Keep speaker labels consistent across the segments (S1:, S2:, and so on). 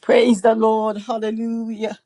S1: Praise the Lord. Hallelujah.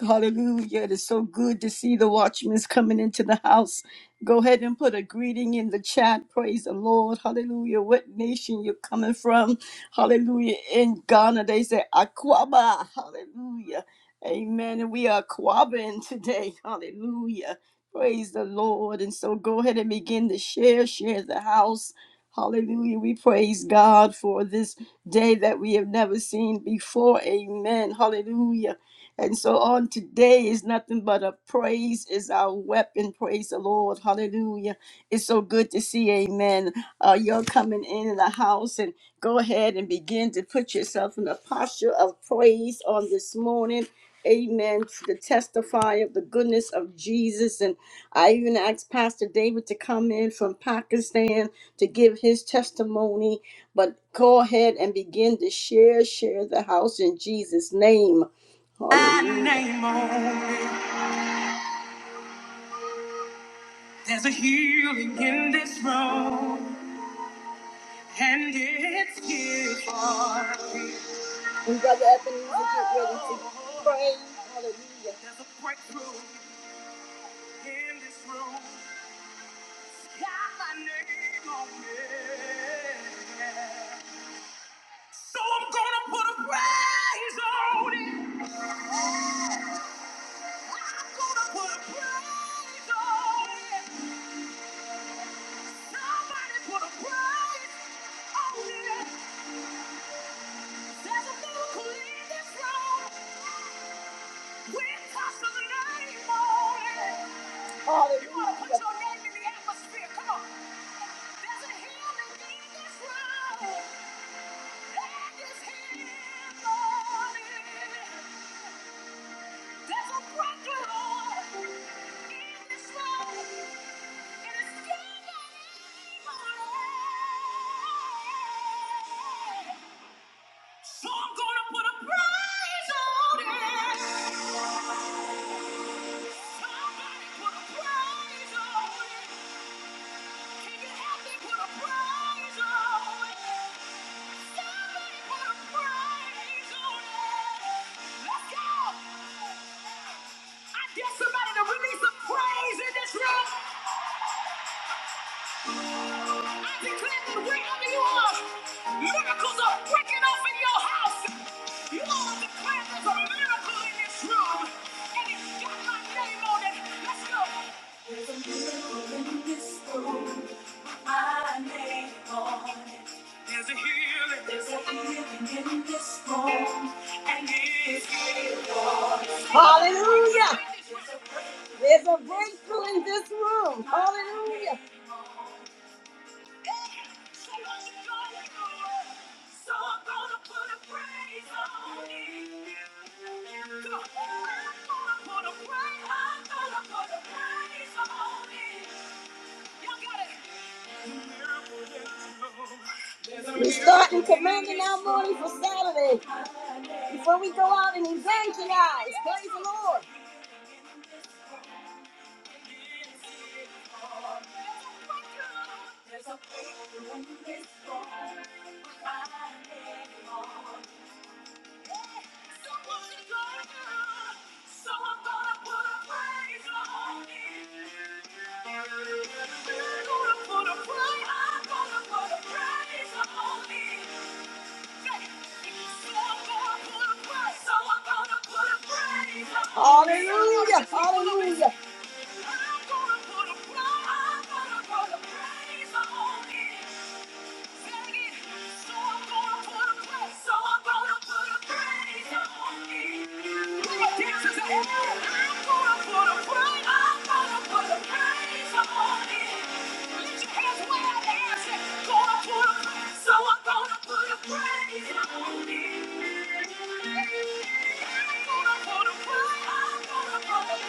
S1: Hallelujah. It is so good to see the watchmen coming into the house. Go ahead and put a greeting in the chat. Praise the Lord. Hallelujah. What nation you're coming from. Hallelujah. In Ghana, they say Aquaba. Hallelujah. Amen. And we are Aquaban today. Hallelujah. Praise the Lord. And so go ahead and begin to share, share the house. Hallelujah. We praise God for this day that we have never seen before. Amen. Hallelujah. And so on today is nothing but a praise is our weapon. Praise the Lord. Hallelujah. It's so good to see. Amen. Uh, you're coming in in the house and go ahead and begin to put yourself in a posture of praise on this morning. Amen. To testify of the goodness of Jesus. And I even asked Pastor David to come in from Pakistan to give his testimony. But go ahead and begin to share, share the house in Jesus' name. That name only. There's a healing in this room, and it's here for me. And Brother Ebenezer, get ready to pray. Hallelujah. There's a breakthrough in this room. Got my name on it. So I'm gonna put a praise on it. Hallelujah. There's a broken in this life, and it's still burning. So I'm gonna put a price on it. Somebody put a price on it. Can you help me put a price on it? Miracles are breaking off your house. You all declare there's a miracle in this room. And it's got my name on it. Let's go. My name on it. There's a healing. There's a healing in this room. And it's healing. Hallelujah. There's a breakthrough in this room. Hallelujah. We're starting commanding our morning for Saturday. Before we go out and evangelize, praise the Lord. There's a faith in this world. Hallelujah, hallelujah.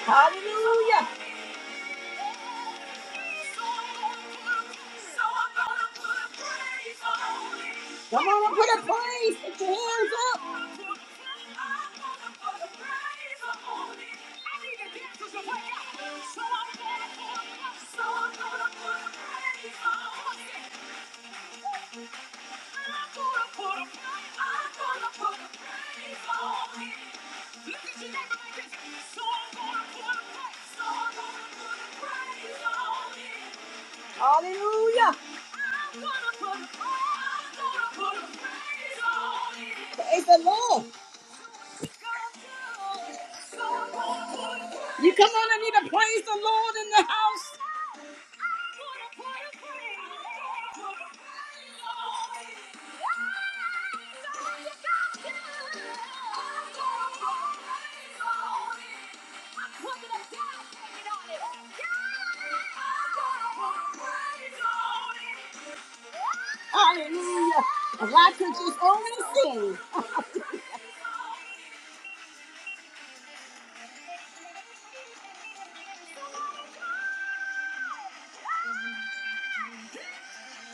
S1: Hallelujah. Come on, put a praise. Put your hands up. So I'm gonna put a praise on it. Hallelujah. Praise the Lord. You come on, I need to praise the Lord in the house. Hallelujah. If I could just only sing.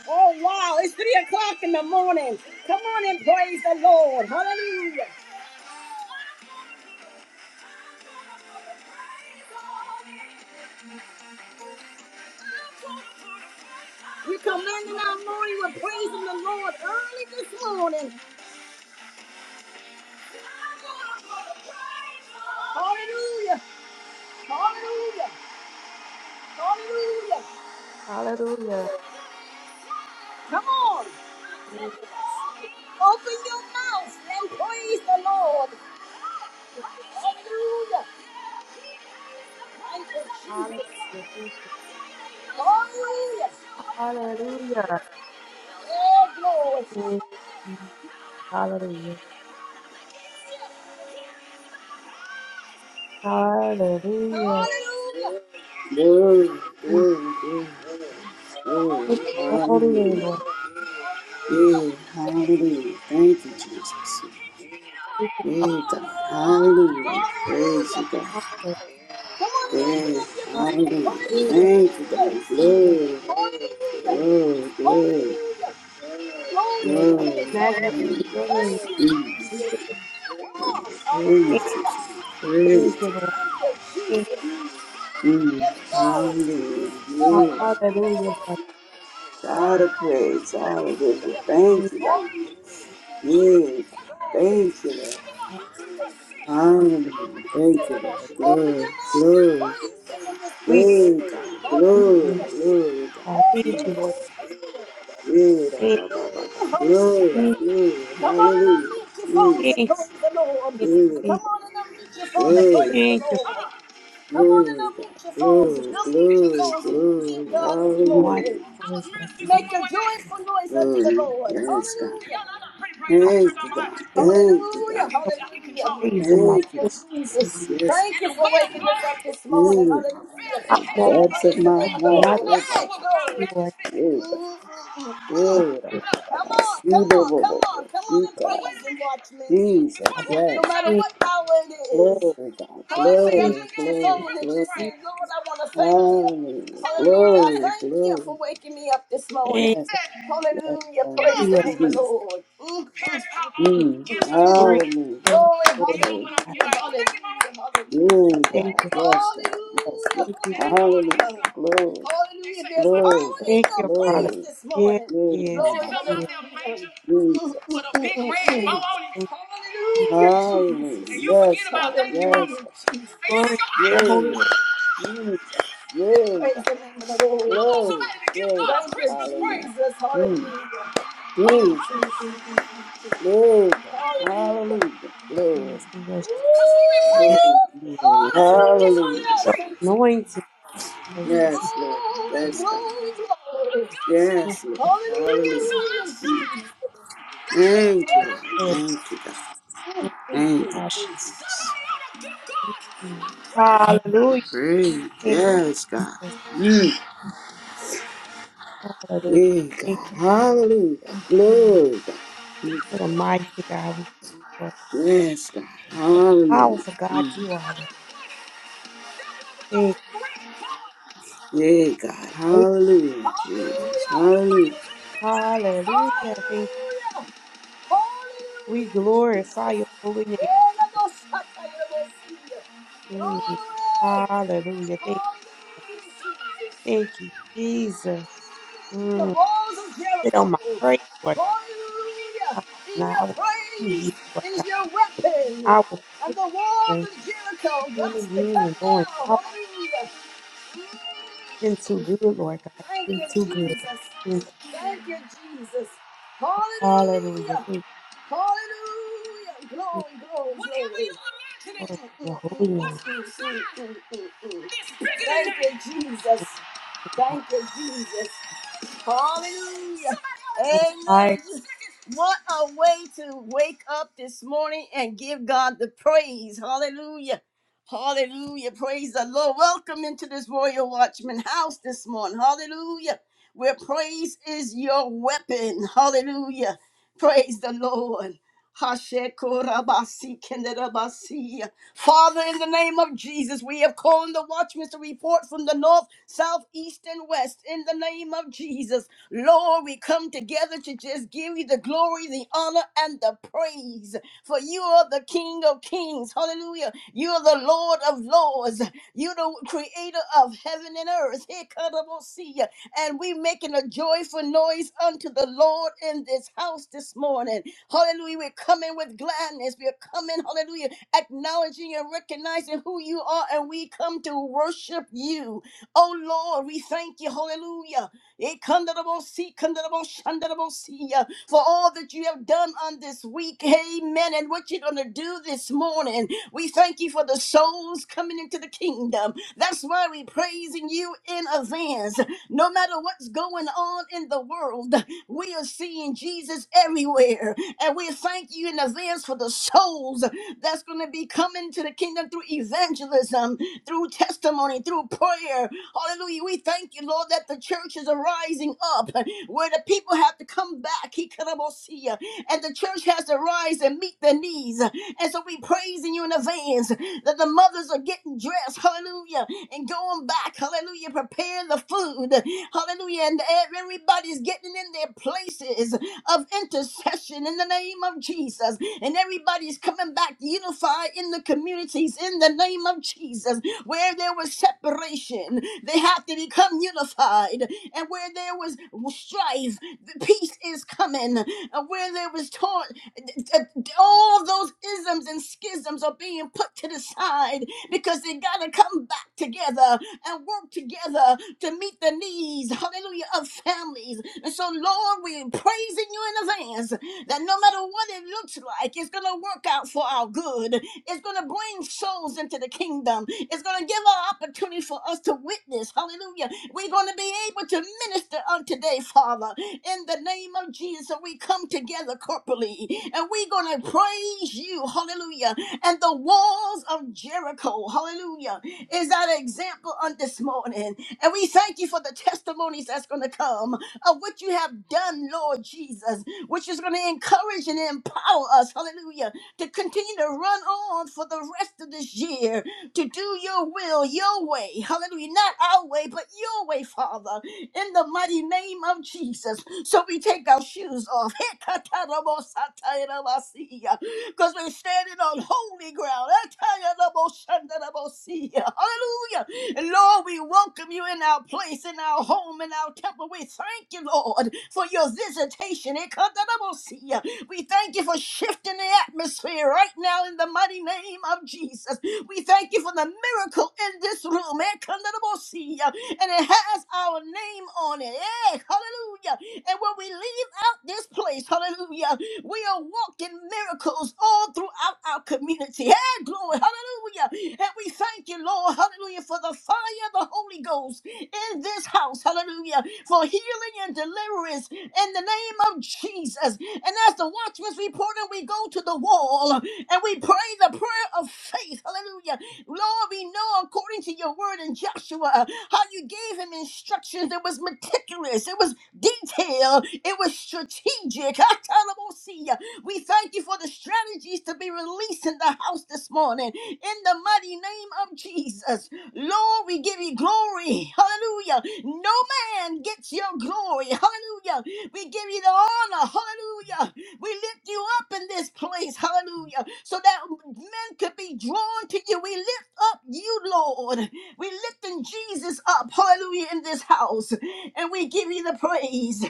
S1: Oh, wow. It's 3 o'clock in the morning. Come on and praise the Lord. Hallelujah. We commanded our morning with praising the Lord early this morning. Hallelujah. Hallelujah.
S2: Hallelujah.
S1: Hallelujah. Come on. Open your mouth and praise the Lord. Hallelujah. Thank you, Jesus.
S2: Hallelujah.
S1: Hallelujah.
S2: Hallelujah.
S1: Oh, glory.
S2: Hallelujah. Hallelujah.
S1: Hallelujah.
S3: Glory,
S2: We
S3: glory, glory,
S2: thank
S3: glory.
S2: the
S1: Hallelujah. Hallelujah.
S2: holy name,
S3: Hallelujah.
S2: Lord.
S3: Yeah, hallelujah. Thank you, Jesus.
S2: We
S3: Yeah, God. Hallelujah. Praise you, God.
S2: thank you.
S1: Come on, open up your
S3: Yeah,
S1: mouth and
S3: hallelujah.
S1: praise Him
S2: Hallelujah.
S1: in
S3: Thank
S1: this
S3: you,
S1: place.
S3: God.
S2: Thank
S3: Glory,
S1: Hallelujah.
S3: glory, glory,
S1: Hallelujah. Glory
S2: you,
S1: to
S2: Lord,
S1: your
S2: that
S1: name,
S2: we
S3: glory.
S1: Father.
S2: magnify
S1: Thank
S3: Hallelujah.
S2: your name.
S1: you,
S2: We say
S1: Jesus. Oh,
S2: Thank
S3: Praise you, God.
S1: hallelujah.
S2: thank you,
S3: Praise you, God.
S2: Lord.
S1: Thank you,
S2: Thank
S1: Jesus.
S3: Mm.
S1: Yes, Lord.
S3: Hallelujah.
S2: you.
S1: Hallelujah.
S3: Yeah, my
S1: Open your
S2: Hallelujah, Lord. Thank
S3: God of praise. Hallelujah. Thank
S2: you.
S3: you, God. Yeah, God. Thank you, Lord. Hallelujah. Thank you, Lord. Glory, glory.
S1: mouth and praise
S2: We
S3: Glory,
S1: Him.
S3: God.
S1: Hallelujah.
S2: thank
S3: Glory,
S2: you,
S3: glory, God.
S2: God. Thank
S3: Mm.
S2: you, Lord.
S3: Yeah, da,
S2: Thank
S3: ba, ba, ba, ba. Glory,
S2: you.
S3: glory.
S1: on and
S3: Hallelujah.
S1: unmute your phones
S2: Thank
S1: and
S2: you. Thank
S3: Jesus.
S1: praise the Lord.
S2: you,
S3: Yeah, da,
S1: Come
S2: Jesus.
S3: ba.
S1: on and unmute your phone and
S3: Glory,
S1: praise the
S2: Thank you
S1: Lord. Come on and
S3: glory, God.
S1: unmute your phones and
S3: Glory,
S1: unmute your
S3: glory,
S1: phones and give
S3: glory.
S1: God the
S2: for watching
S1: glory.
S3: Hallelujah.
S2: over us, Lord. Thank
S1: Make a joyful noise unto the
S3: Glory.
S1: Lord.
S3: Yes, God.
S1: Hallelujah. pretty praise. I've
S2: you.
S1: been
S3: Thank
S1: church
S3: you,
S1: all my
S3: God.
S1: life.
S2: There's
S3: Thank you,
S1: Hallelujah.
S3: God.
S2: no
S1: Hallelujah.
S2: Praise in my
S1: Thank
S2: voice.
S3: Thank you,
S1: you, Jesus.
S3: Jesus. Yes.
S1: Thank you for waking us up this morning.
S3: Mm.
S1: Hallelujah. so
S2: I never
S3: That's
S1: Praise
S3: of
S1: the
S3: my
S1: name of the
S2: name.
S3: heart.
S1: Lord.
S2: I
S1: know Hey,
S3: Oh,
S1: glory.
S2: do like
S1: Mm, mm,
S3: Baba.
S1: mm, mm.
S2: such
S3: Yeah.
S2: a good
S1: Come on,
S3: See,
S1: come
S3: bo-
S1: on,
S3: bo-
S1: come
S3: bo-
S1: on,
S3: bo-
S1: come on
S3: see,
S1: and
S3: God.
S1: praise the Watchmen.
S3: Jesus,
S2: father.
S1: No
S3: yes.
S1: matter
S2: Good,
S1: what hour it is.
S3: Glory, God.
S1: Hallelujah. I
S2: good,
S3: Glory,
S1: lift your
S3: glory,
S2: good,
S1: phone and
S3: glory.
S1: just say, Lord, I want to thank you.
S3: Hallelujah.
S1: Hallelujah. I
S3: Glory,
S1: thank you for
S3: glory.
S1: waking me up this morning.
S2: Thank
S3: Yes,
S2: you.
S3: yes,
S1: Hallelujah.
S3: God.
S1: Praise the
S2: Hallelujah.
S1: name of the
S3: Jesus.
S1: Lord. Mm, mm, mm, mm, mm,
S3: Mm.
S2: Glory
S1: mm.
S2: to the
S3: Hallelujah.
S1: Glory,
S2: Holy
S1: hallelujah,
S2: Name
S3: Glory.
S2: God.
S1: hallelujah, hallelujah.
S3: Glory,
S2: Thank
S3: God.
S2: you.
S3: Yes,
S1: Hallelujah,
S3: God. Yes, Lord.
S2: Thank you.
S3: Hallelujah.
S1: hallelujah.
S3: Glory.
S1: Hallelujah. There's
S3: Glory,
S1: power in
S2: Thank
S3: God.
S1: your
S2: you, Father.
S1: praise
S3: Glory.
S1: this
S2: Yes,
S1: morning.
S3: Yeah,
S2: yes,
S1: Glory,
S3: Baba.
S2: yes.
S1: hallelujah.
S3: Jesus.
S1: With a big red bow
S2: yes.
S1: on it.
S2: Thank you.
S1: Hallelujah, Jesus. And
S3: Hallelujah.
S1: you forget
S3: Yes,
S1: about Hallelujah,
S3: God.
S1: thank you, Mama.
S3: Yes, God.
S1: Jesus. And you
S2: Glory
S1: just
S2: to
S1: go,
S2: your holy
S3: Yeah,
S2: name.
S3: Jesus.
S1: ah!
S3: Jesus.
S1: Praise the name of the Lord. I want
S3: Glory.
S1: somebody to give God a
S3: Glory.
S1: Thank you, Christmas praise.
S3: Hallelujah.
S1: Jesus.
S3: Mm.
S1: Hallelujah.
S2: Thank
S3: Jesus. Glory. God.
S1: Hallelujah.
S3: Hallelujah.
S2: you,
S3: Glory.
S2: Jesus, and your strength,
S3: Glory. Glory. Hallelujah.
S2: your
S1: Hallelujah.
S2: anointing. us.
S3: Yes, Lord.
S1: Glory,
S3: Yes, God.
S1: glory, glory. But God said,
S3: Yes, Lord.
S2: Thank
S3: Hallelujah.
S1: Hallelujah.
S3: Mm.
S1: I got something
S3: Thank you,
S1: outside
S3: Lord.
S2: you, Father.
S1: Jesus.
S3: Thank you, God.
S2: Thank you,
S1: that you Yes, can't even imagine.
S3: Thank you,
S2: Father.
S3: Jesus.
S1: Somebody ought to give God a
S2: Mm.
S1: Christmas.
S2: Hallelujah.
S3: Praise.
S2: Thank you,
S3: Yes, God.
S2: Jesus.
S3: Mm.
S2: Hallelujah.
S3: Yeah,
S2: Thank
S3: God. Hallelujah.
S2: you.
S3: Glory, God. Mm.
S1: That's
S2: What
S1: the
S2: a
S1: one.
S2: mighty God we serve.
S3: Yes, God.
S2: The
S3: Hallelujah.
S2: Powerful
S1: I'm
S2: God,
S3: Mm.
S2: you
S1: talking
S2: are
S1: about
S2: the
S1: that one. That one with
S2: big
S1: the big red bow
S3: Yay, God.
S2: great.
S3: Hallelujah,
S1: Hallelujah.
S3: Jesus. Hallelujah.
S2: Hallelujah. Thank you.
S1: Hallelujah.
S2: We
S1: Hallelujah,
S2: glorify
S1: Jesus.
S2: your holy name.
S1: Yeah, let us scatter your mercy.
S2: Mm.
S1: Glory.
S2: Hallelujah. Thank you.
S1: Hallelujah, Jesus.
S2: Thank you, Jesus.
S1: Your
S2: Mm.
S1: was a
S2: Sit on my
S1: miracle.
S2: praise, Lord
S1: Hallelujah.
S2: God.
S1: In
S2: Now I
S1: your
S2: will praise
S1: praise
S2: you, Lord
S1: is
S2: God.
S1: your weapon.
S2: I will
S1: And
S2: praise
S1: the
S2: you
S1: walls
S2: and
S1: of Jericho got
S2: coming
S1: to come
S2: in and going
S1: down.
S2: out.
S1: Hallelujah. Mm,
S2: You've been too good, Lord God.
S1: Thank
S2: You've
S1: you,
S2: been too good.
S1: Jesus.
S2: Thank you.
S1: Thank you, Jesus.
S2: Hallelujah.
S1: Hallelujah.
S2: Thank
S1: Hallelujah. Glory,
S2: you.
S1: glory, Whatever glory. Whatever you're imagining,
S2: Lord, for
S1: Mm,
S2: your
S1: mm, mm,
S2: holy name.
S1: what's mm, mm, outside mm, mm, mm, mm. bigger than that. Thank you, Jesus.
S2: Thank
S1: Thank you, Jesus. Hallelujah.
S2: you, God.
S1: Amen. What a way to wake up this morning and give God the praise. Hallelujah. Hallelujah. Praise the Lord. Welcome into this Royal Watchman house this morning. Hallelujah. Where praise is your weapon. Hallelujah. Praise the Lord. Hashekorabasi kenderabasi. Father, in the name of Jesus, we have called the watchmen to report from the north, south, east, and west. In the name of Jesus, Lord, we come together to just give you the glory, the honor, and the praise. For you are the King of kings. Hallelujah. You are the Lord of lords. You are the creator of heaven and earth. Here and we making a joyful noise unto the Lord in this house this morning. Hallelujah. We're coming with gladness. We're coming, hallelujah, acknowledging and recognizing who you are, and we come to worship you. Oh Lord, we thank you, hallelujah. Eh, kandarabosi, kandarabosh, shandarabosi, uh, For all that you have done on this week. Amen. And what you're gonna do this morning. We thank you for the souls coming into the kingdom. That's why we're praising you in advance. No matter what's going on in the world, we are seeing Jesus everywhere. And we thank you in advance for the souls that's going to be coming to the kingdom through evangelism, through testimony, through prayer, Hallelujah. We thank you, Lord, that the churches are rising up where the people have to come back. He could almost see you. And the church has to rise and meet their needs. And so we praising you in advance that the mothers are getting dressed. Hallelujah. And going back. Hallelujah. Preparing the food. Hallelujah. And everybody's getting in their places of intercession in the name of Jesus. And everybody's coming back unified in the communities in the name of Jesus. Where there was separation, they have to become unified. And where there was strife, the peace is coming. And where there was taunt, all those isms and schisms are being put to the side because they got to come back together and work together to meet the needs, hallelujah, of families. And so, Lord, we're praising you in advance that no matter what it looks like, it's going to work out for our good. It's going to bring souls into the kingdom. It's going to give our opportunity for us to witness. Hallelujah. We're going to be able to minister on today, Father, in the name of Jesus. So we come together corporately and we're going to praise you. Hallelujah. And the walls of Jericho, hallelujah, is that example on this morning. And we thank you for the testimonies that's going to come of what you have done, Lord Jesus which is going to encourage and empower us, hallelujah, to continue to run on for the rest of this year, to do your will, your way, hallelujah, not our way, but your way, Father, in the mighty name of Jesus. So we take our shoes off. because we're standing on holy ground. I tell you, the most under the most sea. Hallelujah. And Lord, we welcome you in our place, in our home, in our temple. We thank you, Lord, for your visitation. It comes under the most sea. We thank you for shifting the atmosphere right now in the mighty name of Jesus. We thank you for the miracle in this room. It comes under the most sea. And it has our name on it. Yeah, hallelujah. And when we leave out this place, hallelujah, we are walking miracles all throughout our community. Hey, glory, hallelujah. And we thank you, Lord, hallelujah, for the fire of the Holy Ghost in this house, hallelujah, for healing and deliverance in the name of Jesus. And as the watchman's reporter, we go to the wall and we pray the prayer of faith, hallelujah. Lord, we know according to your word in Joshua uh, how you gave him instructions. It was meticulous, it was detailed, it was strategic. Atalamosia. We thank you for the strategies to be released in the house this morning. In the mighty name of Jesus, Lord, we give you glory. Hallelujah. No man gets your glory. Hallelujah. We give you the honor. Hallelujah. We lift you up in this place, hallelujah, so that men could be drawn to you. We lift up you, Lord. We lifting Jesus up, hallelujah, in this house, and we give you the praise.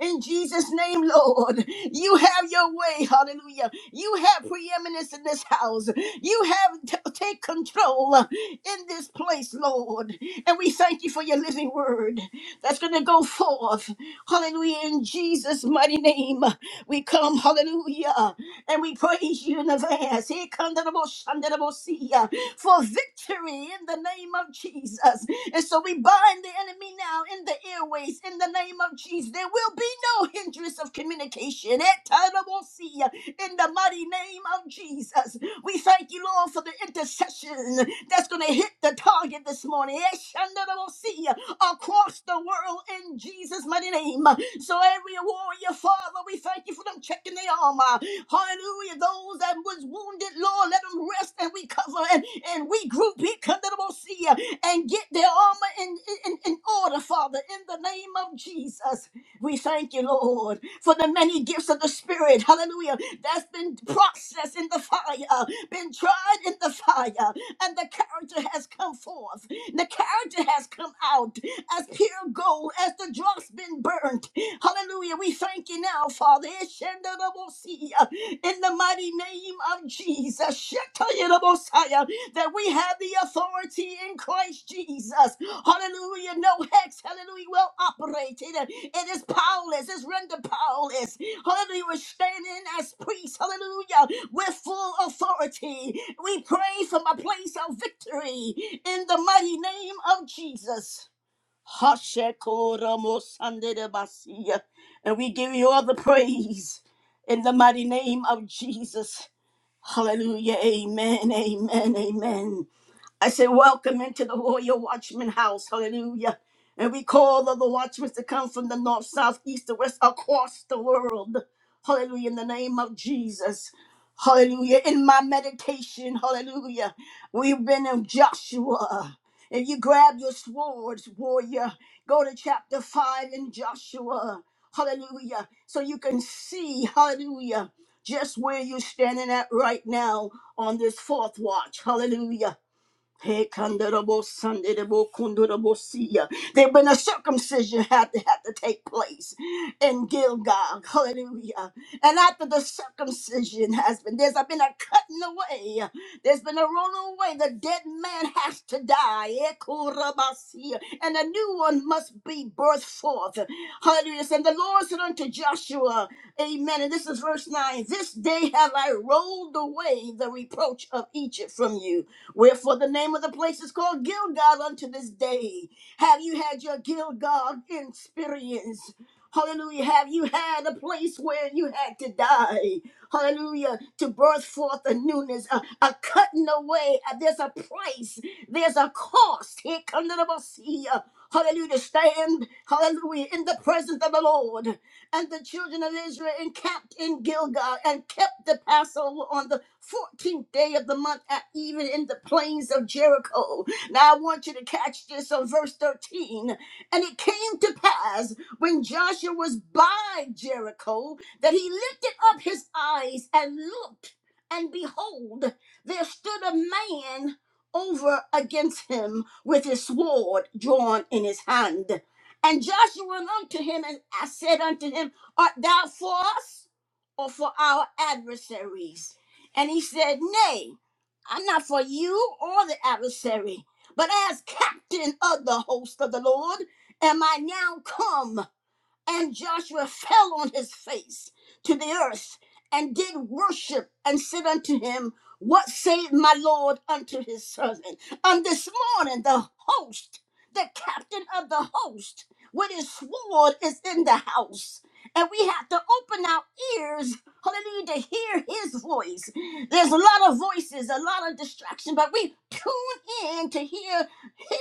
S1: In Jesus' name, Lord, you have your way, hallelujah. You have preeminence in this house. You have t- take control in this place, Lord. And we thank you for your living word that's going to go forth, hallelujah, in Jesus' mighty name. We come, hallelujah, and we praise you in advance. Here comes the most under the most sea, uh, for victory in the name of Jesus. And so we bind the enemy now in the airways in the name of Jesus. There will be no hindrance of communication. Eh, kind of most sea, uh, In the mighty name of Jesus. We thank you, Lord, for the intercession that's going to hit the target this morning. Eh, Shandarabosia across the world in Jesus' mighty name. So every warrior, Father, we thank you for them checking their armor. Hallelujah. Those that was wounded, Lord, let them rest and recover and, and regroup here, come to the Most High, and get their armor in, in, in order, Father, in the name of Jesus. We thank you, Lord, for the many gifts of the Spirit. Hallelujah. That's been processed in the fire, been tried in the fire, and the character has come forth. The character has come out as pure gold, as the dross been burnt. Hallelujah. We thank you now, Father. In the mighty name of Jesus. Jesus, Shetayinabosaya, that we have the authority in Christ Jesus. Hallelujah. No hex, hallelujah, will operate. It, it is powerless, it's rendered powerless. Hallelujah. We're standing as priests, hallelujah, with full authority. We pray from a place of victory in the mighty name of Jesus. Hashekoramosandedebasia. And we give you all the praise in the mighty name of Jesus. Hallelujah. Amen. Amen. Amen. I say, Welcome into the Royal Watchman house. Hallelujah. And we call on the watchmen to come from the north, south, east, and west across the world. Hallelujah. In the name of Jesus. Hallelujah. In my meditation, hallelujah. We've been in Joshua. If you grab your swords, warrior, go to chapter 5 in Joshua. Hallelujah. So you can see, hallelujah, just where you're standing at right now on this fourth watch. Hallelujah. Hey, Kandurabo, Sandurabo, Kundurabo, Sia. That when a circumcision had to had to take place in Gilgal, hallelujah. And after the circumcision has been, there's been a cutting away, there's been a rolling away. The dead man has to die, Eh, Kurabasia. and a new one must be birthed forth. Hallelujah. And the Lord said unto Joshua, Amen. And this is verse 9 This day have I rolled away the reproach of Egypt from you. Wherefore the name of the place is called Gilgal unto this day. Have you had your Gilgal experience? Hallelujah. Have you had a place where you had to die? Hallelujah. To birth forth a newness, a, a cutting away. Uh, There's a price. There's a cost. Here comes the Messiah. Hallelujah. To stand, hallelujah, in the presence of the Lord and the children of Israel encamped in Gilgal and kept the Passover on the 14th day of the month, at even in the plains of Jericho. Now I want you to catch this on verse 13. And it came to pass when Joshua was by Jericho that he lifted up his eyes and looked, and behold, there stood a man over against him with his sword drawn in his hand. And Joshua went unto him, and I said unto him, Art thou for us or for our adversaries? And he said, Nay, I'm not for you or the adversary, but as captain of the host of the Lord am I now come. And Joshua fell on his face to the earth and did worship and said unto him, What saith my Lord unto his servant? And this morning, the host, the captain of the host, with his sword is in the house. And we have to open our ears, hallelujah, to hear his voice. There's a lot of voices, a lot of distraction, but we tune in to hear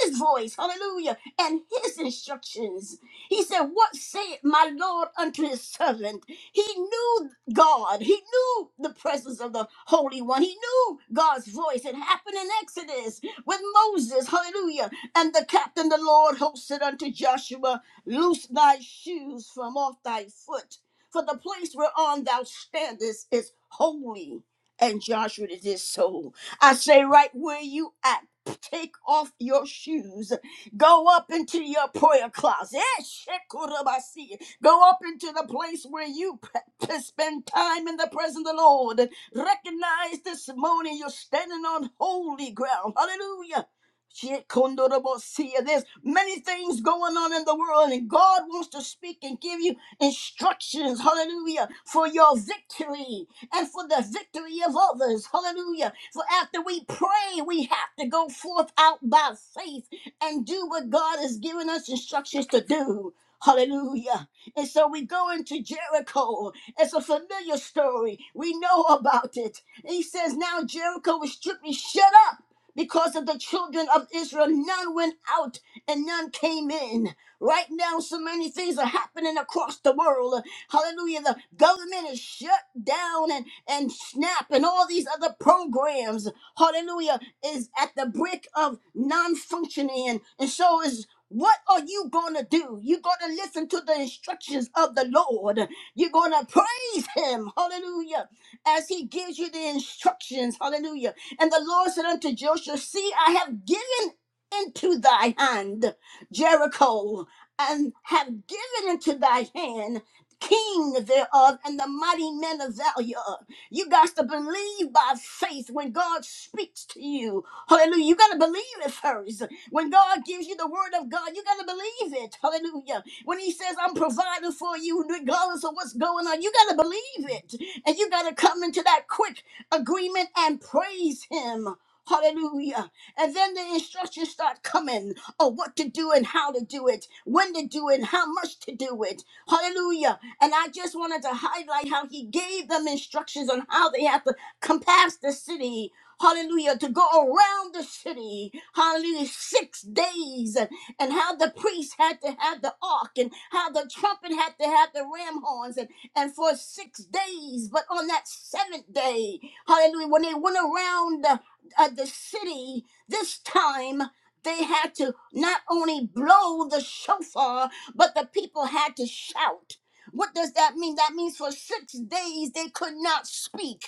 S1: his voice, hallelujah, and his instructions. He said, What saith my Lord unto his servant? He knew God. He knew the presence of the Holy One. He knew God's voice. It happened in Exodus with Moses. Hallelujah. And the captain, the Lord, hosted unto Joshua, Loose thy shoes from off thy foot, for the place whereon thou standest is holy. And Joshua did so. I say, right where you at, take off your shoes Go up into your prayer closet. Eh, shekurabasi. Go up into the place where you p- p- spend time in the presence of the Lord. Recognize this morning you're standing on holy ground. Hallelujah. Shekundorobasi. There's many things going on in the world, and God wants to speak and give you instructions, hallelujah, for your victory and for the victory of others, hallelujah. For after we pray, we have to go forth out by faith and do what God has given us instructions to do. Hallelujah. And so we go into Jericho. It's a familiar story. We know about it. He says, Now Jericho was strictly shut up because of the children of Israel. None went out and none came in. Right now, so many things are happening across the world. Hallelujah. The government is shut down and, and SNAP and all these other programs. Hallelujah is at the brink of non-functioning and so is what are you gonna do? You're gonna listen to the instructions of the Lord. You're gonna praise Him, hallelujah, as He gives you the instructions, hallelujah. And the Lord said unto Joshua, See, I have given into thy hand Jericho, and have given into thy hand king thereof, and the mighty men of valor. You got to believe by faith when God speaks to you. Hallelujah. You got to believe it first. When God gives you the word of God, you got to believe it. Hallelujah. When He says, I'm providing for you, regardless of what's going on, you got to believe it. And you got to come into that quick agreement and praise Him. Hallelujah. And then the instructions start coming of what to do and how to do it, when to do it, how much to do it. Hallelujah. And I just wanted to highlight how he gave them instructions on how they have to compass the city. Hallelujah. To go around the city. Hallelujah. Six days. And, and how the priest had to have the ark and how the trumpet had to have the ram horns and, and for six days. But on that seventh day, hallelujah, when they went around the, uh, the city this time, they had to not only blow the shofar, but the people had to shout. What does that mean? That means for six days they could not speak.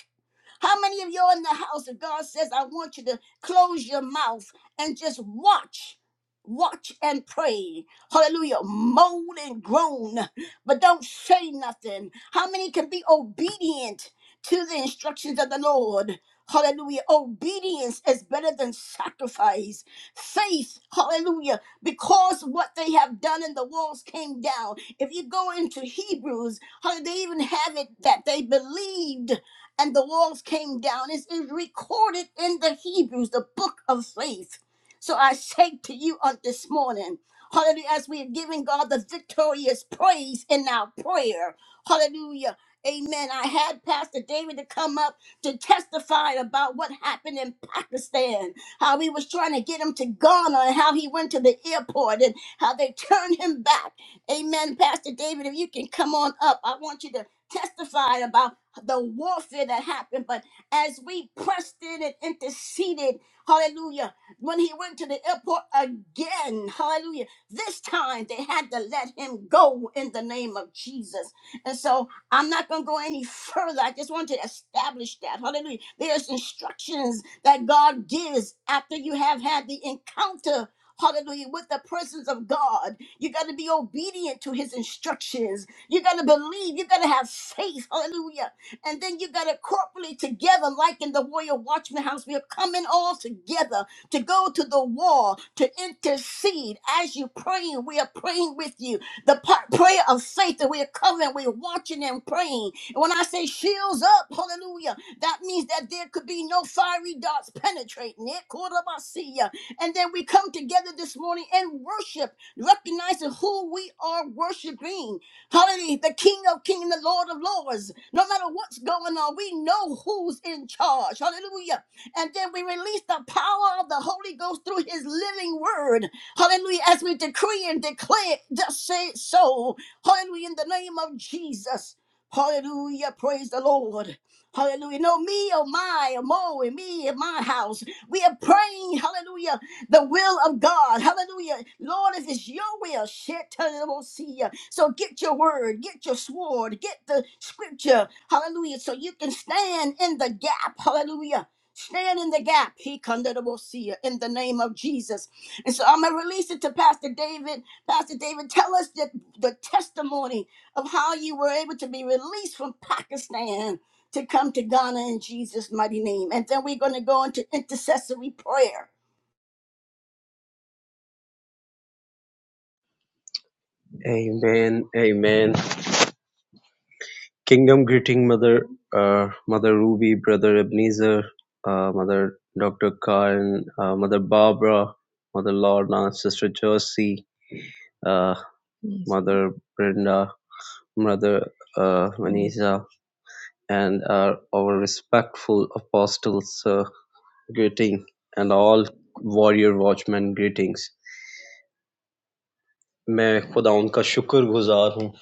S1: How many of you are in the house of God says, I want you to close your mouth and just watch? Watch and pray. Hallelujah. Moan and groan, but don't say nothing. How many can be obedient to the instructions of the Lord? Hallelujah. Obedience is better than sacrifice. Faith, hallelujah, because what they have done and the walls came down. If you go into Hebrews, hallelujah, they even have it that they believed and the walls came down. It's it's recorded in the Hebrews, the book of faith. So I say to you on this morning, hallelujah, as we are giving God the victorious praise in our prayer, hallelujah. Amen. I had Pastor David to come up to testify about what happened in Pakistan, how he was trying to get him to Ghana and how he went to the airport and how they turned him back. Amen. Pastor David, if you can come on up, I want you to testify about the warfare that happened. But as we pressed in and interceded, hallelujah, when he went to the airport again, hallelujah, this time they had to let him go in the name of Jesus. And so I'm not going to go any further. I just want to establish that. Hallelujah. There's instructions that God gives after you have had the encounter. Hallelujah, with the presence of God. You got to be obedient to his instructions. You got to believe. You got to have faith. Hallelujah and then you got it corporately together, like in the Warrior Watchman House. We are coming all together to go to the wall, to intercede. As you are praying, we are praying with you. The pa- prayer of faith that we are covering, we are watching and praying. And when I say shields up, hallelujah, that means that there could be no fiery darts penetrating it. Korabasiya. And then we come together this morning and worship, recognizing who we are worshiping. Hallelujah. The King of Kings, the Lord of Lords. No matter what's going on, we know who's in charge. Hallelujah. And then we release the power of the Holy Ghost through his living word. Hallelujah. As we decree and declare, just say it so. Hallelujah. In the name of Jesus. Hallelujah. Praise the Lord. Hallelujah. No, me or my, or Mo and me in my house. We are praying. Hallelujah the will of God. Hallelujah. Lord, if it's your will, shit, turn it won't see you. So get your word, get your sword, get the scripture. Hallelujah. So you can stand in the gap. Hallelujah. Stand in the gap. He condemnable see you in the name of Jesus. And so I'm gonna release it to Pastor David. Pastor David, tell us the, the testimony of how you were able to be released from Pakistan to come to Ghana in Jesus' mighty name. And then we're gonna go into intercessory prayer.
S4: Amen. Amen. Kingdom greeting, Mother, uh, Mother Ruby, Brother Ebenezer, uh, Mother Dr. Karen, uh, Mother Barbara, Mother Lorna, Sister Josie, uh, Yes, Mother Brenda, Mother uh, Vanessa, and uh, our respectful apostles uh, greeting, and all warrior watchmen greetings. मैं खुदा उनका शुक्रगुज़ार हूँ।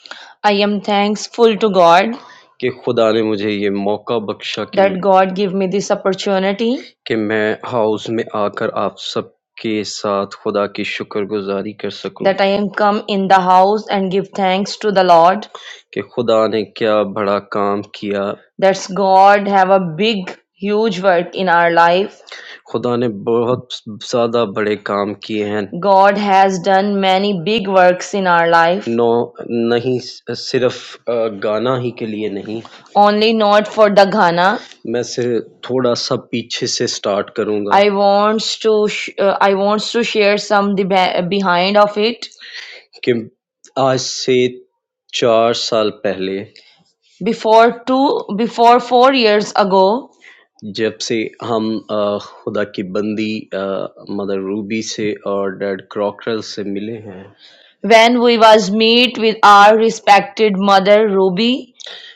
S4: I am thankful to God कि खुदा ने मुझे ये मौका बख्शा कि that God give me this opportunity कि मैं हाउस में आकर आप सबके साथ खुदा की शुक्रगुज़ारी कर सकूँ। that I am come in the house and give thanks to the Lord. कि खुदा ने क्या बड़ा काम किया। That's God have a big huge work in our life. खुदा ने बहुत ज़्यादा बड़े काम किए हैं। God has done many big works in our life, No, नहीं सिर्फ अ, गाना ही के लिए नहीं only not for the Ghana. मैं सिर्फ थोड़ा सा पीछे से स्टार्ट करूंगा I wants to sh- uh, I wants to share some the be- behind of it. कि आज से चार साल पहले before two, before four years ago, जब से हम अ, खुदा की बंदी मदर रूबी से और डैड क्रॉकरल से मिले हैं when we was meet with our respected mother Ruby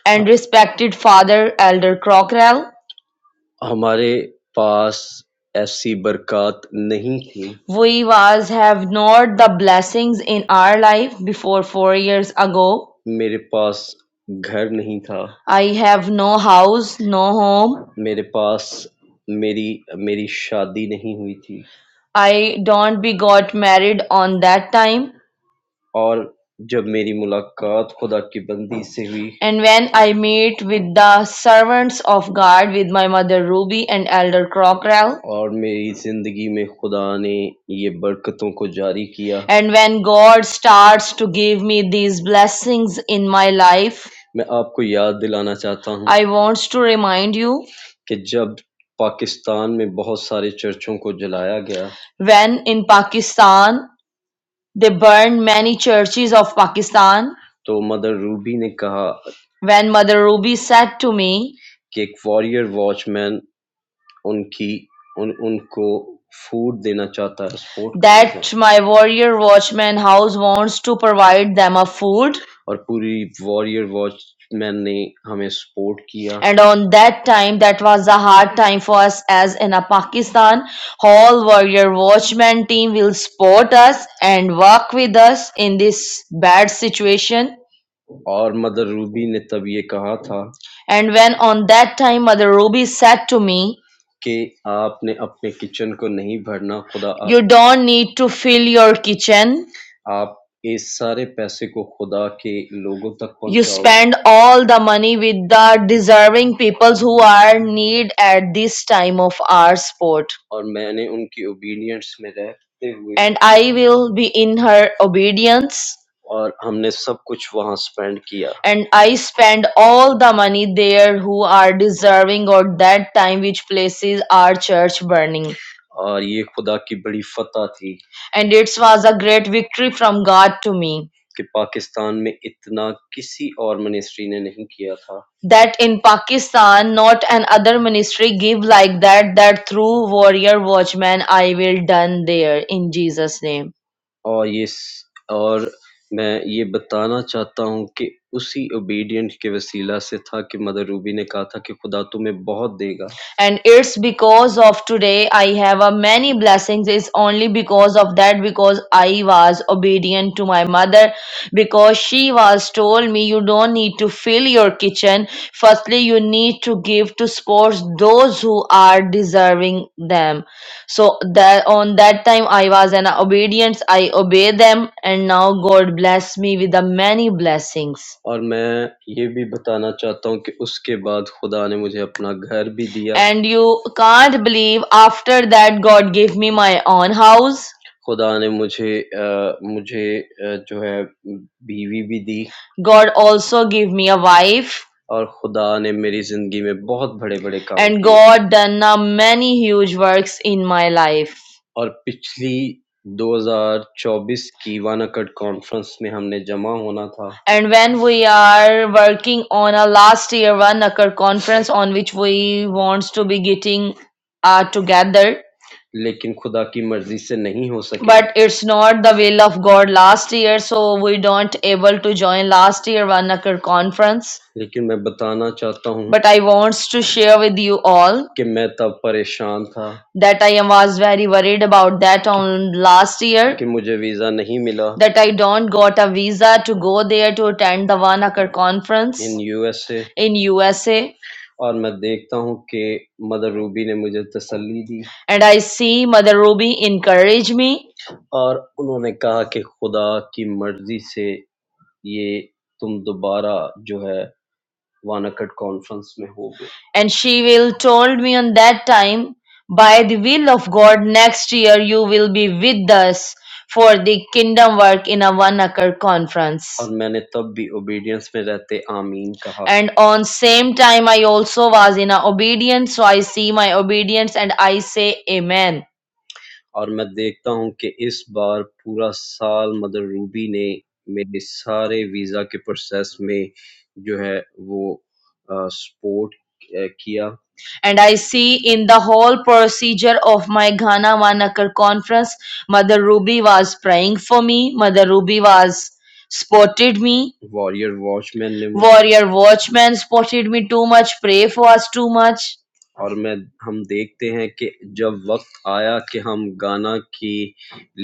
S4: and respected father Elder Crockrell, हमारे पास ऐसी बरक़ात नहीं थी। We was have not the blessings in our life before four years ago. मेरे पास घर नहीं था। I have no house, no home. मेरे पास मेरी मेरी शादी नहीं हुई थी। I don't be got married on that time. और जब मेरी मुलाकात खुदा की बंदी से हुई And when I meet with the servants of God with my mother Ruby and Elder Crockrell, और मेरी जिंदगी में खुदा ने ये बरकतों को जारी किया and when God starts to give me these blessings in my life, मैं आपको याद दिलाना चाहता हूँ I want to remind you कि जब पाकिस्तान में बहुत सारे चर्चों को जलाया गया when in Pakistan they burned many churches of Pakistan. तो मदर रूबी ने कहा When Mother Ruby said to me, कि एक वॉरियर वॉचमैन उनकी उन उनको फूड देना चाहता है सपोर्ट करना that चाहता my warrior watchman house wants to provide them a food है। और पूरी वॉरियर वॉचमैन ने हमें सपोर्ट किया and on that time that was a hard time for us as in a pakistan whole warrior watchman team will support us and work with us in this bad situation और mother Ruby ने तब ये कहा था And when on that time Mother Ruby said to me, कि आपने अपने kitchen को नहीं भरना खुदा आप, You don't need to fill your kitchen. आप इस सारे पैसे को खुदा के लोगों तक You पहुंचाओ spend all the money with the deserving peoples who are in need at this time of our sport. और मैंने उनकी ओबीडियंस में रहते हुए And I will be in her obedience. और हमने सब कुछ वहाँ स्पेंड किया। and I spend all the money there who are deserving or that time which places our church burning. और ये खुदा की बड़ी फतह थी And it was a great victory from God to me कि पाकिस्तान में इतना किसी और मिनिस्ट्री ने नहीं किया था that in Pakistan not an other ministry give like that that through warrior watchman I will done there in Jesus name. और ये स- और मैं ये बताना चाहता हूँ कि उसी ओबीडिएंट के वसीला से था कि मदर रूबी ने कहा था कि खुदा तुम्हें बहुत देगा। And it's because of today I have a many blessings. It's only because of that, because I was obedient to my mother, because she was told me you don't need to fill your kitchen. Firstly, you need to give to sports those who are deserving them. So that on that time I was an obedience. I obey them, and now God bless me with the many blessings. और मैं ये भी बताना चाहता हूँ कि उसके बाद खुदा ने मुझे अपना घर भी दिया And you can't believe after that God gave me my own house. खुदा ने मुझे अ, मुझे अ, जो है बीवी भी दी God also gave me a wife. और खुदा ने मेरी ज़िंदगी में बहुत बड़े-बड़े काम And किए। God done a many huge works in my life. और पिछली 2024 की वानाकड कॉन्फ्रेंस में हमने जमा होना था And when we are working on a last year one occur conference on which we wants to be getting uh, together, लेकिन खुदा की मर्जी से नहीं हो सके but it's not the will of God last year, so we don't able to join last year one occur conference. लेकिन मैं बताना चाहता हूँ But I wants to share with you all कि मैं तब परेशान था that I was very worried about that on last year कि मुझे वीज़ा नहीं मिला that I don't got a visa to go there to attend the Wanakar in conference in USA in USA और मैं देखता हूँ कि मदर रूबी ने मुझे तसल्ली दी and I see Mother Ruby encourage me और उन्होंने कहा कि खुदा की मर्जी से ये तुम दोबारा जो है वानाकड कॉन्फ्रेंस में हो गया And she will told me on that time, by the will of God, next year you will be with us for the kingdom work in a one acre और conference. और मैंने तब भी ओबीडियंस में रहते आमीन कहा And on same time I also was in a obedience, so I see my obedience and I say Amen. और मैं देखता हूँ कि इस बार पूरा साल मदर रूबी ने मेरे सारे वीज़ा के प्रोसेस में जो है वो सपोर्ट किया And I see in the whole procedure of my Ghana Wanakar conference, Mother Ruby was praying for me. Mother Ruby was supported me. Warrior Watchman, ने Warrior Watchman supported me too much. Pray for us too much. और मैं हम देखते हैं कि जब वक्त आया कि हम गाना के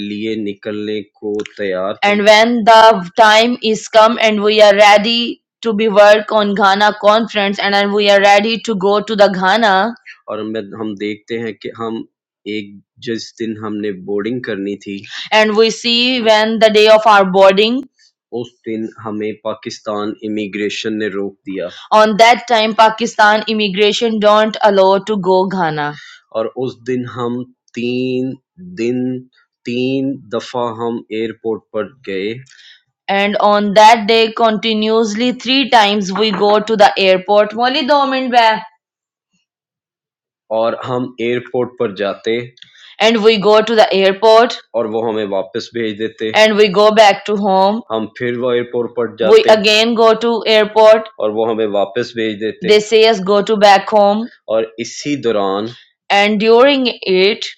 S4: लिए निकलने को तैयार थे And when the time is come and we are ready to be work on Ghana conference and then we are ready to go to the Ghana, और मैं हम देखते हैं कि हम एक जिस दिन हमने बोर्डिंग करनी थी and we see when the day of our boarding उस दिन हमें पाकिस्तान इमिग्रेशन ने रोक दिया on that time Pakistan immigration don't allow to go Ghana. और उस दिन हम तीन दिन तीन दफा हम एयरपोर्ट पर गए And on that day continuously three times we go to the airport. Molly Dominbe. और हम एयरपोर्ट पर जाते and we go to the airport और वो हमें वापस भेज देते and we go back to home हम फिर वो एयरपोर्ट पर we जाते again go to airport और वो हमें वापस भेज देते they say us go to back home और इसी दौरान and during it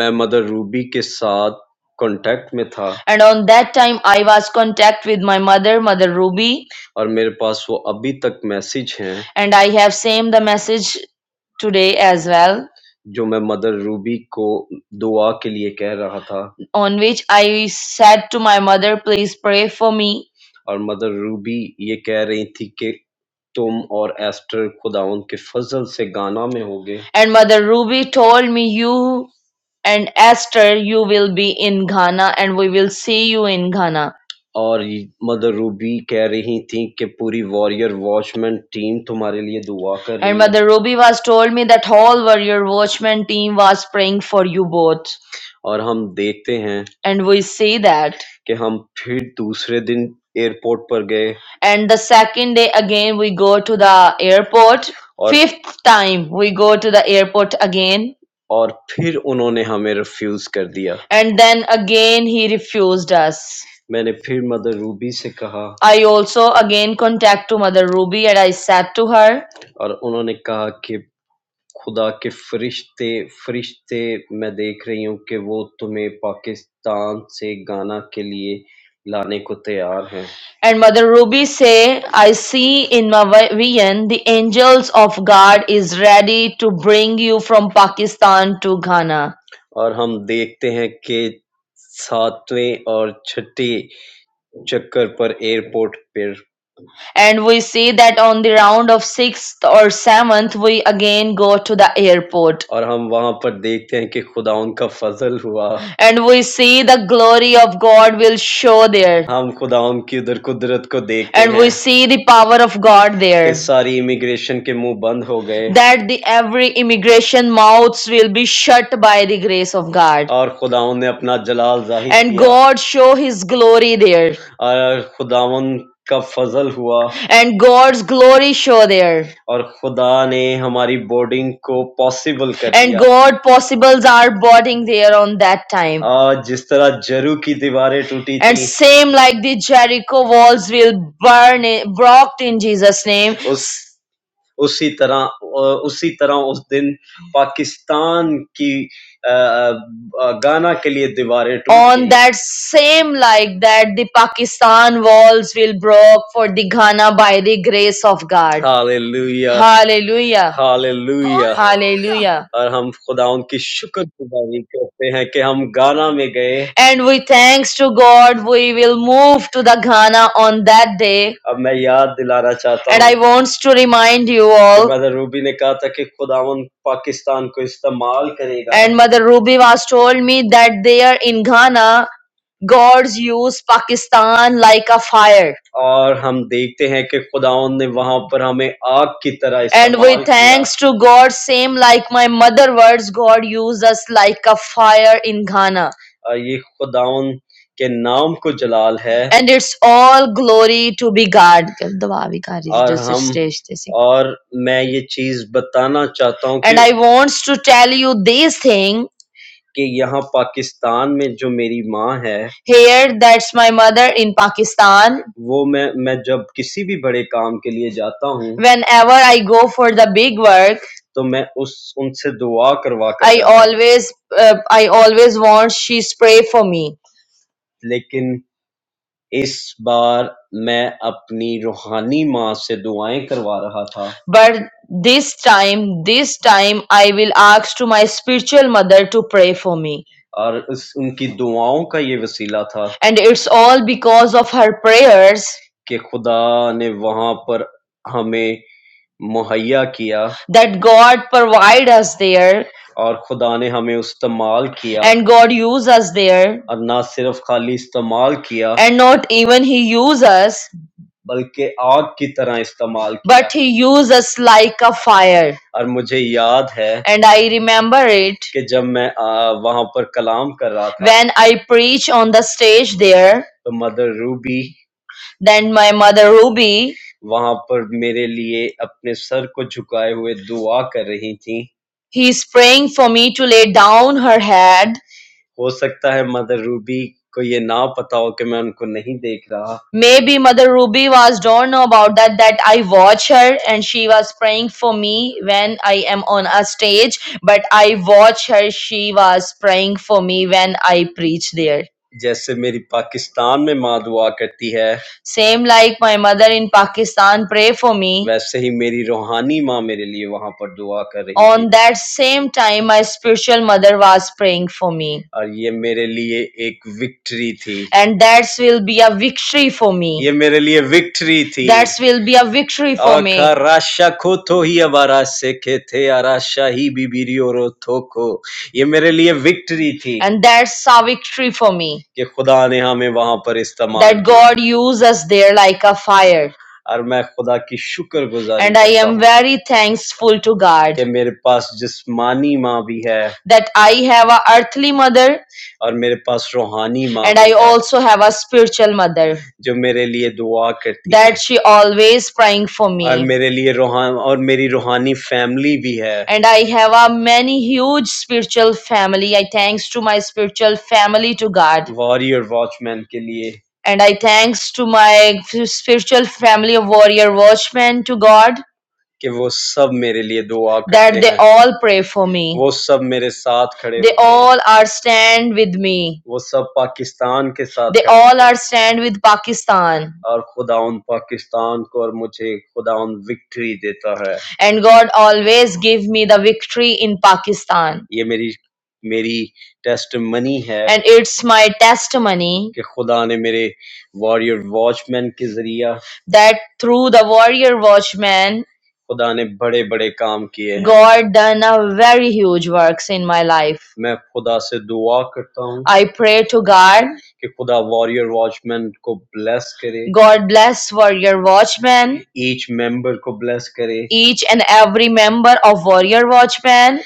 S4: मैं मदर रूबी के साथ कांटेक्ट में था and on that time i was contact with my mother mother ruby और मेरे पास वो अभी तक मैसेज हैं and i have sent the message today as well, जो मैं मदर रूबी को दुआ के लिए कह रहा था on which I said to my mother, Please pray for me. और मदर रूबी ये कह रही थी कि तुम और एस्टर खुदाउन के फजल से गाना में होगे And Mother Ruby told me, You and Esther, you will be in Ghana, and we will see you in Ghana. और ये मदर रूबी कह रही थीं कि पूरी वॉरियर वॉचमैन टीम तुम्हारे लिए दुआ कर रही And है Mother Ruby was told me that whole warrior watchman team was praying for you both. और हम देखते हैं And we see that. कि हम फिर दूसरे दिन एयरपोर्ट पर गए And the second day again we go to the airport. और Fifth time we go to the airport again. और फिर उन्होंने हमें रिफ्यूज कर दिया And then again he refused us. मैंने फिर मदर रूबी से कहा I also again contact to Mother Ruby and I said to her, और उन्होंने कहा कि खुदा के फरिश्ते फरिश्ते मैं देख रही हूँ कि वो तुम्हें पाकिस्तान से गाना के लिए लाने को तैयार हैं and Mother Ruby say, I see in my vi- vision the angels of God is ready to bring you from Pakistan to Ghana. और हम देखते हैं कि सातवें और छठे Chakkar per airport per and we see that on the round of sixth or seventh we again go to the airport और हम वहां पर देखते हैं कि खुदा उनका फजल हुआ and we see the glory of god will show there हम खुदा की उधर कुदरत को देखते and हैं we हैं see the power of god कि there सारी इमिग्रेशन के मुंह बंद हो गए that the every immigration mouths will be shut by the grace of god और खुदावन ने अपना जलाल जाहिर and किया god show his glory there और खुदावन का फजल हुआ and God's glory show there. और खुदा ने हमारी बोर्डिंग को पॉसिबल कर And दिया God possibles are boarding there on that time. आज जिस तरह जरू की दीवारें टूटी And थी same like the Jericho walls will burn, i- brocked in Jesus' name. उस उसी तरह उसी तरह उस दिन पाकिस्तान की गाना के लिए दीवारें टूट on that same like that the pakistan walls will break for the ghana by the grace of god Hallelujah. hallelujah Hallelujah.
S1: Hallelujah!
S4: hallelujah और हम खुदा उनकी शुक्रगुजारी करते हैं कि हम गाना में गए And we thanks to God, we will move to the Ghana on that day. अब मैं याद दिलाना चाहता And हूँ I हूँ, wants to remind you all. Mother Ruby ने कहा था कि खुदावन पाकिस्तान को इस्तेमाल करेगा And Mother Ruby was told me that there in Ghana, God's use Pakistan like a fire. और हम देखते हैं कि खुदावंद ने वहाँ पर हमें आग की तरह इस्तेमाल किया। And with thanks to God, same like my mother words, God used us like a fire in Ghana. ये खुदावंद के नाम को जलाल है And it's all glory to be God. दुआ और हम और मैं ये चीज बताना चाहता हूँ And कि I wants to tell you this thing कि यहाँ पाकिस्तान में जो मेरी माँ है Here, that's my mother in Pakistan. वो मैं मैं जब किसी भी बड़े काम के लिए जाता हूँ Whenever I go for the big work, तो मैं उस उनसे दुआ करवा कर I जाता हूँ always, uh, I always want she's pray for me. लेकिन इस बार मैं अपनी रूहानी माँ से दुआएं करवा रहा था। But this time, this time I will ask to my spiritual mother to pray for me. और उस उनकी दुआओं का ये वसीला था And it's all because of her prayers कि खुदा ने वहाँ पर हमें मुहैया किया that God provide us there और खुदा ने हमें इस्तेमाल किया and God use us there और ना सिर्फ खाली इस्तेमाल किया and not even He use us बल्कि आग की तरह इस्तेमाल किया but He use us like a fire. और मुझे याद है And I remember it कि जब मैं आ, वहां पर कलाम कर रहा था when I preach on the stage there तो mother Ruby then my mother Ruby वहां पर मेरे लिए अपने सर को झुकाए हुए दुआ कर रही थी he is praying for me to lay down her head. हो सकता है मदर रूबी को ये ना पता हो कि मैं उनको नहीं देख रहा Maybe Mother Ruby was don't know about that that I watch her and she was praying for me when I am on a stage, but I watch her. She was praying for me when I preach there. जैसे मेरी पाकिस्तान में माँ दुआ करती है same like my mother in Pakistan pray for me. वैसे ही मेरी रूहानी माँ मेरे लिए वहां पर दुआ कर रही थी On that same time, my spiritual mother was praying for me. और ये मेरे लिए एक विक्ट्री थी And that will be a victory for me. ये मेरे लिए victory thi. That will be a victory for me. akarasha koto hi abara sekete arasha hi bibirio ro toko ये मेरे लिए victory थी And that's a victory for me. कि खुदा ने हमें वहां पर इस्तेमाल That God used us there like a fire. और मैं खुदा की शुक्रगुजारी And I am very thankful to God कि मेरे पास जिसमानी माँ भी है that I have a earthly mother और मेरे पास रूहानी माँ And I also have a spiritual mother जो मेरे लिए दुआ करती है that she always praying for और me. मेरे लिए रूहान और मेरी रूहानी फैमिली भी है And I have a many huge spiritual family. I thanks to my spiritual family to God. Warrior watchman के लिए And I thanks to my spiritual family of warrior watchmen to God. कि वो सब मेरे लिए दुआ that करते they हैं all pray for me. वो सब मेरे साथ खड़े They होते हैं all are stand with me. वो सब पाकिस्तान के साथ They खड़े all are stand with Pakistan. हैं। और खुदा उन पाकिस्तान को और मुझे खुदा उन विक्ट्री देता है And God always give me the victory in Pakistan. ये मेरी मेरी टेस्ट है And it's my testimony कि खुदा ने मेरे वॉरियर वॉचमैन के जरिया that through the warrior watchman खुदा ने बड़े-बड़े काम किए हैं। God done a very huge works in my life. मैं खुदा से दुआ करता हूँ I pray to God. कि खुदा वॉरियर वॉचमैन को ब्लेस करे, God bless Warrior Watchman, Each member को ब्लेस करे each and every member of Warrior Watchman.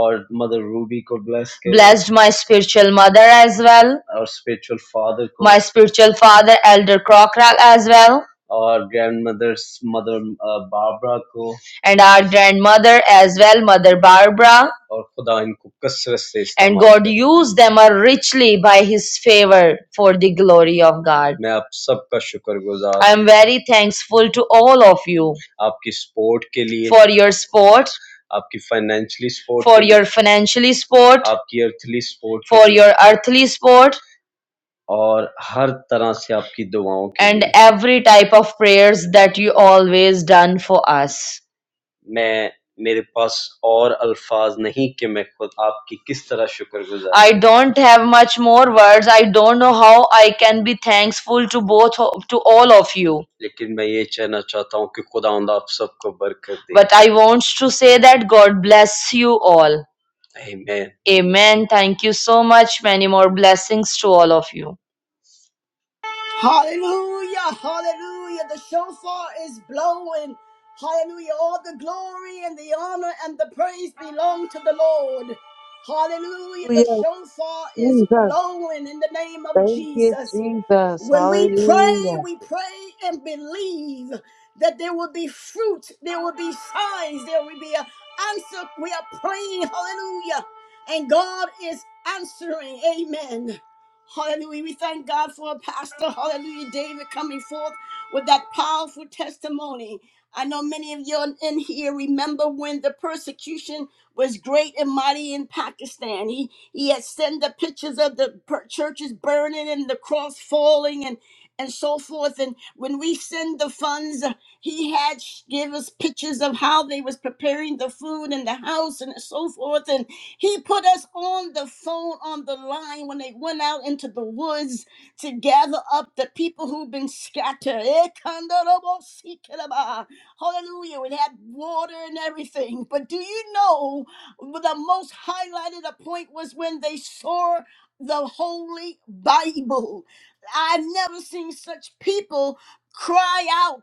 S4: और मदर रूबी को ब्लेस करे Blessed my spiritual mother as well, और स्पिरिचुअल फादर को my spiritual father, Elder Crocker, as well our grandmother's mother uh, Barbara ko and our grandmother as well, Mother Barbara. और खुदा इनको कसरत से And इस्तेमाल God करे used them uh, richly by His favor for the glory of God. मैं आप सबका शुक्रगुजार I हूँ am हूँ very thankful to all of you आपकी सपोर्ट के लिए for your support, आपकी फाइनेंशियली सपोर्ट for के लिए your financially support, आपकी अर्थली सपोर्ट के for लिए your earthly support, और हर तरह से आपकी दुआओं के and लिए every type of prayers that you always done for us. मैं मेरे पास और अल्फाज नहीं कि मैं खुद आपकी किस तरह शुक्रगुजार I हूँ don't have much more words. I don't know how I can be thankful to both to all of you. लेकिन मैं ये कहना चाहता हूँ कि खुदावंद आप सबको बरकत दे But I want to say that God bless you all. Amen. Amen. Thank you so much. Many more blessings to all of you.
S1: Hallelujah! Hallelujah! The shofar is blowing. Hallelujah! All the glory and the honor and the praise belong to the Lord. Hallelujah! The
S5: Hallelujah,
S1: shofar is
S5: Jesus.
S1: blowing in the name of
S5: Thank you,
S1: Jesus.
S5: Jesus.
S1: When we pray,
S5: Hallelujah.
S1: we pray and believe that there will be fruit, there will be signs, there will be an answer. We are praying, hallelujah. And God is answering, amen. Hallelujah. We thank God for a pastor. Hallelujah. David coming forth with that powerful testimony. I know many of you in here remember when the persecution was great and mighty in Pakistan. He he had sent the pictures of the per- churches burning and the cross falling and and so forth. And when we send the funds, uh, he had sh- give us pictures of how they was preparing the food in the house and so forth. He put us on the phone on the line when they went out into the woods to gather up the people who've been scattered. Eh, kandarabosikiraba. Hallelujah. We had water and everything. But do you know the most highlighted a point was when they saw the Holy Bible. I've never seen such people cry out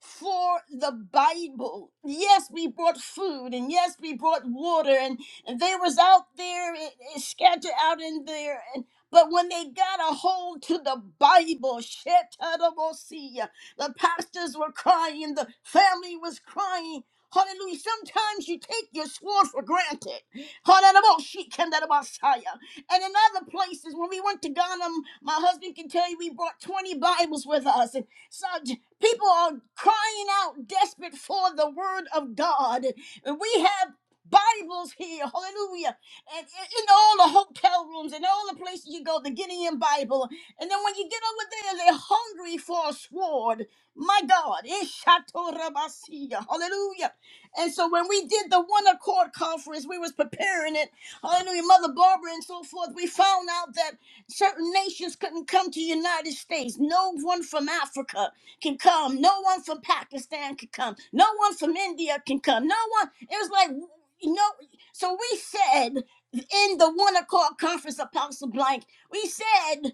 S1: for the Bible. Yes, we brought food and yes, we brought water and, and they was out there eh, eh, scattered out in there and but when they got a hold to the Bible, Shetarabosia, the pastors were crying, the family was crying. Hallelujah. Sometimes you take your sword for granted. Hallelujah. Shekindarabasaya. And in other places, when we went to Ghana, m- my husband can tell you we brought 20 Bibles with us. And so People are crying out desperate for the word of God. And we have Bibles here, hallelujah, and and in all the hotel rooms and all the places you go, the Gideon Bible. And then when you get over there, they're hungry for a sword. My God, Ishatorabasiya, hallelujah. And so when we did the One Accord Conference, we was preparing it, hallelujah, Mother Barbara and so forth, we found out that certain nations couldn't come to the United States, no one from Africa can come. No one from Pakistan can come. No one from India can come. No one. It was like, you know, so we said in the one o'clock conference, Apostle Blank, we said,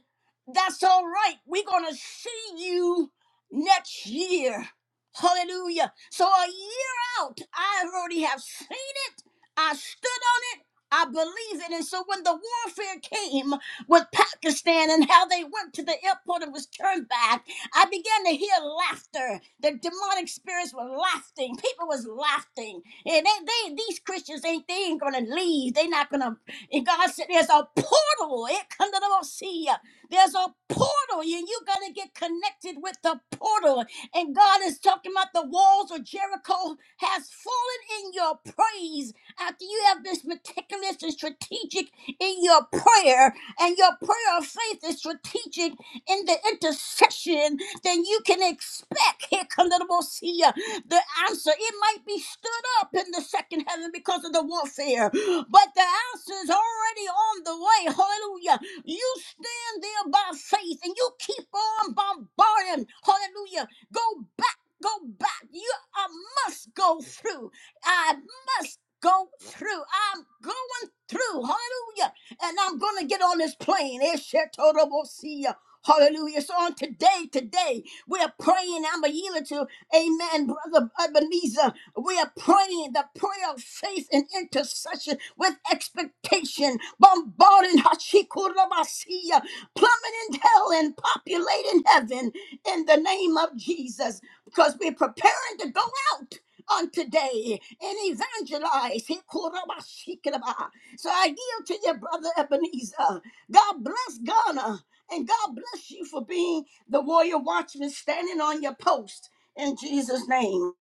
S1: that's all right. We're going to see you next year. Hallelujah. So a year out, I already have seen it. I stood on it. I believe it. And so when the warfare came with Pakistan and how they went to the airport and was turned back, I began to hear laughter. The demonic spirits were laughing. People was laughing. And they, they these Christians ain't they ain't gonna leave. They not gonna and God said there's a portal. It come to the sea. There's a portal, and you gotta get connected with the portal. And God is talking about the walls of Jericho has fallen in your praise after you have been meticulous and strategic in your prayer, and your prayer of faith is strategic in the intercession then you can expect here come the Mosia, the answer. It might be stood up in the second heaven because of the warfare, but the answer is already on the way. Hallelujah. You stand there by faith and you keep on bombarding. Hallelujah. Go back, go back. You I must go through. I must go through. I'm going through. Hallelujah. And I'm gonna get on this plane. Eshetorabosia. Hallelujah. So on today, today, we are praying. I'm a yield to, amen, brother Ebenezer. We are praying the prayer of faith and intercession with expectation, bombarding Hachikurabasiya, plummeting hell and populating heaven in the name of Jesus because we're preparing to go out on today and evangelize. Hikurabashikiraba. So I yield to your brother Ebenezer. God bless Ghana. And God bless you for being the warrior watchman standing on your post in Jesus' name.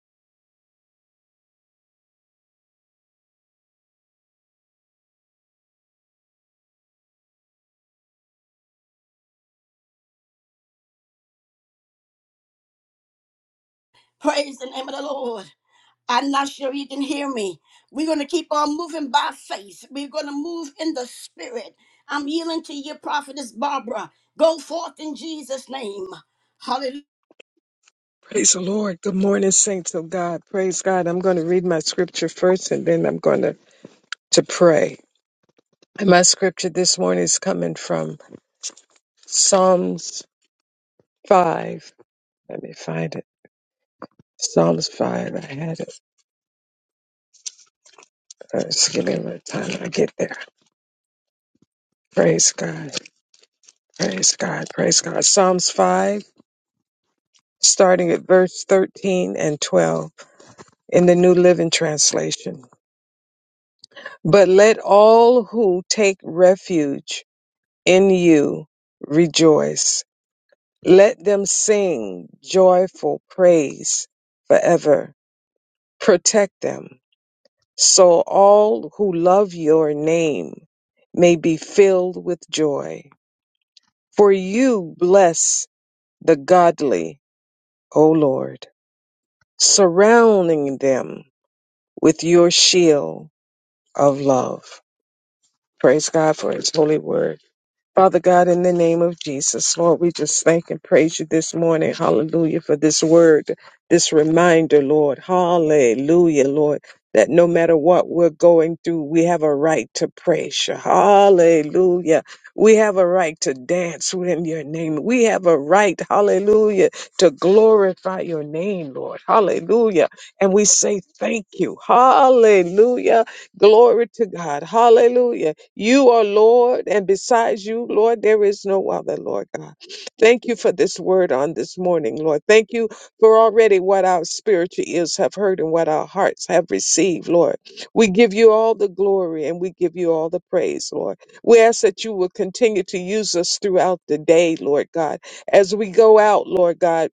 S1: Praise the name of the Lord. I'm not sure you can hear me. We're going to keep on moving by faith. We're going to move in the spirit. I'm yielding to you, prophetess Barbara. Go forth in Jesus' name. Hallelujah.
S6: Praise the Lord. Good morning, saints of God. Praise God. I'm going to read my scripture first and then I'm going to, to pray. And my scripture this morning is coming from Psalms 5. Let me find it. Psalms 5. I had it. Uh, Just give me a little time. I get there. Praise God. Praise God. Praise God. Psalms 5, starting at verse 13 and 12 in the New Living Translation. But let all who take refuge in you rejoice. Let them sing joyful praise forever. Protect them, so all who love your name may be filled with joy. For you bless the godly, O Lord, surrounding them with your shield of love. Praise God for his holy word. Father God, in the name of Jesus, Lord, we just thank and praise you this morning. Hallelujah for this word, this reminder, Lord. Hallelujah, Lord, that no matter what we're going through, we have a right to praise you. Hallelujah. We have a right to dance in your name. We have a right, hallelujah, to glorify your name, Lord. Hallelujah. And we say thank you. Hallelujah. Glory to God. Hallelujah you are Lord, and besides you, Lord, there is no other, Lord God. Thank you for this word on this morning, Lord. Thank you for already what our spiritual ears have heard and what our hearts have received, Lord. We give you all the glory and we give you all the praise, Lord. We ask that you will continue to use us throughout the day, Lord God, as we go out, Lord God.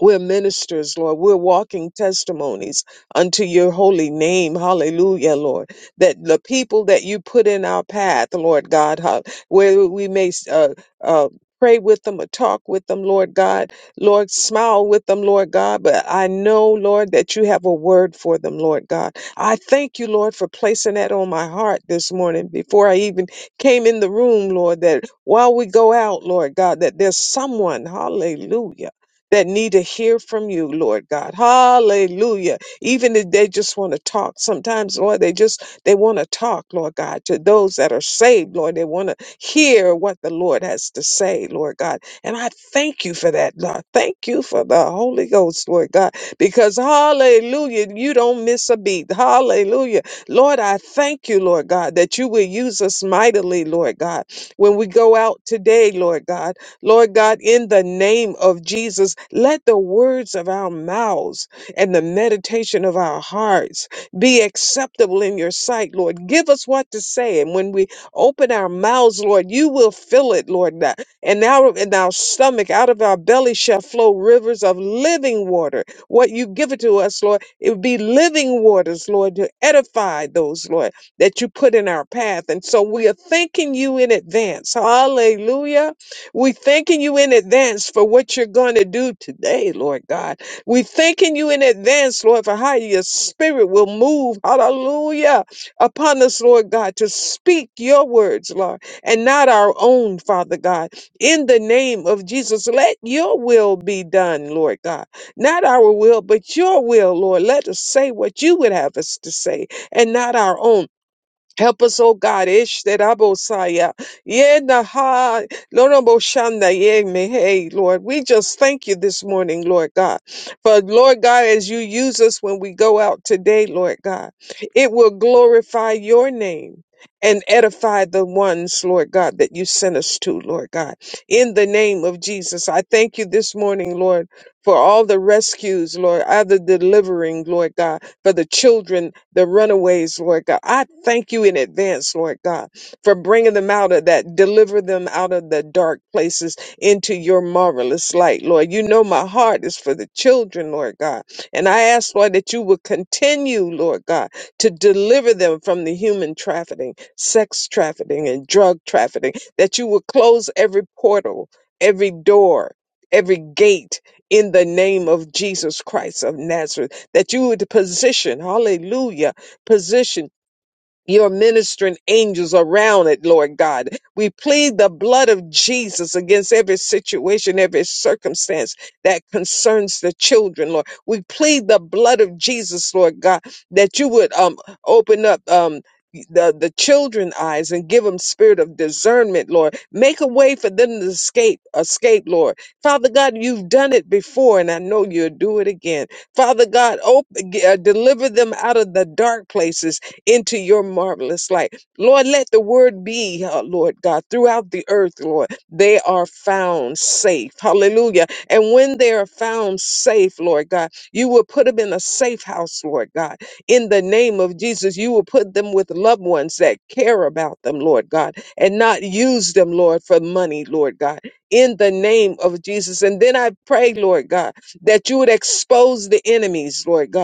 S6: We're ministers, Lord. We're walking testimonies unto your holy name. Hallelujah, Lord. That the people that you put in our path, Lord God, how- where we may uh, uh, pray with them or talk with them, Lord God, Lord, smile with them, Lord God. But I know, Lord, that you have a word for them, Lord God. I thank you, Lord, for placing that on my heart this morning before I even came in the room, Lord, that while we go out, Lord God, that there's someone, hallelujah that need to hear from you, Lord God. Hallelujah. Even if they just want to talk, sometimes, Lord, they just they want to talk, Lord God, to those that are saved, Lord. They want to hear what the Lord has to say, Lord God. And I thank you for that, Lord. Thank you for the Holy Ghost, Lord God, because hallelujah, you don't miss a beat. Hallelujah. Lord, I thank you, Lord God, that you will use us mightily, Lord God, when we go out today, Lord God. Lord God, in the name of Jesus, let the words of our mouths and the meditation of our hearts be acceptable in your sight, Lord. Give us what to say. And when we open our mouths, Lord, you will fill it, Lord. God. And now in our stomach, out of our belly shall flow rivers of living water. What you give it to us, Lord, it would be living waters, Lord, to edify those, Lord, that you put in our path. And so we are thanking you in advance. Hallelujah we thanking you in advance for what you're going to do today, Lord God. We thanking you in advance, Lord, for how your spirit will move, hallelujah, upon us, Lord God, to speak your words, Lord, and not our own, Father God. In the name of Jesus, let your will be done, Lord God. Not our will, but your will, Lord. Let us say what you would have us to say and not our own. Help us, oh God, Ish that Abosaya, Ishterabosaya. Yenaha, Loroboshanda, Yemehe, Lord. We just thank you this morning, Lord God. For Lord God, as you use us when we go out today, Lord God, it will glorify your name. And edify the ones, Lord God, that you sent us to, Lord God. In the name of Jesus, I thank you this morning, Lord, for all the rescues, Lord, other delivering, Lord God, for the children the runaways, Lord God. I thank you in advance, Lord God, for bringing them out of that, deliver them out of the dark places into your marvelous light, Lord. You know my heart is for the children, Lord God. And I ask, Lord, that you will continue, Lord God, to deliver them from the human trafficking, sex trafficking, and drug trafficking, that you will close every portal, every door, every gate in the name of Jesus Christ of Nazareth that you would position, hallelujah, position your ministering angels around it, Lord God. We plead the blood of Jesus against every situation, every circumstance that concerns the children, Lord. We plead the blood of Jesus, Lord God, that you would um open up um the, the children eyes and give them spirit of discernment lord make a way for them to escape escape lord father god you've done it before and i know you'll do it again father god open, uh, deliver them out of the dark places into your marvelous light. Lord, let the word be, uh, Lord God, throughout the earth, Lord. They are found safe. Hallelujah. And when they are found safe, Lord God, you will put them in a safe house, Lord God. In the name of Jesus, you will put them with loved ones that care about them, Lord God, and not use them, Lord, for money, Lord God. In the name of Jesus. And then I pray, Lord God, that you would expose the enemies, Lord God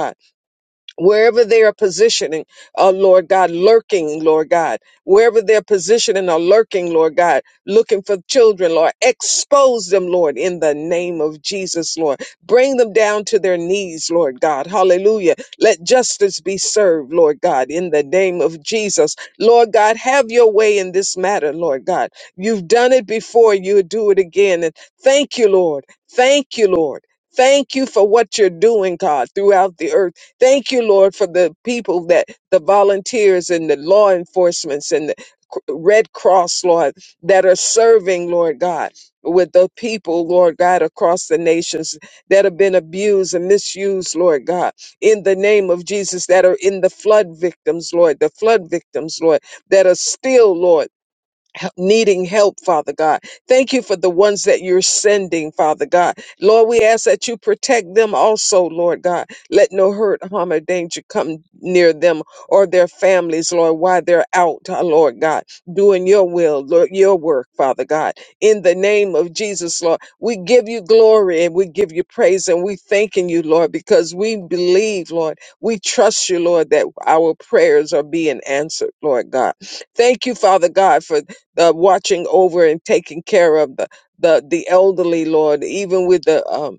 S6: wherever they are positioning, uh, Lord God, lurking, Lord God, wherever they're positioning or lurking, Lord God, looking for children, Lord, expose them, Lord, in the name of Jesus, Lord. Bring them down to their knees, Lord God. Hallelujah. Let justice be served, Lord God, in the name of Jesus. Lord God, have your way in this matter, Lord God. You've done it before, you do it again. And thank you, Lord. Thank you, Lord. Thank you for what you're doing, God, throughout the earth. Thank you, Lord, for the people that the volunteers and the law enforcements and the C- Red Cross, Lord, that are serving, Lord God, with the people, Lord God, across the nations that have been abused and misused, Lord God, in the name of Jesus, that are in the flood victims, Lord, the flood victims, Lord, that are still, Lord hel- needing help, Father God. Thank you for the ones that you're sending, Father God. Lord, we ask that you protect them also, Lord God. Let no hurt, harm, or danger come near them or their families, Lord, while they're out, uh, Lord God, doing your will, Lord, your work, Father God. In the name of Jesus, Lord, we give you glory and we give you praise and we thanking you, Lord, because we believe, Lord, we trust you, Lord, that our prayers are being answered, Lord God. Thank you, Father God, for uh, watching over and taking care of the, the the elderly, Lord, even with the um,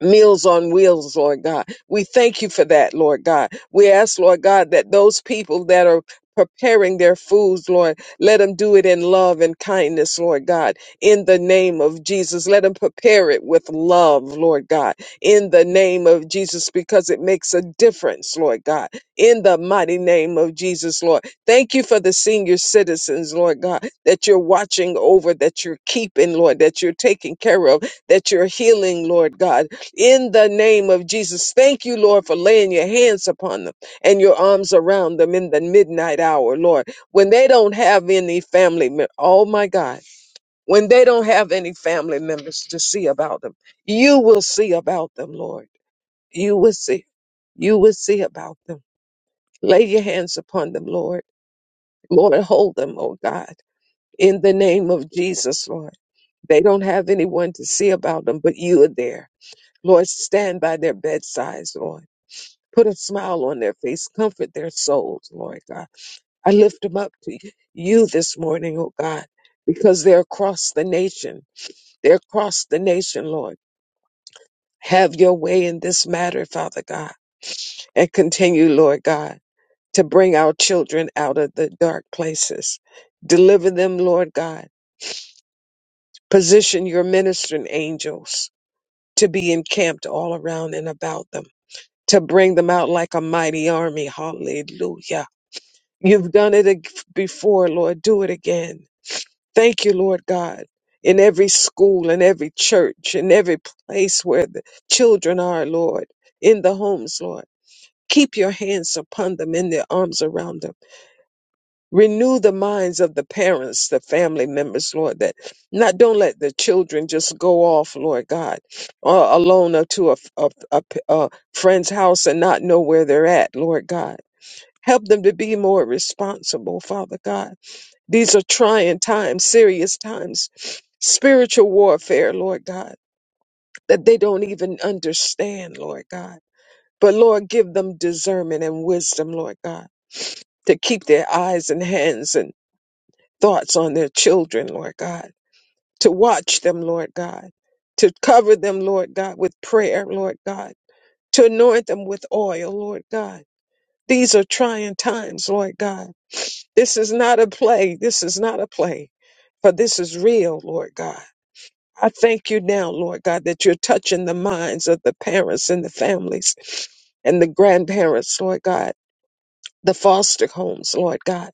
S6: Meals on wheels, Lord God. We thank you for that, Lord God. We ask, Lord God, that those people that are preparing their foods, Lord, let them do it in love and kindness, Lord God, in the name of Jesus. Let them prepare it with love, Lord God, in the name of Jesus, because it makes a difference, Lord God, in the mighty name of Jesus, Lord. Thank you for the senior citizens, Lord God, that you're watching over, that you're keeping, Lord, that you're taking care of, that you're healing, Lord God in the name of Jesus. Thank you, Lord, for laying your hands upon them and your arms around them in the midnight hour, Lord. When they don't have any family, mem- oh my God, when they don't have any family members to see about them, you will see about them, Lord. You will see. You will see about them. Lay your hands upon them, Lord. Lord, hold them, oh God, in the name of Jesus, Lord. They don't have anyone to see about them, but you are there. Lord, stand by their bedsides, Lord. Put a smile on their face. Comfort their souls, Lord God. I lift them up to you this morning, oh God, because they're across the nation. They're across the nation, Lord. Have your way in this matter, Father God, and continue, Lord God, to bring our children out of the dark places. Deliver them, Lord God. Position your ministering angels to be encamped all around and about them, to bring them out like a mighty army. Hallelujah You've done it ag- before, Lord. Do it again. Thank you, Lord God. In every school, in every church, in every place where the children are, Lord, in the homes, Lord. Keep your hands upon them and their arms around them. Renew the minds of the parents, the family members, Lord, that not don't let the children just go off, Lord God, uh, alone or to a, a, a, a friend's house and not know where they're at, Lord God. Help them to be more responsible, Father God these are trying times, serious times, spiritual warfare, Lord God, that they don't even understand, Lord God. But Lord, give them discernment and wisdom, Lord God, to keep their eyes and hands and thoughts on their children, Lord God, to watch them, Lord God, to cover them, Lord God, with prayer, Lord God, to anoint them with oil, Lord God. These are trying times, Lord God. This is not a play. This is not a play, for this is real, Lord God. I thank you now, Lord God, that you're touching the minds of the parents and the families and the grandparents, Lord God, the foster homes, Lord God.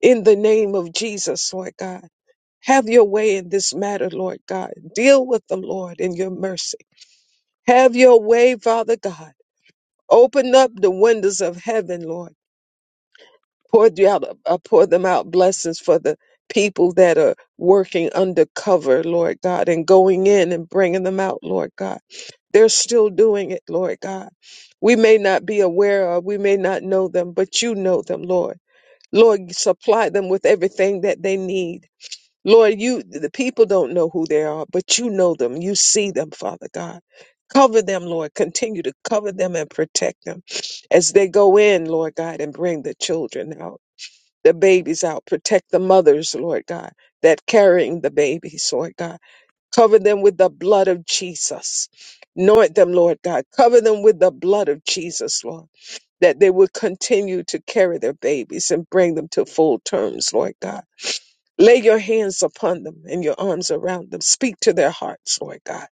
S6: In the name of Jesus, Lord God, have your way in this matter, Lord God. Deal with them, Lord, in your mercy. Have your way, Father God. Open up the windows of heaven, Lord. Pour, you out, uh, pour them out blessings for the people that are working undercover, Lord God, and going in and bringing them out, Lord God They're still doing it, Lord God. We may not be aware of, we may not know them, but you know them, Lord. Lord, supply them with everything that they need. Lord, you the people don't know who they are, but you know them. You see them, Father God. Cover them, Lord. Continue to cover them and protect them as they go in, Lord God, and bring the children out, the babies out. Protect the mothers, Lord God, that carrying the babies, Lord God. Cover them with the blood of Jesus. Anoint them, Lord God. Cover them with the blood of Jesus, Lord, that they would continue to carry their babies and bring them to full terms, Lord God. Lay your hands upon them and your arms around them. Speak to their hearts, Lord God.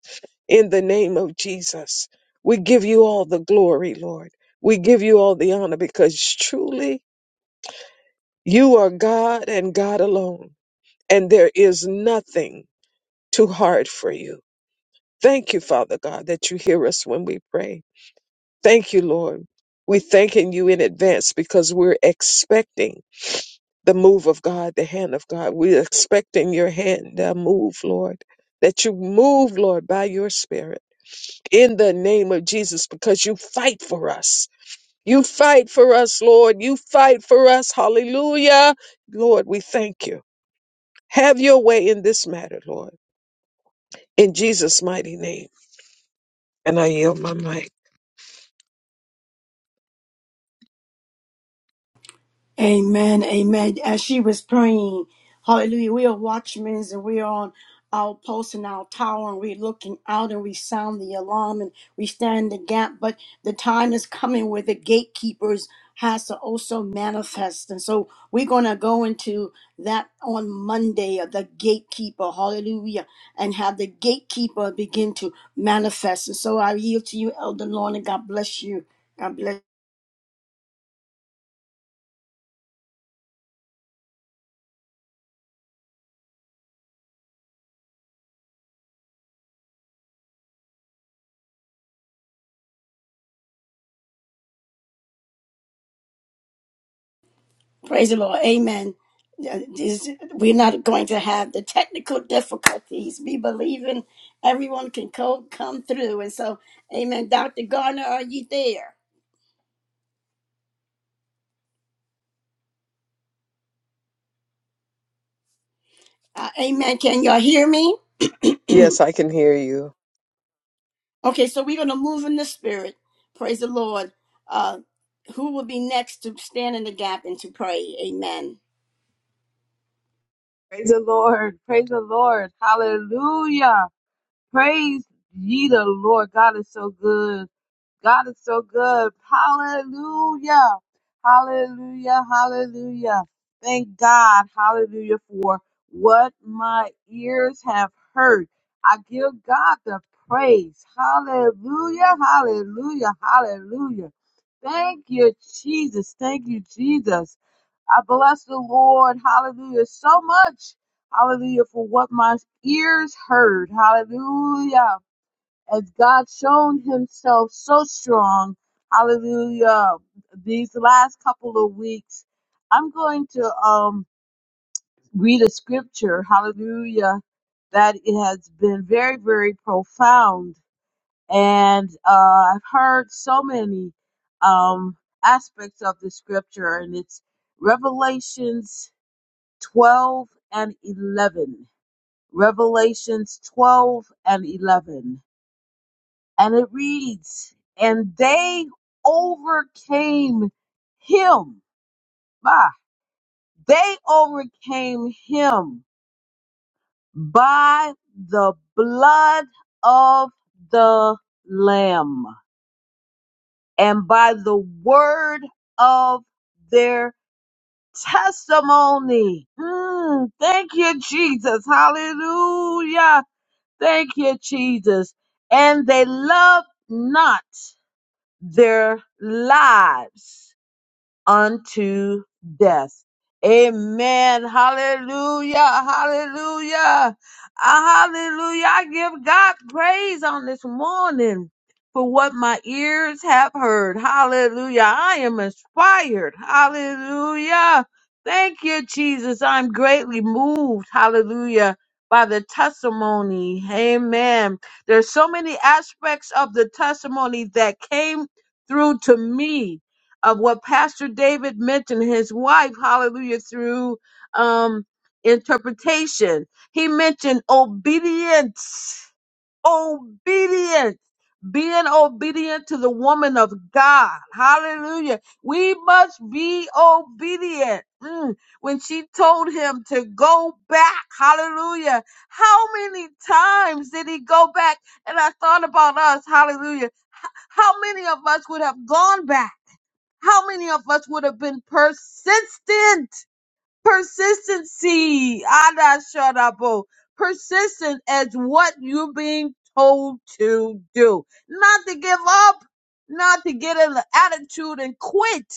S6: In the name of Jesus, we give you all the glory, Lord. We give you all the honor because truly you are God and God alone, and there is nothing too hard for you. Thank you, Father God, that you hear us when we pray. Thank you, Lord. We're thanking you in advance because we're expecting the move of God, the hand of God. We're expecting your hand to move, Lord. That you move, Lord, by your spirit in the name of Jesus because you fight for us. You fight for us, Lord. You fight for us. Hallelujah. Lord, we thank you. Have your way in this matter, Lord. In Jesus' mighty name. And I yield my mic.
S1: Amen. Amen. As she was praying, hallelujah, we are watchmen and we are on our post and our tower and we're looking out and we sound the alarm and we stand the gap. But the time is coming where the gatekeepers has to also manifest. And so we're going to go into that on Monday of the gatekeeper. Hallelujah. And have the gatekeeper begin to manifest. And so I yield to you, Elder Lorna. God bless you. God bless Praise the Lord. Amen. Uh, this- We're not going to have the technical difficulties. Be believing everyone can co- come through. And so, amen. Dr. Garner, are you there? Uh, amen. Can y'all hear me?
S6: Yes, I can hear you.
S1: Okay, so we're going to move in the spirit. Praise the Lord. Uh, who will be next to stand in the gap and to pray? Amen.
S5: Praise the Lord. Praise the Lord. Hallelujah. Praise ye the Lord. God is so good. God is so good. Hallelujah. Hallelujah. Hallelujah. Thank God. Hallelujah for what my ears have heard. I give God the praise. Hallelujah. Hallelujah. Hallelujah. Thank you, Jesus. Thank you, Jesus. I bless the Lord. Hallelujah. So much. Hallelujah for what my ears heard. Hallelujah as God shown himself so strong. Hallelujah. These last couple of weeks, I'm going to um, read a scripture. Hallelujah. That it has been very, very profound. And uh, I've heard so many um, aspects of the scripture, and it's Revelations 12 and 11. Revelations 12 and 11. And it reads, and they overcame him. Ah, They overcame him by the blood of the Lamb and by the word of their testimony. Mm, thank you, Jesus. Hallelujah. Thank you, Jesus. And they loved not their lives unto death. Amen. Hallelujah. Hallelujah. Ah, Hallelujah. I give God praise on this morning for what my ears have heard. Hallelujah. I am inspired. Hallelujah. Thank you, Jesus. I'm greatly moved. Hallelujah. By the testimony. Amen. There's so many aspects of the testimony that came through to me of what Pastor David mentioned, his wife, hallelujah, through um, interpretation. He mentioned obedience, obedience, being obedient to the woman of God. Hallelujah. We must be obedient. Mm. When she told him to go back, hallelujah. How many times did he go back? And I thought about us, hallelujah. How many of us would have gone back? How many of us would have been persistent? Persistency. Ada Sharabo. Persistent as what you're being told to do. Not to give up, not to get an attitude and quit,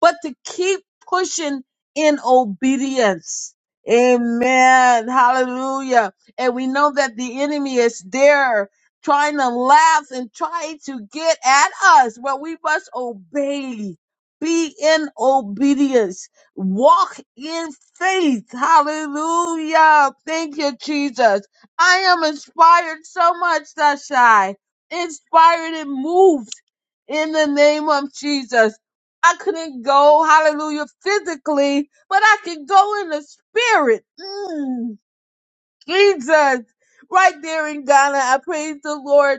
S5: but to keep pushing in obedience. Amen. Hallelujah. And we know that the enemy is there trying to laugh and trying to get at us, but we must obey. Be in obedience walk in faith. Hallelujah. Thank you, Jesus. I am inspired so much, Sashai. Inspired and moved in the name of Jesus. I couldn't go, hallelujah, physically, but I can go in the spirit. Mm, Jesus. Right there in Ghana, I praise the Lord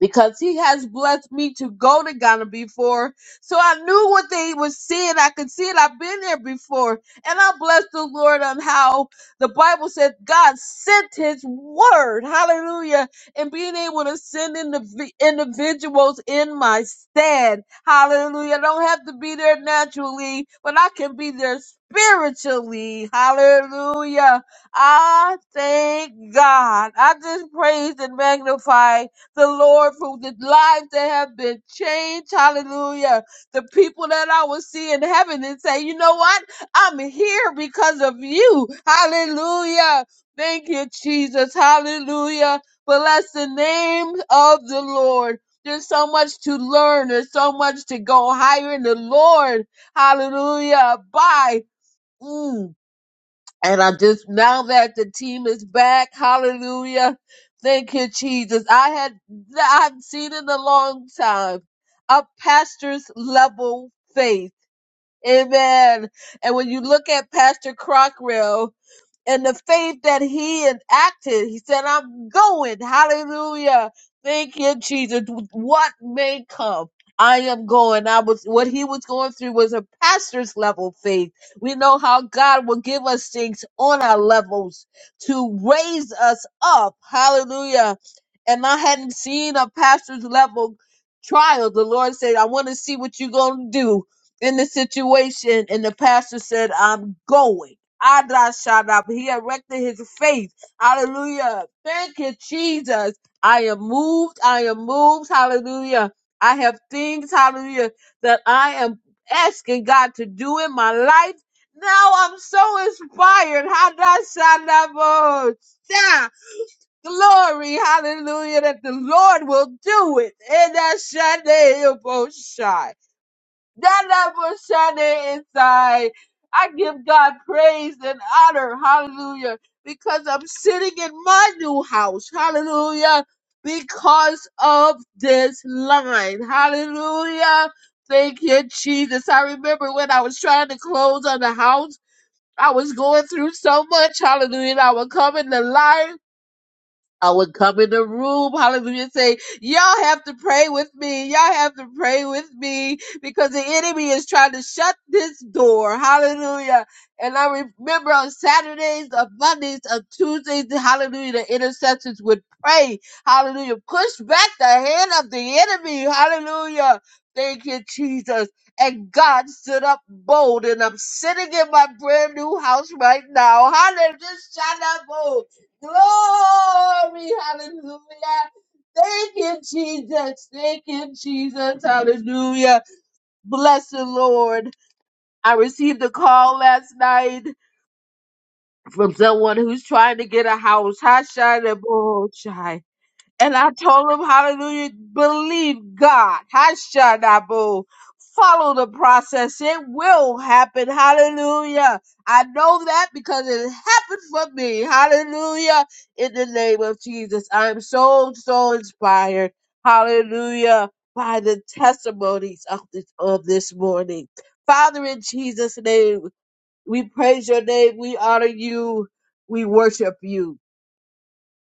S5: because he has blessed me to go to Ghana before. So I knew what they were seeing. I could see it. I've been there before. And I bless the Lord on how the Bible said God sent his word. Hallelujah. And being able to send indiv- individuals in my stead. Hallelujah. I don't have to be there naturally, but I can be there spiritually. Hallelujah. I thank God. I just praise and magnify the Lord for the lives that have been changed. Hallelujah. The people that I will see in heaven and say, you know what? I'm here because of you. Hallelujah. Thank you, Jesus. Hallelujah. Bless the name of the Lord. There's so much to learn. There's so much to go higher in the Lord. Hallelujah. Bye. Mm. And I just now that the team is back, hallelujah. Thank you, Jesus. I had I haven't seen in a long time a pastor's level faith. Amen. And when you look at Pastor Crockrell, and the faith that he enacted. He said, I'm going. Hallelujah. Thank you, Jesus. What may come. I am going. I was what he was going through was a pastor's level faith. We know how God will give us things on our levels to raise us up. Hallelujah. And I hadn't seen a pastor's level trial. The Lord said, I want to see what you're gonna do in the situation. And the pastor said, I'm going. Adashadab. He erected his faith. Hallelujah. Thank you, Jesus. I am moved. I am moved. Hallelujah. I have things, hallelujah, that I am asking God to do in my life. Now I'm so inspired. Hadashadabosha. Glory, hallelujah, that the Lord will do it. Hadashadabosha. That light was shining inside. I give God praise and honor. Hallelujah. Because I'm sitting in my new house. Hallelujah. Because of this line. Hallelujah. Thank you, Jesus. I remember when I was trying to close on the house, I was going through so much. Hallelujah. And I would come in the line. I would come in the room, hallelujah, and say, Y'all have to pray with me. Y'all have to pray with me because the enemy is trying to shut this door. Hallelujah. And I remember on Saturdays, on Mondays, on Tuesdays, hallelujah, the intercessors would pray. Hallelujah. Push back the hand of the enemy. Hallelujah. Thank you, Jesus. And God stood up bold, and I'm sitting in my brand new house right now. Hallelujah. Glory, hallelujah. Thank you, Jesus. Thank you, Jesus. Hallelujah. Bless the Lord. I received a call last night from someone who's trying to get a house. Hashanah and I told him, hallelujah, believe God. Hashanabu. Follow the process. It will happen. Hallelujah. I know that because it happened for me. Hallelujah. In the name of Jesus. I'm so, so inspired. Hallelujah. By the testimonies of this, of this morning. Father, in Jesus' name, we praise your name. We honor you. We worship you.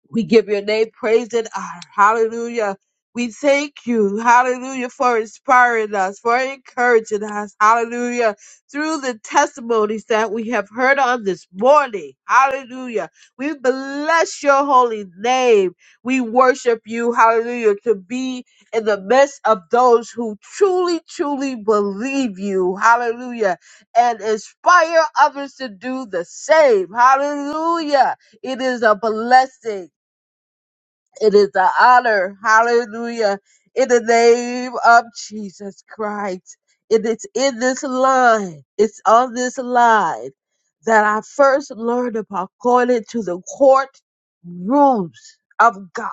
S5: We give your name praise and honor. Hallelujah. We thank you, hallelujah, for inspiring us, for encouraging us, hallelujah, through the testimonies that we have heard on this morning. Hallelujah. We bless your holy name. We worship you, hallelujah, to be in the midst of those who truly, truly believe you, hallelujah, and inspire others to do the same. Hallelujah. It is a blessing. It is an honor. Hallelujah. In the name of Jesus Christ. It is in this line. It's on this line that I first learned about going into the court rooms of God.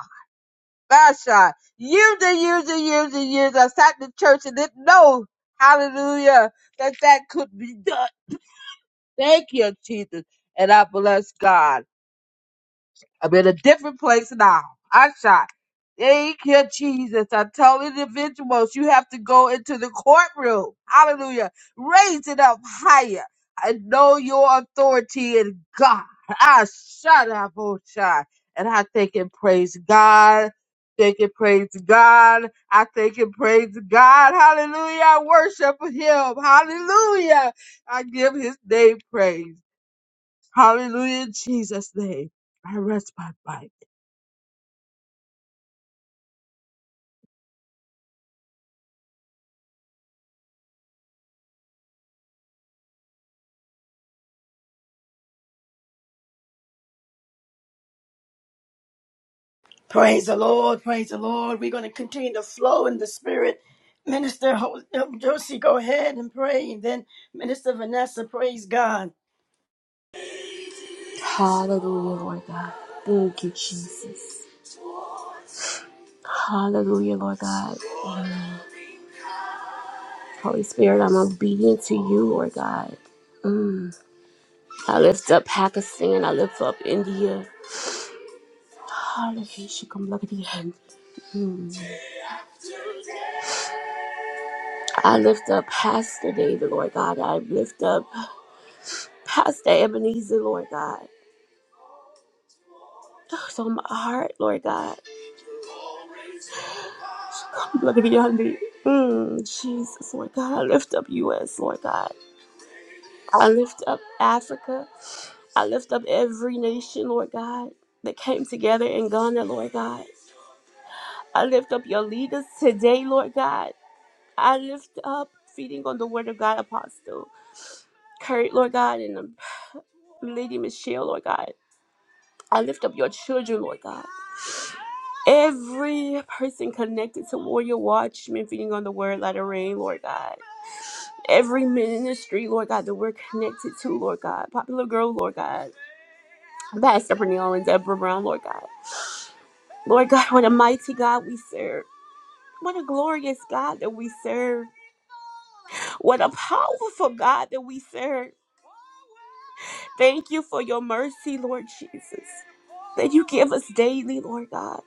S5: Gosh, I- years and years and years and years I sat in church and didn't know, hallelujah, that that could be done. Thank you, Jesus. And I bless God. I'm in a different place now. I shot. Thank you, Jesus. I tell individuals you have to go into the courtroom. Hallelujah. Raise it up higher. I know your authority in God. I shut up, oh child. And I thank and praise God. Thank and praise God. I thank and praise God. Hallelujah. I worship him. Hallelujah. I give his name praise. Hallelujah. In Jesus' name. I rest my mind.
S1: Praise the Lord. Praise the Lord. We're going to continue to flow in the spirit. Minister Ho- Josie, go ahead and pray. And then Minister Vanessa, praise God.
S2: Hallelujah, Lord God. Thank you, Jesus. Hallelujah, Lord God. Holy Spirit, I'm obedient to you, Lord God. Mm. I lift up Pakistan. I lift up India. Hallelujah. Shikamagadiyah. Mm. I lift up Pastor David, Lord God. I lift up Pastor Ebenezer, Lord God. Oh, so my heart, Lord God. Shikamagadiyah. Mm. Jesus, Lord God. I lift up U.S., Lord God. I lift up Africa. I lift up every nation, Lord God, that came together in Ghana, Lord God. I lift up your leaders today, Lord God. I lift up feeding on the word of God, Apostle Kurt, Lord God, and um, Lady Michelle, Lord God. I lift up your children, Lord God. Every person connected to Warrior Watchmen, feeding on the word, let it rain, Lord God. Every ministry, Lord God, that we're connected to, Lord God. Popular Girl, Lord God. Pastor Pernille and Deborah Brown, Lord God. Lord God, what a mighty God we serve. What a glorious God that we serve. What a powerful God that we serve. Thank you for your mercy, Lord Jesus, that you give us daily, Lord God.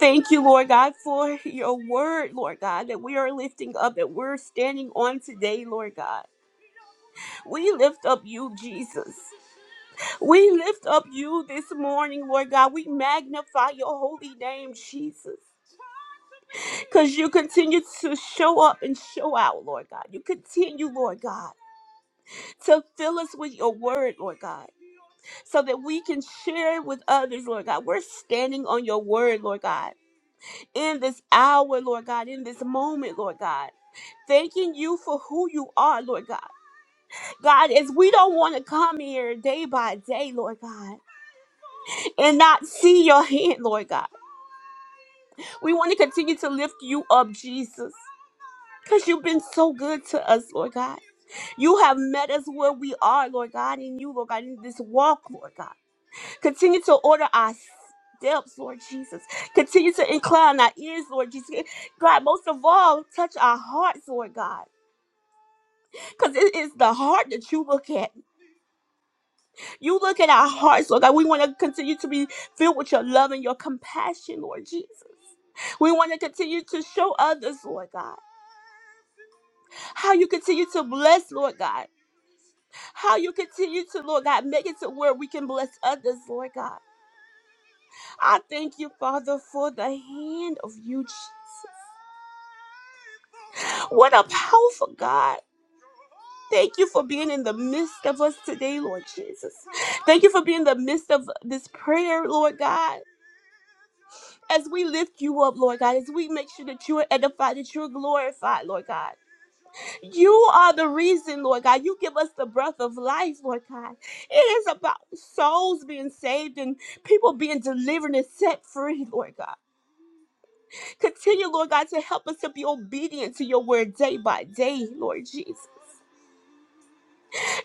S2: Thank you, Lord God, for your word, Lord God, that we are lifting up, that we're standing on today, Lord God. We lift up you, Jesus. We lift up you this morning, Lord God. We magnify your holy name, Jesus. Because you continue to show up and show out, Lord God. You continue, Lord God, to fill us with your word, Lord God, so that we can share with others, Lord God. We're standing on your word, Lord God, in this hour, Lord God, in this moment, Lord God. Thanking you for who you are, Lord God. God, as we don't want to come here day by day, Lord God, and not see your hand, Lord God. We want to continue to lift you up, Jesus, because you've been so good to us, Lord God. You have met us where we are, Lord God, in you, Lord God, in this walk, Lord God. Continue to order our steps, Lord Jesus. Continue to incline our ears, Lord Jesus. God, most of all, touch our hearts, Lord God. Because it is the heart that you look at. You look at our hearts, Lord God. We want to continue to be filled with your love and your compassion, Lord Jesus. We want to continue to show others, Lord God, how you continue to bless, Lord God. how you continue to, Lord God, make it to where we can bless others, Lord God. I thank you, Father, for the hand of you, Jesus. What a powerful God. Thank you for being in the midst of us today, Lord Jesus. Thank you for being in the midst of this prayer, Lord God. As we lift you up, Lord God, as we make sure that you are edified, that you are glorified, Lord God. You are the reason, Lord God. You give us the breath of life, Lord God. It is about souls being saved and people being delivered and set free, Lord God. Continue, Lord God, to help us to be obedient to your word day by day, Lord Jesus.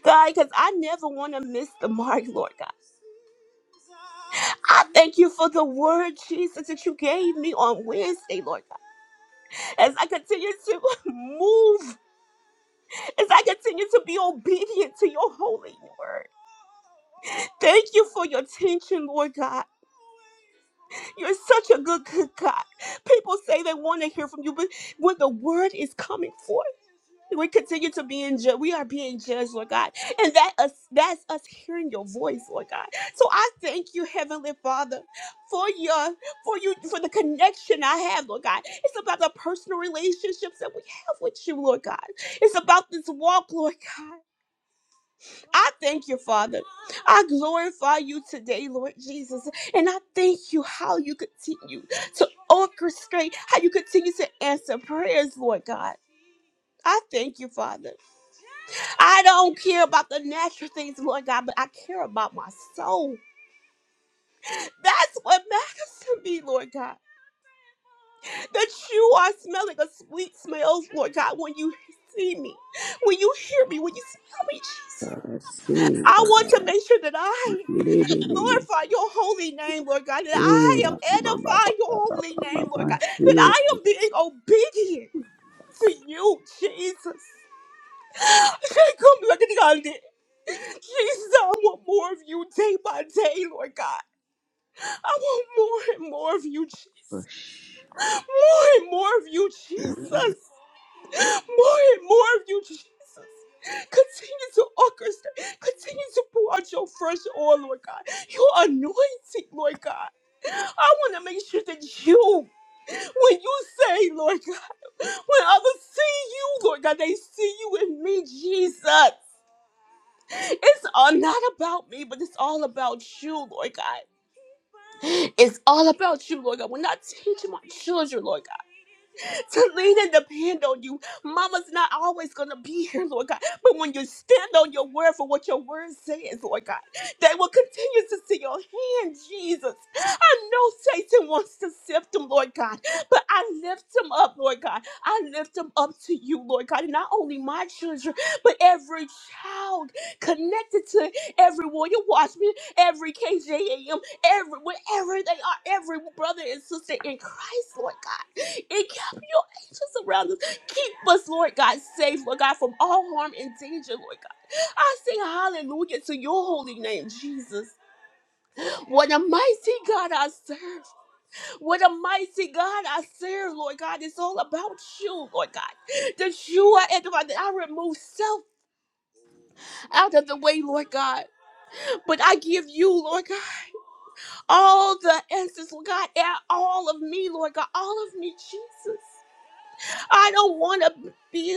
S2: God, because I never want to miss the mark, Lord God. I thank you for the word, Jesus, that you gave me on Wednesday, Lord God. As I continue to move, as I continue to be obedient to your holy word. Thank you for your attention, Lord God. You're such a good, good God. People say they want to hear from you, but when the word is coming forth, we continue to be in judge. We are being judged, Lord God, and that us, that's us hearing your voice, Lord God. So I thank you, Heavenly Father, for your for you for the connection I have, Lord God. It's about the personal relationships that we have with you, Lord God. It's about this walk, Lord God. I thank you, Father. I glorify you today, Lord Jesus. And I thank you how you continue to orchestrate, how you continue to answer prayers, Lord God. I thank you, Father. I don't care about the natural things, Lord God, but I care about my soul. That's what matters to me, Lord God. That you are smelling a sweet smell, Lord God, when you see me, when you hear me, when you smell me, Jesus.
S3: I see it,
S2: I
S3: God.
S2: want to make sure that I
S3: It is in me.
S2: glorify your holy name, Lord God, that
S3: Ooh,
S2: I am
S3: da, ba, ba, ba,
S2: edifying
S3: ba,
S2: your
S3: ba, ba,
S2: holy
S3: ba, ba,
S2: name, Lord
S3: ba.
S2: God,
S3: I
S2: that
S3: feel
S2: I am
S3: it.
S2: being obedient to you, Jesus. Come look at God. Jesus, I want more of you day by day, Lord God. I want more and more of you, Jesus.
S3: Push.
S2: More and more of you, Jesus more and more of you, Jesus. Continue to orchestrate. Continue to pour out your fresh oil, Lord God. Your anointing, Lord God. I want to make sure that you, when you say, Lord God, when others see you, Lord God, they see you in me, Jesus. It's all not about me, but it's all about you, Lord God. It's all about you, Lord God. When I teach my children, Lord God to lean and depend on you. Mama's not always going to be here, Lord God. But when you stand on your word for what your word says, Lord God, they will continue to see your hand, Jesus. I know Satan wants to sift them, Lord God, but I lift them up, Lord God. I lift them up to you, Lord God. And not only my children, but every child connected to every warrior watchman, every KJAM, every wherever they are, every brother and sister in Christ, Lord God your angels around us. Keep us, Lord God, safe, Lord God, from all harm and danger, Lord God. I sing hallelujah to your holy name, Jesus. What a mighty God I serve. What a mighty God I serve, Lord God. It's all about you, Lord God. That you are at the right. That I remove self out of the way, Lord God. But I give you, Lord God, all the answers, Lord God, and all of me, Lord God, all of me, Jesus. I don't want to. be.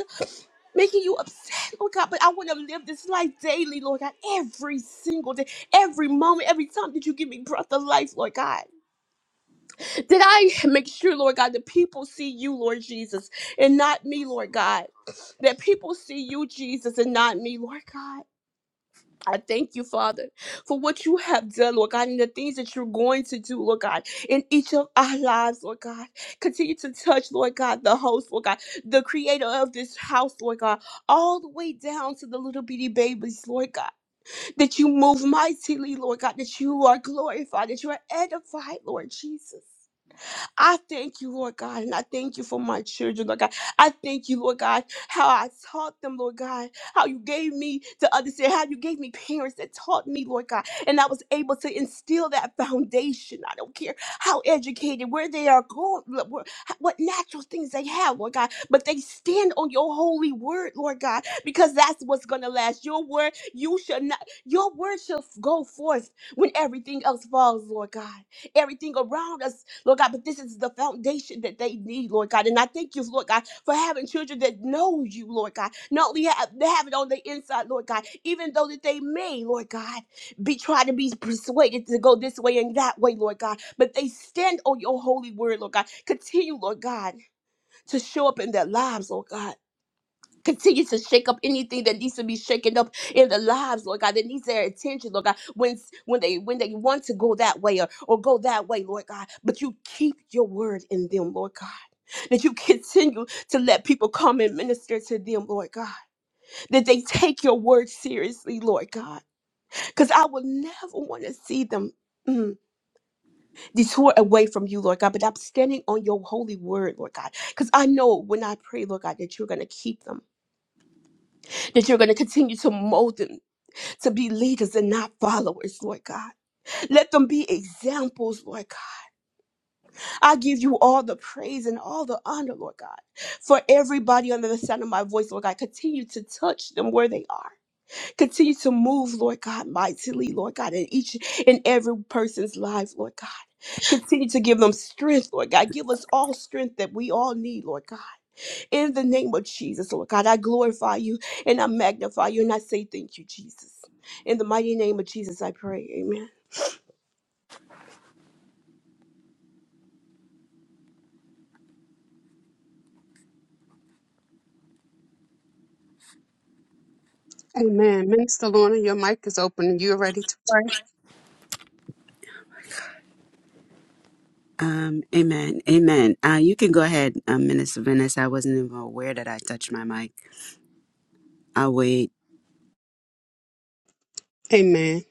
S2: making you upset, Lord God. But I want to live this life daily, Lord God, every single day, every moment, every time that you give me breath of life, Lord God. Did I make sure, Lord God, that people see you, Lord Jesus, and not me, Lord God? That people see you, Jesus, and not me, Lord God. I thank you, Father, for what you have done, Lord God, and the things that you're going to do, Lord God, in each of our lives, Lord God. Continue to touch, Lord God, the host, Lord God, the creator of this house, Lord God, all the way down to the little bitty babies, Lord God. That you move mightily, Lord God, that you are glorified, that you are edified, Lord Jesus. I thank you, Lord God, and I thank you for my children, Lord God. I thank you, Lord God, how I taught them, Lord God, how you gave me to understand, how you gave me parents that taught me, Lord God, and I was able to instill that foundation. I don't care how educated, where they are going, wh- wh- what natural things they have, Lord God, but they stand on your holy word, Lord God, because that's what's going to last. Your word, you shall not, your word shall go forth when everything else falls, Lord God everything around us, Lord God. But this is the foundation that they need, Lord God. And I thank you, Lord God, for having children that know you, Lord God. Not only have they have it on the inside, Lord God, even though that they may, Lord God, be trying to be persuaded to go this way and that way, Lord God. But they stand on your holy word, Lord God. Continue, Lord God, to show up in their lives, Lord God. Continue to shake up anything that needs to be shaken up in the lives, Lord God, that needs their attention, Lord God, when, when they when they want to go that way or, or go that way, Lord God. But you keep your word in them, Lord God. That you continue to let people come and minister to them, Lord God. That they take your word seriously, Lord God. Because I would never want to see them. mm, detour away from you, Lord God, but I'm standing on your holy word, Lord God, because I know when I pray, Lord God, that you're going to keep them that you're going to continue to mold them to be leaders and not followers, Lord God. Let them be examples, Lord God. I give you all the praise and all the honor, Lord God, for everybody under the sound of my voice, Lord God. Continue to touch them where they are. Continue to move, Lord God, mightily, Lord God, in each and every person's life, Lord God. Continue to give them strength, Lord God. Give us all strength that we all need, Lord God. In the name of Jesus, Lord God, I glorify you and I magnify you and I say thank you, Jesus. In the mighty name of Jesus, I pray. Amen.
S7: Amen. Minister Lorna, your mic is open and you're ready to pray.
S3: Um, amen. Amen. Uh, you can go ahead, um, Minister Venice. I wasn't even aware that I touched my mic. I'll wait.
S7: Amen.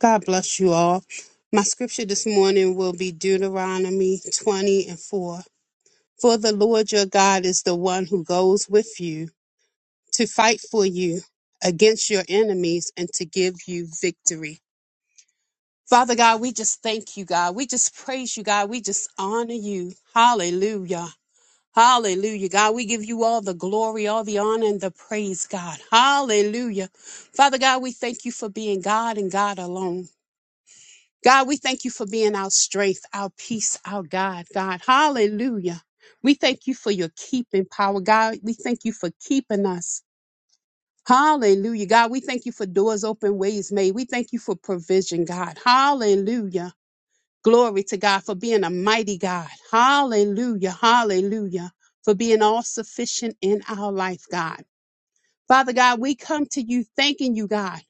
S7: God bless you all. My scripture this morning will be Deuteronomy 20 and 4. For the Lord your God is the one who goes with you to fight for you against your enemies and to give you victory. Father God, we just thank you, God. We just praise you, God. We just honor you. Hallelujah. Hallelujah. God, we give you all the glory, all the honor, and the praise, God. Hallelujah. Father God, we thank you for being God and God alone. God, we thank you for being our strength, our peace, our God, God. Hallelujah. We thank you for your keeping power, God. We thank you for keeping us. Hallelujah. God, we thank you for doors open, ways made. We thank you for provision, God. Hallelujah. Glory to God for being a mighty God. Hallelujah. Hallelujah. For being all sufficient in our life, God. Father God, we come to you thanking you, God,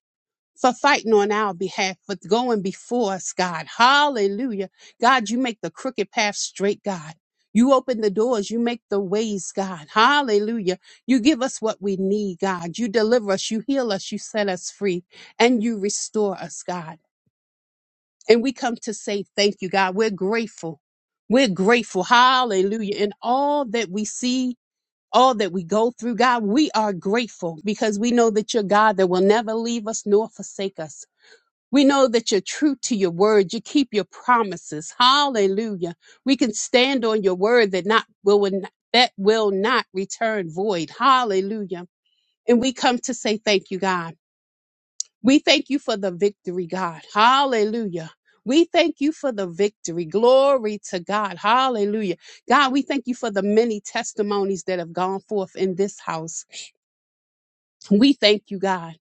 S7: for fighting on our behalf, for going before us, God. Hallelujah. God, you make the crooked path straight, God. You open the doors. You make the ways, God. Hallelujah. You give us what we need, God. You deliver us. You heal us. You set us free and you restore us, God. And we come to say thank you, God. We're grateful. We're grateful. Hallelujah. And all that we see, all that we go through, God, we are grateful because we know that you're God that will never leave us nor forsake us. We know that you're true to your word. You keep your promises. Hallelujah. We can stand on your word that not will that will not return void. Hallelujah. And we come to say thank you, God. We thank you for the victory, God. Hallelujah. We thank you for the victory. Glory to God. Hallelujah. God, we thank you for the many testimonies that have gone forth in this house. We thank you, God.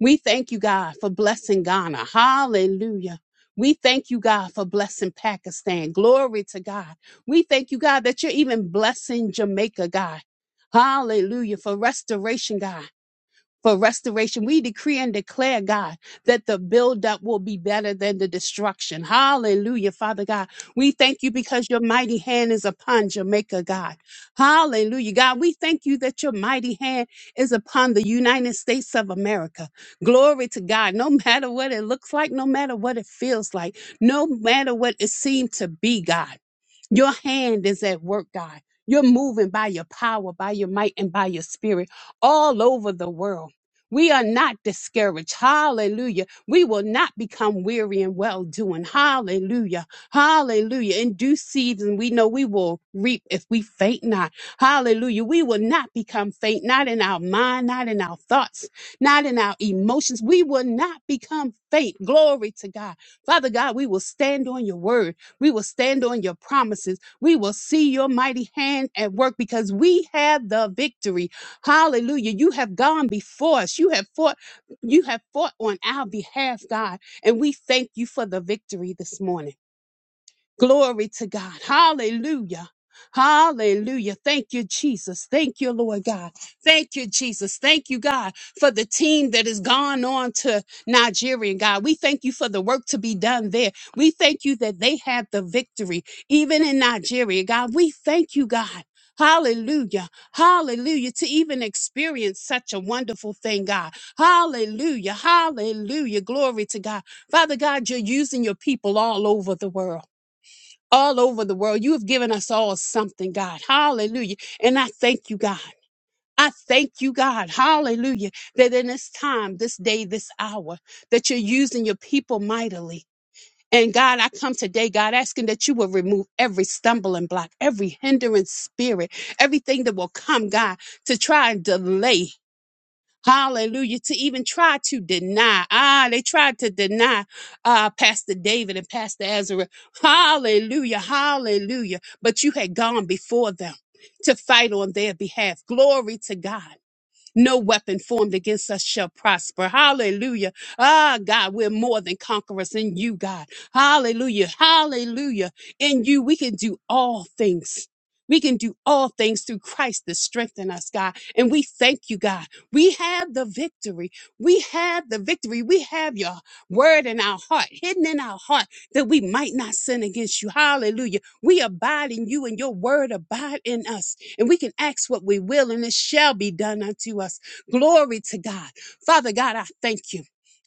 S7: We thank you, God, for blessing Ghana. Hallelujah. We thank you, God, for blessing Pakistan. Glory to God. We thank you, God, that you're even blessing Jamaica, God. Hallelujah. For restoration, God for restoration. We decree and declare, God, that the buildup will be better than the destruction. Hallelujah, Father God. We thank you because your mighty hand is upon Jamaica, God. Hallelujah, God. We thank you that your mighty hand is upon the United States of America. Glory to God. No matter what it looks like, no matter what it feels like, no matter what it seemed to be, God. Your hand is at work, God. You're moving by your power, by your might, and by your spirit all over the world. We are not discouraged. Hallelujah. We will not become weary in well doing. Hallelujah. Hallelujah. In due season, we know we will reap if we faint not. Hallelujah. We will not become faint, not in our mind, not in our thoughts, not in our emotions. We will not become faint. Glory to God. Father God, we will stand on your word. We will stand on your promises. We will see your mighty hand at work because we have the victory. Hallelujah. You have gone before us. You have fought, you have fought on our behalf, God. And we thank you for the victory this morning. Glory to God. Hallelujah. Hallelujah. Thank you, Jesus. Thank you, Lord God. Thank you, Jesus. Thank you, God, for the team that has gone on to Nigeria, God. We thank you for the work to be done there. We thank you that they had the victory, even in Nigeria, God. We thank you, God. Hallelujah. Hallelujah. To even experience such a wonderful thing, God. Hallelujah. Hallelujah. Glory to God. Father God, you're using your people all over the world all over the world. You have given us all something, God. Hallelujah. And I thank you, God. I thank you, God. Hallelujah. That in this time, this day, this hour, that you're using your people mightily. And God, I come today, God, asking that you will remove every stumbling block, every hindering spirit, everything that will come, God, to try and delay. Hallelujah. To even try to deny. Ah, they tried to deny uh, Pastor David and Pastor Ezra. Hallelujah. Hallelujah. But you had gone before them to fight on their behalf. Glory to God. No weapon formed against us shall prosper. Hallelujah. Ah, God, we're more than conquerors in you, God. Hallelujah. Hallelujah. In you, we can do all things. We can do all things through Christ that strengthen us, God. And we thank you, God. We have the victory. We have the victory. We have your word in our heart, hidden in our heart, that we might not sin against you. Hallelujah. We abide in you and your word abide in us. And we can ask what we will, and it shall be done unto us. Glory to God. Father God, I thank you.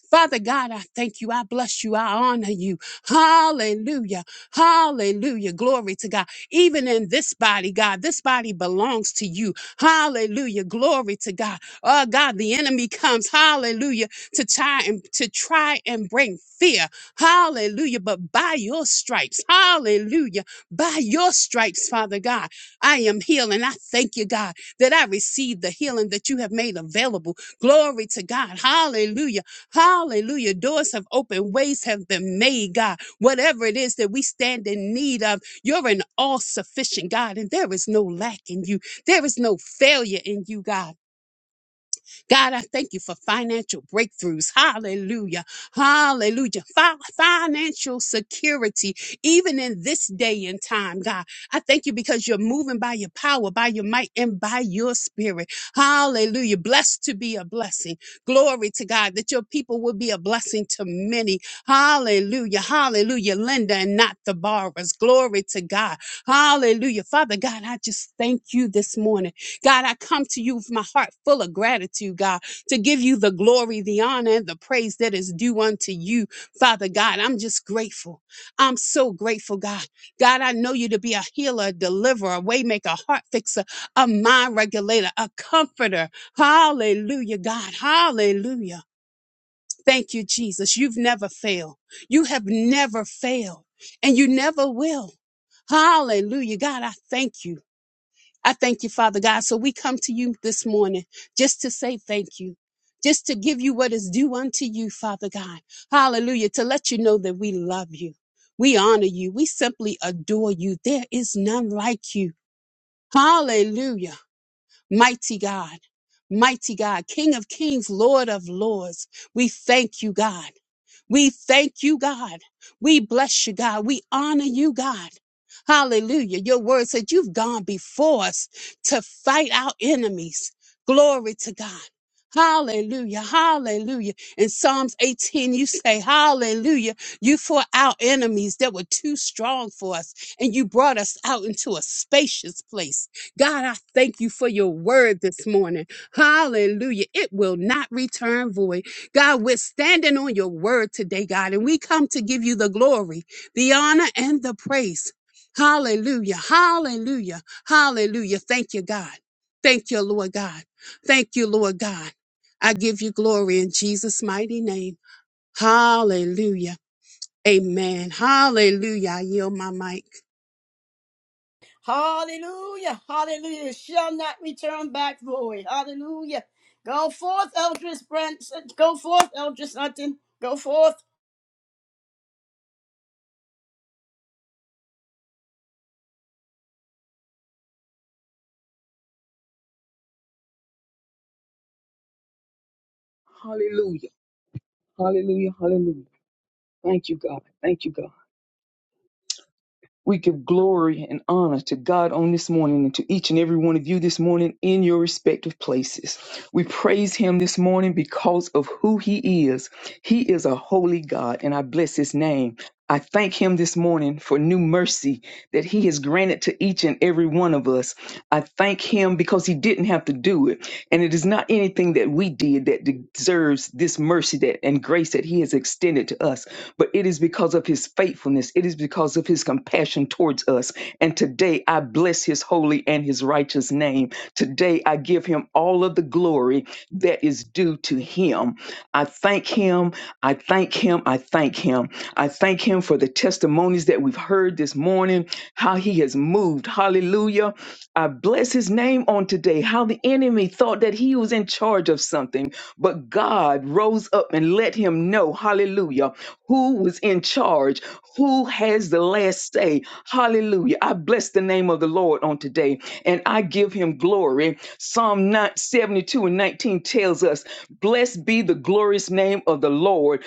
S7: Father God, I thank you. I bless you. I honor you. Hallelujah. Hallelujah. Glory to God. Even in this body, God, this body belongs to you. Hallelujah. Glory to God. Oh God, the enemy comes, hallelujah, to try and to try and bring fear. Hallelujah. But by your stripes, hallelujah. By your stripes, Father God. I am healed. And I thank you, God, that I received the healing that you have made available. Glory to God. Hallelujah. Hallelujah. Doors have opened, ways have been made, God. Whatever it is that we stand in need of, you're an all sufficient God, and there is no lack in you. There is no failure in you, God. God, I thank you for financial breakthroughs. Hallelujah. Hallelujah. Fi- financial security, even in this day and time, God. I thank you because you're moving by your power, by your might, and by your spirit. Hallelujah. Blessed to be a blessing. Glory to God that your people will be a blessing to many. Hallelujah. Hallelujah. Linda and not the borrowers. Glory to God. Hallelujah. Father God, I just thank you this morning. God, I come to you with my heart full of gratitude, God, to give you the glory, the honor, and the praise that is due unto you, Father God. I'm just grateful. I'm so grateful, God. God, I know you to be a healer, a deliverer, a waymaker, a heart fixer, a mind regulator, a comforter. Hallelujah, God. Hallelujah. Thank you, Jesus. You've never failed. You have never failed, and you never will. Hallelujah. God, I thank you. I thank you, Father God. So we come to you this morning just to say thank you, just to give you what is due unto you, Father God. Hallelujah. To let you know that we love you. We honor you. We simply adore you. There is none like you. Hallelujah. Mighty God, mighty God, King of kings, Lord of lords, we thank you, God. We thank you, God. We bless you, God. We honor you, God. Hallelujah. Your word said you've gone before us to fight our enemies. Glory to God. Hallelujah. Hallelujah. In Psalms 18, you say, Hallelujah. You fought our enemies that were too strong for us, and you brought us out into a spacious place. God, I thank you for your word this morning. Hallelujah. It will not return void. God, we're standing on your word today, God, and we come to give you the glory, the honor, and the praise. Hallelujah. Hallelujah. Hallelujah. Thank you, God. Thank you, Lord God. Thank you, Lord God. I give you glory in Jesus' mighty name. Hallelujah. Amen. Hallelujah. I yield my mic.
S1: Hallelujah. Hallelujah. It Shall not return back void. Hallelujah. Go forth, Eldris Branson. Go forth, Eldris Hunting. Go forth.
S8: Hallelujah. Hallelujah. Hallelujah. Thank you, God. Thank you, God. We give glory and honor to God on this morning and to each and every one of you this morning in your respective places. We praise Him this morning because of who He is. He is a holy God, and I bless His name. I thank Him this morning for new mercy that He has granted to each and every one of us. I thank Him because He didn't have to do it. And it is not anything that we did that deserves this mercy that, and grace that He has extended to us but it is because of his faithfulness. It is because of his compassion towards us. And today I bless his holy and his righteous name. Today I give him all of the glory that is due to him. I thank him. I thank him. I thank him. I thank him for the testimonies that we've heard this morning, how he has moved. Hallelujah. I bless his name on today, how the enemy thought that he was in charge of something, but God rose up and let him know know, hallelujah, who was in charge, who has the last say. Hallelujah. I bless the name of the Lord on today and I give him glory. Psalm 9 72 and 19 tells us, Blessed be the glorious name of the Lord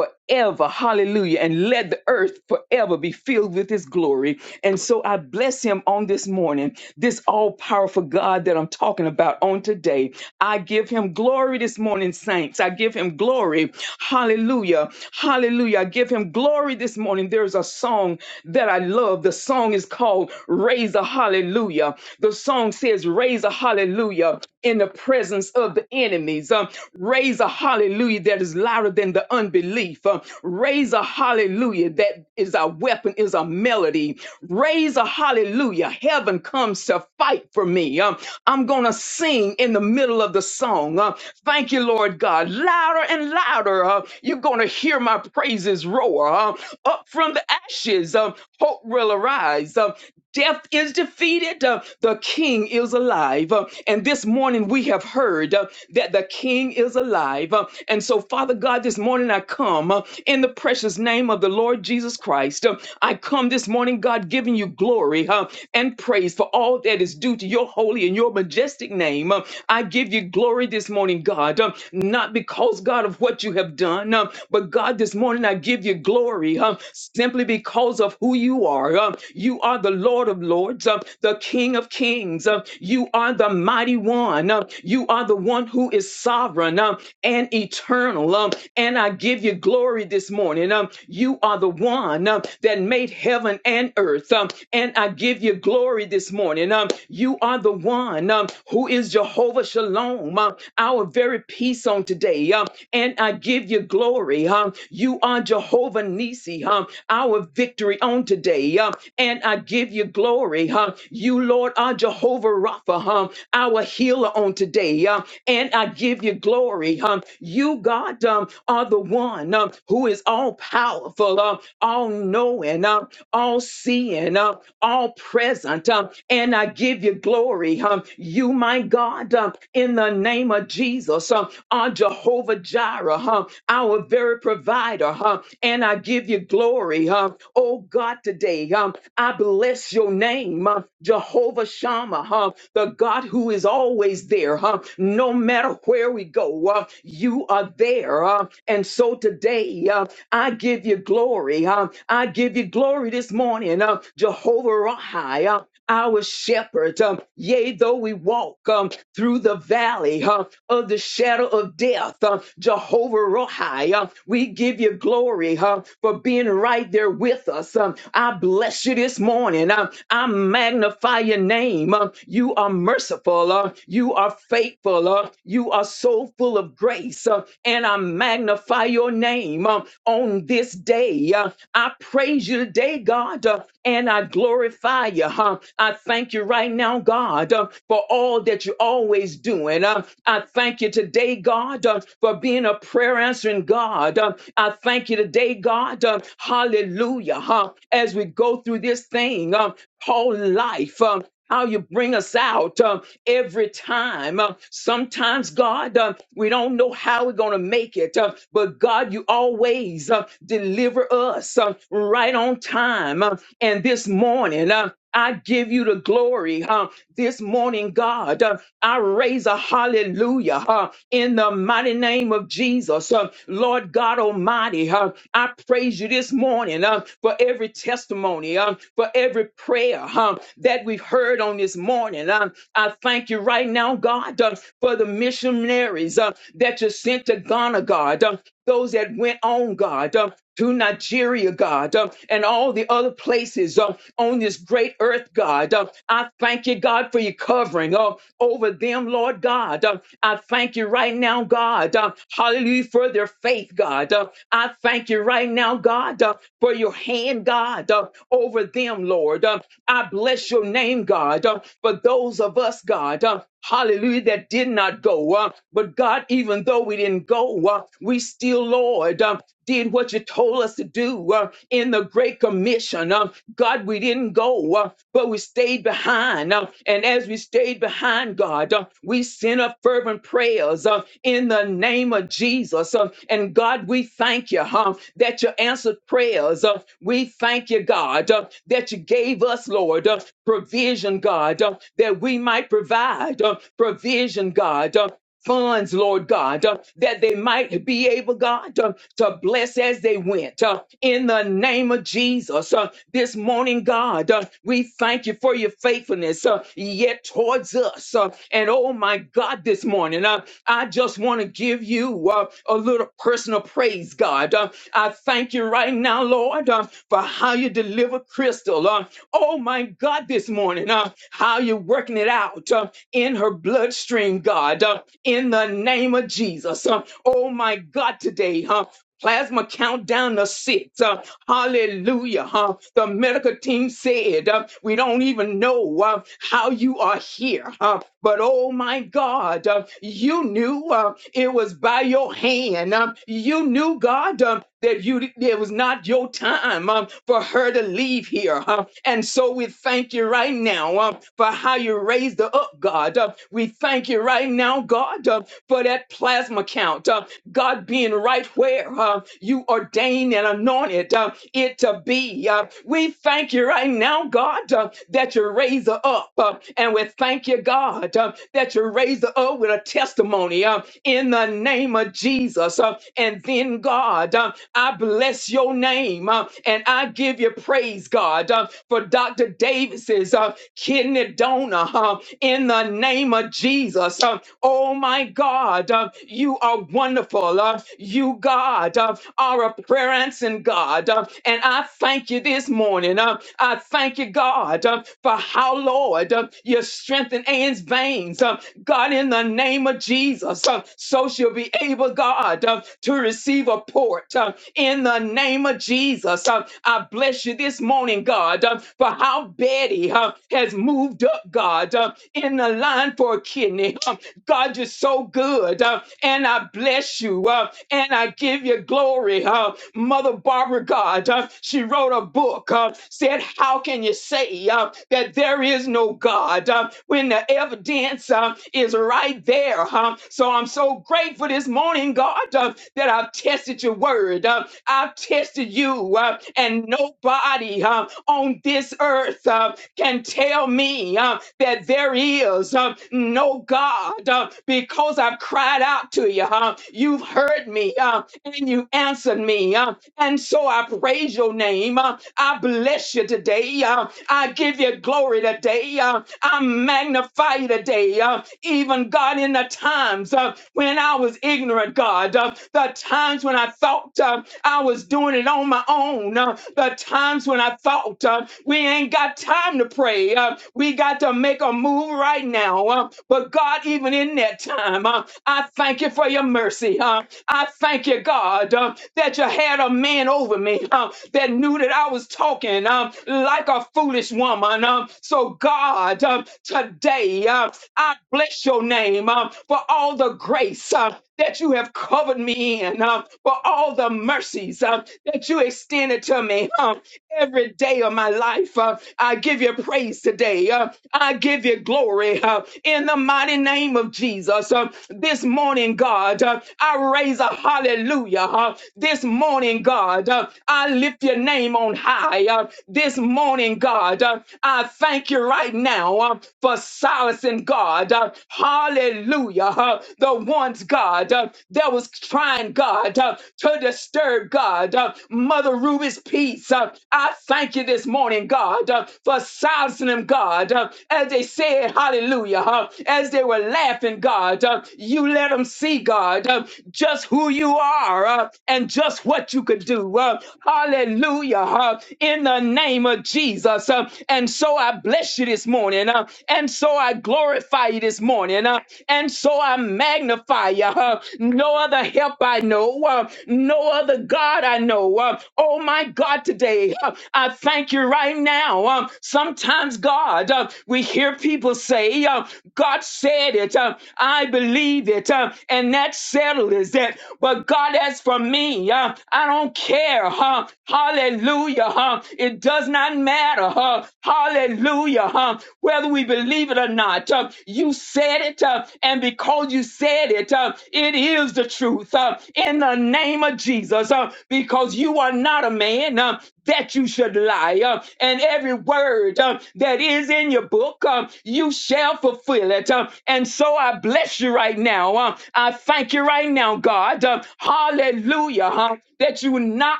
S8: forever. Hallelujah. And let the earth forever be filled with his glory. And so I bless him on this morning, this all powerful God that I'm talking about on today. I give him glory this morning, saints. I give him glory. Hallelujah. Hallelujah. I give him glory this morning. There's a song that I love. The song is called Raise a Hallelujah. The song says, Raise a Hallelujah in the presence of the enemies. Um, raise a hallelujah that is louder than the unbelief. Um, raise a hallelujah that is our weapon, is a melody. Raise a hallelujah. Heaven comes to fight for me. Um, I'm going to sing in the middle of the song. Um, thank you, Lord God. Louder and louder. Uh, you're going to hear my praises roar. Uh, up from the ashes, um, hope will arise. Um, Death is defeated. Uh, the King is alive. Uh, and this morning we have heard uh, that the King is alive. Uh, and so, Father God, this morning I come uh, in the precious name of the Lord Jesus Christ. Uh, I come this morning, God, giving you glory uh, and praise for all that is due to your holy and your majestic name. Uh, I give you glory this morning, God, uh, not because, God, of what you have done, uh, but God, this morning I give you glory. uh, glory um, simply because of who you are. Um, you are the Lord of Lords, um, the King of Kings. Um, you are the mighty one. Um, you are the one who is sovereign um, and eternal. Um, and I give you glory this morning. Um, you are the one um, that made heaven and earth. Um, and I give you glory this morning. Um, you are the one um, who is Jehovah Shalom, um, our very peace on today. Um, and I give you glory. Huh? You are Jehovah Nissi, huh? our victory on today. Huh? And I give you glory. Huh? You, Lord, are Jehovah Rapha, huh? our healer on today. Huh? And I give you glory. Huh? You, God, um, are the one um, who is all powerful, um, all knowing, um, all seeing, um, all present. Um, and I give you glory. Um, you, my God. God, um, in the name of Jesus, um, on Jehovah Jireh, huh, our very provider, huh, and I give you glory, huh, oh God, today, um, I bless your name, uh, Jehovah Shammah, huh, the God who is always there, huh, no matter where we go, uh, you are there, uh, and so today, uh, I give you glory, uh, I give you glory this morning, uh, Jehovah Rahi, our shepherd. Um, yea, though we walk um, through the valley uh, of the shadow of death, uh, Jehovah Rohi, uh, we give you glory uh, for being right there with us. Um, I bless you this morning. Um, I magnify your name. Um, you are merciful. Uh, you are faithful. Uh, you are so full of grace. Uh, and I magnify magnify your name um, on this day. Uh, I praise you today, God, uh, and I glorify you. huh? I thank you right now, God, uh, for all that you're always doing. Uh, I thank you today, God, uh, for being a prayer answering God. Uh, I thank you today, God. Uh, hallelujah. huh? As we go through this thing, um, whole life. Um, how you bring us out um, every time. Uh, sometimes, God, um, we don't know how we're going to make it, uh, but God, you always uh, deliver us uh, right on time. Uh, and this morning, uh, I give you the glory. uh, this morning, God. Uh, I raise a hallelujah uh, in the mighty name of Jesus. Uh, Lord God Almighty, uh, I praise you this morning uh, for every testimony, uh, for every prayer uh, that we've heard on this morning. Uh, I thank you right now, God, uh, for the missionaries uh, that you sent to Ghana, God. uh, those that went on, God. Uh, to Nigeria, God, uh, and all the other places uh, on this great earth, God. Uh, I thank you, God, for your covering uh, over them, Lord God. Uh, I thank you right now, God. Uh, hallelujah for their faith, God. Uh, I thank you right now, God, uh, for your hand, God, uh, over them, Lord. Uh, I bless your name, God, uh, for those of us, God. uh, hallelujah, that did not go. Uh, but God, even though we didn't go, uh, we still, Lord, uh, did what you told us to do uh, in the Great Commission. Uh, God, we didn't go, uh, but we stayed behind. Uh, and as we stayed behind, God, uh, we sent up fervent prayers uh, in the name of Jesus. Uh, and God, we thank you huh, that you answered prayers. Uh, we thank you, God, uh, that you gave us, Lord, uh, provision, God, uh, that we might provide provide uh, provision, God. uh, Funds, Lord God, uh, that they might be able, God, uh, to bless as they went. uh, in the name of Jesus, uh, this morning, God, uh, we thank you for your faithfulness uh, yet towards us. uh, and oh my God, this morning, uh, I just want to give you uh, a little personal praise, God. Uh, I thank you right now, Lord, uh, for how you deliver Crystal. Uh, oh my God, this morning, uh, how you're working it out. uh, in her bloodstream, God, uh, in the name of Jesus. Uh, oh my God, today, huh? Plasma countdown to six. Uh, hallelujah. Huh? The medical team said, uh, We don't even know uh, how you are here. Huh? But oh my God, uh, you knew uh, it was by your hand. Um, you knew, God, um, that you it was not your time um, for her to leave here. huh? And so we thank you right now um, for how you raised her up, God. Uh, we thank you right now, God, uh, for that plasma count. Uh, God being right where uh, you ordained and anointed uh, it to be. Uh, we thank you right now, God. God, uh, that you raise her up. uh, and we thank you, God, uh, that you raise her up with a testimony uh, in the name of Jesus. uh, and then, God, uh, I bless your name uh, and I give you praise, God, uh, for Dr. Davis's uh, kidney donor uh, in the name of Jesus. uh, oh, my God, uh, you are wonderful. uh, you, God, uh, are a prayer answering God. uh, God. Um, and I thank you this morning. Um, I thank you, God, um, for how, Lord, um, you strengthen Anne's veins. Um, God, in the name of Jesus, um, so she'll be able, God, um, to receive a port. Um, in the name of Jesus, um, I bless you this morning, God, um, for how Betty um, has moved up, God, um, in the line for a kidney. Um, God, you're so good. Um, and I bless you uh, and I give you glory. Uh, Mother Barbara God, uh, she wrote a book, uh, said, How can you say uh, that there is no God uh, when the evidence uh, is right there? huh? So I'm so grateful this morning, God, uh, that I've tested your word. Uh, I've tested you, uh, and nobody uh, on this earth uh, can tell me uh, that there is uh, no God. God, uh, because I've cried out to you. Uh, you've heard me uh, and you answered me. Uh, and so I praise your name. Uh, I bless you today. Uh, I give you glory today. Uh, I magnify you today. Uh, even God, in the times uh, when I was ignorant, God, uh, the times when I thought uh, I was doing it on my own, uh, the times when I thought uh, we ain't got time to pray. Uh, uh, we got to make a move right now. uh, but God, even in that time, uh, I thank you for your mercy. Uh, I thank you, God, uh, that you had a man over me uh, that knew that I was talking um, like a foolish woman. Um, so, God, um, today uh, I bless your name um, for all the grace uh, that you have covered me in, um, for all the mercies um, that you extended to me. um, every day of my life. Uh, I give you praise today. Uh, I give you glory uh, in the mighty name of Jesus. Uh, this morning, God, uh, I raise a hallelujah. Uh, this morning, God, uh, I lift your name on high. Uh, this morning, God, uh, I thank you right now uh, for silencing God. Uh, hallelujah. Uh, the ones, God, uh, that was trying, God, uh, to disturb God. uh, Mother Ruby's peace. Uh, I thank you this morning, God, uh, for silencing them, God, uh, as they said hallelujah, uh, as they were laughing, God. Uh, you let them see, God, uh, just who you are uh, and just what you could do. Uh, hallelujah, uh, in the name of Jesus. Uh, and so I bless you this morning, uh, and so I glorify you this morning, uh, and so I magnify you. Uh, no other help I know. uh, uh, no other God I know. Uh, oh my God, today uh, I thank you right now. Um, sometimes, God, uh, we hear people say, uh, God said it, uh, I believe it, uh, and that settles it. But God, as for me, uh, I don't care. Huh? Hallelujah. Huh? It does not matter. Huh? Hallelujah. Huh? Whether we believe it or not, uh, you said it, uh, and because you said it, uh, it it is the truth uh, in the name of Jesus uh, because you are not a man uh, that you should lie. uh, and every word uh, that is in your book, uh, you shall fulfill it. uh, and so I bless you right now. uh, I thank you right now, God. uh, hallelujah. huh, that you not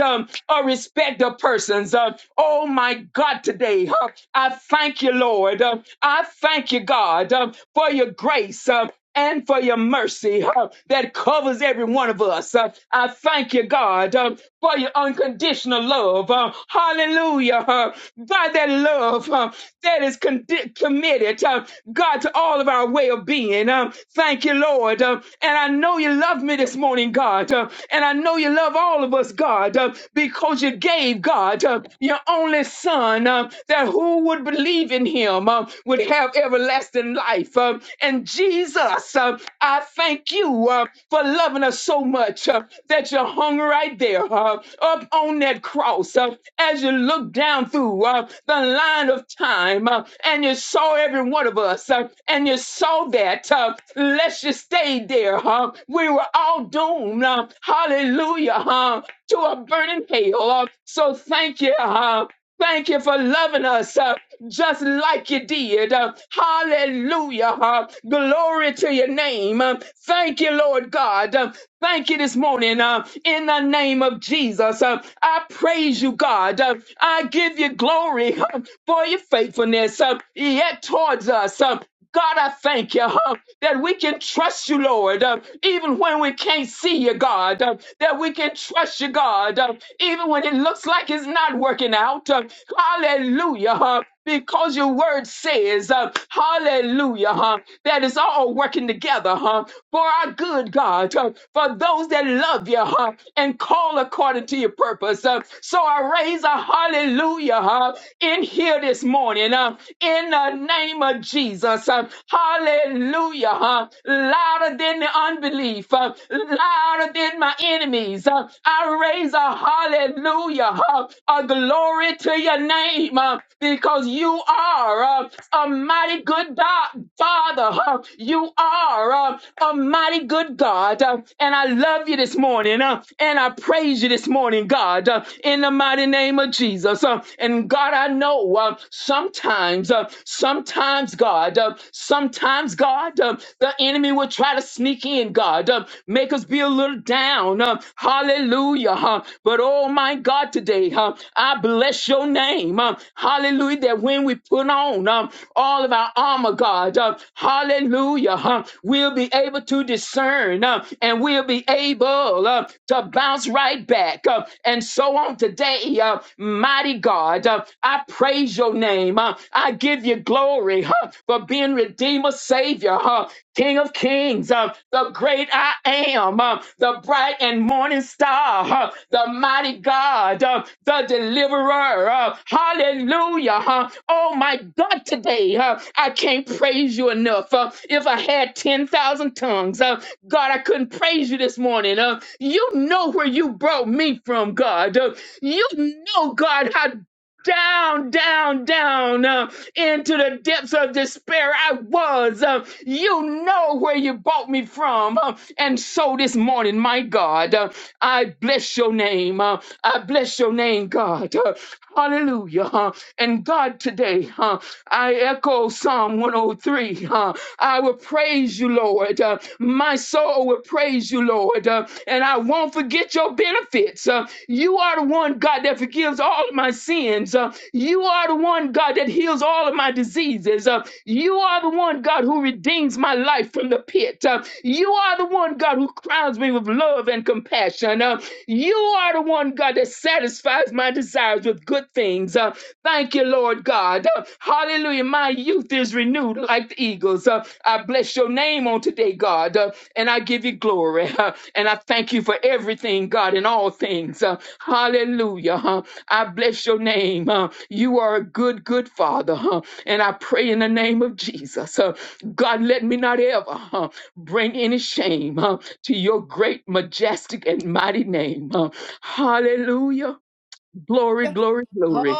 S8: um, a respect of persons. Uh, oh my God, today, huh, I thank you, Lord. Uh, I thank you, God, uh, for your grace. Uh, and for your mercy uh, that covers every one of us. Uh, I thank you, God, um, for your unconditional love. Uh, hallelujah. Uh, by that love uh, that is condi- committed, uh, God, to all of our way of being. Um, thank you, Lord. Um, and I know you love me this morning, God. Uh, and I know you love all of us, God, uh, because you gave, God, uh, your only son uh, that who would believe in him. Uh, um, would have everlasting life. Um, and Jesus, um, I thank you uh, for loving us so much uh, that you hung right there uh, up on that cross. Uh, as you looked down through uh, the line of time uh, and you saw every one of us uh, and you saw that, uh, lest you stayed there, huh? we were all doomed. Uh, hallelujah. Huh? to a burning hell. Uh, so thank you. huh? Thank you for loving us uh, just like you did. Uh, hallelujah. Uh, glory to your name. Uh, thank you, Lord God. Uh, thank you this morning uh, in the name of Jesus. Uh, I praise you, God. Uh, I give you glory uh, for your faithfulness uh, yet towards us. Uh, God, I thank you huh, that we can trust you, Lord, uh, even when we can't see you, God, uh, that we can trust you, God, uh, even when it looks like it's not working out. uh, hallelujah. huh, because your word says, uh, hallelujah, huh, that it's all working together huh, for our good, God, huh, for those that love you huh, and call according to your purpose. Uh, so I raise a hallelujah huh, in here this morning uh, in the name name of Jesus. Uh, Hallelujah. huh? Louder than the unbelief, uh, louder than my enemies. Uh, I raise a hallelujah, huh? a glory to your name uh, because you are uh, a mighty good God, Father. huh? You are uh, a mighty good God. uh, And I love you this morning uh, and I praise you this morning, God, uh, in the mighty name of Jesus. uh, And God, I know uh, sometimes sometimes, uh, sometimes, God, uh, sometimes, God, uh, the enemy will try to sneak in, God, uh, make us be a little down. Uh, hallelujah. Huh? But oh my God, today, huh, I bless your name. Uh, hallelujah. That when we put on um, all of our armor, God, uh, hallelujah, huh, we'll be able to discern uh, and we'll be able uh, to bounce right back. Uh, and so on today, uh, mighty God, uh, I pray praise your name. Uh, I give you glory huh, for being Redeemer, Savior, huh, King of Kings, uh, the great I am, uh, the bright and morning star, huh, the mighty God, uh, the deliverer. uh, hallelujah. huh. Oh my God, today uh, I can't praise you enough. uh, if I had 10,000 tongues, uh, God, I couldn't praise you this morning. Uh, you know where you brought me from, God. Uh, you know, God, how down, down, down uh, into the depths of despair I was. Uh, you know where you bought me from. Uh, and so this morning, my God, uh, I bless your name. Uh, I bless your name, God. Uh, hallelujah. Uh, and God, today, uh, I echo Psalm 103. Uh, I will praise you, Lord. Uh, my soul will praise you, Lord. Uh, and I won't forget your benefits. Uh, you are the one, God, that forgives all of my sins. Uh, you are the one, God, that heals all of my diseases. Uh, you are the one, God, who redeems my life from the pit. Uh, you are the one, God, who crowns me with love and compassion. Uh, you are the one, God, that satisfies my desires with good things. Uh, thank you, Lord God. Uh, hallelujah. My youth is renewed like the eagles. Uh, I bless your name on today, God, uh, and I give you glory. Uh, and I thank you for everything, God, in all things. Uh, hallelujah. huh. I bless your name. Uh, you are a good, good Father. huh. and I pray in the name of Jesus. uh, God, let me not ever. huh? bring any shame uh, to your great, majestic, and mighty name. uh. hallelujah. Glory, glory, glory.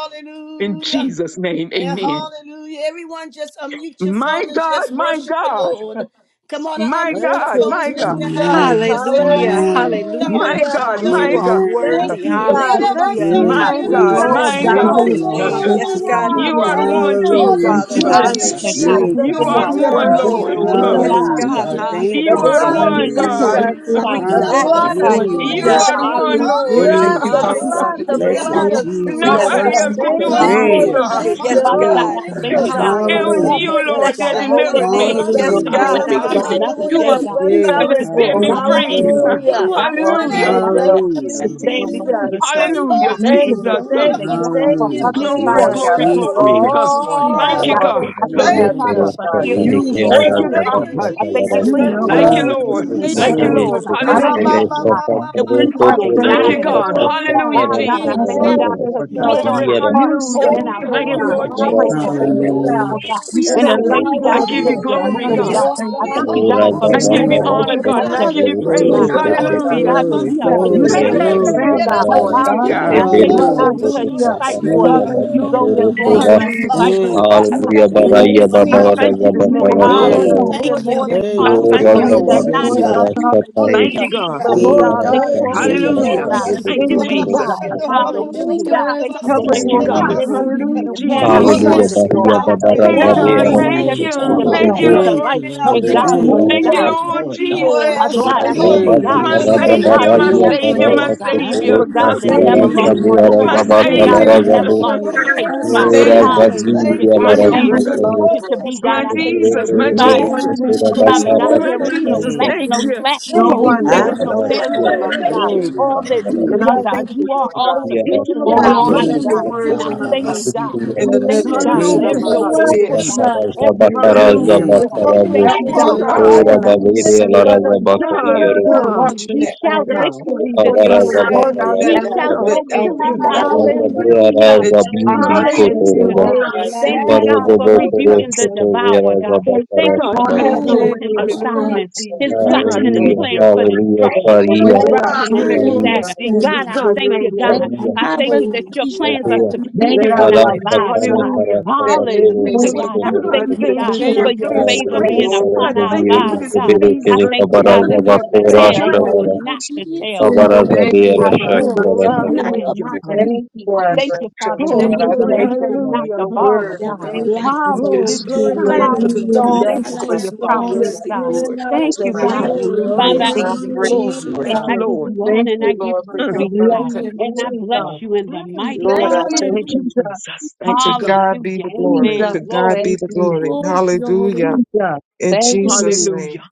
S8: In Jesus' name,
S1: Yeah,
S8: amen.
S1: hallelujah. Everyone just unmute your
S8: My
S1: phone and
S8: God,
S1: just
S8: my
S1: worship the
S8: God,
S1: Lord. Come on and
S8: my
S1: unmute
S5: Thank
S1: your
S8: God,
S5: you,
S1: phones,
S8: my
S1: lift
S8: God,
S1: your hands
S5: Jesus.
S1: and
S3: Amen.
S1: just say
S9: Hallelujah,
S1: hallelujah,
S3: Amen.
S9: hallelujah.
S8: my God,
S5: Hallelujah.
S1: hallelujah,
S9: God, you
S8: my
S9: are
S1: hallelujah.
S8: God,
S3: Amen.
S5: Thank
S9: worthy.
S5: you,
S7: Jesus,
S2: Thank you,
S1: Yeah,
S5: God.
S7: glory
S2: Jesus.
S5: Thank
S9: Hallelujah.
S7: to
S5: you,
S2: Thank
S3: Oh,
S7: God.
S8: my
S2: you,
S9: We
S2: Lord.
S8: God,
S7: Oh
S3: Jesus.
S5: Jesus.
S8: my
S9: bless your
S7: God,
S8: God.
S3: Thank you,
S7: right
S9: holy
S6: Amen.
S7: now,
S8: Uh,
S9: name.
S3: Lord.
S7: Father
S6: Thank you,
S9: Yes,
S7: God, in
S9: God,
S7: the
S6: Father.
S5: Hallelujah.
S8: You
S9: you
S7: name of
S8: are
S9: are
S8: the
S9: a
S5: Thank
S9: good,
S8: one,
S7: Jesus,
S9: good
S7: God,
S1: oh,
S5: you.
S8: Jesus.
S3: Hallelujah,
S6: Thank
S7: do
S6: you,
S2: We
S9: Father.
S8: Uh,
S5: You
S2: want
S7: the
S5: have
S3: Jesus.
S2: to make
S7: reset,
S5: given
S6: Jesus.
S2: sure,
S5: us
S9: Hallelujah.
S7: God.
S2: Lord,
S3: Yay,
S7: Do
S5: the
S8: You
S7: what
S1: Jesus.
S9: You
S3: God.
S8: are
S7: needs
S8: the
S2: we
S9: are
S7: to
S2: are
S7: be
S8: one,
S6: Thank
S7: done
S9: worthy,
S6: you
S8: Lord.
S6: for the
S7: in
S9: Lord.
S5: victory,
S7: the
S8: Uh,
S5: oh
S2: being
S9: Yes,
S6: praise
S5: God.
S7: lives
S3: Hallelujah,
S6: and
S7: of
S6: the
S9: God.
S7: your
S3: God.
S2: obedient,
S6: thanks.
S2: Lord,
S7: people,
S3: Thank
S5: The
S3: you
S8: You
S7: God.
S8: are
S3: this
S8: the
S9: Hallelujah.
S5: blood
S1: Uh,
S9: We
S5: of
S6: all the
S7: Get
S8: one,
S3: morning.
S9: bless
S7: to
S8: God.
S7: the
S2: that
S5: Jesus.
S9: you.
S6: glory,
S2: our life,
S9: We
S7: Simon
S5: The
S7: of the
S6: Father,
S7: devil,
S6: all
S5: blood
S9: magnify
S5: of
S2: Lord,
S7: God.
S6: the
S9: you.
S2: are
S3: Hallelujah.
S8: You
S9: We,
S7: In
S5: Jesus.
S2: not
S6: lives.
S7: the
S8: are the
S2: the
S7: name of
S8: one,
S2: words
S9: hallelujah.
S8: Lord.
S7: Jesus,
S9: We
S6: Thank
S5: Blood,
S2: of
S6: you,
S7: God,
S5: the
S7: we
S9: honor
S6: Father
S2: our
S3: Jesus.
S9: you.
S7: thank
S1: Hallelujah,
S6: God,
S5: blood,
S9: We
S6: this
S5: the
S2: lips,
S1: hallelujah,
S6: morning.
S3: Blessed
S9: praise
S2: our
S5: blood
S9: you.
S2: life,
S7: you.
S5: of
S6: For
S9: We
S6: your
S7: God,
S5: Jesus.
S3: Jesus.
S7: in
S8: Nobody
S7: the
S9: adore
S8: else
S6: mercy,
S8: could
S9: you.
S7: mighty
S5: Thank
S2: the
S8: do
S6: thank
S1: hallelujah.
S8: it
S5: you
S8: for
S2: way
S6: you
S7: name of
S6: for
S2: we
S8: me,
S5: for
S6: your
S3: Great
S5: the
S8: God.
S7: Jesus,
S3: God.
S9: Hallelujah.
S2: live,
S9: Yes,
S6: unconditional
S2: Lord.
S7: Father God,
S3: Good
S6: love.
S9: God.
S7: I
S5: victory,
S1: Thank you
S6: Thank
S7: thank
S3: God.
S8: It
S5: oh
S6: you
S1: for
S2: Us.
S7: you,
S6: for
S7: God,
S5: God.
S6: your
S7: for
S1: healing.
S8: was
S3: Hallelujah.
S9: Hallelujah.
S7: another
S6: abundance
S5: Hallelujah,
S8: you,
S7: day,
S8: Lord,
S5: best
S9: Bless
S8: that
S9: your
S7: God.
S1: Thank you,
S5: selling,
S9: holy
S7: Thank
S8: delivered
S1: Lord.
S7: you
S8: me,
S7: that
S9: name.
S7: you're
S6: and
S5: best
S6: your
S9: Yes,
S7: giving
S3: Hallelujah.
S2: We
S7: your
S1: for
S6: grace.
S2: want
S9: God.
S2: to
S5: selling,
S2: make
S7: people
S2: sure
S6: This
S2: that
S6: is
S1: Ramashanda
S7: another
S1: de
S2: you
S6: the
S1: la
S9: Hallelujah.
S7: day,
S2: are
S5: hallelujah,
S6: Father
S7: God.
S5: best
S6: God.
S1: Sike,
S2: pleased,
S3: Hey,
S7: Thank
S2: Lord,
S7: you,
S5: selling
S8: that
S7: for
S8: set
S5: book.
S1: Ramasoto
S8: me
S6: Lord,
S1: de
S7: another
S1: la
S6: you
S8: free.
S6: truly,
S3: Karabasuda.
S1: Basilia.
S5: Hallelujah.
S6: Lord,
S2: you
S7: opportunity,
S2: are
S6: have
S7: God.
S1: In
S6: brought
S1: the
S5: We
S2: glorified,
S7: Do
S6: me
S7: the
S8: Hallelujah.
S2: that
S5: say
S6: out of
S2: you
S1: name
S2: are
S7: right
S1: of
S5: thank
S2: edified,
S6: darkness
S7: to
S5: you,
S3: Hallelujah.
S6: into your
S7: stand
S2: Lord.
S7: before
S5: Jesus.
S7: you,
S6: marvelous
S7: thank
S6: light.
S1: Jesus.
S7: you,
S2: Everything that
S7: God,
S8: Hallelujah.
S6: You
S7: to
S5: Thank you,
S6: delivered
S8: Jesus.
S7: stand
S8: Uh,
S7: in
S6: me,
S2: you
S1: Hallelujah,
S5: thank
S7: the
S5: you,
S6: Lord
S7: gap
S6: God.
S5: thank
S7: for
S5: you,
S1: hallelujah,
S3: Hallelujah.
S7: others,
S8: Glory,
S6: Lord
S7: Father
S5: Jesus,
S3: Jesus.
S6: God,
S8: glory,
S7: God.
S6: out of
S3: Thank
S7: I
S5: for
S6: the
S8: glory.
S1: hallelujah,
S3: you.
S2: want
S7: thank
S2: to
S8: Uh,
S6: pits,
S7: you,
S6: Lord
S2: be,
S6: God,
S7: Jesus,
S8: Thank
S1: hallelujah.
S6: the
S8: you,
S2: let
S7: God.
S5: all
S6: muck
S8: God.
S6: of
S7: I
S5: that
S6: the
S2: it be.
S8: Uh,
S7: thank
S5: you
S7: you,
S6: mud,
S5: have
S2: in
S1: Thank
S2: us.
S6: and
S1: you,
S7: Father,
S5: done.
S6: Lord
S7: for
S6: God,
S3: Hey,
S7: hearing and
S6: you,
S5: We
S6: Lord
S1: Jesus.
S8: Thank you,
S7: answering,
S5: worship
S1: Thank
S7: God.
S6: God,
S5: you
S8: God.
S1: you,
S7: I thank you
S5: and
S1: Jesus.
S6: you
S7: for
S5: we
S1: Thank
S7: your
S6: know
S1: you,
S6: where
S8: Thank
S7: Holy
S2: So
S8: you,
S6: I'm
S5: praise
S8: Lord.
S7: Spirit
S6: from,
S2: saved,
S6: Lord
S5: you.
S8: Thank you,
S6: God.
S1: Jesus.
S7: directing
S2: being
S3: Karabasuda.
S8: Lord.
S7: and
S6: And I
S2: delivered,
S5: Thank
S7: abiding
S6: thank
S8: Hallelujah.
S1: Mama,
S7: us,
S6: you,
S5: you,
S6: Lord
S7: God,
S1: mama,
S6: God.
S1: mama,
S2: that we're not
S7: leading
S6: I
S1: mama,
S7: and
S2: being
S6: thank
S1: mama,
S8: Thank
S6: you,
S8: you,
S2: stumbled,
S7: guiding
S6: Lord
S7: us,
S1: mama,
S8: God.
S6: God.
S7: God.
S1: mama,
S5: Hallelujah.
S8: Hallelujah,
S7: God,
S2: but
S5: You
S7: God,
S5: have
S2: being
S1: mama,
S7: I
S6: I
S8: Jesus.
S1: mama.
S7: thank
S8: Uh,
S7: you,
S6: thank
S2: examined,
S7: God,
S5: shown
S6: you,
S7: because
S6: Lord
S7: you
S6: God.
S5: yourself
S7: put
S1: Jesus.
S7: on
S8: Glory,
S7: our
S5: so
S7: heart
S6: You
S2: that
S7: and
S8: hallelujah.
S7: in
S6: saved
S5: great,
S1: Holy,
S7: our
S6: me,
S5: oh
S8: Thank
S6: Lord
S8: you,
S7: spirit
S1: holy,
S5: God.
S7: what
S8: Lord
S6: God.
S7: to
S6: And
S1: holy,
S6: I
S7: pray
S6: say
S1: holy,
S7: for,
S2: we're
S8: Jesus.
S2: not-
S7: who
S6: thank
S7: to
S1: holy,
S6: you,
S7: pray
S1: holy,
S6: Lord.
S5: Hallelujah.
S3: Hallelujah.
S7: for, God.
S6: You
S2: we
S1: holy.
S2: are
S5: In
S7: And I
S5: the
S6: saved
S4: Thank
S6: my
S4: you.
S7: thank
S2: standing
S7: you,
S5: lives
S8: I
S2: on
S7: God,
S5: of
S6: children,
S8: give
S7: because
S5: your
S8: you
S6: Lord
S2: you,
S7: you're
S6: God. And
S8: glory,
S6: I
S1: Holy,
S2: your
S7: moving,
S5: people,
S8: God.
S2: word.
S6: say
S3: Jesus.
S7: God.
S5: oh
S6: thank
S7: I
S6: you,
S1: holy,
S7: thank
S5: God.
S7: you,
S6: Lord.
S5: And
S1: holy,
S4: Ora
S7: God,
S5: we
S7: for
S4: da
S6: You
S8: I
S5: say
S1: holy
S8: give
S7: being,
S8: you
S6: saved
S5: thank
S6: my
S7: for
S3: Hallelujah.
S5: you,
S8: honor,
S1: Lord.
S4: bakarashka
S7: giving
S8: God,
S7: us
S6: children,
S8: and I
S7: the
S5: Jesus.
S8: give you
S2: Hallelujah.
S4: tatayo
S6: the
S7: victory,
S1: Yereshikoro
S4: tere
S8: praise.
S7: God.
S3: Glory,
S6: children,
S7: I
S5: Thank
S6: Lord
S3: God.
S4: tepe
S7: thank
S1: mashata
S7: you,
S6: God.
S5: you,
S8: Hallelujah.
S7: God, that
S3: Glory,
S7: we
S1: yerebasi
S7: are
S5: Jesus.
S6: You
S8: Hey,
S3: glory,
S2: Keep
S4: aliya
S1: yereba-
S6: saved
S7: victorious
S8: hey,
S6: our
S4: gara
S8: hey,
S7: in
S3: glory.
S8: hey,
S7: you, God.
S6: families,
S4: gara
S6: Lord
S8: hey,
S6: God.
S1: yereboshoto
S2: keeping
S4: tepe
S2: us
S8: God.
S7: Hallelujah. I
S8: Hey,
S7: thank
S4: bere
S2: so
S7: you,
S8: God.
S7: God,
S3: Hallelujah,
S5: Hallelujah.
S1: yereboshato
S4: tepe
S7: because you
S6: Hallelujah.
S3: Jesus.
S7: fight
S2: strong.
S5: We
S4: tatara
S7: for us.
S5: say
S3: Yeah,
S1: roboshia.
S4: sada
S3: ba, ba,
S7: You
S5: thank
S3: ba,
S7: go
S5: you,
S3: ba,
S6: Hallelujah.
S4: tatoro
S3: ba.
S7: before
S6: Lord,
S5: Jesus.
S7: us
S1: Thank
S4: shoba
S6: and I
S1: you,
S7: and
S8: Hallelujah,
S7: you
S6: give you
S7: fight
S1: Father.
S7: for
S2: You
S8: Jesus.
S3: Thank
S7: us,
S6: praise.
S3: you,
S2: are a
S6: You
S7: God,
S3: God.
S4: aliya
S2: God.
S6: are
S7: and
S6: King
S1: Thank
S7: you
S3: Thank
S6: of
S4: baraya
S1: you,
S3: you,
S5: Thank
S7: give us
S4: baba
S8: I
S7: the
S3: God.
S4: ora
S5: you,
S6: kings.
S8: thank
S4: da
S8: you
S1: Father.
S8: this
S7: victory.
S6: You
S8: morning,
S6: are
S4: bakarashka
S8: God.
S6: Lord of
S3: Thank
S7: Hallelujah.
S4: baba
S3: you,
S5: Jesus.
S7: We're
S1: Thank
S6: lords,
S3: God.
S6: and
S7: more
S1: you.
S7: than
S6: there's
S2: You
S3: Thank
S6: no
S8: I
S2: are
S3: you,
S7: conquerors.
S6: one
S4: ora
S8: thank you,
S5: And
S6: like
S4: da
S5: we thank
S7: We are
S3: Jesus.
S8: Lord.
S6: you,
S5: you,
S2: the
S7: not
S3: Yes,
S7: a
S6: Lord
S2: same
S4: bakiya
S3: God.
S6: God.
S1: Hallelujah.
S2: God.
S4: rashka
S7: defeated people,
S4: tahe
S8: Thank
S6: Hallelujah.
S8: you,
S7: God,
S8: God.
S7: but
S5: and
S1: Hallelujah.
S5: we
S7: we
S6: Lord
S3: Yeah,
S7: are
S4: ora
S7: a
S6: God,
S4: rashka
S3: God.
S6: you
S4: hiya
S7: victorious
S6: say
S1: Thank you,
S6: yes,
S7: people,
S4: barashka
S8: Hallelujah.
S1: Lord.
S5: praise
S7: God.
S4: he
S3: Jesus.
S6: yes
S5: you.
S4: bere
S8: Thank
S6: to
S7: In
S8: you,
S6: your
S4: bere
S5: Thank
S1: Rashikoro
S7: you,
S6: ways,
S5: you,
S4: se
S8: Jesus.
S6: and
S7: God.
S5: God.
S1: mashando
S6: yes to your ways.
S2: We
S7: Hallelujah,
S1: roboshoto
S6: Lord.
S7: God.
S5: Hallelujah.
S7: Thank
S2: glorify,
S7: you
S2: we
S6: Help
S4: pere
S7: that
S1: yerebasi
S5: Thank
S2: magnify,
S6: us,
S8: Thank
S7: in
S8: you,
S7: you
S6: Lord, to
S7: we
S8: God.
S4: aliya
S6: be
S7: live, we
S1: yerebasi.
S7: move,
S8: Hallelujah,
S1: yereba.
S7: and
S6: obedient.
S7: we
S6: Help
S7: have our
S8: Jesus.
S1: For
S6: me,
S5: you,
S6: Lord,
S4: Hallelujah,
S7: being.
S5: Jesus.
S6: to
S3: Jesus.
S6: be
S1: answering
S4: Bahia
S7: God,
S1: our
S7: I
S6: obe-
S7: thank
S4: Babara
S7: you,
S1: prayers,
S8: Hey,
S7: God,
S2: we
S5: Thank
S7: for
S4: Zabea
S8: God.
S5: you,
S7: giving
S1: Lord.
S7: us
S2: glorify
S4: Rasta
S8: Thank
S2: and
S6: obedient,
S3: Hallelujah.
S7: everything
S8: you.
S7: that
S6: child,
S8: Thank
S5: Jesus.
S6: Lord
S1: Hallelujah
S8: you,
S7: pertains
S6: God.
S1: for
S7: to
S3: Thank
S8: Lord.
S7: life
S3: you,
S1: hearing
S6: Help
S1: our
S3: Lord.
S7: and
S2: thank
S6: me
S2: you
S6: to
S1: cry,
S2: for
S3: Thank
S7: godliness,
S2: the
S1: Lord.
S3: you,
S8: Thank
S4: Oro
S7: God.
S8: you,
S6: obey,
S5: Hallelujah.
S3: Jesus.
S8: Lord
S5: Thank
S6: Lord
S5: you,
S6: God.
S1: For
S8: Jesus.
S5: Lord.
S7: Father
S6: Lord, I
S7: God,
S1: answering,
S7: I thank
S6: thank
S7: you,
S6: you
S7: a
S5: Thank
S3: Thank
S6: this
S3: you,
S7: God.
S5: you,
S1: hallelujah,
S8: My
S6: morning
S3: Lord.
S2: thank
S6: for
S7: You're
S2: you
S7: a
S5: Jesus.
S2: for
S7: God
S2: the
S8: Savior,
S6: answering
S7: that
S1: Lamashato,
S8: my
S2: things
S6: our
S7: never
S3: Thank you,
S8: Savior,
S1: Ramoshoto,
S8: my
S3: Lord.
S7: failed,
S6: prayers,
S5: Thank
S7: God.
S1: for
S6: Lord
S5: you,
S6: God.
S7: You're
S8: Savior.
S7: a God
S5: Jesus.
S1: deliverance
S7: that
S6: Thank
S1: and
S7: never
S6: you
S3: Thank
S7: lost
S6: this
S3: you,
S7: the
S1: healing.
S6: morning
S3: Lord.
S6: that
S5: Hallelujah.
S8: My
S7: patient.
S6: you hear
S7: You're a
S1: Oh,
S5: We
S6: us
S7: God
S8: Savior,
S7: that
S6: when
S1: thank
S3: Thank you,
S2: you're
S1: you,
S5: bless
S6: we
S7: never
S3: Lord.
S5: your
S7: lost
S6: pray,
S2: doing,
S7: a
S5: holy
S2: Lord,
S6: Lord.
S7: case,
S2: in
S1: Jesus.
S8: my
S7: God.
S2: our
S5: name, O
S6: Thank
S2: lives,
S6: you
S5: God.
S8: Savior,
S6: this
S7: Hallelujah,
S6: morning
S1: Thank you,
S8: my
S7: God.
S6: for
S2: in
S6: your
S2: our
S5: And
S7: Whatever
S6: great
S7: we
S5: we
S1: Jesus.
S8: Jesus,
S2: family.
S7: need
S6: love
S7: you to
S6: for
S5: worship
S7: be,
S6: us,
S7: God,
S8: my
S6: Lord
S7: I
S6: God.
S7: thank
S5: you.
S7: you that
S8: Jesus,
S7: we
S8: my
S6: No
S7: find
S1: Thank
S7: you
S5: And
S8: Jesus,
S6: one
S7: to
S1: you,
S6: can
S7: be.
S5: we
S6: love
S2: We
S6: us
S1: Jesus.
S7: Father
S5: praise
S6: like
S7: God,
S6: you,
S8: my
S7: there
S2: glorify
S7: is
S6: Lord.
S2: you,
S5: you.
S7: no
S8: Jesus.
S3: Yeah,
S7: flat,
S3: God.
S8: Thank
S7: no
S8: you.
S7: flat in
S6: No
S5: Thank
S7: you.
S2: we
S5: you,
S1: Holy
S6: one,
S7: There is
S6: Lord,
S2: magnify
S5: Jesus.
S7: no
S6: no
S9: Hallelujah.
S1: ground.
S6: one
S2: you.
S7: failure
S6: can
S7: in
S5: Thank
S8: Woo,
S6: love us
S7: you,
S5: you,
S8: thank
S7: God.
S6: like
S3: Yeah, ba,
S6: you.
S7: All
S3: ba,
S8: you.
S3: ba,
S7: that
S3: ba,
S7: we
S3: ba,
S6: And I
S7: need,
S3: ba,
S5: Jesus.
S3: ba.
S7: God.
S6: thank you,
S7: You are
S6: Lord
S7: all
S6: God.
S8: Thank you,
S7: sufficient
S6: Oh,
S7: in
S8: Lord.
S5: Hallelujah.
S7: our
S6: Lord,
S7: life,
S6: let
S3: Yes,
S1: Hallelujah.
S6: the
S7: God.
S8: Hallelujah.
S5: Thank you,
S7: And
S6: words
S7: I
S6: of my
S3: Karabababa,
S7: thank
S2: Hallelujah.
S5: Jesus.
S6: mouth
S7: you, God.
S5: And
S7: I
S6: and
S5: the
S6: the
S7: thank
S3: Sikorobosa.
S7: you,
S5: enemy
S7: God, for
S6: meditation
S3: Thank
S6: of
S8: Hallelujah.
S3: you,
S5: came
S6: my
S7: every
S5: in
S6: heart
S7: open
S3: Jesus.
S6: be
S5: like
S7: door,
S5: the
S3: Thank
S7: God.
S3: you.
S5: blood.
S3: Lord.
S6: acceptable in
S7: Every
S6: your
S5: Mm.
S7: way
S6: sight,
S8: Hallelujah.
S6: Lord
S7: made,
S3: Thank
S6: God.
S5: We're
S7: God.
S5: so
S7: I
S3: you,
S7: thank
S6: Help
S2: Hallelujah.
S7: you,
S6: me
S3: Lord.
S6: to
S7: God.
S5: glad
S1: Hallelujah.
S6: watch
S8: God,
S4: Ora
S6: what I
S4: da
S5: you
S7: Hallelujah
S6: say,
S4: vedere la
S5: lifted
S7: for
S5: up
S7: the
S5: the
S4: rasa
S6: Lord God.
S4: bacca
S8: God,
S7: victory,
S4: iero
S6: Put a
S5: standard.
S7: God.
S8: God,
S6: watchman
S7: We
S1: Hallelujah.
S6: at
S5: I just
S6: my
S7: shout
S6: mouth,
S8: God,
S6: Lord
S5: want to
S7: victory
S6: God.
S7: this
S1: We
S4: Hallelujah,
S1: are
S5: God,
S7: morning, God.
S6: Lord God,
S7: We
S6: that,
S5: and
S1: standing
S5: we're
S6: that,
S7: shout
S8: God,
S6: that,
S5: so
S6: that,
S8: thank
S7: victory.
S8: you.
S6: that I
S1: on
S5: glad
S6: will
S1: holy
S5: today.
S1: ground.
S7: Hallelujah.
S6: that you
S5: Our
S6: be
S8: God,
S5: hearts
S8: thank
S5: have
S6: pleased in
S8: you.
S7: Hallelujah,
S5: been
S6: all
S7: God.
S5: made
S6: that
S1: We are
S6: I do
S7: Thank you,
S6: and
S5: glad
S1: standing
S6: that
S7: God,
S1: on
S7: for
S6: I- all that I
S5: today.
S7: rebuking the
S6: say, Lord
S7: devourer,
S5: To say
S6: God.
S7: God.
S5: thank
S7: Thank you
S8: God,
S7: for
S5: you,
S6: Lord, have
S1: that
S8: thank
S6: your
S1: no
S5: Jesus.
S8: you.
S7: canceling
S6: way
S7: his
S6: in our
S1: angel.
S8: Hallelujah,
S7: assignment,
S6: hearts, Lord
S7: his
S8: Jesus.
S6: God,
S5: Thank
S7: plots
S8: God,
S5: you,
S7: and his
S8: thank
S5: Jesus.
S6: today,
S7: plans
S6: Lord
S8: you.
S7: for
S6: God.
S4: hallelujah,
S7: destruction,
S6: When we
S4: Karia,
S6: go
S5: Thank
S6: out
S5: you,
S7: disruption,
S1: Hallelujah.
S7: and
S5: Jesus.
S6: today,
S2: Hallelujah.
S6: Lord
S4: Karia,
S8: Hallelujah,
S6: God,
S7: disaster.
S6: we
S8: Jesus.
S7: God, I
S1: Standing
S6: for
S8: God,
S7: thank
S6: your
S7: you,
S8: thank
S6: glory,
S8: you.
S7: God.
S5: Thank
S1: on
S4: Karia,
S5: you,
S7: I
S6: Lord
S2: I'd
S6: God.
S7: thank
S5: Jesus.
S2: rather
S7: you that
S1: holy
S7: your
S2: please you
S7: plans are
S2: rather
S4: Isaiah,
S1: ground.
S2: than
S8: Thank
S2: man.
S6: Let
S8: you,
S5: Thank
S7: succeeding
S6: our
S7: in
S5: you,
S8: God.
S7: our
S6: light
S4: Arasa,
S5: Jesus.
S6: so
S7: lives,
S4: Kana,
S7: God.
S6: shine
S8: Hallelujah.
S4: Karasa,
S6: that men
S4: Bakoro,
S6: may
S2: I
S5: Thank
S7: Hallelujah,
S2: will
S6: see
S7: God.
S5: you,
S7: I
S2: purpose
S4: Shakoro,
S2: the
S8: God,
S7: thank
S2: man
S4: Robo.
S7: you,
S1: you
S6: the
S2: to
S7: God,
S8: thank
S6: good
S1: offer
S2: gain
S7: for
S8: you
S6: work
S2: this
S8: for
S6: in
S7: your
S1: your
S2: whole
S8: this
S6: us
S7: favor
S2: world.
S6: and
S4: Hallelujah,
S7: being
S5: thank
S8: place.
S5: you,
S8: God,
S7: upon
S4: Baraza,
S2: So
S5: Jesus.
S6: glorify
S7: our
S8: thank you for
S4: Vieru,
S7: lives,
S6: you,
S8: this
S7: God.
S1: mercy
S4: Zebere,
S8: place.
S7: I
S4: Kereka,
S7: thank you,
S6: Lord
S2: we
S7: God,
S2: want to
S4: Baraza,
S5: Thank
S7: that we're
S5: you,
S2: make
S7: the
S2: sure
S1: is
S5: Jesus.
S2: that
S4: Bakora,
S8: Thank
S7: head
S6: I
S8: you,
S7: and
S6: thank
S1: God.
S8: Lord.
S4: Shabara,
S7: we're
S6: you
S2: we're
S7: not
S6: this
S7: the
S6: morning.
S2: obedient to
S7: tail.
S1: In
S2: you,
S7: I
S1: the
S5: Thank
S4: Kabaraza,
S5: you,
S7: thank
S6: Thank
S7: you,
S6: you
S4: Beera,
S7: God,
S5: Jesus.
S1: mighty
S6: for
S7: that
S6: our
S1: name
S8: Oh,
S7: we're
S1: of
S6: sons
S4: Shakara,
S8: glory,
S2: that
S6: and
S7: above
S2: we're
S6: our
S7: and
S2: not
S4: Sakata.
S7: we're
S2: up
S8: hallelujah.
S7: not
S2: here
S6: daughters,
S2: saying the
S7: beneath.
S5: Thank you,
S6: for our
S2: words
S7: Thank
S5: Jesus.
S7: you, Father,
S6: grandchildren.
S1: God.
S7: that
S8: Oh,
S6: Lord,
S2: already,
S7: we're
S6: I
S7: the
S8: glory,
S6: thank
S5: Jesus.
S2: making
S7: lender
S6: you,
S2: sure
S7: and not
S6: Lord.
S7: the
S6: Your
S8: hallelujah.
S7: borrower,
S6: word,
S2: we're
S6: oh
S2: down
S7: God.
S6: God.
S5: Thank
S2: for life.
S5: you,
S9: Yes, God.
S5: Jesus.
S8: Oh,
S6: It's
S7: Hallelujah.
S8: glory,
S6: truly
S2: God, I
S9: You're
S2: just
S9: a
S6: enough
S1: The
S8: hallelujah.
S9: good,
S6: for
S7: Hallelujah.
S9: good
S2: put
S5: Hallelujah.
S6: that
S7: Thank
S2: my
S7: you
S1: songs,
S6: is
S7: for
S2: light
S6: my
S1: the
S9: Father.
S2: out.
S7: your
S9: You are
S2: See,
S5: You
S1: song
S6: God,
S7: promises,
S5: have
S9: worthy,
S7: God.
S1: says
S5: given
S9: Lord.
S5: us
S2: I
S6: that
S7: Thank
S2: want
S6: is
S5: the
S7: you,
S1: we
S6: my
S2: my
S1: are
S2: light
S7: God.
S2: to
S5: victory.
S6: path.
S8: Glory,
S2: shine
S9: Hallelujah.
S7: Father,
S2: bright,
S7: I
S2: Lord,
S9: Thank
S6: I'm
S7: give
S1: called
S8: hallelujah.
S7: you
S9: you,
S6: grateful,
S7: glory.
S6: Lord
S9: Jesus.
S8: Thank
S6: God.
S7: I
S8: you,
S7: give
S8: Lord.
S7: you
S2: so
S5: Hallelujah.
S6: Thank
S7: honor and
S2: people
S7: I
S6: you,
S2: can
S7: give
S6: Lord,
S7: you
S6: for
S8: Mm,
S2: see you
S6: your
S7: praise,
S5: Bless
S7: God.
S2: in me.
S5: your
S7: And I
S5: name,
S6: unconditional
S7: bless
S5: God.
S6: love.
S7: you in the
S5: Mm,
S7: mighty
S6: Lord,
S2: Oh,
S5: thank
S7: name
S6: I
S5: you,
S7: of
S6: thank
S8: Thank you,
S5: Jesus.
S6: you.
S7: Jesus.
S8: Jesus. Thank
S6: To
S8: you, God.
S6: God be
S7: Hallelujah.
S6: the glory.
S7: Amen.
S6: To
S5: Jesus.
S7: Glory
S6: God be
S5: Thank
S6: the
S5: you,
S6: glory.
S2: glory to your holy
S6: Hallelujah.
S5: Jesus.
S6: In
S5: Thank
S2: name.
S6: Jesus'
S5: you,
S6: name.
S8: Hallelujah.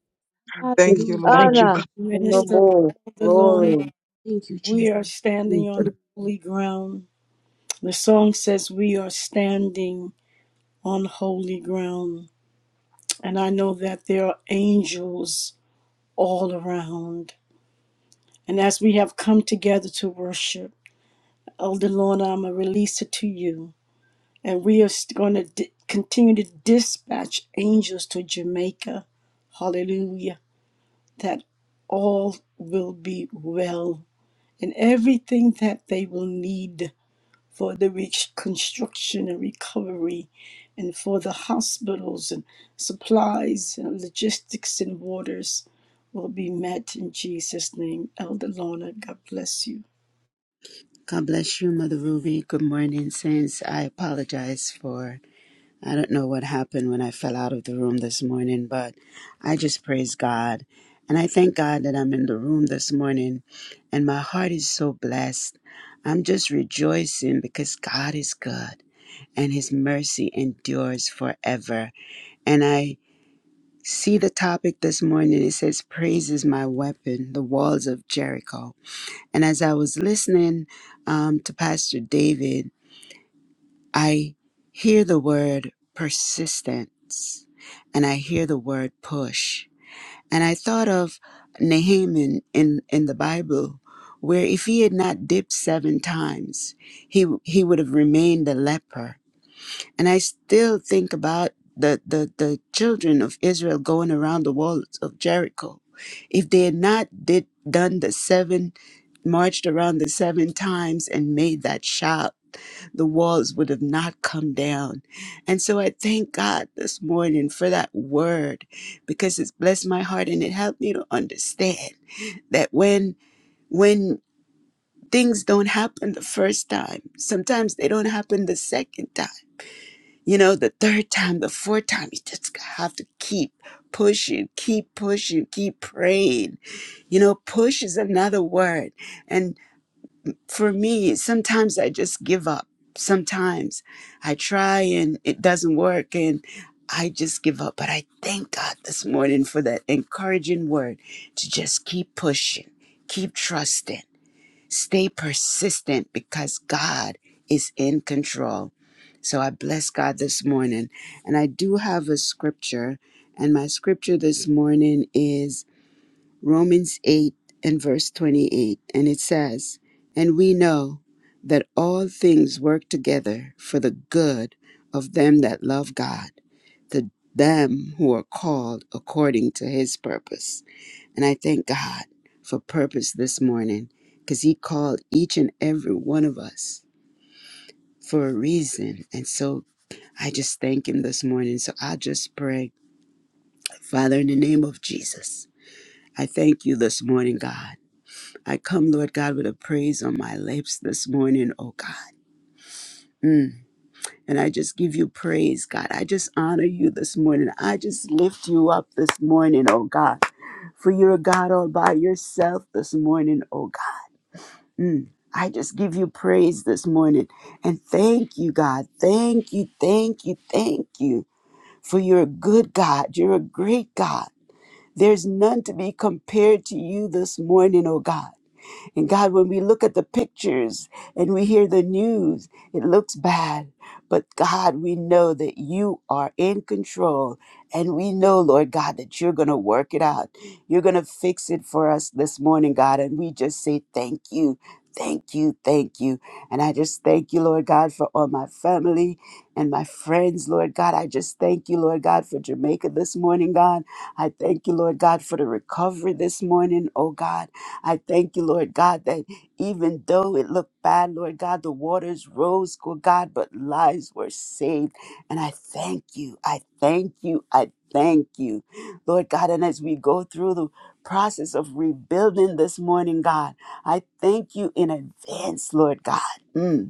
S6: Thank
S5: King.
S6: you,
S2: Hallelujah.
S8: Thank
S6: Lord.
S8: you, God.
S5: Honor and the
S2: Hey,
S1: minister
S5: Lord.
S1: of the Lord.
S5: Glory,
S2: Thank you,
S1: We
S2: Jesus.
S1: are standing on
S5: Jesus.
S1: holy ground. The song says we are standing on holy ground. And I know that there are angels all around. And as we have come together to worship, Elder Lorna, I'm going to release it to you. And we are going to di- continue to dispatch angels to Jamaica. Hallelujah. That all will be well and everything that they will need for the reconstruction and recovery and for the hospitals and supplies and logistics and waters will be met in Jesus' name. Elder Lorna, God bless you.
S3: God bless you, Mother Ruby. Good morning, Saints. I apologize for I don't know what happened when I fell out of the room this morning, but I just praise God. And I thank God that I'm in the room this morning and my heart is so blessed. I'm just rejoicing because God is good and his mercy endures forever. And I See the topic this morning. It says, Praise is my weapon, the walls of Jericho. And as I was listening um, to Pastor David, I hear the word persistence and I hear the word push. And I thought of Nehemiah in, in the Bible, where if he had not dipped seven times, he, he would have remained a leper. And I still think about the, the, the children of Israel going around the walls of Jericho. If they had not did done the seven, marched around the seven times and made that shout, the walls would have not come down. And so I thank God this morning for that word because it's blessed my heart and it helped me to understand that when when things don't happen the first time, sometimes they don't happen the second time you know, the third time, the fourth time, you just have to keep pushing, keep pushing, keep praying. You know, push is another word. And for me, sometimes I just give up. Sometimes I try and it doesn't work and I just give up. But I thank God this morning for that encouraging word to just keep pushing, keep trusting Stay persistent because God is in control. So I bless God this morning. And I do have a scripture, and my scripture this morning is Romans 8 and verse 28. And it says, And we know that all things work together for the good of them that love God, to them who are called according to his purpose. And I thank God for purpose this morning because He called each and every one of us for a reason. And so I just thank Him this morning. So I just pray, Father, in the name of Jesus, I thank you this morning, God. I come, Lord God, with a praise on my lips this morning, oh God. Mm. And I just give you praise, God. I just honor you this morning. I just lift you up this morning, oh God. For you're a God all by yourself this morning, oh God. Mm. I just give you praise this morning and thank you, God. Thank you, thank you, thank you for you're a good God. You're a great God. There's none to be compared to you this morning, oh God. And God, when we look at the pictures and we hear the news, it looks bad. But God, we know that you are in control. And we know, Lord God, that you're going to work it out. You're going to fix it for us this morning, God. And we just say thank you. Thank you, thank you. And I just thank you, Lord God, for all my family and my friends, Lord God. I just thank you, Lord God, for Jamaica this morning, God. I thank you, Lord God, for the recovery this morning, oh God. I thank you, Lord God, that even though it looked bad, Lord God, the waters rose, good God, but lives were saved. And I thank you. I thank you. I thank you, Lord God. And as we go through the process of rebuilding this morning, God, I thank you in advance, Lord God. Mm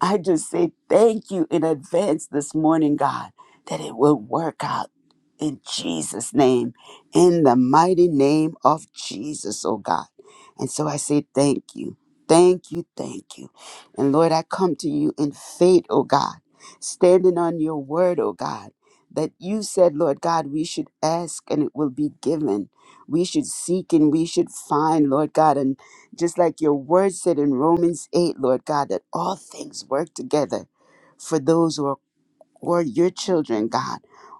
S3: I just say thank you in advance this morning, God, that it will work out in Jesus' name, in the mighty name of Jesus, oh God. And so I say thank you, thank you, thank you. And Lord, I come to you in faith, oh God, standing on your word, oh God, that you said, Lord God, we should ask and it will be given. We should seek and we should find, Lord God. and just like your word said in Romans 8, Lord God, that all things work together for those who are, who are your children, God,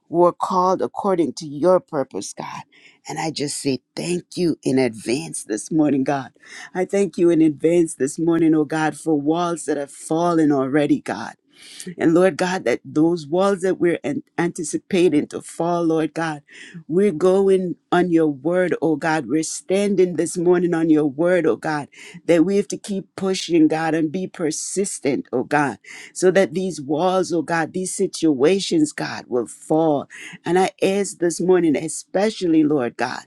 S3: who are called according to your purpose, God. And I just say thank you in advance this morning, God. I thank you in advance this morning, oh God, for walls that have fallen already, God. And Lord God, that those walls that we're an- anticipating to fall, Lord God, we're going on your word, oh God. We're standing this morning on your word, oh God, that we have to keep pushing, God, and be persistent, oh God, so that these walls, oh God, these situations, God, will fall. And I ask this morning, especially, Lord God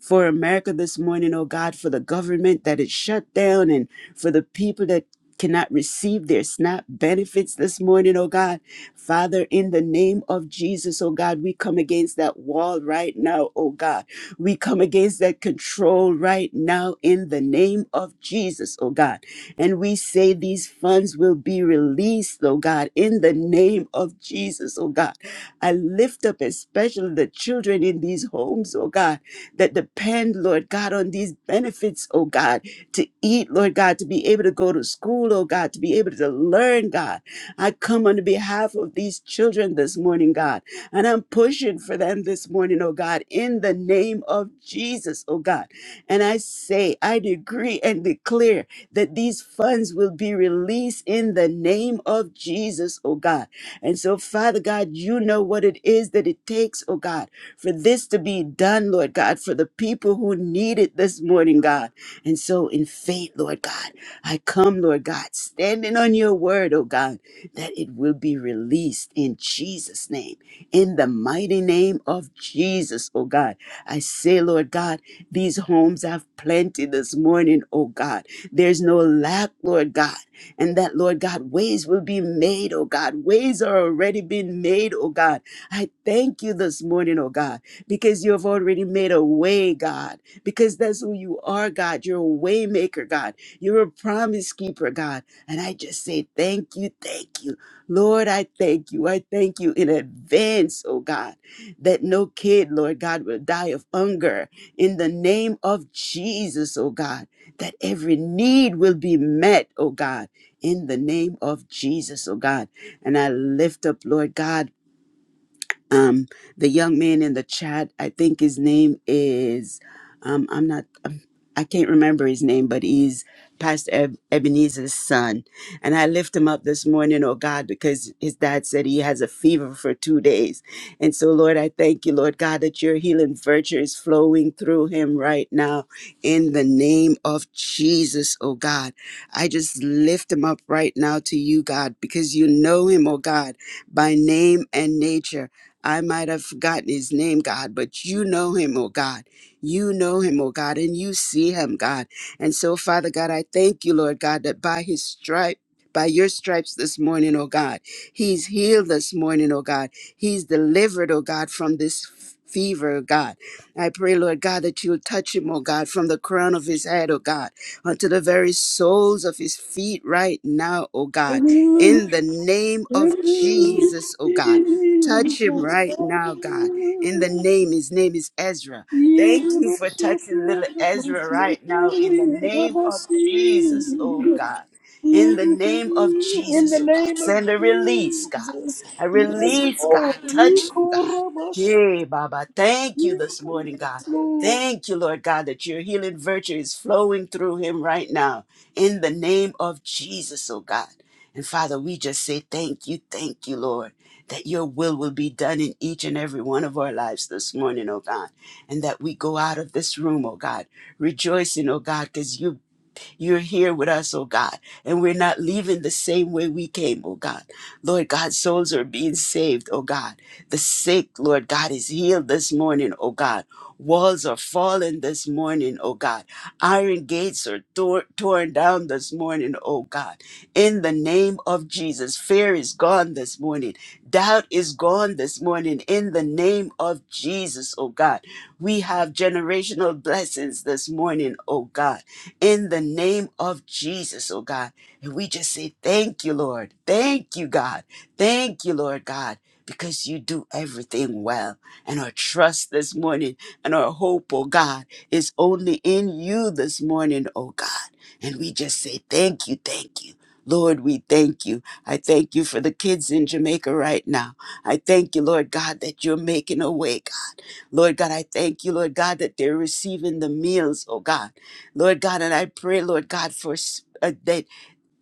S3: for America this morning, oh God, for the government that is shut down and for the people that cannot receive their SNAP benefits this morning, oh God. Father, in the name of Jesus, oh God, we come against that wall right now, oh God. We come against that control right now in the name of Jesus, oh God. And we say these funds will be released, oh God, in the name of Jesus, oh God. I lift up especially the children in these homes, oh God that depend, Lord God, on these benefits, oh God, to eat, Lord God, to be able to go to school, oh God, to be able to learn, God. I come on behalf of these children this morning, God, and I'm pushing for them this morning, oh God, in the name of Jesus, oh God. And I say, I decree and declare that these funds will be released in the name of Jesus, oh God. And so, Father God, you know what it is that it takes, oh God for this to be done, Lord God, for the people who need it this morning, God. And so, in faith, Lord God, I come, Lord God, standing on your word, oh God, that it will be released in Jesus' name, in the mighty name of Jesus, oh God. I say, Lord God, these homes have plenty this morning, oh God. There's no lack, Lord God. And that, Lord God, ways will be made, oh God. Ways are already being made, oh God I thank you this morning, oh God, because you have already made a way, God, because that's who you are, God. You're a way maker, God. You're a promise keeper, God. And I just say thank you, thank you. Lord, I thank you. I thank you in advance, oh God, that no kid, Lord God, will die of hunger in the name of Jesus, oh God, that every need will be met, oh God, in the name of Jesus, oh God. And I lift up, Lord God, um the young man in the chat i think his name is um i'm not um, i can't remember his name but he's pastor Eb- ebenezer's son and i lift him up this morning oh god because his dad said he has a fever for two days and so lord i thank you lord god that your healing virtue is flowing through him right now in the name of jesus oh god i just lift him up right now to you god because you know him oh god by name and nature I might have forgotten his name, God, but you know him, oh God. You know him, oh God, and you see him, God. And so, Father God, I thank you, Lord God, that by his stripe, by your stripes this morning, oh God, he's healed this morning, oh God. He's delivered, oh God, from this f- fever, oh God. I pray, Lord God, that you'll touch him, oh God, from the crown of his head, oh God, unto the very soles of his feet right now, oh God.
S1: Hallelujah.
S3: In the name of Jesus, oh God. Touch him right now, God. In the
S1: Hallelujah.
S3: name, his name is Ezra. Thank
S1: In
S3: you for touching little Ezra right now. In the name of Jesus, oh God. In the name of
S1: the
S3: Jesus, oh God.
S1: name of
S3: Send a release, God.
S1: Jesus,
S3: A
S1: yes,
S3: release,
S1: Lord.
S3: God. Touch him, God.
S1: Yes,
S3: Hey, Baba. Thank you this morning, God.
S1: Lord.
S3: Thank you, Lord God, that your healing virtue is flowing through him right now in the name of Jesus, oh God. And Father, we just say thank you, thank you, Lord, that your will will be done in each and every one of our lives this morning, oh God. And that we go out of this room, oh God, rejoicing, oh God, because you you're here with us, oh God, and we're not leaving the same way we came, oh God. Lord God, souls are being saved, oh God. The sick, Lord God, is healed this morning, oh God. Walls are falling this morning, oh God. Iron gates are tor- torn down this morning, oh God. In the name of Jesus, fear is gone this morning. Doubt is gone this morning. In the name of Jesus, oh God. We have generational blessings this morning, oh God in the name of Jesus, oh God. And we just say, Thank you, Lord. Thank you, God. Thank you, Lord God, because you do everything well. And our trust this morning and our hope, oh God, is only in you this morning, oh God. And we just say, Thank you, thank you. Lord, we thank you. I thank you for the kids in Jamaica right now. I thank you, Lord God, that you're making a way, God. Lord God, I thank you, Lord God, that they're receiving the meals, oh God. Lord God, and I pray, Lord God, for s- uh, that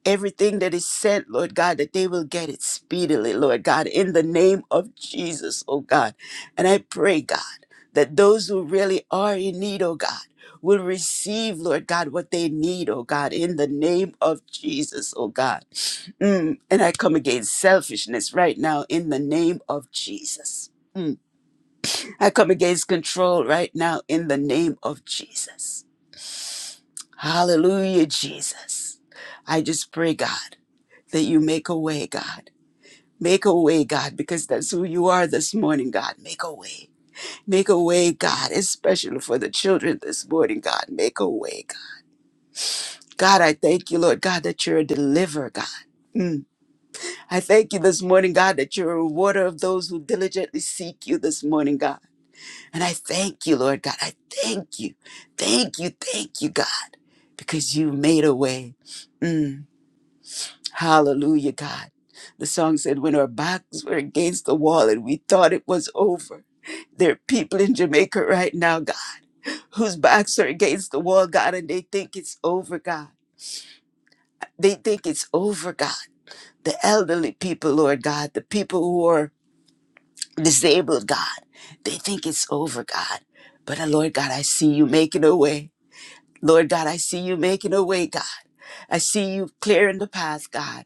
S3: everything that is sent, Lord God, that they will get it speedily, Lord God, in the name of Jesus, oh God. And I pray, God, that those who really are in need, oh God, will receive, Lord God, what they need, oh God, in the name of Jesus, oh God. Mm, And I come against selfishness right now in the name of Jesus. Mm. I come against control right now in the name of Jesus. Hallelujah, Jesus. I just pray, God, that you make a way, God. Make a way, God, because that's who you are this morning, God. Make a way. Make a way, God, especially for the children this morning, God. Make a way, God. God, I thank you, Lord God, that you're a deliverer, God. Mm. I thank you this morning, God, that you're a rewarder of those who diligently seek you this morning, God. And I thank you, Lord God. I thank you. Thank you. Thank you, God, because you made a way. Mm. Hallelujah, God. The song said, When our backs were against the wall and we thought it was over. There are people in Jamaica right now, God, whose backs are against the wall, God, and they think it's over, God. They think it's over, God. The elderly people, Lord God, the people who are disabled, God, they think it's over, God. But uh, Lord God, I see you making a way. Lord God, I see you making a way, God. I see you clearing the path, God.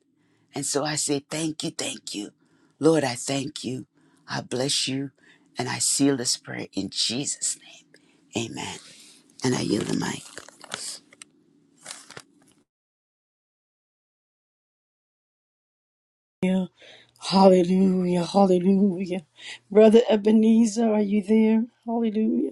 S3: And so I say, thank you, thank you. Lord, I thank you. I bless you. And I seal this prayer in Jesus' name. Amen. And I yield the mic.
S1: Hallelujah, hallelujah. Brother Ebenezer, are you there? Hallelujah.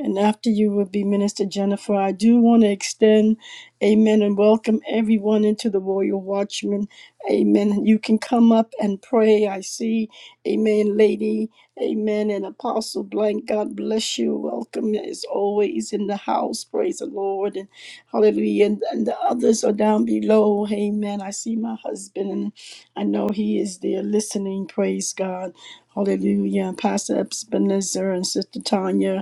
S1: And after you would be Minister Jennifer, I do want to extend amen and welcome everyone into the Royal Watchman. Amen. You can come up and pray. I see, amen, lady, amen, and Apostle Blank. God bless you. Welcome as always in the house. Praise the Lord. And hallelujah. And, and the others are down below. Amen. I see my husband, and I know he is there listening. Praise God. Hallelujah. And Pastor Ebenezer and Sister Tanya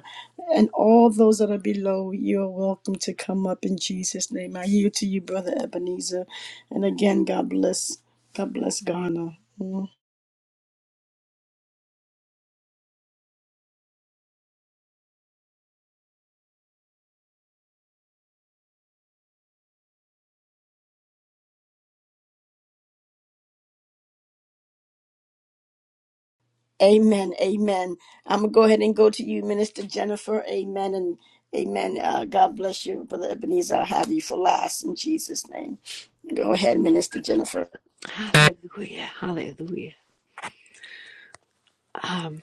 S1: and all those that are below, you are welcome to come up in Jesus' name. I yield to you, Brother Ebenezer. And again, God bless. God bless Ghana. Amen. Amen. I'm going to go ahead and go to you, Minister Jennifer. Amen. And amen. Uh, God bless you, Brother Ebenezer. I'll have you for last in Jesus' name. Go ahead, Minister Jennifer.
S9: Hallelujah, hallelujah. Um,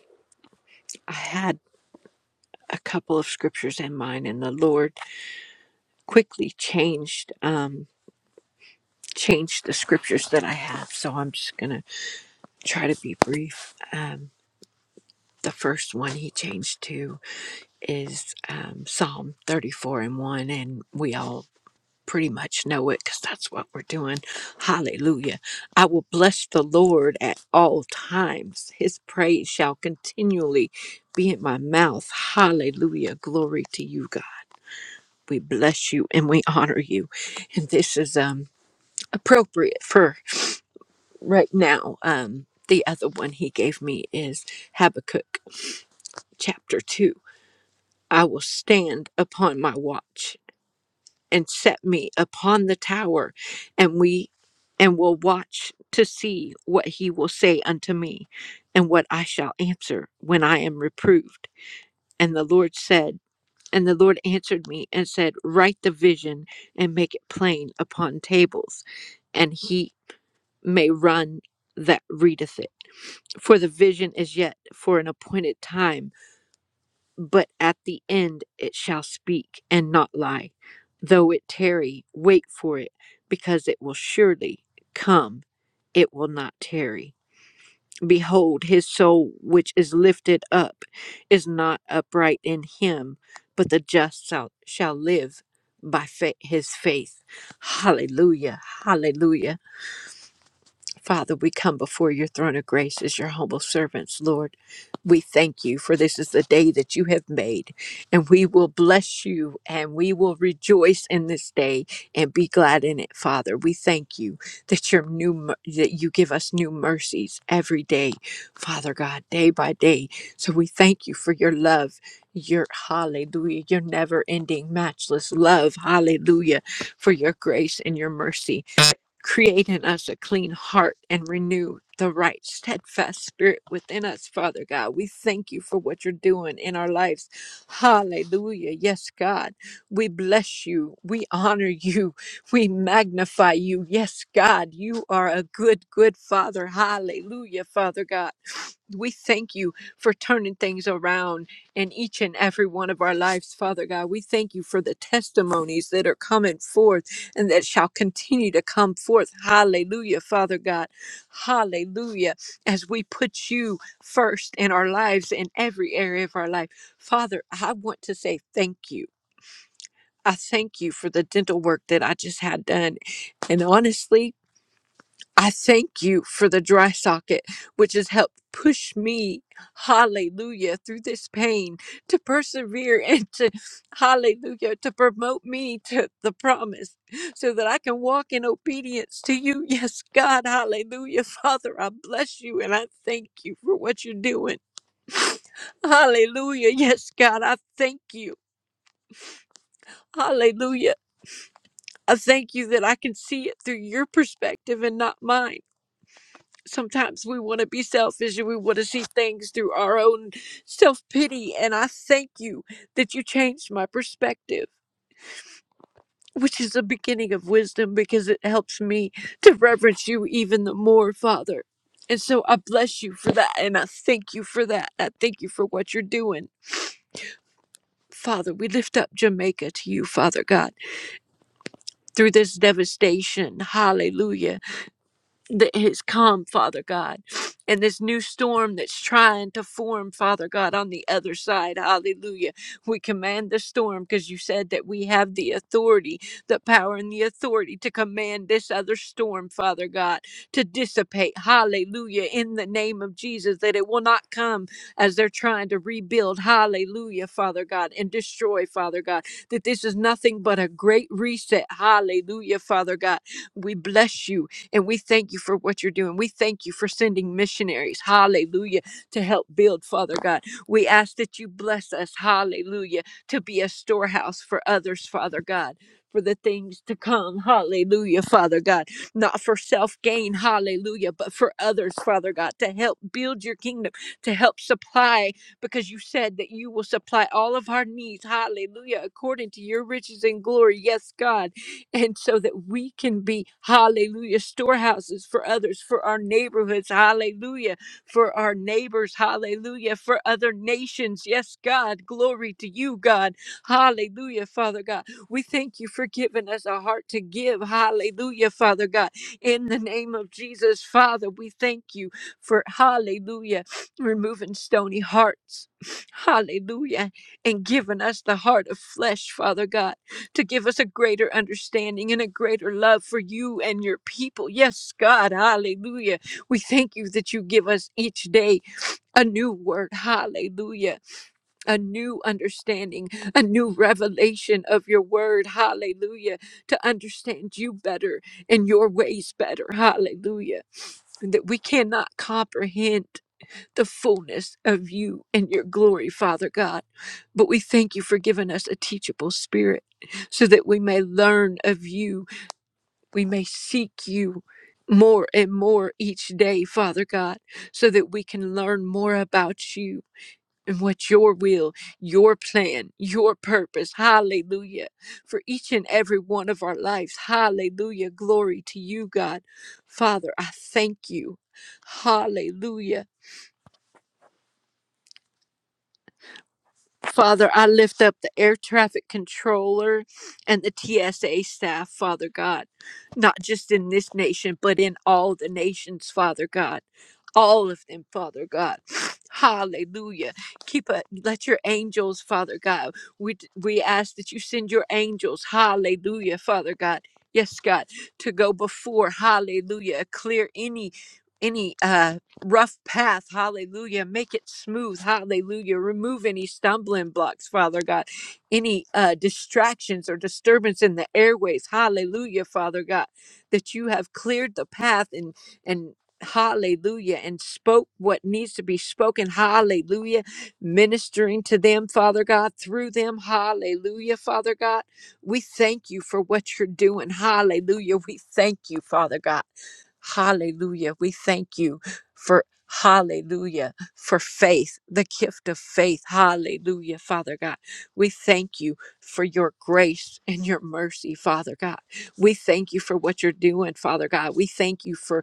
S9: I had a couple of scriptures in mind, and the Lord quickly changed um, changed the scriptures that I have. So I'm just gonna try to be brief. Um, the first one he changed to is um, Psalm 34 and 1, and we all pretty much know it because that's what we're doing. Hallelujah. I will bless the Lord at all times. His praise shall continually be in my mouth. Hallelujah. Glory to you, God. We bless you and we honor you. And this is um appropriate for right now. Um the other one he gave me is Habakkuk chapter 2. I will stand upon my watch and set me upon the tower, and we and will watch to see what he will say unto me, and what I shall answer when I am proved. And the Lord said, and the Lord answered me and said, Write the vision and make it plain upon tables, and he may run that readeth it. For the vision yet appointed time, but at the end it shall speak and not lie. Though it tarry, wait for it, because it will surely come, it will not tarry. Behold, his soul which is lifted up is not upright in him, but the just shall, shall live by fa- his faith. Hallelujah. Hallelujah. Father, we come before your throne of grace as your humble servants, Lord. We thank you for this is the day that you have made, and we will bless you and we will rejoice in this day and be glad in it, Father. We thank you that your new mer- that you give us new mercies every day, Father God, day by day. So we thank you for your love, your hallelujah, your never-ending, matchless love, hallelujah, for your grace and your mercy. Create in us a clean heart and renew the right, steadfast spirit within us, Father God. We thank you for what you're doing in our lives. Hallelujah. Yes, God. We bless you. We honor you. We magnify you. Yes, God. You are a good, good Father. Hallelujah, Father God. We thank you for turning things around in each and every one of our lives, Father God. We thank you for the testimonies that are coming forth and that shall continue to come forth. Hallelujah, Father God. Hallelujah. As we put you first in our lives, in every area of our life. Father, I want to say thank you. I thank you for the dental work that I just had done. And honestly, I thank you for the dry socket, which has helped push me, hallelujah, through this pain to persevere and to, hallelujah, to promote me to the promise so that I can walk in obedience to you. Yes, God, hallelujah. Father, I bless you and I thank you for what you're doing. Hallelujah. Yes, God, I thank you. Hallelujah. I thank you that I can see it through your perspective and not mine. sometimes we want to be selfish and we want to see things through our own self pity. And I thank you that you changed my perspective, which is the beginning of wisdom because it helps me to reverence you even the more, Father. And so I bless you for that. And I thank you for that. I thank you for what you're doing. Father, we lift up Jamaica to you, Father God, through this devastation. Hallelujah that has come, Father God, and this new storm that's trying to form, Father God, on the other side. Hallelujah. We command the storm because you said that we have the authority, the power, and the authority to command this other storm, Father God, to dissipate. Hallelujah. In the name of Jesus, that it will not come as they're trying to rebuild. Hallelujah, Father God, and destroy, Father God, that this is nothing but a great reset. Hallelujah, Father God. We bless you. And we thank you for what you're doing. We thank you for sending missionaries, hallelujah, to help build, Father God. We ask that you bless us, hallelujah, to be a storehouse for others, Father God. For the things to come. Hallelujah, Father God. Not for self gain, hallelujah, but for others, Father God, to help build your kingdom, to help supply, because you said that you will supply all of our needs. Hallelujah, according to your riches and glory. Yes, God and so that we can be hallelujah storehouses for others for our neighborhoods hallelujah for our neighbors hallelujah for other nations yes god glory to you god hallelujah father god we thank you for giving us a heart to give hallelujah father god in the name of jesus father we thank you for hallelujah removing stony hearts hallelujah and giving us the heart of flesh father god to give us a greater understanding and a greater love for you and your people. Yes, God, hallelujah. We thank you that you give us each day a new word, hallelujah, a new understanding, a new revelation of your word, hallelujah, to understand you better and your ways better, hallelujah, and that we cannot comprehend the fullness of you and your glory, Father God. But we thank you for giving us a teachable spirit so that we may learn of you, we may seek you. More and more each day, Father God, so that we can learn more about you and what your will, your plan, your purpose, hallelujah, for each and every one of our lives, hallelujah, glory to you, God. Father, I thank you, hallelujah Father, I lift up the air traffic controller and the TSA staff, Father God, not just in this nation, but in all the nations, Father God. All of them, Father God. Hallelujah. Keep a, let your angels, Father God. We d- we ask that you send your angels. Hallelujah, Father God. Yes, God, to go before. Hallelujah. Clear any any uh rough path. Hallelujah. Make it smooth. Hallelujah. Remove any stumbling blocks, Father God. Any uh, distractions or disturbance in the airways. Hallelujah, Father God. That you have cleared the path and and hallelujah and spoke what needs to be spoken hallelujah ministering to them father god through them hallelujah father god we thank you for what you're doing hallelujah we thank you father god Hallelujah. We thank you for hallelujah for faith, the gift of faith. Hallelujah, Father God. We thank you for your grace and your mercy, Father God. We thank you for what you're doing, Father God. We thank you for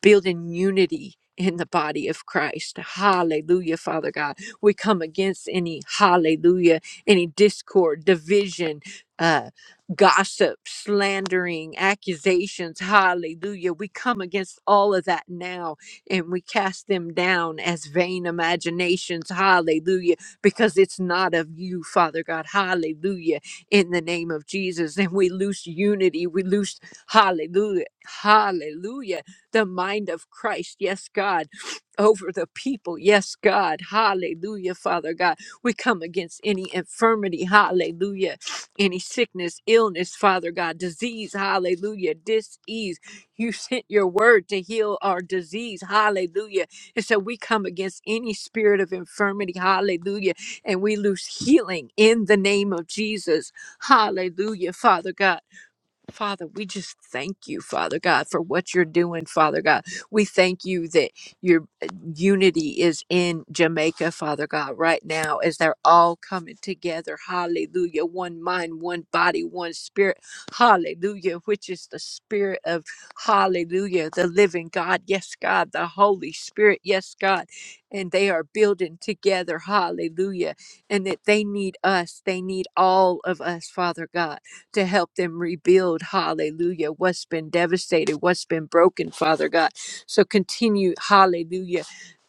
S9: building unity in the body of Christ. Hallelujah, Father God. We come against any hallelujah, any discord, division, uh, gossip, slandering, accusations. Hallelujah. We come against all of that now and we cast them down as vain imaginations. Hallelujah. Because it's not of you, Father God. Hallelujah. In the name of Jesus. And we loose unity. We loose hallelujah. Hallelujah the mind of Christ, yes, God, over the people, yes, God, hallelujah, Father God. We come against any infirmity, hallelujah, any sickness, illness, Father God, disease, hallelujah, disease. You sent your word to heal our disease, hallelujah. And so we come against any spirit of infirmity, hallelujah, and we lose healing in the name of Jesus, hallelujah, Father God. Father, we just thank you, Father God, for what you're doing, Father God. We thank you that your uh, unity is in Jamaica, Father God, right now as they're all coming together. Hallelujah. One mind, one body, one spirit. Hallelujah, which is the spirit of hallelujah, the living God. Yes, God, the Holy Spirit. Yes, God. And they are building together. Hallelujah. And that they need us. They need all of us, Father God to help them rebuild, hallelujah, what's been devastated, what's been broken, Father God. So continue, hallelujah.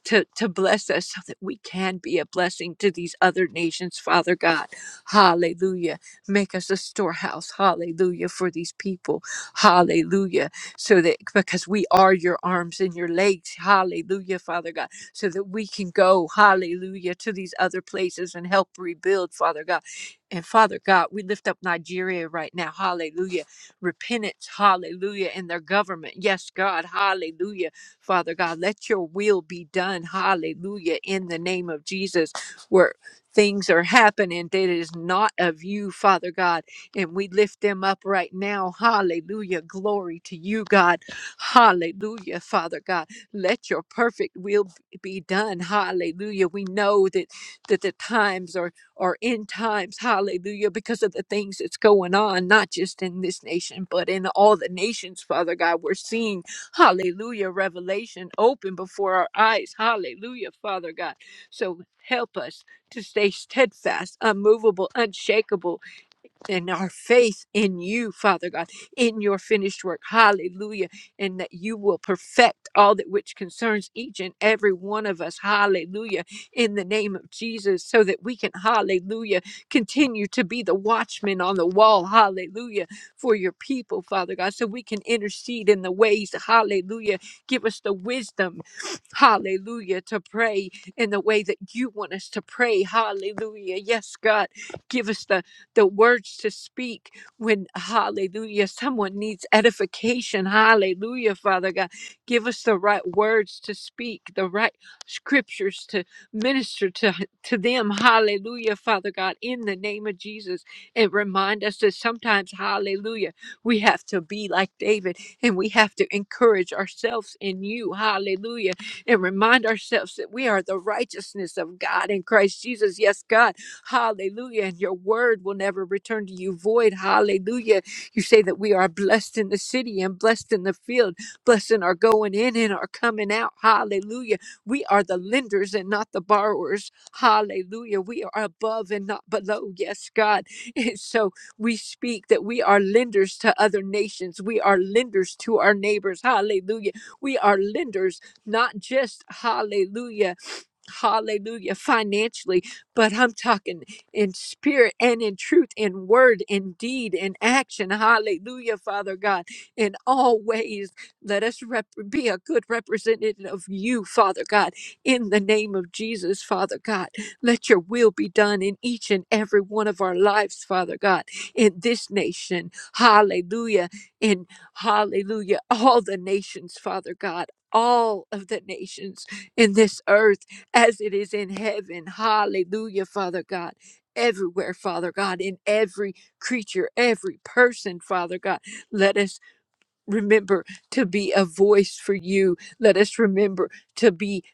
S9: To, to bless us so that we can be a blessing to these other nations, Father God. Hallelujah. Make us a storehouse, hallelujah, for these people. Hallelujah. So that because we are your arms and your legs, hallelujah, Father God so that we can go, hallelujah, to these other places and help rebuild, Father God and Father God, we lift up Nigeria right now. Hallelujah. Repentance. Hallelujah. And their government. Yes, God. Hallelujah. Father God, let your will be done. Hallelujah. In the name of Jesus, where things are happening that is not of you, Father God. And we lift them up right now. Hallelujah. Glory to you, God. Hallelujah, Father God. Let your perfect will be done. Hallelujah. We know that, that the times are or end times, hallelujah, because of the things that's going on, not just in this nation, but in all the nations, Father God. We're seeing, hallelujah, revelation open before our eyes, hallelujah, Father God. So help us to stay steadfast, unmovable, unshakable, and our faith in you, Father God, in your finished work. Hallelujah. And that you will perfect all that which concerns each and every one of us. Hallelujah. In the name of Jesus, so that we can, hallelujah, continue to be the watchman on the wall. Hallelujah. For your people, Father God, so we can intercede in the ways. Hallelujah. Give us the wisdom. Hallelujah. To pray in the way that you want us to pray. Hallelujah. Yes, God. Give us the the words to speak when, hallelujah, someone needs edification. Hallelujah, Father God. Give us the right words to speak, the right scriptures to minister to, to them. Hallelujah, Father God, in the name of Jesus. And remind us that sometimes, hallelujah, we have to be like David and we have to encourage ourselves in you. Hallelujah and remind ourselves that we are the righteousness of God in Christ Jesus. Yes, God Hallelujah. And your word will never return to you void. Hallelujah. You say that we are blessed in the city and blessed in the field, blessed in our going in and our coming out. Hallelujah. We are the lenders and not the borrowers. Hallelujah. We are above and not below. Yes, God. And so we speak that we are lenders to other nations. We are lenders to our neighbors. Hallelujah. We are lenders, not just hallelujah hallelujah, financially, but I'm talking in spirit and in truth, in word, in deed, in action, hallelujah, Father God, in all ways. Let us rep- be a good representative of you, Father God, in the name of Jesus, Father God. Let your will be done in each and every one of our lives, Father God, in this nation, hallelujah, in hallelujah, all the nations, Father God. All of the nations in this earth as it is in heaven. Hallelujah, Father God. Everywhere, Father God, in every creature, every person, Father God, let us remember to be a voice for you. Let us remember to be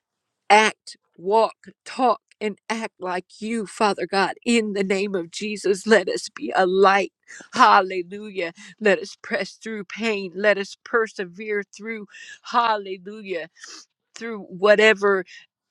S9: act, walk, talk, and act like you, Father God. In the name of Jesus, let us be a light. Hallelujah. Let us press through pain. Let us persevere through. Hallelujah through whatever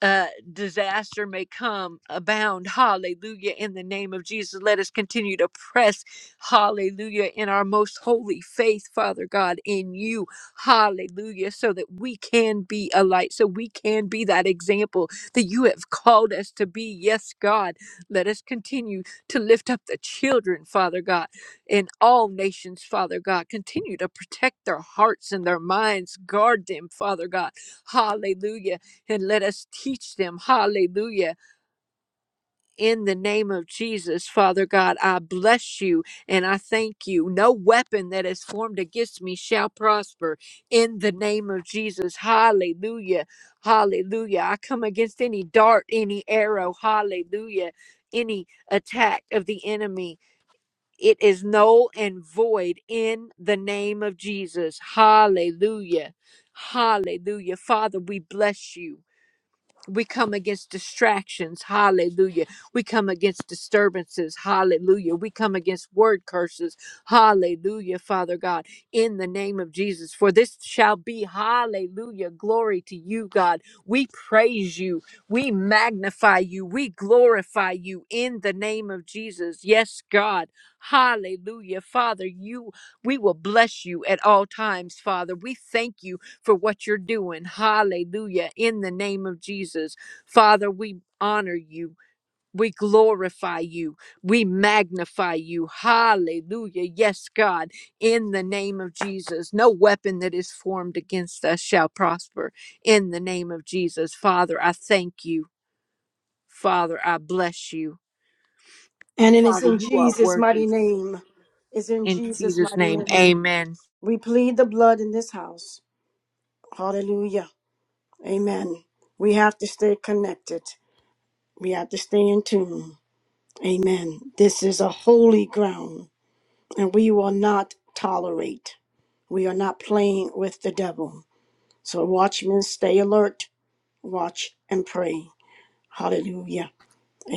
S9: uh, disaster may come abound. Hallelujah. In the name of Jesus, let us continue to press. Hallelujah. In our most holy faith, Father God, in you. Hallelujah. So that we can be a light, so we can be that example that you have called us to be. Yes, God. Let us continue to lift up the children, Father God, in all nations, Father God. Continue to protect their hearts and their minds. Guard them, Father God Hallelujah. And let us teach them. Hallelujah. In the name of Jesus, Father God, I bless you and I thank you. No weapon that is formed against me shall prosper. In the name of Jesus. Hallelujah. Hallelujah. I come against any dart, any arrow. Hallelujah. Any attack of the enemy. It is null and void in the name of Jesus. Hallelujah. Hallelujah. Father, we bless you. We come against distractions. Hallelujah. We come against disturbances. Hallelujah. We come against word curses. Hallelujah, Father God, in the name of Jesus. For this shall be hallelujah. Glory to you, God. We praise you. We magnify you. We glorify you in the name of Jesus. Yes, God. Hallelujah. Father, you we will bless you at all times, Father. We thank you for what you're doing. Hallelujah. In the name of Jesus. Father, we honor you. We glorify you. We magnify you. Hallelujah. Yes, God, in the name of Jesus. No weapon that is formed against us shall prosper. In the name of Jesus. Father, I thank you. Father, I bless you.
S1: And it is
S9: Father,
S1: in
S9: you are
S1: Jesus' mighty
S9: worthy.
S1: name. It's in
S9: In
S1: Jesus'
S9: Jesus'
S1: mighty
S9: name,
S1: name.
S9: amen.
S1: We plead the blood in this house. Hallelujah. Amen. We have to stay connected. We have to stay in tune. Amen. This is a holy ground, and we will not tolerate. We are not playing with the devil. So, watchmen, stay alert, watch, and pray. Hallelujah.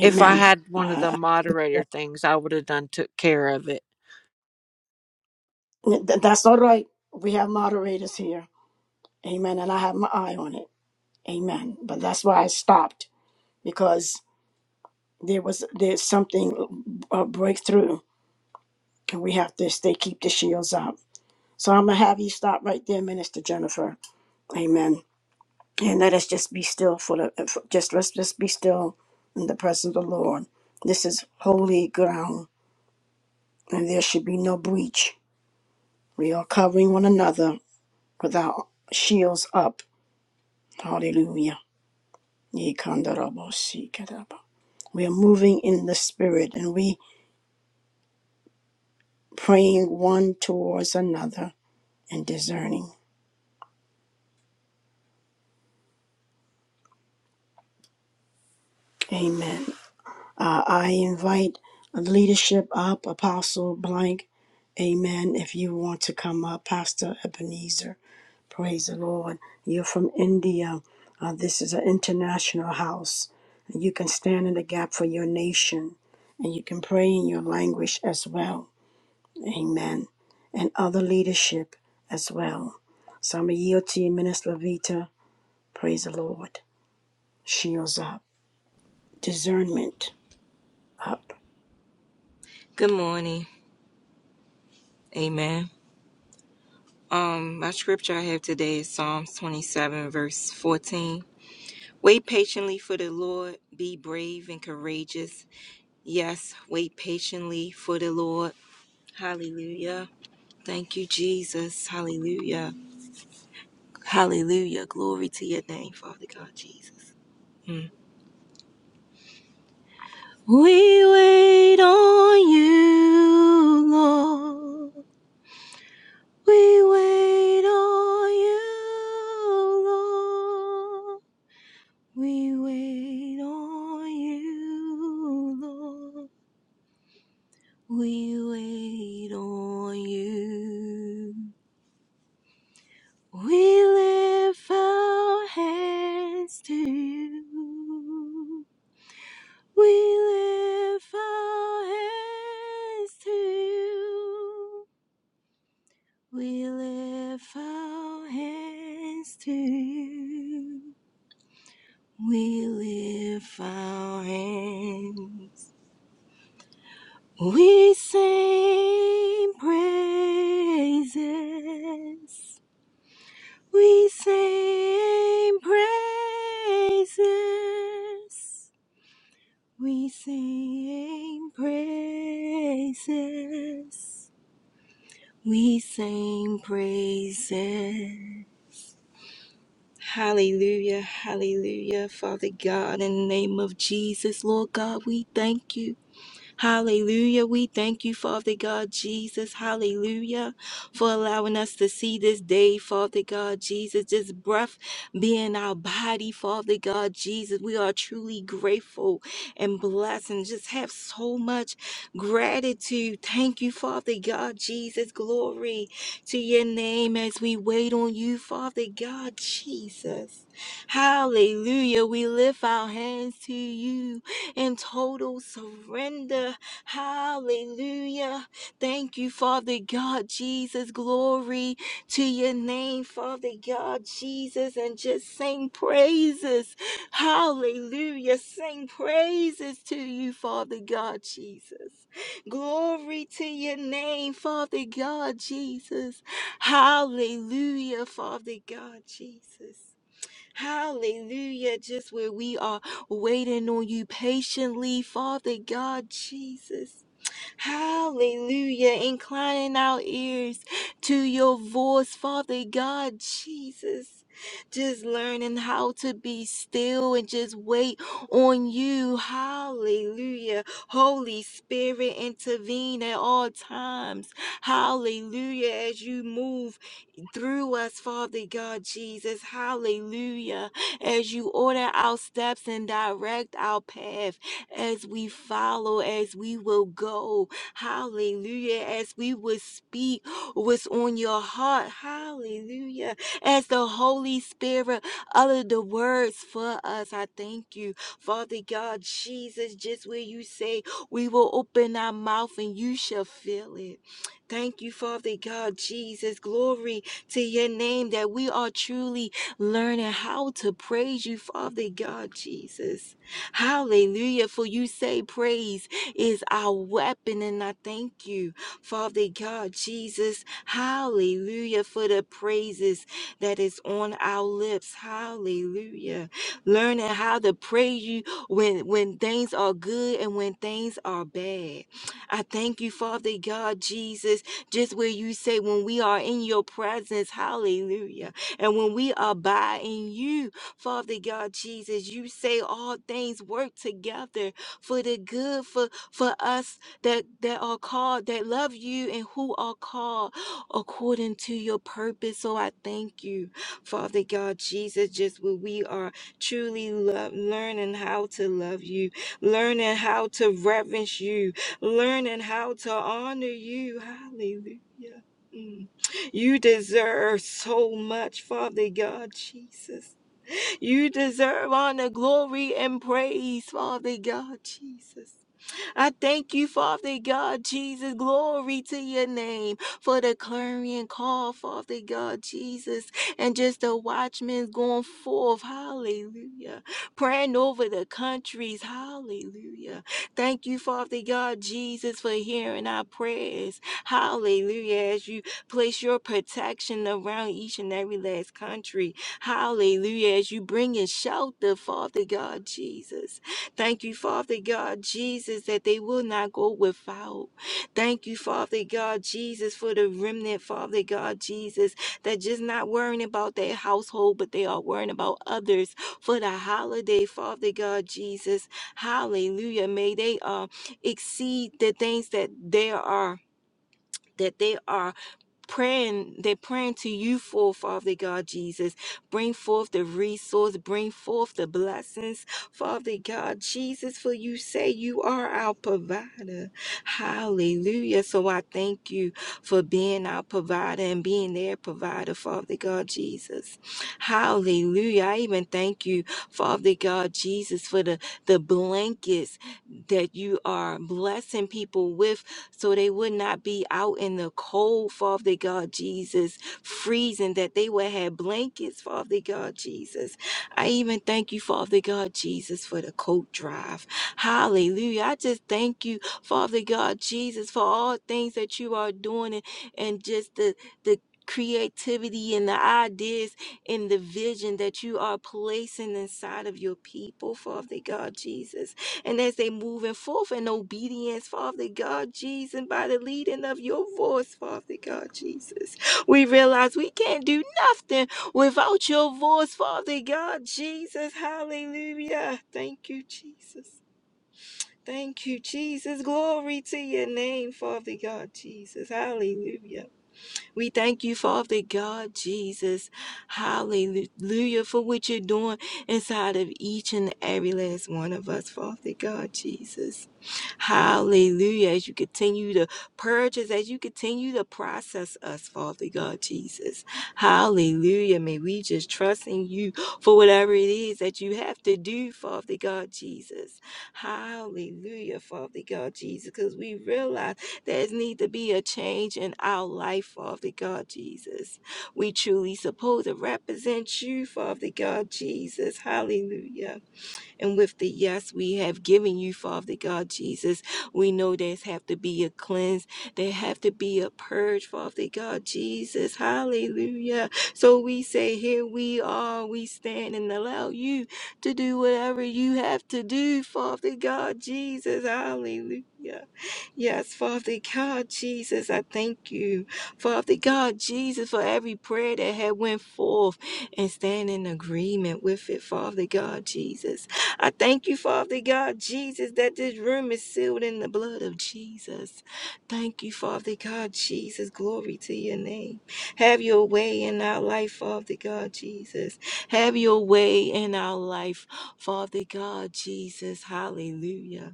S9: If I had one of the
S1: Uh,
S9: moderator things, I would have done took care of it.
S1: th- that's all right. We have moderators here. Amen. And I have my eye on it. Amen. But that's why I stopped because there was there's something a breakthrough and we have to stay keep the shields up. So I'm gonna have you stop right there, Minister Jennifer. Amen. And let us just be still for the for, just let's just be still in the presence of the Lord. This is holy ground, and there should be no breach. We are covering one another with our shields up. Hallelujah. Ye si We are moving in the spirit, and we praying one towards another and discerning. Amen. Uh, I invite leadership up, Apostle Blank. Amen. If you want to come up, Pastor Ebenezer. Praise the Lord. You're from India. Uh, this is an international house. And you can stand in the gap for your nation and you can pray in your language as well. Amen. And other leadership as well. So I'm going to yield to you, Minister Levita. Praise the Lord. Shields up. Discernment up.
S10: Good morning. Amen. Um, my scripture I have today is Psalms 27, verse 14. Wait patiently for the Lord, be brave and courageous. Yes, wait patiently for the Lord. Hallelujah. Thank you, Jesus. Hallelujah. Hallelujah. Glory to your name, Father God, Jesus. Mm. We wait on you, Lord. We wait on you, Lord. We wait on you, Lord. We wait on you. We lift our hands to you. We lift our hands to you. We lift our hands to you. We lift our hands. We sing praises. We sing praises. We sing praises. We sing praises. Hallelujah, hallelujah, Father God, in the name of Jesus, Lord God, we thank you. Hallelujah. We thank you, Father God Jesus. Hallelujah. For allowing us to see this day, Father God Jesus. This breath being our body, Father God Jesus. We are truly grateful and blessed and just have so much gratitude. Thank you, Father God Jesus. Glory to your name as we wait on you, Father God Jesus. Hallelujah. We lift our hands to you in total surrender. Hallelujah. Thank you, Father God, Jesus. Glory to your name, Father God, Jesus. And just sing praises. Hallelujah. Sing praises to you, Father God, Jesus. Glory to your name, Father God, Jesus. Hallelujah, Father God, Jesus. Hallelujah. Just where we are waiting on you patiently, Father God Jesus. Hallelujah. Inclining our ears to your voice, Father God Jesus. Just learning how to be still and just wait on you. Hallelujah. Holy Spirit, intervene at all times. Hallelujah. As you move through us, Father God Jesus. Hallelujah. As you order our steps and direct our path, as we follow, as we will go. Hallelujah. As we will speak what's on your heart. Hallelujah. As the Holy Spirit uttered the words for us, I thank you, Father God Jesus. Just where you say, we will open our mouth and you shall fill it. Thank you, Father God Jesus. Glory to your name that we are truly learning how to praise you, Father God Jesus. Hallelujah. For you say praise is our weapon, and I thank you, Father God Jesus. Hallelujah. For the praises that is on our lips. Hallelujah. Learning how to praise you when when things are good and when things are bad. I thank you, Father God Jesus just where you say, when we are in your presence, hallelujah. And when we abide in you, Father God Jesus, you say all things work together for the good for, for us that, that are called, that love you and who are called according to your purpose. So I thank you, Father God Jesus, just where we are truly love, learning how to love you, learning how to reverence you, learning how to honor you. Hallelujah. Mm. You deserve so much, Father God Jesus. You deserve honor, glory, and praise, Father God Jesus. I thank you, Father God, Jesus. Glory to your name for the clarion call, Father God, Jesus, and just the watchmen going forth. Hallelujah. Praying over the countries. Hallelujah. Thank you, Father God, Jesus, for hearing our prayers. Hallelujah. As you place your protection around each and every last country. Hallelujah. As you bring in shelter, Father God, Jesus. Thank you, Father God Jesus, that they will not go without. Thank you, Father God Jesus, for the remnant, Father God Jesus, that just not worrying about their household, but they are worrying about others for the holiday, Father God Jesus. Hallelujah. May they uh, exceed the things that they are. That they are praying they're praying to you for father god jesus bring forth the resource bring forth the blessings father god jesus for you say you are our provider hallelujah so i thank you for being our provider and being their provider father god jesus hallelujah i even thank you father god jesus for the the blankets that you are blessing people with so they would not be out in the cold, Father God Jesus, freezing, that they would have blankets, Father God Jesus. I even thank you, Father God Jesus, for the coat drive. Hallelujah. I just thank you, Father God Jesus, for all things that you are doing and, and just the, the creativity and the ideas and the vision that you are placing inside of your people, Father God Jesus. And as they moving forth in obedience, Father God Jesus, and by the leading of your voice, Father God Jesus, we realize we can't do nothing without your voice, Father God Jesus. Hallelujah. Thank you, Jesus. Thank you, Jesus. Glory to your name, Father God Jesus. Hallelujah. We thank you, Father God, Jesus. Hallelujah for what you're doing inside of each and every last one of us, Father God, Jesus. Hallelujah. As you continue to purge us, as you continue to process us, Father God, Jesus. Hallelujah. May we just trust in you for whatever it is that you have to do, Father God, Jesus. Hallelujah, Father God, Jesus, because we realize. There's need to be a change in our life, Father God Jesus. We truly supposed to represent you, Father God Jesus. Hallelujah. And with the yes we have given you, Father God Jesus, we know there's have to be a cleanse. There have to be a purge, Father God Jesus. Hallelujah. So we say, here we are. We stand and allow you to do whatever you have to do, Father God Jesus. Hallelujah. Yes, Father God, Jesus, I thank you. Father God, Jesus, for every prayer that had went forth and stand in agreement with it, Father God, Jesus. I thank you, Father God, Jesus, that this room is sealed in the blood of Jesus. Thank you, Father God, Jesus. Glory to your name. Have your way in our life, Father God, Jesus. Have your way in our life, Father God, Jesus. Hallelujah.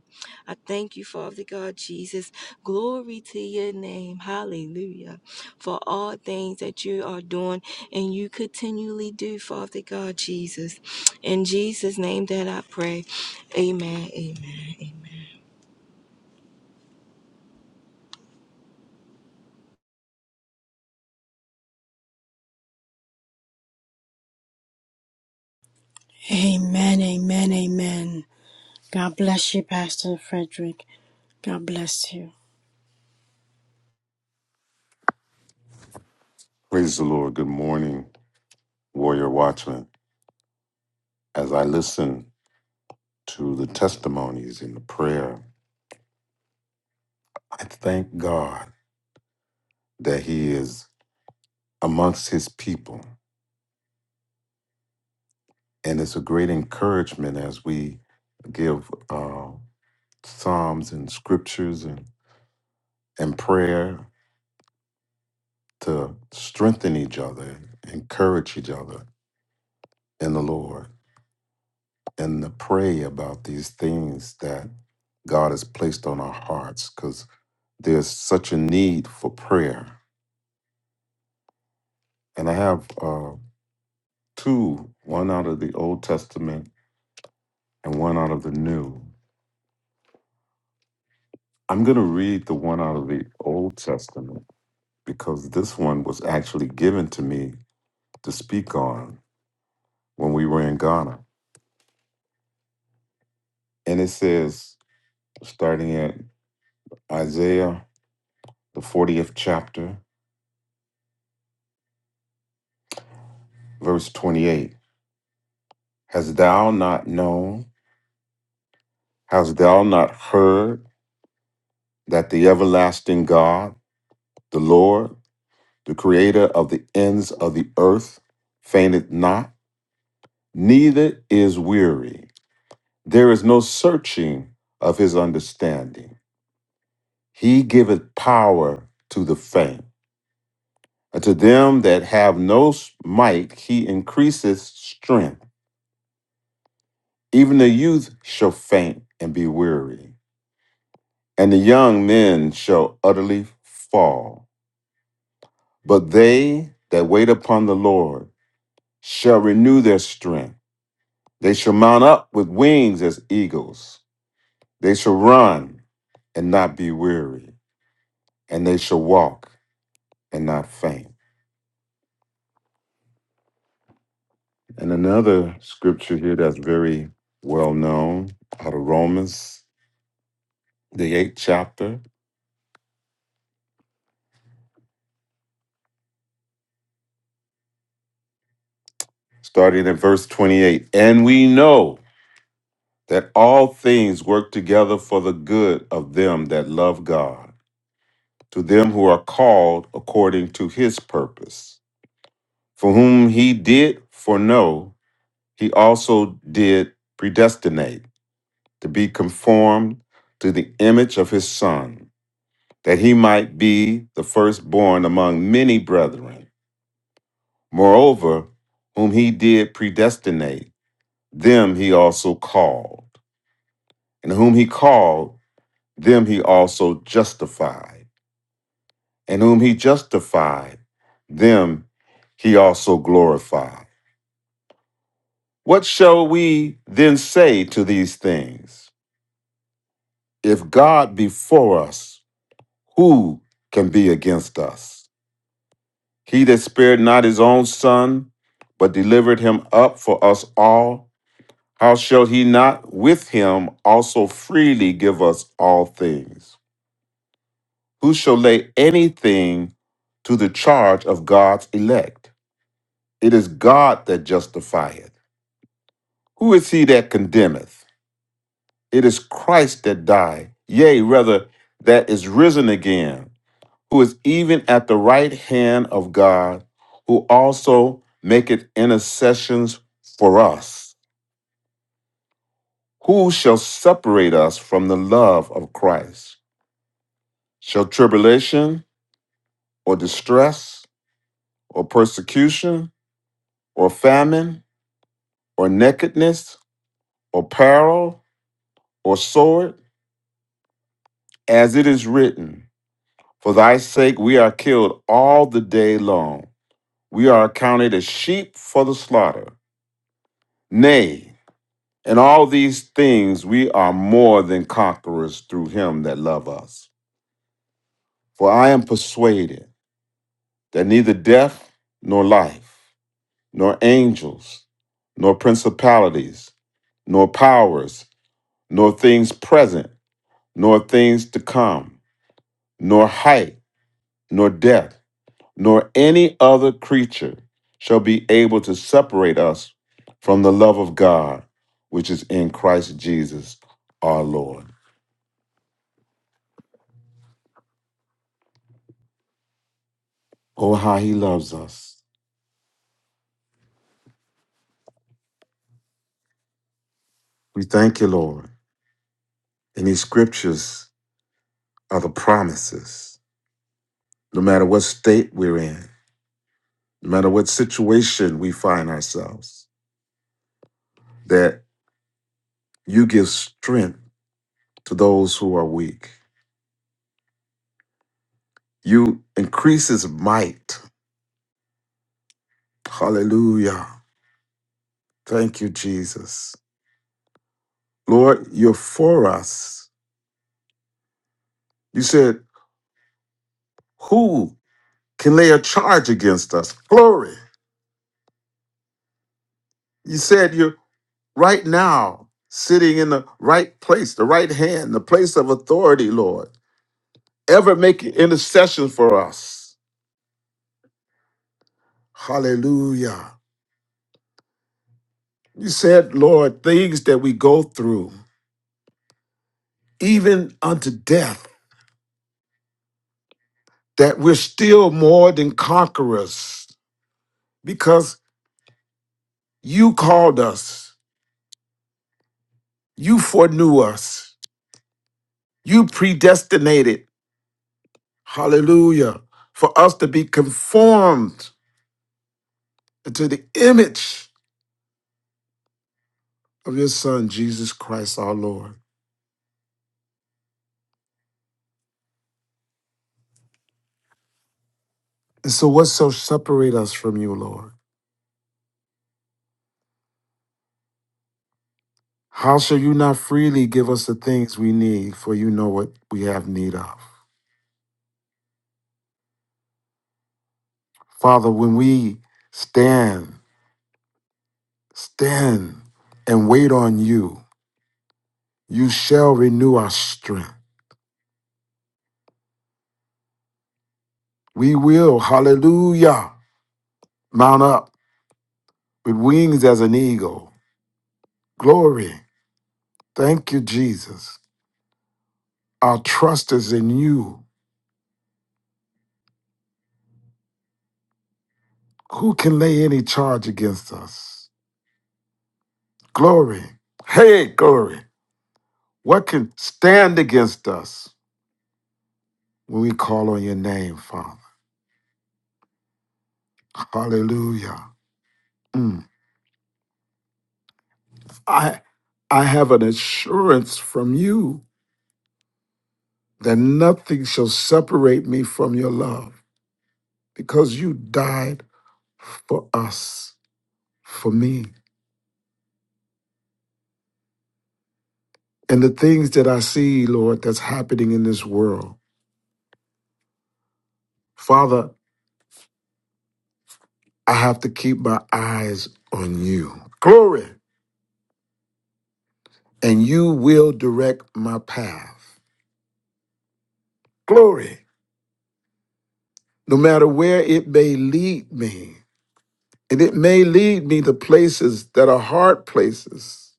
S10: I thank you, Father God Jesus. Glory to your name. Hallelujah. For all things that you are doing and you continually do, Father God Jesus. In Jesus' name that I pray. Amen. Amen.
S1: Amen, amen, amen. God bless you, Pastor Frederick. God bless you.
S11: Praise the Lord. Good morning, Warrior Watchman. As I listen to the testimonies and the prayer, I thank God that He is amongst His people. And it's a great encouragement as we give uh, Psalms and scriptures and, and prayer to strengthen each other, encourage each other in the Lord, and to pray about these things that God has placed on our hearts. there's such a need for prayer. And I have uh, two, one out of the Old Testament and one out of the New. I'm going to read the one out of the Old Testament because this one was actually given to me to speak on when we were in Ghana. And it says, starting at Isaiah, the 40th chapter, verse 28, Hast thou not known, hast thou not heard that the everlasting God, the Lord, The creator of the ends of the earth fainteth not, neither is weary. There is no searching of his understanding. He giveth power to the faint. And to them that have no might, he increaseth strength. Even the youth shall faint and be weary, and the young men shall utterly fall. But they that wait upon the Lord shall renew their strength. They shall mount up with wings as eagles. They shall run and not be weary, and they shall walk and not faint. And another scripture here that's very well known out of Romans, the eighth chapter, starting at verse 28. And we know that all things work together for the good of them that love God, to them who are called according to his purpose, for whom he did foreknow He also did predestinate to be conformed to the image of his son, that he might be the firstborn among many brethren. Moreover, whom he did predestinate, them he also called. And whom he called, them he also justified. And whom he justified, them he also glorified. What shall we then say to these things? If God be for us, Who can be against us? He that spared not his own son, but delivered him up for us all, how shall he not with him also freely give us all things? Who shall lay anything to the charge of God's elect? It is God that justifieth. Who is he that condemneth? It is Christ that died, yea, rather, that is risen again who is even at the right hand of God, who also maketh intercessions for us. Who shall separate us from the love of Christ? Shall tribulation, or distress, or persecution, or famine, or nakedness, or peril, or sword? As it is written, For thy sake we are killed all the day long. We are accounted as sheep for the slaughter. Nay, In all these things, we are more than conquerors through him that love us. For I am persuaded that neither death nor life, nor angels, nor principalities, nor powers, nor things present, nor things to come, nor height, nor depth, nor any other creature shall be able to separate us from the love of God, which is in Christ Jesus our Lord. Oh, how he loves us. We thank you, Lord. And these scriptures are the promises. No matter what state we're in, no matter what situation we find ourselves, that you give strength to those who are weak. You increase his might. Hallelujah. Thank you, Jesus. Lord, you're for us. You said, Who can lay a charge against us? Glory. You said you right now, sitting in the right place, the right hand, the place of authority, Lord, ever making intercession for us. Hallelujah. You said, Lord, things that we go through, even unto death, that we're still more than conquerors because you called us, you foreknew us, you predestinated, hallelujah, for us to be conformed to the image of your Son, Jesus Christ our Lord. And so, what shall separate us from you, Lord? How shall you not freely give us the things we need, for you know what we have need of? Father, when we stand, stand and wait on you, you shall renew our strength. We will, hallelujah, mount up with wings as an eagle. Glory. Thank you, Jesus. Our trust is in you. Who can lay any charge against us? Glory. Hey, glory. What can stand against us when we call on your name, Father? Hallelujah. Mm. I I have an assurance from you that nothing shall separate me from your love because you died for us, for me. And the things that I see, Lord, that's happening in this world, Father, I have to keep my eyes on you. Glory. And you will direct my path. Glory. No matter where it may lead me. And it may lead me to places that are hard places.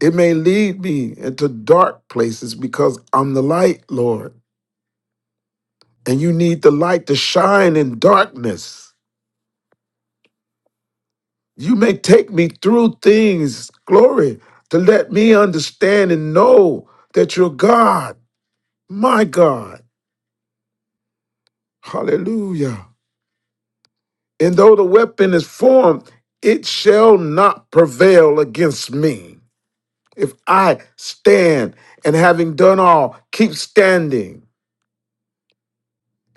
S11: It may lead me into dark places because I'm the light, Lord. And you need the light to shine in darkness. You may take me through things, glory, to let me understand and know that you're God, my God. Hallelujah. And though the weapon is formed, it shall not prevail against me. If I stand and having done all, keep standing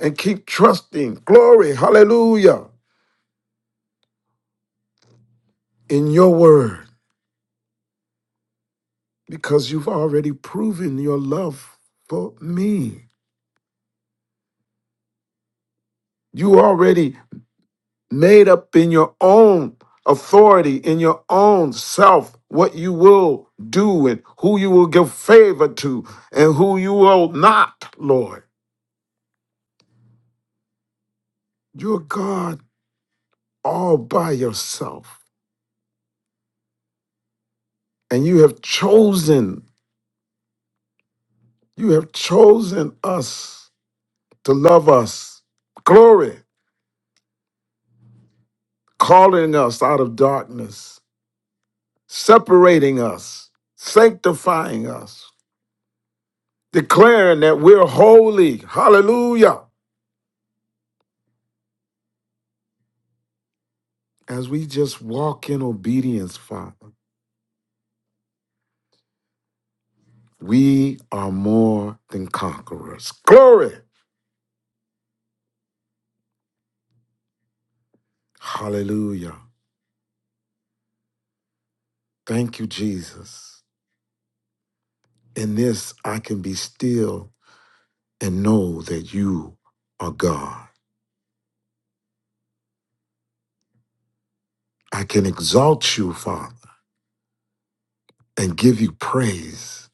S11: and keep trusting. Glory, hallelujah, in your word, because you've already proven your love for me. You already made up in your own authority, in your own self, what you will do and who you will give favor to and who you will not, Lord. You're God all by yourself, and you have chosen You have chosen us to love us. Glory, calling us out of darkness, separating us, sanctifying us, declaring that we're holy. Hallelujah. As we just walk in obedience, Father, we are more than conquerors. Glory. Hallelujah. Thank you, Jesus. In this, I can be still and know that you are God. I can exalt you, Father. and give you praise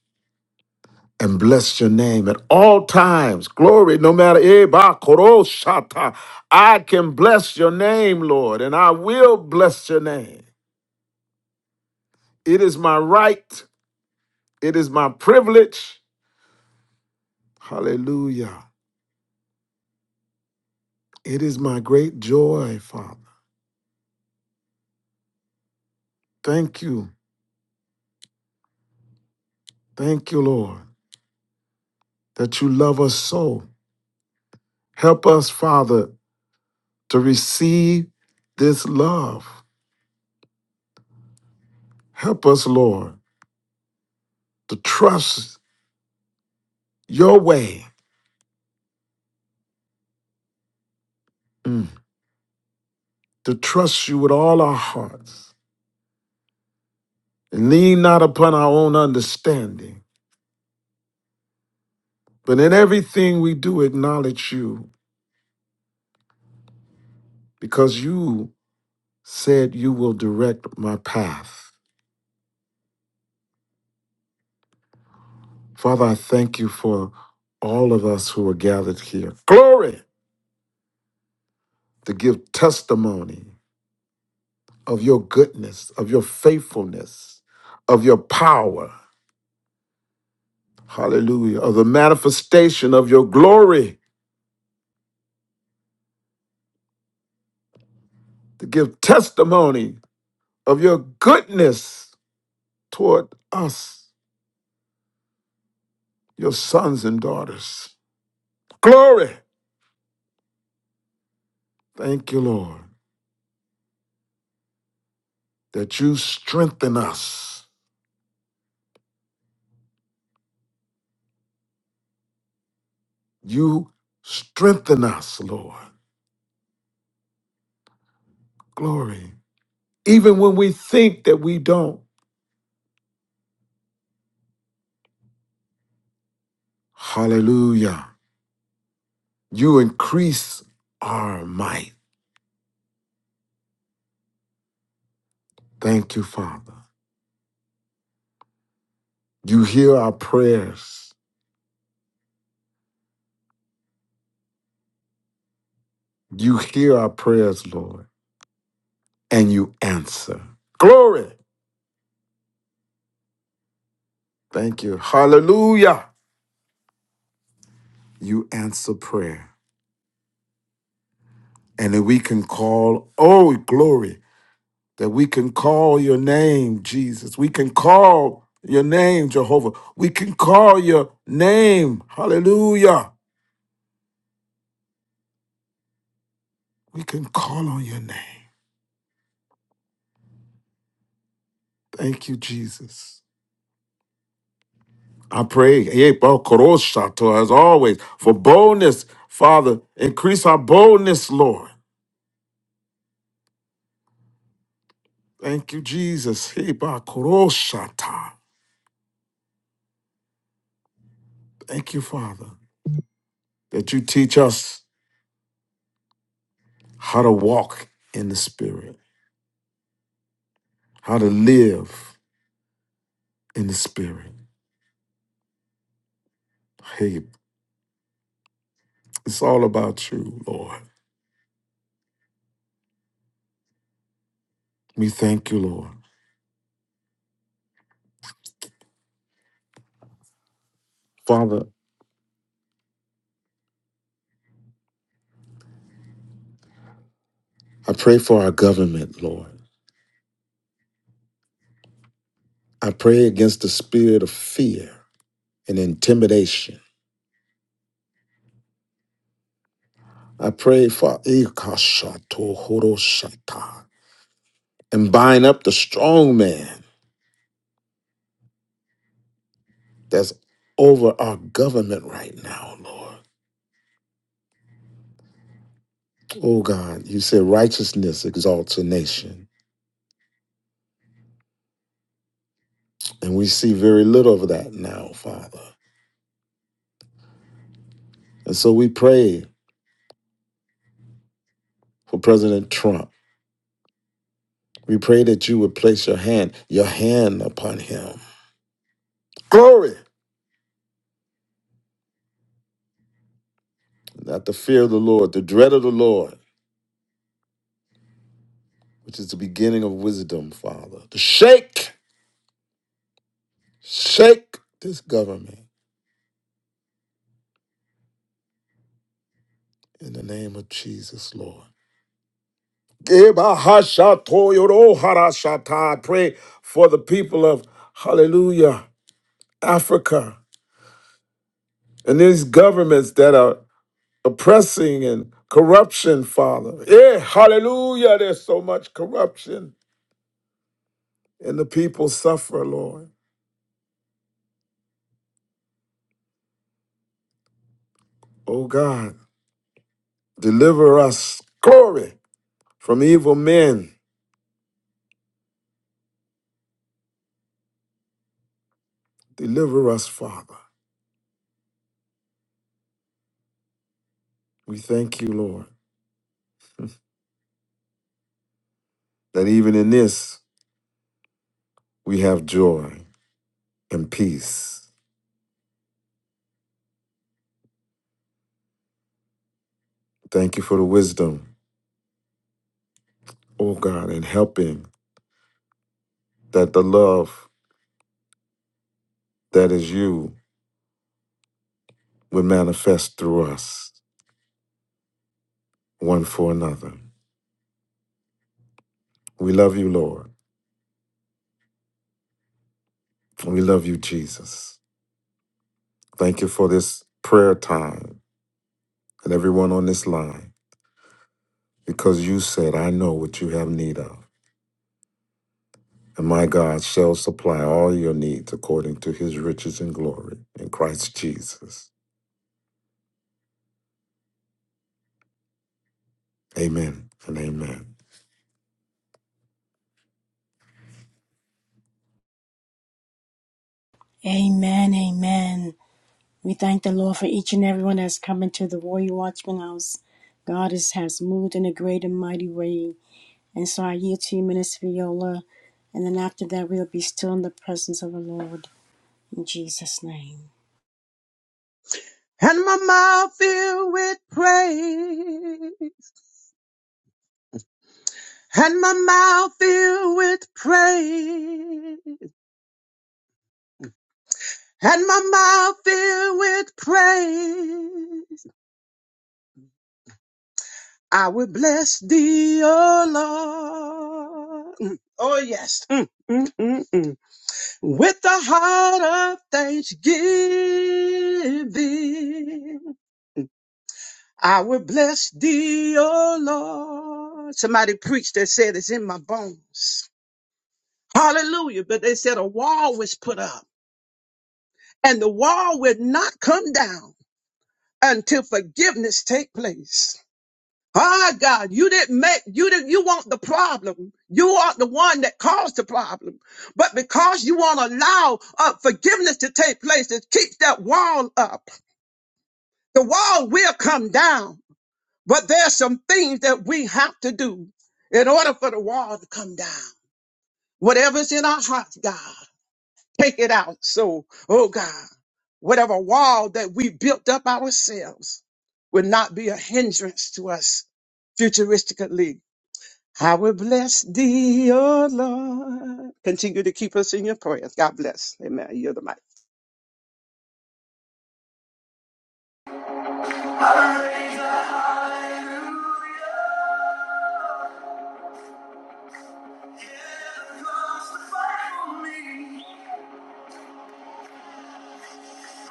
S11: and bless your name at all times. Glory, no matter. Eh, ba, koro, shata. I can bless your name, Lord, and I will bless your name. It is my right, it is my privilege. Hallelujah. It is my great joy, Father. Thank you. Thank you, Lord, that you love us so. Help us, Father, to receive this love. Help us, Lord, to trust your way Mm. To trust you with all our hearts and lean not upon our own understanding, but in everything we do acknowledge you because you said you will direct my path. Father, I thank you for all of us who are gathered here. Glory to give testimony of your goodness, of your faithfulness, of your power. Hallelujah. Of the manifestation of your glory to give testimony of your goodness toward us, your sons and daughters. Glory. Thank you, Lord, that you strengthen us. You strengthen us, Lord. Glory. Even when we think that we don't. Hallelujah. You increase our might. Thank you, Father. You hear our prayers. You hear our prayers, Lord, and you answer. Glory. Thank you. Hallelujah. You answer prayer. and that we can call, oh, glory, that we can call your name, Jesus. We can call your name, Jehovah. We can call your name, hallelujah. We can call on your name. Thank you, Jesus. I pray, eh, bo- koroshato, as always, for boldness, Father. Increase our boldness, Lord. Thank you, Jesus. Eh, ba- koroshata. Thank you, Father, that you teach us how to walk in the Spirit how to live in the spirit. Hey, it's all about you, Lord. We thank you, Lord. Father, I pray for our government, Lord. I pray against the spirit of fear and intimidation. I pray for Ikashatohoroshata, and bind up the strong man that's over our government right now, Lord. Oh God, you said righteousness exalts a nation. And we see very little of that now, Father. And so we pray for President Trump. We pray that you would place your hand, your hand upon him. Glory! not the fear of the Lord, the dread of the Lord, which is the beginning of wisdom, Father, to shake, shake this government in the name of Jesus, Lord. I pray for the people of Hallelujah, Africa, and these governments that are oppressing and corruption, Father. Yeah, hallelujah. There's so much corruption, and the people suffer, Lord. Oh God, deliver us, glory, from evil men. Deliver us, Father. We thank you, Lord, that even in this we have joy and peace. Thank you for the wisdom, oh God, and helping that the love that is you would manifest through us one for another. We love you, Lord. We love you, Jesus. Thank you for this prayer time and everyone on this line because you said, I know what you have need of. And my God shall supply all your needs according to his riches and glory in Christ Jesus. Amen and amen.
S1: Amen, amen. We thank the Lord for each and everyone that's come into the Royal Watchman House. God is, has moved in a great and mighty way. And so I yield to you, Minister Viola. And then after that, we'll be still in the presence of the Lord. In Jesus' name.
S12: and my mouth filled with praise, and my mouth filled with praise, and my mouth filled with praise. I will bless thee, O Lord. Mm. Oh yes, Mm, mm, mm, mm. with the heart of thanksgiving, I will bless thee, O Lord. Somebody preached that said it's in my bones. Hallelujah. But they said a wall was put up and the wall would not come down until forgiveness take place. Ah, God, you didn't make, you didn't, you want the problem. You are the one that caused the problem. But because you won't allow uh, forgiveness to take place, it keeps that wall up. The wall will come down, but there's some things that we have to do in order for the wall to come down. Whatever's in our hearts, God. Take it out. So, oh God, whatever wall that we built up ourselves will not be a hindrance to us futuristically. I will bless thee, O Lord. Continue to keep us in your prayers. God bless. Amen. You're the mic.
S1: Hallelujah.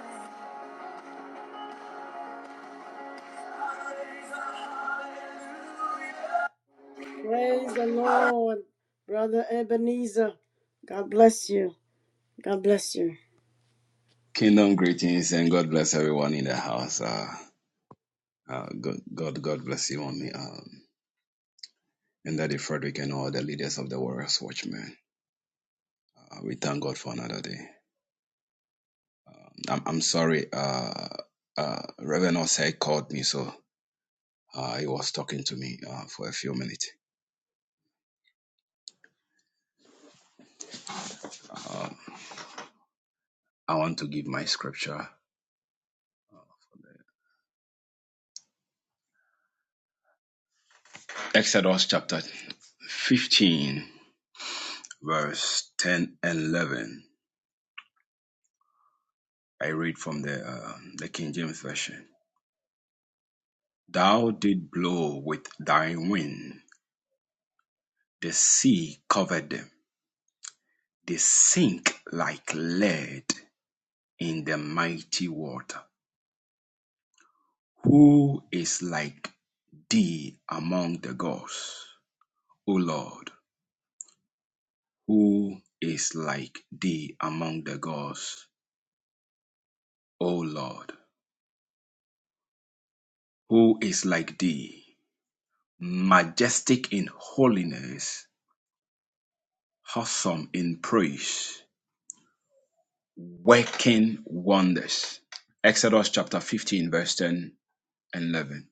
S1: it is Praise the Lord, Brother Ebenezer. God bless you. God bless you.
S13: Kingdom greetings and God bless everyone in the house. Uh, uh, God, God, God bless you, mommy, um, and Daddy Frederick and all the leaders of the Warriors Watchmen. Uh, we thank God for another day. Um, I'm, I'm sorry, uh, uh, Reverend Osei called me, so uh, he was talking to me uh, for a few minutes. Um, I want to give my scripture Uh, Exodus chapter 15, verse 10 and 11. I read from the, uh, the King James Version. Thou didst blow with thy wind, the sea covered them, they sink like lead in the mighty water. Who is like thee among the gods, O Lord? Who is like thee among the gods, O Lord? Who is like thee, majestic in holiness, awesome in praise? working wonders. Exodus chapter 15, verse 10 and 11.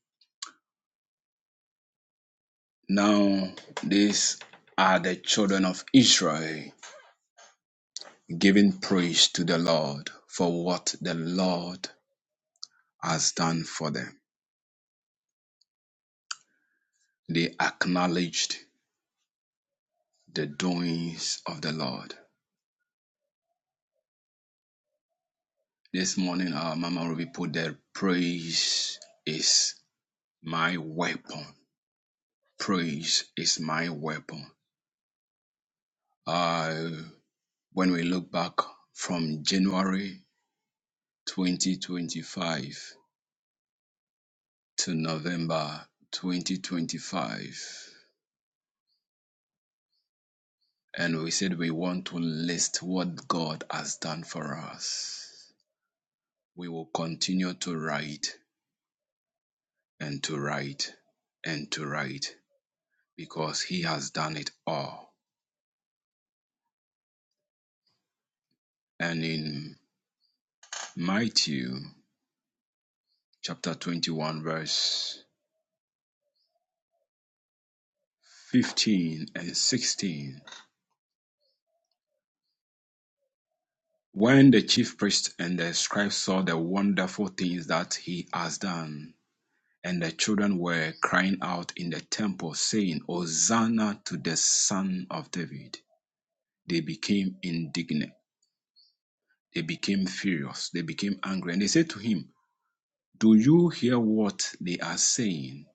S13: Now, these are the children of Israel giving praise to the Lord for what the Lord has done for them. They acknowledged the doings of the Lord. This morning, our Mama Ruby put there, praise is my weapon. Praise is my weapon. I. when we look back from January 2025 to November 2025, and we said we want to list what God has done for us, we will continue to write and to write and to write because He has done it all. And in Matthew chapter 21, verse 15 and 16, When the chief priests and the scribes saw the wonderful things that he has done, and the children were crying out in the temple, saying, Hosanna to the Son of David, they became indignant. They became furious. They became angry. And they said to him, Do you hear what they are saying?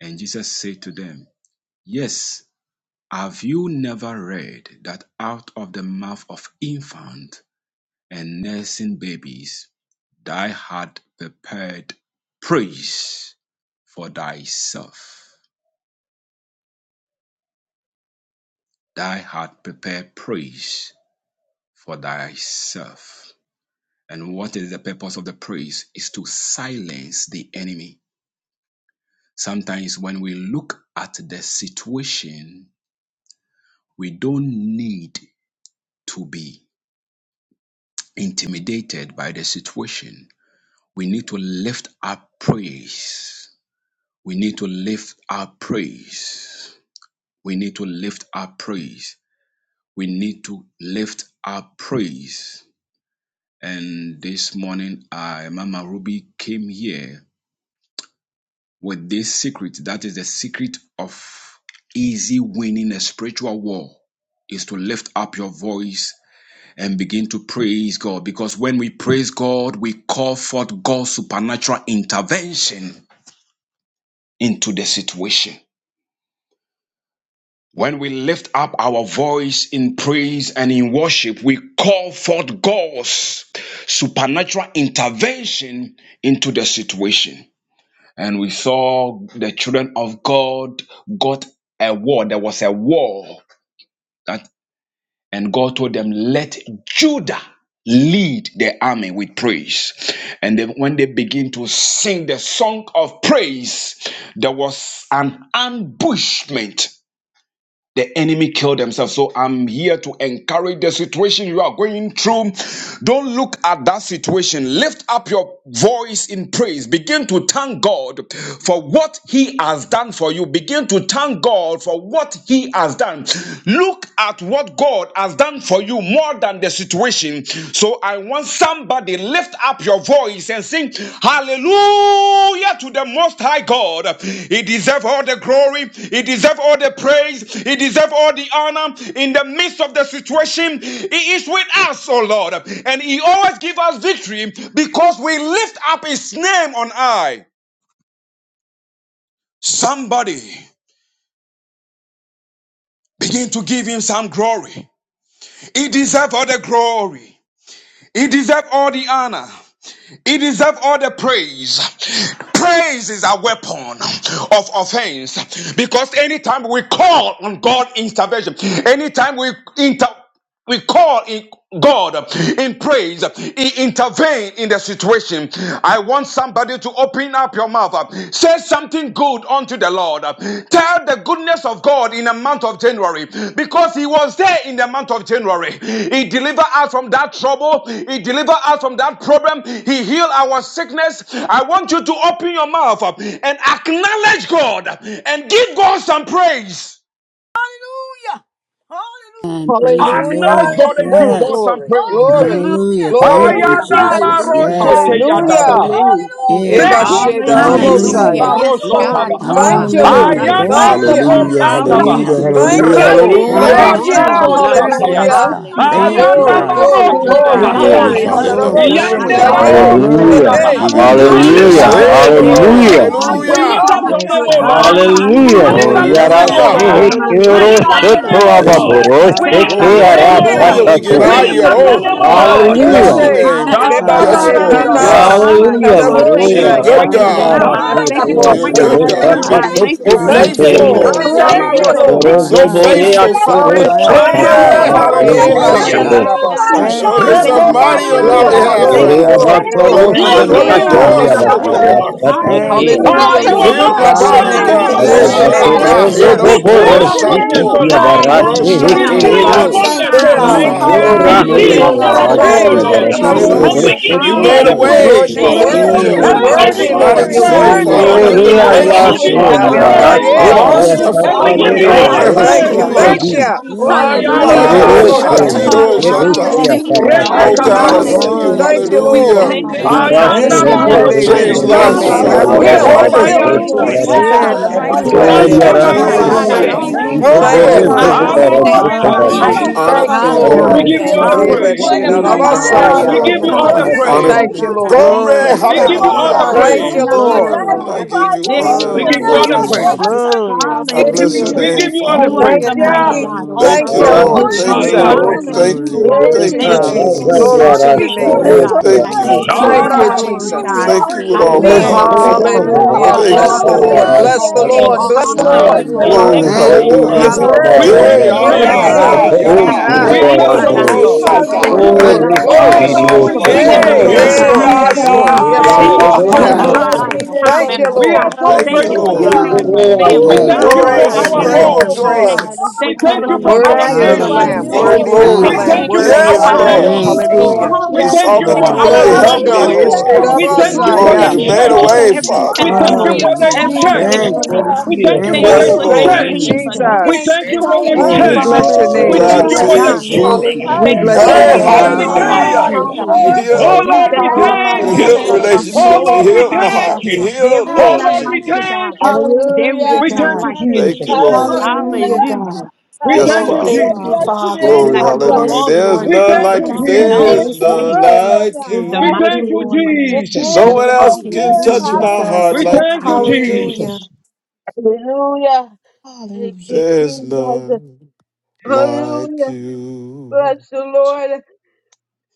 S13: And Jesus said to them, Yes. Have you never read that out of the mouth of infants?" and nursing babies, thy heart prepared praise for thyself. Thy heart prepared praise for thyself. And what is the purpose of the praise? Is to silence the enemy. Sometimes when we look at the situation, we don't need to be intimidated by the situation. We need to lift up praise. We need to lift up praise We need to lift our praise. We need to lift our praise. And this morning, I, Mama Ruby, came here with this secret. That is the secret of easy winning a spiritual war is to lift up your voice and begin to praise God. Because when we praise God, we call forth God's supernatural intervention into the situation. When we lift up our voice in praise and in worship, we call forth God's supernatural intervention into the situation. And we saw the children of God got a war. There was a war that, and God told them, let Judah lead the army with praise. And then when they begin to sing the song of praise, there was an ambushment the enemy killed themselves. So I'm here to encourage the situation you are going through. Don't look at that situation. Lift up your voice in praise. Begin to thank God for what He has done for you. Begin to thank God for what He has done. Look at what God has done for you more than the situation. So I want somebody lift up your voice and sing hallelujah to the most high God. He deserves all the glory, he deserves all the praise, he deserves all the honor in the midst of the situation. He is with us, oh Lord, and he always gives us victory because we lift up his name on high. Somebody begin to give him some glory. He deserves all the glory. He deserves all the honor. He deserves all the praise. Praise is a weapon of offense because anytime we call on God intervention, anytime we inter we call in God in praise, He intervene in the situation. I want somebody to open up your mouth. Say something good unto the Lord. Tell the goodness of God in the month of January because He was there in the month of January. He delivered us from that trouble, He delivered us from that problem, He healed our sickness. I want you to open your mouth up and acknowledge God and give God some praise.
S1: Hallelujah! Hallelujah!
S3: And praise the
S6: Hallelujah.
S3: Lord.
S6: Oh,
S1: Hallelujah!
S3: Yes.
S6: glory,
S13: Praise,
S6: glory,
S5: Hallelujah.
S3: Hallelujah.
S13: Baro
S3: Thank
S6: glory.
S3: you,
S5: Thank
S7: Hallelujah.
S5: you,
S3: Jesus.
S7: Hallelujah.
S1: Hallelujah!
S3: Yes.
S13: sheta.
S5: Jesus.
S7: Bless your
S5: Yes,
S6: Hallelujah.
S3: Ikaraba.
S7: name,
S5: glory,
S1: Hallelujah!
S7: Jesus.
S3: Yeah,
S5: glory,
S3: God.
S11: Thank you,
S7: Hallelujah.
S13: mihinde
S11: Jesus.
S5: glory,
S9: Hallelujah.
S3: Hallelujah.
S6: Ebashedarobosaya.
S9: Yes,
S13: barosha
S5: glory,
S1: Hallelujah!
S7: Glory
S9: God,
S1: Jesus! Hallelujah,
S7: to
S9: you are a
S6: Thank
S7: God.
S6: you,
S1: Jesus!
S7: Oh
S9: good,
S11: the
S5: glory.
S6: Lord.
S3: Hallelujah.
S9: good
S7: God, we
S11: Lord.
S13: Ayando
S3: Thank
S6: Thank
S7: bless
S9: Father.
S3: you,
S6: you.
S7: you.
S13: kopoli
S11: Hallelujah,
S1: Hallelujah,
S3: Jesus.
S9: Hallelujah.
S13: andabaha.
S3: Thank
S11: hallelujah,
S3: you,
S7: Hallelujah.
S1: Jesus!
S9: You
S3: Lord.
S6: Thank
S9: are
S11: hallelujah,
S6: you,
S7: Oh
S13: Randi
S6: Lord.
S9: worthy,
S7: God, we
S9: Lord.
S6: Thank
S13: kapari
S11: hallelujah.
S3: Thank
S6: you.
S7: honor
S3: you,
S9: You are
S13: ando
S7: you, God.
S3: Jesus.
S7: We
S9: worthy.
S13: shataya.
S3: Yes,
S6: Hallelujah.
S7: exalt
S3: God.
S7: you,
S9: Hallelujah.
S7: God.
S3: Thank you,
S13: Ayanda
S6: Glory,
S3: God.
S9: Glory
S7: Grateful
S9: to
S7: to
S6: glory,
S7: you.
S9: you,
S5: Thank
S13: baroto
S5: you, Jesus.
S6: glory,
S9: God. We
S7: Father,
S1: Hallelujah,
S11: Glory,
S7: I
S3: Thank
S5: Thank you,
S13: shata.
S6: glory.
S3: you.
S5: God.
S7: love
S9: bless
S11: Father, thou
S3: Oh,
S7: you,
S1: Jesus.
S9: you.
S5: Thank
S7: God.
S6: Hallelujah.
S7: I
S5: you,
S3: glory
S9: We
S3: to
S11: shati.
S9: honor
S3: God.
S7: adore
S6: Yay.
S1: Glory,
S5: God.
S9: you.
S7: you,
S9: We
S6: Hey,
S3: Glory
S4: Hallelujah.
S3: to
S7: God.
S3: God.
S6: hey.
S1: Jesus.
S11: You've
S9: praise
S11: been
S9: you.
S13: We
S11: good to
S13: lift
S11: us.
S13: up
S4: Hallelujah.
S7: Hallelujah.
S1: Hallelujah.
S13: your
S9: Hallelujah.
S11: Hey,
S13: name, O
S1: Thank
S9: Yes,
S7: There
S1: you,
S7: is
S11: glory,
S3: Hallelujah.
S13: Lord.
S1: Lord.
S5: Hallelujah.
S9: God.
S4: Hallelujah.
S7: none
S1: All
S7: like
S5: Bless
S13: We
S9: You're
S1: year
S5: the
S3: Jesus.
S7: you,
S9: a
S11: hallelujah.
S13: lift up
S5: Lord,
S9: good,
S1: long.
S13: your
S7: God.
S3: Yes,
S5: my
S13: name,
S9: good
S13: O
S3: God.
S9: Father.
S13: Lord.
S3: We
S1: Hallelujah.
S13: We
S4: Hallelujah.
S5: God.
S7: Hallelujah.
S11: God,
S1: All
S13: lift
S4: Bo
S9: Hallelujah.
S7: All
S13: up
S1: year
S3: praise
S13: your
S9: Yes,
S3: you,
S4: yara
S13: name,
S5: Bless
S13: O
S7: sufficient
S3: God.
S9: God.
S11: hallelujah.
S1: long.
S7: God
S13: Lord.
S5: your
S4: shehe
S7: in
S5: name,
S7: my
S13: We
S5: O
S7: life.
S1: This
S3: Hallelujah.
S4: kero
S9: Hallelujah.
S13: lift up
S9: Thank
S3: Yes,
S13: your
S5: God.
S9: you,
S4: shoto
S13: name,
S1: January,
S3: God.
S13: O
S11: Yes,
S13: Lord.
S7: Hallelujah.
S9: Jesus.
S5: Bless
S11: Lord.
S1: Father.
S4: ababoro
S9: Yes,
S1: In
S13: We
S5: your
S7: Thank
S9: God.
S13: lift
S4: sheke
S13: up
S7: you,
S1: the
S11: Glory.
S13: your
S6: Thank
S3: Hallelujah.
S13: name,
S4: yara
S1: name
S5: name,
S13: O
S6: you.
S1: of
S7: Jesus,
S11: Hallelujah.
S13: Lord.
S9: Hallelujah.
S11: We
S5: God.
S9: We
S3: Glory,
S11: get
S7: just
S13: We
S4: sakato.
S7: for
S11: our
S9: bless
S13: lift
S3: glory,
S11: year.
S5: Hallelujah.
S1: God.
S13: up
S7: being
S9: you.
S13: your
S7: God
S11: Oh,
S13: name,
S3: glory.
S13: O
S7: and
S1: All
S6: Glory,
S7: God
S11: we
S13: Lord.
S11: bless
S1: year
S4: Hallelujah.
S11: your
S9: Hallelujah.
S3: Mm.
S1: long,
S7: alone.
S6: glory.
S9: We
S11: name.
S1: Father.
S13: Shada
S9: magnify
S11: Yes,
S6: Idebashe
S7: Hallelujah.
S9: you. We
S11: Lord.
S3: Hallelujah.
S5: Jesus,
S13: barandabaya.
S6: nana.
S11: Yes.
S9: glorify
S4: Hallelujah.
S9: you.
S3: Hallelujah.
S7: Hallelujah.
S9: We
S4: Boro
S7: Thank you
S9: bless
S11: You're a
S2: Hallelujah.
S6: Hallelujah.
S7: for
S9: your
S4: yara
S11: good
S2: Thank
S6: Yeah.
S9: holy
S7: bringing
S2: you,
S1: You've
S7: us
S1: been
S11: God.
S9: name.
S2: Father.
S4: shiara
S7: out.
S2: Thank
S3: Hallelujah.
S13: Sanda
S2: you,
S7: Thank
S4: keto
S7: you for
S1: providing.
S11: You're
S9: Hallelujah.
S11: a
S2: Jesus.
S5: I
S3: Jesus,
S7: bringing
S9: Yes,
S3: we
S7: us
S13: bakozia.
S11: good
S4: akoro
S1: You've
S3: lift
S5: still
S1: been
S11: God.
S7: through,
S3: up
S11: You've
S2: Hallelujah.
S9: God.
S3: our
S7: God.
S11: been
S4: sakato
S2: Thank
S7: Thank
S2: you,
S7: you
S11: you're
S7: for
S3: hands
S2: Father.
S6: Thank
S4: kobi
S1: protecting.
S3: unto
S6: you,
S3: the
S11: faithful,
S7: deliverance.
S4: kere.
S6: Lord.
S1: You've
S2: We
S11: Lord.
S3: hills
S1: been
S13: Sanda
S5: bless
S3: for
S7: Thank
S6: Thank
S5: the
S7: you
S2: glorify
S6: you,
S3: whence
S7: for
S13: barota.
S2: your
S6: Lord.
S3: come
S2: holy
S5: Lord.
S4: Boro
S1: healing.
S3: our
S11: So
S2: name.
S7: victory.
S3: help,
S5: I
S2: We
S1: In
S7: Thank
S4: zobore
S5: will
S1: the
S7: you
S2: thank
S3: God.
S11: faithful,
S7: for
S2: you,
S1: name
S5: bless
S1: of
S5: the
S4: akoro
S2: Father.
S11: Father.
S2: We
S7: strength.
S3: Our help
S5: Lord.
S2: thank
S7: Thank
S1: Jesus,
S3: comes
S7: you
S6: Hallelujah.
S13: Ayanda
S7: for
S5: I
S11: Glory.
S3: from
S2: you,
S4: shatakara
S3: you
S1: Lord.
S5: will
S2: Jesus.
S3: this
S4: shia
S5: bless
S1: All
S3: morning,
S5: the
S7: restoration.
S11: Hallelujah.
S2: What
S3: oh
S13: barosheteya.
S2: a
S6: Yebashe
S7: Thank
S1: year
S4: bakoro.
S7: you
S3: God.
S2: mighty
S7: for
S5: Lord,
S1: long,
S5: my
S2: God
S11: You
S7: peace.
S2: we
S6: darabasaya.
S3: Thank
S11: show
S2: serve,
S3: you
S1: Jesus.
S5: God.
S2: Lord
S7: Thank
S3: this
S13: Repo
S11: yourself
S7: you
S2: God.
S7: for
S3: morning
S11: mighty
S3: for
S11: on my
S3: your
S13: barianda
S7: joy.
S2: Thank
S5: Hallelujah.
S6: Glory,
S2: you,
S3: help,
S11: behalf,
S13: balata.
S7: Thank
S1: Hallelujah.
S3: oh
S4: Bere
S6: glory,
S7: you for
S2: Jesus,
S3: God.
S11: Father.
S2: Lord.
S6: glory,
S5: Thank
S1: You've
S5: you,
S4: abakoro
S6: glory.
S1: been
S13: You
S11: Glory.
S7: protection.
S3: Thank
S13: are
S1: right
S11: You
S3: you
S2: Thank-
S5: Jesus.
S7: Thank
S11: open
S3: this
S7: you
S5: You've
S1: there.
S6: Hallelujah.
S7: for
S13: good in
S4: shantakahia
S11: doors
S3: morning,
S5: been
S13: the
S3: oh
S5: so
S11: for
S13: month of
S11: me,
S3: God.
S7: provision.
S5: good.
S11: Lord.
S13: January.
S1: Shetanamosia.
S3: Thank
S4: bakara
S3: you,
S5: You've
S7: Hallelujah.
S5: been
S13: Ah,
S6: Hallelujah,
S1: All
S3: Lord.
S5: so
S13: you
S11: You've
S7: Thanking
S13: are
S6: Lord.
S1: year
S6: We
S13: more
S7: you
S11: healed
S5: good,
S7: for
S11: my
S13: than
S5: oh
S6: bless
S1: long,
S6: your
S7: being
S11: body,
S13: good
S5: God.
S6: name.
S13: in
S7: God
S13: the
S6: We
S7: that
S11: God.
S13: month
S1: Jesus.
S3: Hallelujah.
S13: of
S11: Eh,
S6: bless your
S7: never
S13: November.
S6: name,
S5: Hallelujah.
S3: Hallelujah.
S11: shata,
S7: fails,
S4: Ragabakororo
S7: God.
S11: hero,
S13: We
S6: Jesus.
S13: see
S4: boboro
S5: Bless
S1: Hallelujah.
S3: Yes,
S13: your
S5: your
S3: God.
S5: name,
S13: goodness,
S7: Hallelujah.
S5: oh
S4: sikiki
S11: koroshato,
S13: oh
S7: God
S5: God.
S13: Lord.
S7: that
S3: Your
S7: looks
S4: abarashe
S3: name
S1: You've
S3: is
S7: beyond
S13: We
S7: our
S1: been
S11: koroshata.
S14: Hallelujah,
S13: see
S11: You
S7: thoughts
S5: Hallelujah.
S4: hekelere.
S13: your
S14: God.
S7: and
S11: answered
S1: right
S14: Thank
S13: wonders,
S7: supply
S14: you,
S1: there
S13: oh
S7: our
S11: prayer,
S14: Father.
S13: Lord.
S6: Thank
S7: needs.
S4: O
S3: holy.
S11: Father.
S6: you.
S3: Your
S13: We
S5: You've
S7: Thank
S1: all
S14: Hallelujah.
S5: been
S4: rahe
S13: see
S7: you,
S1: day
S5: so
S3: name
S13: your
S14: Glory
S3: is
S14: to
S5: good.
S7: God.
S14: your
S1: long,
S13: miracles,
S4: ayarashi
S1: all
S13: oh
S14: name.
S6: Praise
S11: Glory.
S6: you,
S1: year
S13: Lord.
S5: Hallelujah.
S3: your
S1: long.
S4: abarasoto
S5: Thank
S7: Hallelujah.
S13: And
S5: you,
S13: we
S3: name.
S11: Hallelujah.
S6: Jesus.
S14: Hallelujah.
S13: give you
S11: You
S4: roshoto
S13: all
S11: made
S14: We
S11: a
S5: Jesus.
S13: the
S4: kerebe
S14: bless
S7: Hallelujah.
S14: you,
S13: praise,
S6: Lord,
S11: way.
S1: You've
S4: kere
S6: you're
S5: You've
S1: been
S7: Thank
S13: Lord.
S5: been
S7: you,
S1: taking
S14: Jesus.
S5: so
S6: worthy.
S1: care
S11: Hallelujah.
S1: of
S6: You're
S13: And
S3: Yeah,
S5: good.
S14: We
S4: karashoto.
S1: my
S7: Jesus.
S13: we give
S14: bless
S3: God.
S13: you
S6: worthy,
S14: you.
S11: When
S14: We
S13: all
S11: I
S7: Glory
S1: family.
S6: Lord.
S13: the
S3: Your
S14: give
S11: didn't
S14: you
S7: to
S6: You're
S11: see
S7: God
S11: it,
S5: Hallelujah.
S13: praise,
S14: praise
S1: You
S4: O
S3: name
S14: and
S3: is
S11: Father,
S13: Lord.
S6: worthy.
S7: for
S14: honor
S11: you've
S1: heal
S4: re
S14: and
S7: being
S11: been
S7: a
S5: I
S1: my
S13: And
S14: glory,
S3: wonderful.
S13: we
S5: bless
S11: patient
S13: give
S14: God.
S5: your
S14: You
S13: you
S4: ayako
S11: with
S7: forgiving
S13: all
S1: father
S14: are
S11: me.
S5: name,
S13: the
S7: God.
S5: Lord
S14: worthy.
S5: God.
S13: praise,
S14: You
S4: yarake
S14: are
S6: Alaraboshedariabaye.
S1: all
S13: Lord.
S11: Long
S14: worthy.
S1: year
S7: Hallelujah.
S3: Hallelujah.
S14: You
S13: And
S7: For
S1: long,
S13: we
S14: are
S11: suffering.
S7: being
S13: give
S7: a
S13: you
S4: arasatalere
S14: worthy.
S6: Thank
S13: all
S1: Jesus.
S13: the
S7: God of
S6: you.
S11: Glory.
S1: And
S3: Jesus,
S6: Thank
S13: praise,
S6: you.
S14: Hallelujah.
S4: roshoto
S13: Lord.
S1: I
S11: Hallelujah.
S6: Thank
S4: bi.
S1: just
S3: Jesus,
S7: restoration.
S6: you.
S1: want to
S5: Hallelujah.
S7: Oh,
S1: thank
S14: You
S1: you.
S7: God,
S3: Jesus,
S14: are
S7: I
S11: Oh,
S13: Ayanda
S9: Hallelujah.
S5: Hallelujah.
S11: you
S5: I
S3: God.
S11: know,
S7: thank
S9: Yes,
S14: mighty.
S3: We
S5: bless
S7: you,
S4: Deveroko
S1: I
S5: your
S9: God.
S7: God.
S11: shati,
S13: Baroshata.
S1: just
S4: yi
S5: name,
S3: thank
S1: want
S11: oh,
S1: to
S5: oh
S14: Hallelujah.
S3: you, God.
S9: Hallelujah.
S4: keresi
S1: praise
S5: God.
S11: shata.
S14: Yes,
S1: you.
S9: Thank
S7: Hallelujah.
S9: you,
S14: Lord
S13: Rende
S7: All
S14: God.
S11: Oh,
S7: we
S9: Jesus.
S3: through
S4: akarasato
S3: the
S14: You
S2: Hallelujah.
S11: God, I
S7: need
S14: are
S2: Thank
S13: Kapara.
S7: is
S5: Hallelujah.
S4: koraba.
S1: Hallelujah,
S11: see
S7: in
S11: you.
S5: Thank
S14: worthy.
S9: Hallelujah.
S2: you,
S3: storm,
S7: you,
S5: you,
S6: Thank
S3: through
S6: you,
S2: Jesus.
S3: the
S7: God.
S1: Jesus.
S9: We
S14: You
S5: Jesus.
S14: are
S6: Lord.
S11: Hallelujah.
S3: rain,
S7: Thank
S2: Thank
S7: you,
S9: magnify
S3: God.
S2: you,
S14: mighty.
S7: God,
S9: you.
S4: Ayarashe
S7: that
S9: We
S6: This
S13: Ayanda
S2: Father.
S7: you
S3: Thank
S6: is
S3: you,
S6: the
S4: hebere
S14: Hallelujah.
S7: never
S5: Thank
S6: day
S4: vere
S9: glorify
S5: you,
S1: Hallelujah.
S11: Change
S6: that
S14: Your
S9: you.
S4: kere
S7: fail.
S6: you
S13: Baroshete.
S9: We
S6: have
S5: Jesus.
S3: Jesus.
S2: Thank
S4: soto
S11: lives,
S2: you,
S5: I
S9: bless
S6: made.
S9: your
S6: I
S14: blessings,
S5: bless
S11: Father.
S4: kabalara
S7: Hallelujah.
S5: your
S9: holy
S6: will,
S1: Glory
S3: Hallelujah.
S2: Jesus.
S6: I
S1: to
S14: hallelujah,
S5: holy
S11: Glory.
S1: your
S9: name.
S6: will
S2: Thank
S14: flow
S5: name,
S4: gabakoroko
S1: name.
S3: For
S5: oh
S14: from
S2: you,
S7: Glory
S13: Rekobayandaya.
S4: lara.
S7: to
S6: rejoice
S14: you,
S2: Jesus.
S7: God.
S3: spared
S5: God.
S14: God,
S2: What
S5: I
S2: a
S14: the
S6: and
S3: life,
S6: be
S14: one
S5: bless
S2: mighty
S14: and
S3: oh
S5: you,
S2: God
S1: Glory
S4: O
S5: I
S14: only
S6: glad
S1: to
S3: God.
S11: Thank
S6: in
S7: Glory
S2: you
S11: you,
S5: bless
S6: it.
S13: Randa
S14: true
S7: to
S2: are,
S5: you,
S9: You
S14: living
S5: I
S1: your
S2: Lord
S7: God.
S4: yarashe.
S9: are
S2: God.
S1: name.
S3: Yeah,
S14: God.
S7: God,
S5: bless
S14: Yet
S7: I
S11: Jesus.
S3: God.
S6: Hallelujah.
S13: barintelia.
S14: about
S9: worthy,
S7: honor
S4: Oh, Ricky, video, so, so, so, so, so,
S5: you.
S14: speak
S9: Lord.
S1: Thank
S3: Thank
S7: you.
S14: on
S3: you,
S1: you,
S2: Thank
S14: that
S6: Thank
S2: you,
S5: I
S6: you,
S14: about
S3: God.
S11: Glory.
S14: say
S7: I
S6: Lord.
S2: Father.
S9: Hallelujah.
S5: worship
S9: We
S14: that.
S2: We
S1: Jesus.
S7: honor
S5: you,
S7: you,
S9: thank
S5: oh
S7: God.
S9: you,
S2: glorify
S11: And
S13: Abaroshante.
S7: I
S2: your
S9: King
S14: Thank
S11: you've
S14: you,
S5: God.
S3: Hallelujah,
S2: holy
S9: Jesus.
S7: exalt
S11: honored
S6: Thank
S2: name,
S6: you,
S3: God.
S11: me,
S5: I
S7: you,
S14: Father.
S1: Hallelujah,
S13: We
S6: Lord.
S7: God.
S11: Lord.
S3: Mm.
S5: praise
S13: give
S2: Jesus.
S13: you
S9: Hallelujah.
S5: your
S13: all
S14: Thank
S1: Jesus.
S13: the
S4: so,
S14: you for
S5: holy
S2: What
S13: praise.
S2: a
S14: being
S5: name,
S7: Hallelujah.
S5: oh
S2: mighty
S3: Eh,
S14: who you
S3: da
S11: Oh,
S3: ba
S2: God
S14: are,
S5: God.
S2: we
S13: We
S6: Ebeshedaramasaya.
S3: do
S13: give
S14: Lord
S7: Hallelujah.
S11: Father,
S13: you
S2: serve,
S3: ko
S13: all
S14: God.
S2: Lord
S13: the
S3: ba
S11: you've
S5: Worship,
S2: God.
S3: se.
S11: honored
S13: praise.
S1: Hallelujah,
S7: Oh
S6: Thank
S11: me.
S6: you,
S7: God,
S5: worship,
S7: I
S6: Lord.
S14: Mm,
S7: thank
S2: Thank
S5: worship
S2: you,
S7: you,
S11: Glory.
S3: Glory,
S14: Yes,
S13: We
S5: you,
S13: give
S2: Father.
S14: God,
S7: Jesus.
S13: you
S5: oh
S3: glory,
S14: you
S13: all the
S11: Hallelujah.
S14: are a
S7: There
S2: Thank
S6: Thank
S7: is
S5: God.
S3: hallelujah.
S14: healer,
S2: you,
S6: you,
S13: praise.
S7: none like
S1: Hallelujah,
S6: Lord.
S2: Jesus,
S7: you,
S14: deliverer.
S2: Lord
S3: Glory,
S11: And I
S7: God.
S2: God.
S1: glory.
S11: give
S5: Magnify
S11: you
S5: your
S7: There
S2: Victory
S14: Yes,
S7: is
S5: name,
S11: honor
S13: We
S11: and
S5: oh
S13: give
S7: none
S3: glory,
S2: belongs
S13: you
S2: to
S13: all
S7: like
S2: you,
S13: the
S7: you,
S5: God.
S14: Jesus.
S11: glory.
S3: glory,
S7: God.
S14: Thank you
S13: praise.
S2: Jesus.
S14: for being our
S3: glory,
S1: Yarabashataraboshedere.
S11: I
S5: Thank
S11: bless
S2: Victory
S11: your
S14: Savior.
S5: you,
S7: Hallelujah.
S3: hallelujah.
S13: We
S11: name,
S13: give
S2: belongs
S13: you
S2: to
S13: all
S2: you,
S14: Thank
S13: the
S5: Jesus.
S7: You
S11: Father.
S2: Lord
S14: you,
S7: are
S6: Thank
S7: the
S13: praise.
S2: God.
S6: you.
S7: mighty
S2: Thank
S7: God,
S3: Hallelujah,
S7: all
S11: Thank
S6: Thank
S11: you,
S2: you.
S6: you,
S5: Thank
S6: Lord
S5: you,
S11: Lord.
S3: glory,
S7: powerful
S11: Thank
S2: We
S7: one.
S6: Jesus.
S5: Jesus.
S11: you.
S3: glory,
S13: Ayada.
S1: Hallelujah,
S2: glorify your
S1: Jesus.
S11: Thank
S3: glory,
S11: you.
S2: holy
S7: Hallelujah.
S6: Glory
S5: Thank
S6: to
S5: you,
S11: Thank you,
S6: your
S2: name,
S7: Thank you,
S2: Jesus.
S6: name.
S5: Jesus.
S3: hallelujah.
S11: Jesus.
S7: Jesus.
S6: Glory to your
S2: We
S5: You've
S7: Oh
S5: been
S1: hallelujah,
S6: name.
S2: glorify
S14: Jesus.
S3: Thank
S5: so
S7: God,
S3: you,
S2: your
S7: and I
S11: Thank
S5: good,
S7: give
S1: Jesus.
S2: holy
S5: oh
S11: you.
S3: Jesus.
S14: Thank
S7: your
S2: name,
S9: All
S14: you,
S6: Thank
S9: the
S7: name
S5: God.
S2: Thank
S7: the
S6: you,
S2: you,
S13: Shabarada.
S14: God.
S7: praise,
S9: glory
S2: Jesus.
S6: Jesus.
S7: God.
S14: Thank
S11: Thank
S9: belongs
S5: Hallelujah.
S11: you
S14: you,
S11: with
S9: to
S7: I
S11: all
S14: Lord.
S11: my
S1: Hallelujah,
S9: you.
S2: We
S5: You've
S7: exalt
S3: Thank
S11: heart,
S5: been
S7: you,
S14: Thank
S5: so good,
S11: Father.
S2: glorify
S7: God,
S9: Hallelujah.
S2: your
S14: you.
S9: All
S6: Hallelujah.
S5: oh
S7: for
S9: the
S11: Thank
S14: Thank
S11: you,
S2: holy
S7: all
S5: God,
S6: Bless the
S2: name,
S9: honor
S7: things
S14: you.
S11: Lord.
S6: Lord.
S2: God.
S1: hallelujah,
S7: and
S9: belongs
S3: Thank
S6: Bless
S9: to
S7: all
S6: the
S3: you,
S5: hallelujah.
S2: Thank
S9: you.
S7: things.
S6: Lord.
S2: you,
S9: All
S3: Jesus.
S9: the
S6: Bless the
S5: We
S14: Hallelujah.
S2: Jesus.
S5: bless
S6: Lord.
S9: praise
S14: You are
S5: your
S7: Hallelujah.
S3: Hallelujah.
S7: In
S9: belongs
S14: worthy
S11: Glory.
S5: holy
S1: hallelujah.
S9: to
S14: to
S3: Thank
S14: be
S3: you,
S7: everything,
S5: name,
S9: you.
S7: for
S5: oh
S3: Lord.
S6: He's
S14: praised,
S2: You've
S11: Hallelujah.
S7: every
S14: oh
S2: been so
S13: We
S14: God.
S5: God.
S6: worthy.
S1: Thank
S9: Hallelujah.
S13: bless
S1: you,
S7: situation,
S11: Yay,
S6: He's
S9: Thank
S2: good
S13: your
S11: ah,
S2: to us,
S9: you,
S1: Lord.
S14: You
S7: for
S13: name,
S14: are
S11: ya,
S7: every
S2: Lord
S13: Lord.
S9: Jesus.
S6: worthy.
S2: God.
S11: da, ya,
S14: worthy,
S7: circumstance.
S3: Hallelujah.
S7: I
S9: We
S11: da.
S7: say
S6: Ah,
S14: you
S3: Thank
S13: We
S11: Oh,
S2: You've
S5: Hallelujah,
S3: you,
S7: thank
S14: are
S2: been
S13: bless
S11: bo,
S7: you,
S9: magnify
S13: your
S2: so
S13: name,
S7: God.
S3: Jesus.
S11: koro,
S9: you.
S14: worthy,
S2: good,
S13: Lord.
S9: We
S2: so
S6: woo.
S3: Thank
S14: you
S3: you.
S14: are
S11: shata.
S2: God.
S7: Thank
S6: glory,
S7: you,
S9: glorify
S3: Thank
S6: glory,
S3: you,
S14: worthy,
S7: God.
S9: you.
S5: hallelujah.
S3: God.
S1: Lord,
S7: I
S1: Lord,
S13: Oh
S11: My
S14: you
S6: glory.
S2: Thank
S14: are
S7: thank
S2: you,
S13: Lord,
S7: you
S11: soul,
S7: for
S11: my
S9: Hallelujah.
S13: receive
S14: worthy,
S13: all
S2: Jesus.
S9: Yes,
S7: bringing
S13: the
S7: me
S11: soul.
S6: Hey,
S2: Thank
S7: through
S14: yes,
S6: yes,
S2: you,
S11: Hey,
S13: glory.
S9: God.
S3: Hallelujah,
S14: you
S6: Lord.
S7: time
S14: are.
S11: ya,
S3: God.
S2: Father.
S6: Yes,
S7: after
S5: Jesus,
S6: Lord.
S3: Thank
S7: time.
S3: you,
S13: We
S6: Yes,
S13: are
S3: Lord.
S2: Thank
S7: Thank
S4: so,
S2: you,
S7: you
S14: You
S6: Lord.
S7: for
S13: so
S14: are
S1: Lord.
S5: we
S2: Jesus,
S4: so, so,
S6: Ah,
S7: healing
S3: Thank
S7: my
S14: worthy,
S11: ya.
S2: Lord
S13: grateful.
S5: bless your
S4: so,
S7: body
S2: God.
S4: so,
S5: name,
S14: yes,
S7: time
S9: Hallelujah.
S6: thank
S5: oh
S14: you
S6: you,
S9: Yes,
S7: after
S13: We
S14: are.
S2: I
S13: are
S7: time.
S6: Lord.
S9: God.
S5: God.
S13: so
S2: couldn't
S11: Thank
S7: Thank
S2: say
S11: you,
S7: you
S4: Hallelujah,
S7: for
S2: enough.
S9: Hallelujah.
S13: grateful.
S11: Lord.
S14: You
S9: Thank
S14: are
S5: Hallelujah.
S7: keeping
S9: you,
S7: my
S3: Hallelujah.
S9: Jesus.
S7: family,
S5: We
S13: We
S2: Your
S3: Thank
S6: Woo.
S13: thank
S2: holy
S3: you,
S13: you
S7: oh
S14: worthy,
S3: God.
S13: for
S2: name,
S5: worship
S11: Joy,
S6: Praise
S2: Lord.
S7: God,
S14: yes,
S6: him,
S13: our
S7: day
S5: you,
S9: Hallelujah.
S14: you
S3: Thank
S6: praise
S11: unspeakable
S3: you,
S14: are.
S6: him,
S5: oh
S13: home.
S7: after
S11: joy.
S6: praise
S7: day.
S6: him.
S5: God.
S3: Jesus.
S13: We
S7: Thank
S14: Yes,
S7: you
S13: thank
S7: for
S13: you
S2: Hallelujah.
S13: for
S2: Thank you,
S6: Worthy
S13: our
S6: is the
S7: sustaining us.
S5: Magnify
S6: Lamb.
S13: nation.
S3: Hallelujah,
S5: you,
S7: Thank
S2: Jesus.
S11: full of
S7: you
S3: God.
S5: oh
S6: Worthy
S7: for
S6: is the
S3: Thank
S13: We
S11: glory.
S7: taking us
S5: God.
S6: Lamb.
S13: thank
S3: you.
S13: you
S2: Thank
S7: through
S2: you,
S13: for
S7: the
S6: Worthy is
S11: Yes,
S13: our
S6: the
S1: Hallelujah,
S2: Father.
S7: time of
S6: Lamb.
S11: Lord.
S13: nation.
S3: Thank
S7: grief.
S3: you,
S2: Thank
S3: Lord.
S6: Hallelujah.
S14: Lord.
S2: you,
S13: We
S11: You
S14: Yes,
S13: thank
S7: Hallelujah.
S11: saw
S2: Jesus.
S13: you
S11: me
S7: Thank
S13: for
S7: you
S14: Lord.
S5: Hallelujah.
S11: through.
S7: for
S13: our
S11: You
S6: Glory
S2: Thank
S7: being
S14: Yes,
S6: to
S3: Hallelujah.
S7: a
S11: helped
S2: you,
S13: family.
S11: me,
S6: God.
S2: Father.
S14: Lord.
S1: hallelujah,
S7: comforter,
S11: Lord.
S7: God.
S1: Jesus.
S13: We
S14: Yes,
S5: Hallelujah.
S13: thank you for
S11: Glory.
S6: Ishtirabasaya.
S13: the
S11: You
S14: Jesus.
S2: Thank
S7: Hallelujah.
S5: You've
S2: you,
S11: made a
S7: Thank you for
S5: always
S11: way,
S2: Jesus.
S14: Thank
S13: church.
S7: every
S14: you,
S5: been with
S11: Father.
S13: We thank
S14: Father.
S13: you
S7: testimony,
S5: us,
S2: Thank
S1: Hallelujah,
S13: for
S5: God.
S2: you,
S13: the
S3: Hallelujah.
S7: every
S2: Jesus, Lord
S13: church.
S3: Thank you,
S7: victory,
S2: God.
S5: Hallelujah.
S3: God.
S7: God.
S13: We thank you
S7: Thank
S13: for
S3: Thank
S7: you
S2: Thank
S13: the
S3: you,
S11: Yes,
S2: you,
S6: Woo,
S7: for
S3: God.
S5: Thank
S2: Father.
S7: your
S6: thank
S5: you,
S11: Lord.
S6: you,
S13: church.
S7: favor,
S3: Mm.
S5: Jesus.
S7: God.
S13: We
S2: Thank
S6: Jesus.
S13: thank you
S2: you,
S13: for the
S14: Thank
S2: Jesus.
S14: you,
S6: We
S11: Glory,
S13: church.
S7: Hallelujah.
S6: bless
S14: Father,
S6: your
S11: Jesus.
S14: for
S11: You
S13: We
S6: name,
S14: your
S3: Yeah,
S2: Thank
S13: thank
S5: Hallelujah.
S1: hallelujah,
S2: you,
S11: dried
S13: you
S7: My
S13: for
S3: God.
S6: Jesus.
S13: the
S7: God.
S11: tears,
S1: Jesus.
S14: blessings.
S2: Jesus.
S11: Lord.
S3: Thank you,
S6: We
S3: God.
S7: Thank
S14: Hallelujah.
S7: you
S13: children.
S7: for
S14: That
S6: bless
S14: are
S2: Thank
S6: your
S13: Oh
S7: being
S11: Yay,
S7: a
S2: you,
S5: Hallelujah.
S7: good,
S13: Lord,
S6: name.
S14: flowing.
S13: we
S7: good
S5: You
S2: Jesus.
S5: are
S14: Hallelujah,
S7: father.
S13: thank
S5: my
S11: hallelujah.
S3: Hallelujah,
S13: you.
S11: You
S2: Hallelujah.
S5: source,
S7: Hallelujah.
S13: Oh
S5: oh
S11: healed.
S13: Lord,
S5: God.
S13: we
S7: Thank you,
S13: thank
S11: You
S13: you.
S3: God.
S7: Jesus.
S5: Hallelujah.
S11: healed
S14: God.
S2: Hallelujah.
S13: Oh
S11: relationships. You
S13: Lord,
S7: Glory
S13: we
S7: to
S11: healed my
S7: God.
S13: thank
S2: Mm.
S11: heart. You
S13: you.
S7: There
S11: healed,
S7: is
S13: Oh
S11: Lord
S13: Lord,
S7: none
S13: we
S7: like you,
S2: Hallelujah.
S11: Jesus.
S7: God.
S13: thank you.
S7: There is
S14: Hallelujah,
S5: Hallelujah.
S13: We
S7: none
S13: thank
S14: God.
S13: you,
S7: like you,
S11: Thank
S2: Hallelujah.
S11: you,
S2: Thank
S13: Jesus.
S7: Jesus.
S11: Lord.
S2: you,
S14: Hallelujah,
S5: Hallelujah.
S14: God.
S1: Hallelujah,
S7: Hallelujah.
S13: We
S11: Yes,
S13: thank
S14: I
S13: you,
S7: Glory
S2: Jesus,
S11: Father.
S7: to
S5: Hallelujah.
S14: thank you,
S2: Father.
S5: Bless
S7: God.
S5: the
S13: Jesus.
S14: Father.
S2: Mm.
S7: And
S5: name
S7: I
S11: Glory,
S14: I
S5: of
S7: give
S2: Ah,
S5: God.
S7: you
S11: hallelujah.
S14: bless
S7: all
S14: you,
S7: the
S11: There's
S14: Lord
S7: glory,
S13: We
S11: none
S7: all
S13: thank
S11: like
S7: the
S11: you.
S14: Jesus.
S7: honor, and
S5: You've
S13: you,
S7: all
S5: been
S14: There
S7: the
S11: There's
S14: is
S13: Jesus.
S2: Thank
S5: so
S2: you,
S7: praise
S11: none
S5: good, oh
S14: nothing,
S2: Jesus. Thank
S11: like
S7: in the
S11: you.
S13: We
S14: nothing,
S5: God.
S7: mighty
S13: thank you,
S7: name
S14: Lord,
S7: of
S14: that
S5: You've
S2: you,
S13: Jesus.
S11: No
S5: been
S14: can
S7: Jesus.
S11: one
S2: Jesus.
S5: so
S11: else
S14: overtake
S11: can
S5: good.
S14: us,
S11: touch
S7: Hallelujah.
S11: my heart
S14: Jesus.
S13: We
S5: Hallelujah.
S11: like
S13: thank you,
S2: Hallelujah.
S11: you do.
S2: Thank you,
S14: Hallelujah.
S13: Jesus.
S5: Hallelujah. Thank
S2: Hallelujah.
S5: you,
S11: There's
S5: Jesus.
S11: none like
S5: Hallelujah.
S11: you.
S5: Bless the Lord.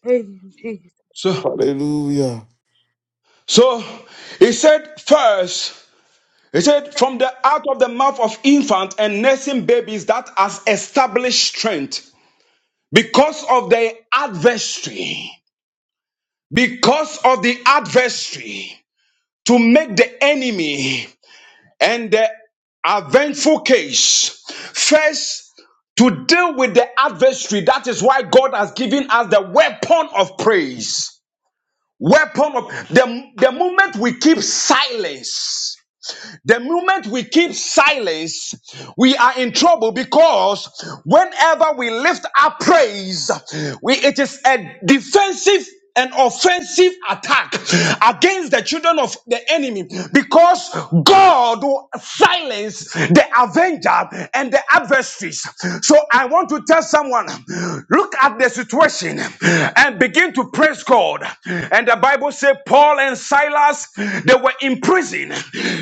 S5: Thank you, Jesus.
S13: So,
S11: Hallelujah.
S13: so he said first, he said, from the out of the mouth of infant and nursing babies that has established strength because of the adversary, because of the adversary to make the enemy. and the eventful case. First, to deal with the adversary. That is why God has given us the weapon of praise. Weapon of the, the moment we keep silence. The moment we keep silence, we are in trouble because whenever we lift our praise, we, it is a defensive and offensive attack against the children of the enemy because God will silence the avenger and the adversaries. So I want to tell someone Look at the situation and begin to praise God. And the Bible said Paul and Silas, they were in prison.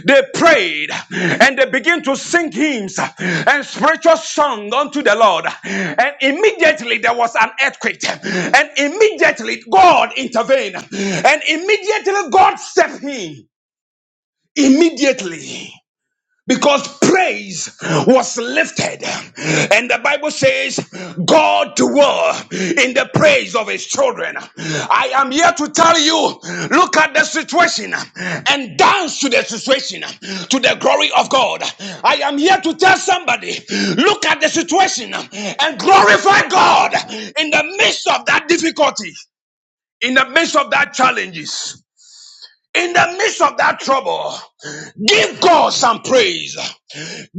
S13: They prayed and they began to sing hymns and spiritual song unto the Lord. And immediately there was an earthquake. And immediately God intervened. And immediately God stepped in. Immediately because praise was lifted and the bible says god dwell in the praise of his children i am here to tell you look at the situation and dance to the situation to the glory of god i am here to tell somebody look at the situation and glorify god in the midst of that difficulty in the midst of that challenges in the midst of that trouble, give God some praise.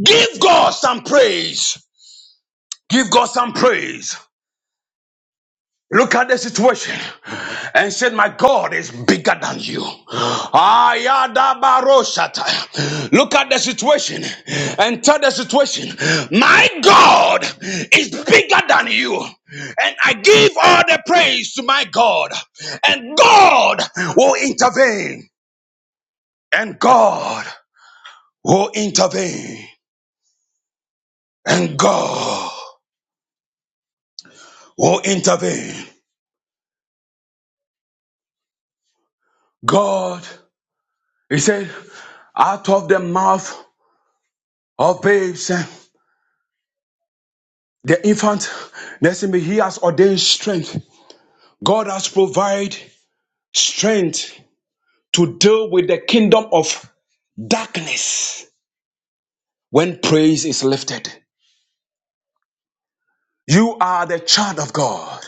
S13: Give God some praise. Give God some praise. Look at the situation and said, My God is bigger than you. Ayadabaroshata. Look at the situation and tell the situation, My God is bigger than you. And I give all the praise to my God, and God will intervene. And God will intervene and God will intervene. God, he said, out of the mouth of babes and the infant, listen me, he has ordained strength. God has provided strength to deal with the kingdom of darkness when praise is lifted. You are the child of God.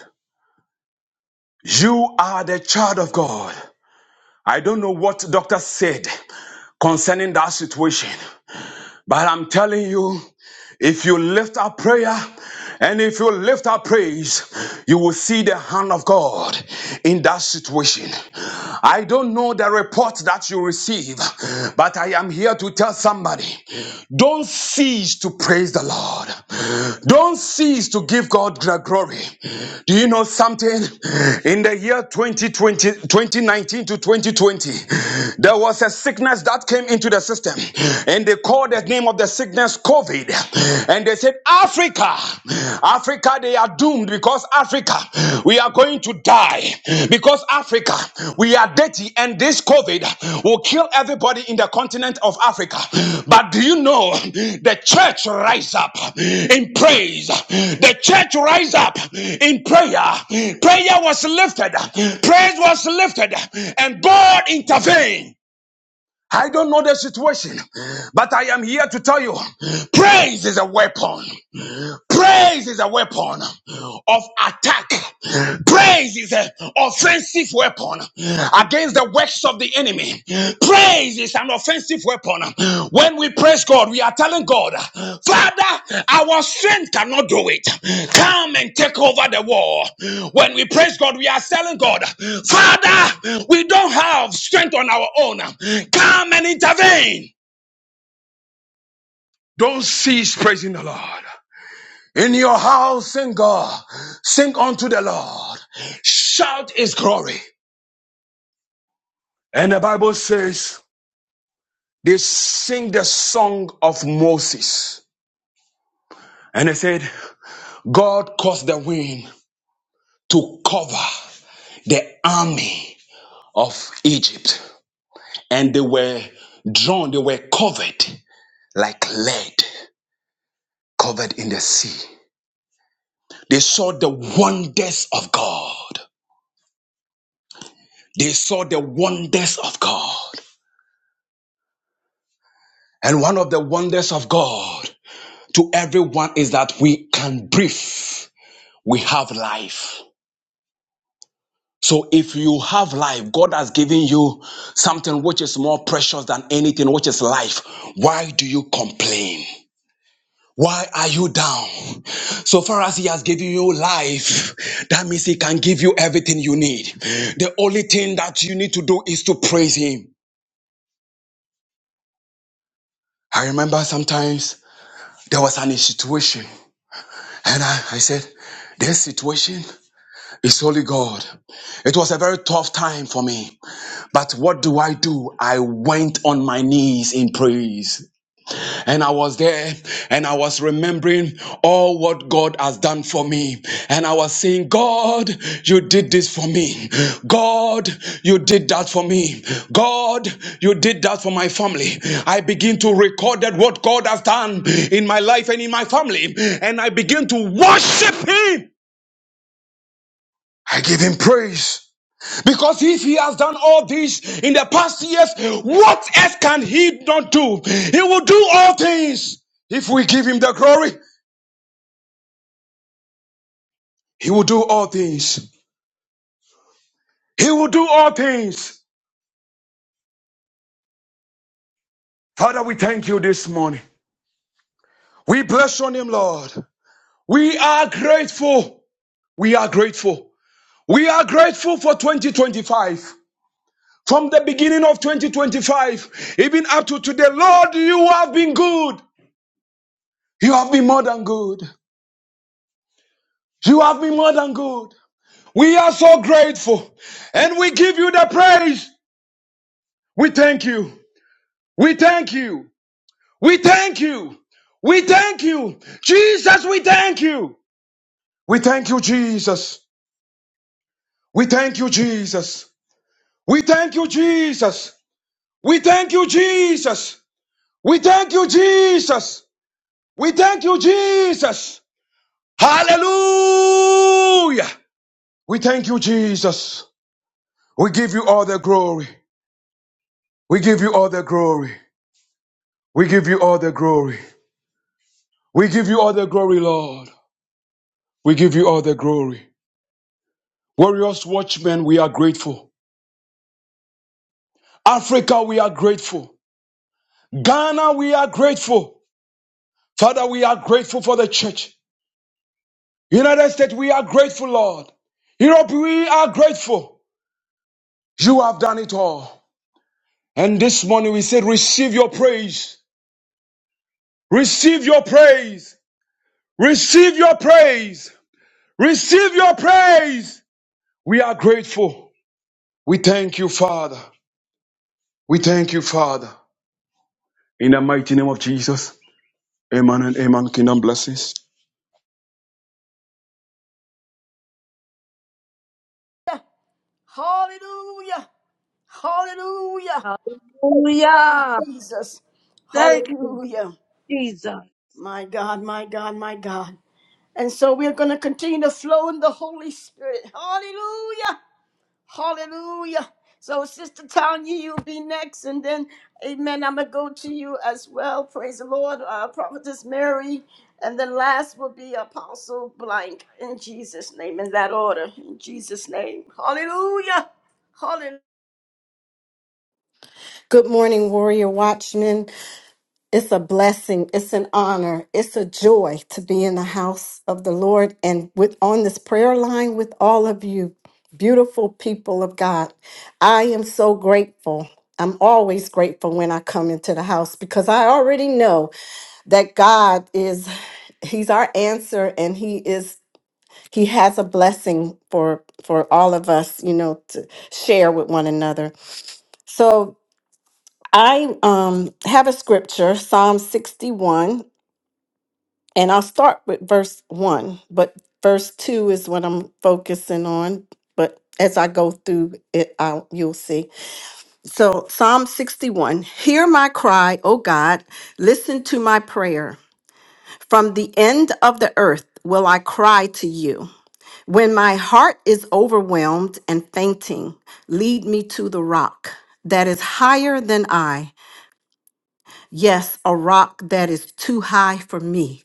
S13: You are the child of God. I don't know what doctor said concerning that situation, but I'm telling you. If you lift up prayer and if you lift up praise, you will see the hand of God in that situation. I don't know the report that you receive, but I am here to tell somebody don't cease to praise the Lord, don't cease to give God the glory. Do you know something? In the year 2020 2019 to 2020, there was a sickness that came into the system, and they called the name of the sickness COVID. And they said, Africa, Africa, they are doomed because Africa, we are going to die. Because Africa, we are dirty, and this COVID will kill everybody in the continent of Africa. But do you know the church rise up in praise? The church rise up in prayer. Prayer was lifted, praise was lifted, and God intervened. I don't know the situation, but I am here to tell you praise is a weapon. Praise is a weapon of attack. Praise is an offensive weapon against the works of the enemy. Praise is an offensive weapon. When we praise God, we are telling God, Father, our strength cannot do it. Come and take over the war. When we praise God, we are telling God, Father, we don't have strength on our own. Come and intervene. Don't cease praising the Lord. In your house, sing God, sing unto the Lord, shout his glory. And the Bible says they sing the song of Moses. And they said, God caused the wind to cover the army of Egypt, and they were drawn, they were covered like lead, covered in the sea. They saw the wonders of God. They saw the wonders of God. And one of the wonders of God to everyone is that we can breathe, we have life. So if you have life, God has given you something which is more precious than anything, which is life. Why do you complain? Why are you down? So far as He has given you life, that means He can give you everything you need. The only thing that you need to do is to praise Him. I remember sometimes there was an situation, and I, I said, This situation is only God. It was a very tough time for me. But what do I do? I went on my knees in praise. And I was there and I was remembering all what God has done for me. And I was saying, God, you did this for me. God, you did that for me. God, you did that for my family. I begin to record that what God has done in my life and in my family. And I begin to worship Him. I give Him praise. Because if he has done all this in the past years, what else can he not do? He will do all things. If we give him the glory, he will do all things. He will do all things. Father, we thank you this morning. We bless your name, Lord. We are grateful. We are grateful. We are grateful for 2025. From the beginning of 2025, even up to today, Lord, you have been good. You have been more than good. You have been more than good. We are so grateful and we give you the praise. We thank you. We thank you. We thank you. We thank you. Jesus, we thank you. We thank you, Jesus. We thank you, Jesus. We thank you, Jesus. We thank you, Jesus. We thank you, Jesus. We thank you, Jesus. Hallelujah. We thank you, Jesus. We give you all the glory. We give you all the glory. We give you all the glory. We give you all the glory, Lord. We give you all the glory. Warriors, watchmen, we are grateful. Africa, we are grateful. Ghana, we are grateful. Father, we are grateful for the church. United States, we are grateful, Lord. Europe, we are grateful. You have done it all. And this morning we said, receive your praise. Receive your praise. Receive your praise. Receive your praise. We are grateful. We thank you, Father. We thank you, Father. In the mighty name of Jesus. Amen and amen. Kingdom blessings.
S1: hallelujah, hallelujah. Hallelujah. Glory,
S5: Hallelujah.
S1: to Jesus.
S5: Thank
S1: Hallelujah.
S5: you, Jesus.
S1: My God, my God, my God. And so we're going to continue to flow in the Holy Spirit. Hallelujah. Hallelujah. So, Sister Tanya, you'll be next. And then, amen, I'm going to go to you as well. Praise the Lord. Uh, Prophetess Mary. And then last will be Apostle Blank in Jesus' name, in that order. In Jesus' name. Hallelujah. Hallelujah.
S14: Good morning, Warrior Watchmen. It's a blessing. It's an honor. It's a joy to be in the house of the Lord and with on this prayer line with all of you, beautiful people of God. I am so grateful. I'm always grateful when I come into the house because I already know. that God is he's our answer and he is he has a blessing for for all of us, you know, to share with one another. So I um have a scripture, Psalm 61, and I'll start with verse 1, but verse 2 is what I'm focusing on, but as I go through it I'll, you'll see. So Psalm 61, hear my cry, O God, listen to my prayer. From the end of the earth will I cry to you. When my heart is overwhelmed and fainting, lead me to the rock that is higher than I. Yes, a rock that is too high for me.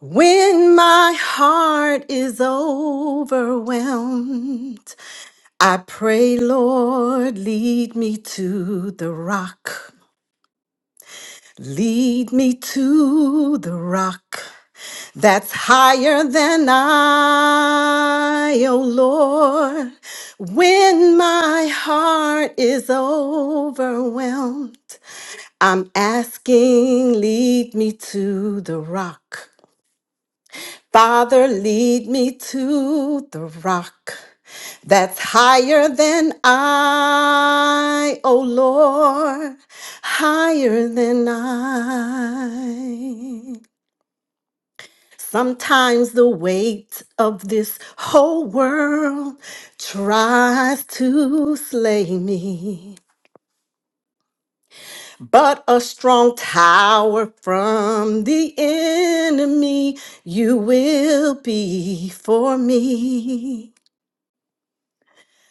S14: When my heart is overwhelmed, I pray, Lord, lead me to the rock. Lead me to the rock that's higher than I, oh Lord. When my heart is overwhelmed, I'm asking, lead me to the rock. Father, lead me to the rock that's higher than I, oh Lord, higher than I. Sometimes the weight of this whole world tries to slay me, but a strong tower from the enemy you will be for me.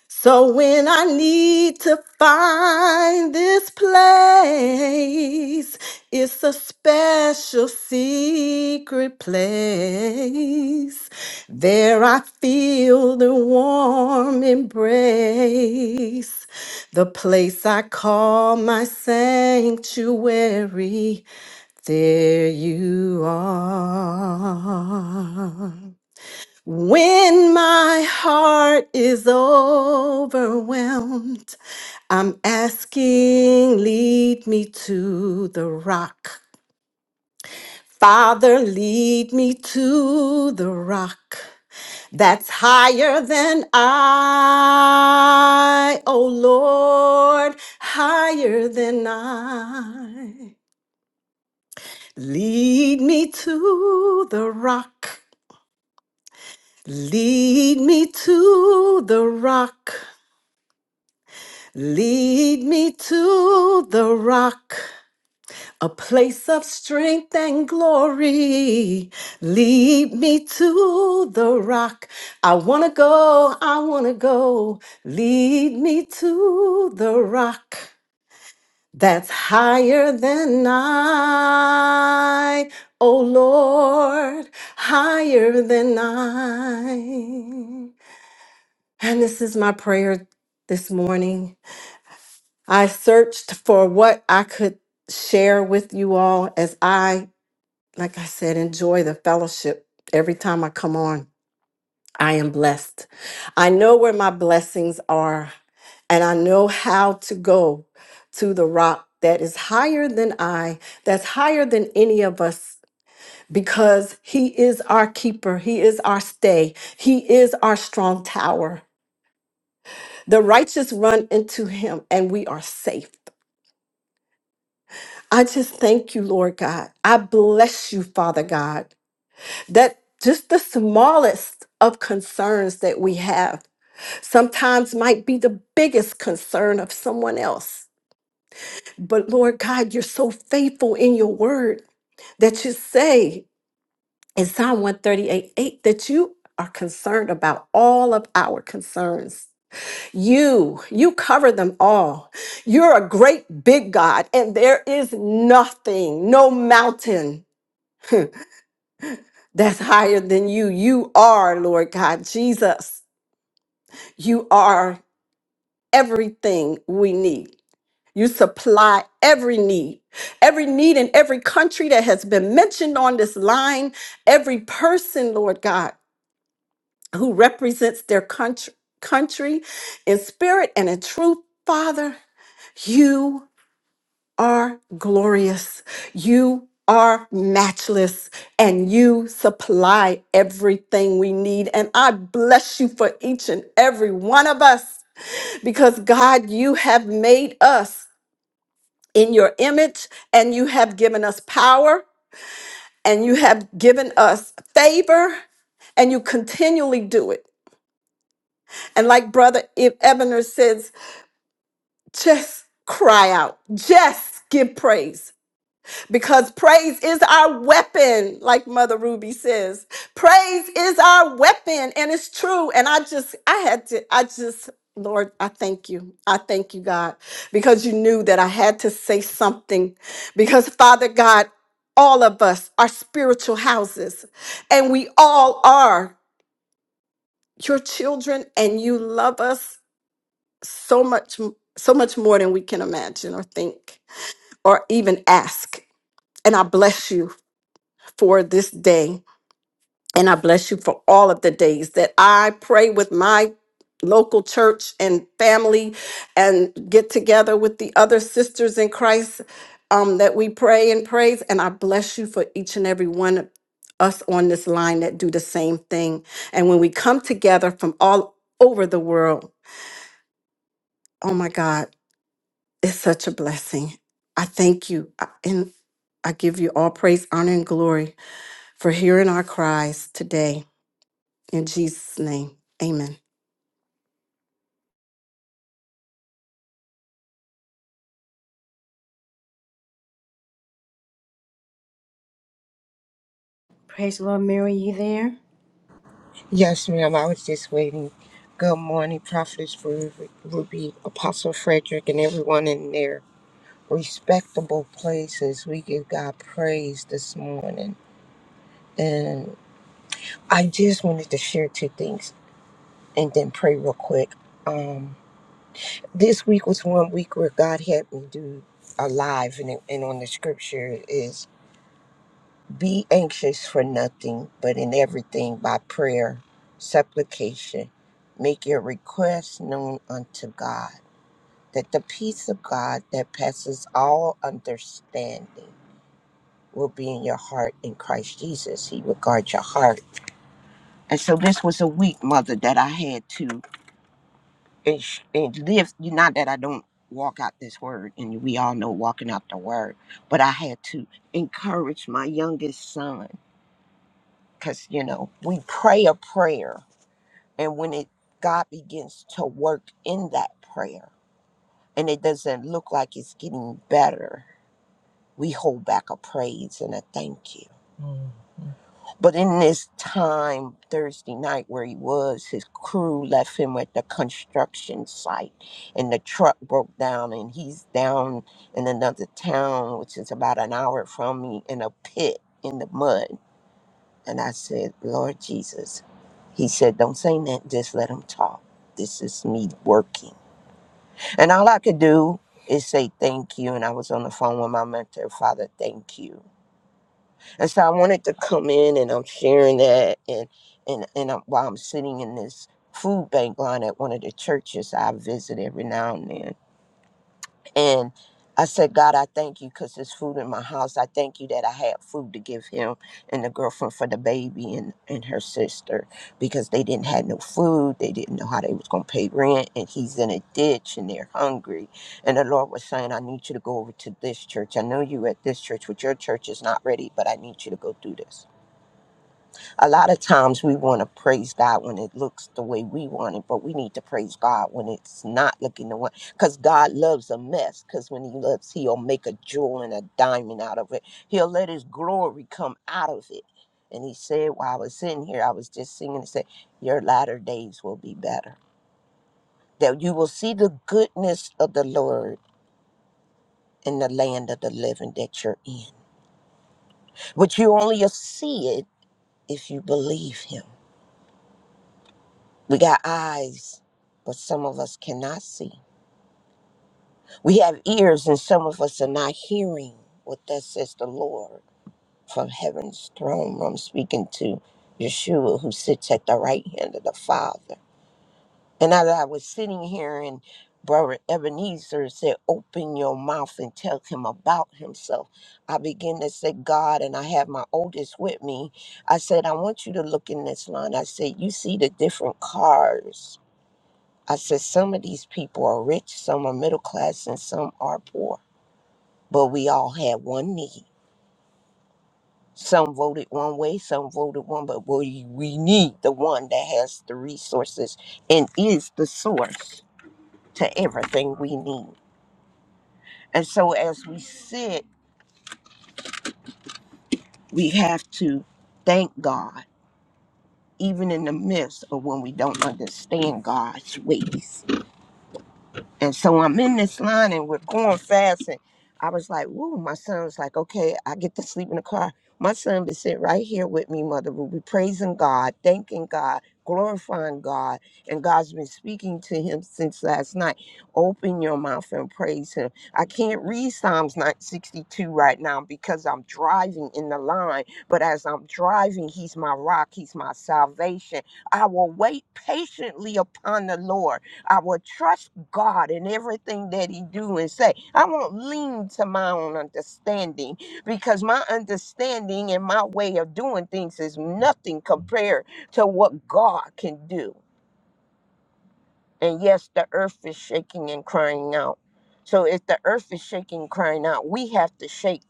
S14: So when I need to find this place, it's a special secret place. There I feel the warm embrace, the place I call my sanctuary. There you are. When my heart is overwhelmed, I'm asking, lead me to the rock. Father, lead me to the rock that's higher than I. Oh Lord, higher than I. Lead me to the rock. Lead me to the rock Lead me to the rock, a place of strength and glory. Lead me to the rock. I want to go, I want to go. Lead me to the rock that's higher than I, oh Lord, higher than I. And this is my prayer this morning I searched for what I could share with you all as I, like I said, enjoy the fellowship every time I come on. I am blessed. I know where my blessings are, and I know how to go to the rock that is higher than I, that's higher than any of us. Because he is our keeper, he is our stay, he is our strong tower. The righteous run into him, and we are safe. I just thank you, Lord God. I bless you, Father God, that just the smallest of concerns that we have sometimes might be the biggest concern of someone else. But Lord God, you're so faithful in your word that you say in Psalm 138 8 that you are concerned about all of our concerns. You, you cover them all. You're a great big God, and there is nothing, no mountain. that's higher than you. You are, Lord God Jesus. You are everything we need. You supply every need, every need in every country that has been mentioned on this line, every person, Lord God, who represents their country, country in spirit and in truth, Father. You are glorious. You are matchless and you supply everything we need. And I bless you for each and every one of us because God, you have made us in your image and you have given us power and you have given us favor and you continually do it. And like Brother Ebener says, just cry out, just give praise. because praise is our weapon, like Mother Ruby says. Praise is our weapon, and it's true. And I just, I had to, I just, Lord, I thank you. I thank you, God, because you knew that I had to say something. Because, Father God, all of us are spiritual houses, and we all are your children, and you love us so much, so much more than we can imagine or think or even ask. And I bless you for this day. And I bless you for all of the days that I pray with my local church and family and get together with the other sisters in Christ um, that we pray and praise. And I bless you for each and every one of us on this line that do the same thing. And when we come together from all over the world, oh my God, it's such a blessing. I thank you. I- And I give you all praise, honor, and glory for hearing our cries today. In Jesus' name, amen.
S1: Praise the Lord, Mary. You there?
S15: Yes, ma'am. I was just waiting. Good morning, Prophetess Ru- Ruby, Apostle Frederick, and everyone in their respectable places. We give God praise this morning. And I just wanted to share two things and then pray real quick. Um, this week was one week where God had me do alive and, it- and on the scripture is. Be anxious for nothing, but in everything by prayer, supplication, make your requests known unto God, that the peace of God that passes all understanding will be in your heart in Christ Jesus. He will guard your heart. And so this was a week, Mother, that I had to and, sh- and live. You Not that I don't walk out this word, and we all know walking out the word, but I had to encourage my youngest son because you know we pray a prayer and when it god begins to work in that prayer and it doesn't look like it's getting better we hold back a praise and a thank you but in this time thursday night where he was his crew left him at the construction site and the truck broke down and he's down in another town which is about an hour from me in a pit in the mud And I said, Lord Jesus. He said, Don't say nothing, just let him talk. This is me working. And all I could do is say thank you. And I was on the phone with my mentor, Father, thank you. And so I wanted to come in and I'm sharing that. And, and, and I'm, while I'm sitting in this food bank line at one of the churches I visit every now and then and I said, God, I thank you because there's food in my house. I thank you that I had food to give him and the girlfriend for the baby and, and her sister because they didn't have no food. They didn't know how they was going to pay rent. And he's in a ditch and they're hungry. And the Lord was saying, I need you to go over to this church. I know you at this church, but your church is not ready, but I need you to go do this. A lot of times we want to praise God when it looks the way we want it, but we need to praise God when it's not looking the way. Because God loves a mess. Because when He loves, He'll make a jewel and a diamond out of it. He'll let His glory come out of it. And He said, while I was in here, I was just singing and said, Your latter days will be better. That you will see the goodness of the Lord in the land of the living that you're in. But you only see it if you believe Him. We got eyes, but some of us cannot see. We have ears, and some of us are not hearing what that says the Lord from heaven's throne. I'm speaking to Yeshua, who sits at the right hand of the Father. And as I was sitting here, and Brother Ebenezer said, Open your mouth and tell him about himself. I began to say, God, and I have my oldest with me. I said, I want you to look in this line. I said, You see the different cars I said, some of these people are rich, some are middle class, and some are poor. But we all had one need. Some voted one way, some voted one, but we, we need the one that has the resources and is the source to everything we need. And so as we sit, we have to thank God, even in the midst of when we don't understand God's ways And so I'm in this line and we're going fast. And I was like, whoa, my son was like, okay, I get to sleep in the car. My son was sitting right here with me, Mother Ruby, praising God, thanking God, glorifying God. And God's been speaking to him since last night. Open your mouth and praise him. I can't read Psalms 962 right now because I'm driving in the line. But as I'm driving, he's my rock, he's my salvation. I will wait patiently upon the Lord I will trust God in everything that He do and say. I won't lean to my own understanding because my understanding and my way of doing things is nothing compared to what God can do. And yes, the earth is shaking and crying out. So if the earth is shaking, crying out, we have to shake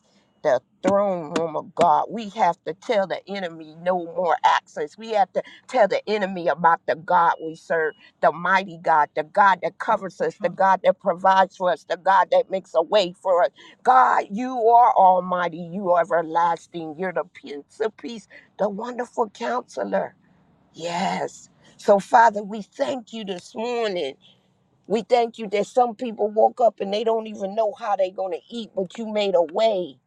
S15: the throne room of God. We have to tell the enemy no more access. We have to tell the enemy about the God we serve, the mighty God, the God that covers us, the God that provides for us, the God that makes a way for us. God, you are almighty. You are everlasting. You're the Prince of Peace, the wonderful counselor. Yes. So, Father, we thank you this morning. We thank you that some people woke up and they don't even know how they're going to eat, but you made a way.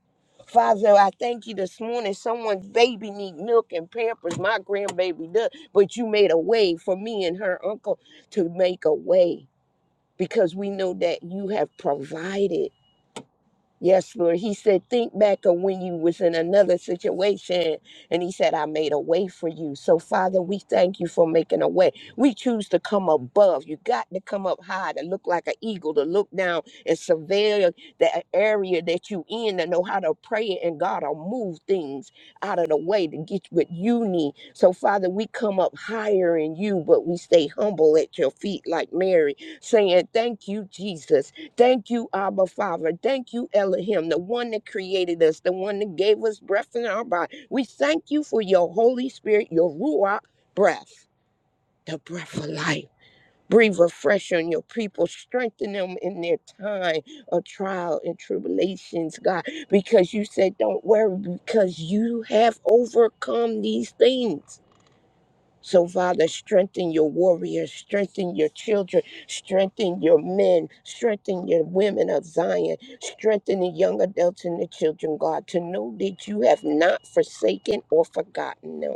S15: Father, I thank you this morning. Someone's baby need milk and pampers. My grandbaby does, but you made a way for me and her uncle to make a way because we know that you have provided. Yes, Lord. He said, think back of when you was in another situation. And he said, I made a way for you. So, Father, we thank you for making a way. We choose to come above. You got to come up high to look like an eagle, to look down and surveil the area that you in to know how to pray and God will move things out of the way to get what you need. So, Father, we come up higher in you, but we stay humble at your feet like Mary, saying, Thank you, Jesus. Thank you, Abba Father. Thank you, Elohim, the one that created us, the one that gave us breath in our body. We thank you for your Holy Spirit, your Ruach breath, the breath of life. Breathe afresh on your people, strengthen them in their time of trial and tribulations, God, because you said, Don't worry, because you have overcome these things. So, Father, strengthen your warriors, strengthen your children, strengthen your men, strengthen your women of Zion, strengthen the young adults and the children, God, to know that you have not forsaken or forgotten them.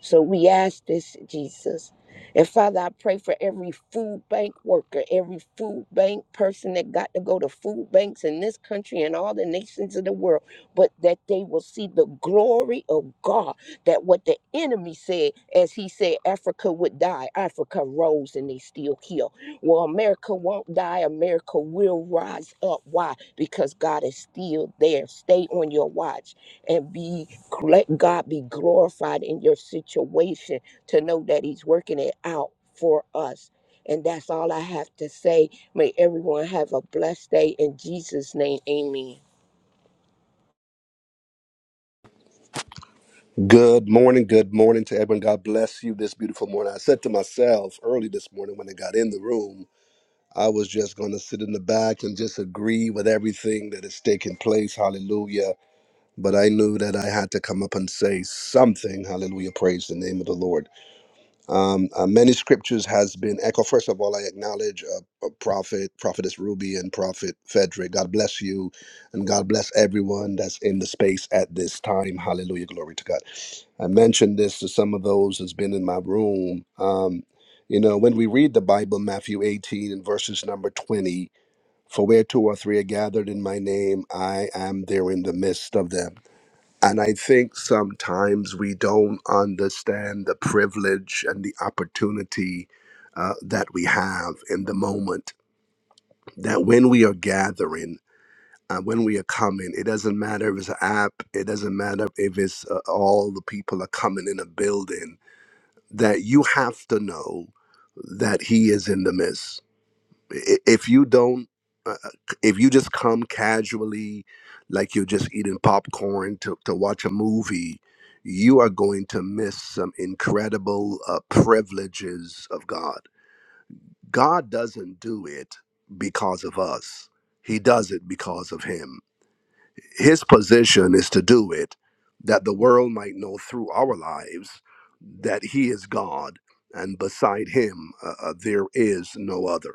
S15: So we ask this, Jesus. And Father, I pray for every food bank worker, every food bank person that got to go to food banks in this country and all the nations of the world, but that they will see the glory of God. That what the enemy said, as he said, Africa would die, Africa rose and they still heal. Well, America won't die, America will rise up. Why? Because God is still there. Stay on your watch and be let God be glorified in your situation to know that He's working it out for us. And that's all I have to say. May everyone have a blessed day in Jesus' name. Amen.
S16: Good morning. Good morning to everyone. God bless you this beautiful morning. I said to myself early this morning when I got in the room, I was just going to sit in the back and just agree with everything that is taking place. Hallelujah. But I knew that I had to come up and say something. Hallelujah. Praise the name of the Lord. Um, uh, many scriptures has been echoed. First of all, I acknowledge uh, uh, Prophet, Prophetess Ruby, and Prophet Frederick. God bless you, and God bless everyone that's in the space at this time. Hallelujah, glory to God. I mentioned this to some of those that's been in my room. Um, you know, when we read the Bible, Matthew 18 and verses number 20, for where two or three are gathered in my name, I am there in the midst of them. And I think sometimes we don't understand the privilege and the opportunity uh, that we have in the moment. That when we are gathering, uh, when we are coming, it doesn't matter if it's an app, it doesn't matter if it's uh, all the people are coming in a building, that you have to know that He is in the midst i- if you don't uh, uh, if you just come casually like you're just eating popcorn to, to watch a movie you are going to miss some incredible uh, privileges of god god doesn't do it because of us he does it because of him his position is to do it that the world might know through our lives that he is god and beside him uh, uh, there is no other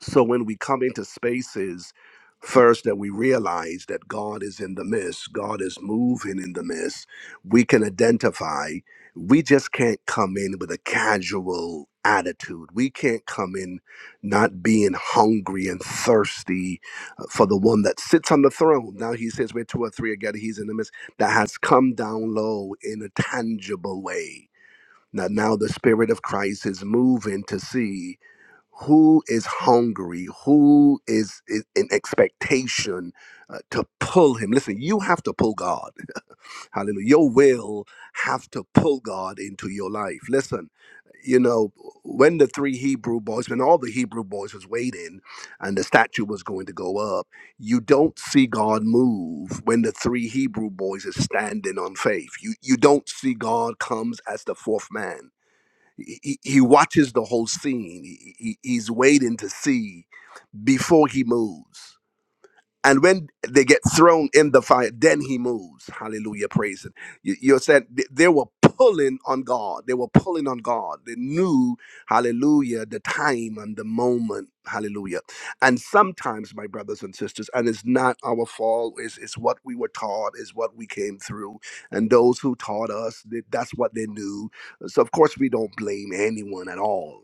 S16: so when we come into spaces, first that we realize that God is in the midst, God is moving in the midst, we can identify. We just can't come in with a casual attitude. We can't come in not being hungry and thirsty uh, for the one that sits on the throne. Now he says, where two or three are gathered, he's in the midst, that has come down low in a tangible way now, now the Spirit of Christ is moving to see who is hungry, who is i- in expectation uh, to pull him. Listen, you have to pull God. Hallelujah. Your will have to pull God into your life. Listen, you know, when the three Hebrew boys, when all the Hebrew boys was waiting and the statue was going to go up, you don't see God move when the three Hebrew boys is standing on faith. You you don't see God comes as the fourth man he, he watches the whole scene. He, he- he's waiting to see before he moves. And when they get thrown in the fire, then he moves. Hallelujah. Praise it. You- You're saying th- they were pulling on God. They were pulling on God. They knew, hallelujah, the time and the moment. Hallelujah. And sometimes, my brothers and sisters, and it's not our fault, it's, it's what we were taught, it's what we came through. And those who taught us, th- that's what they knew. So, of course, we don't blame anyone at all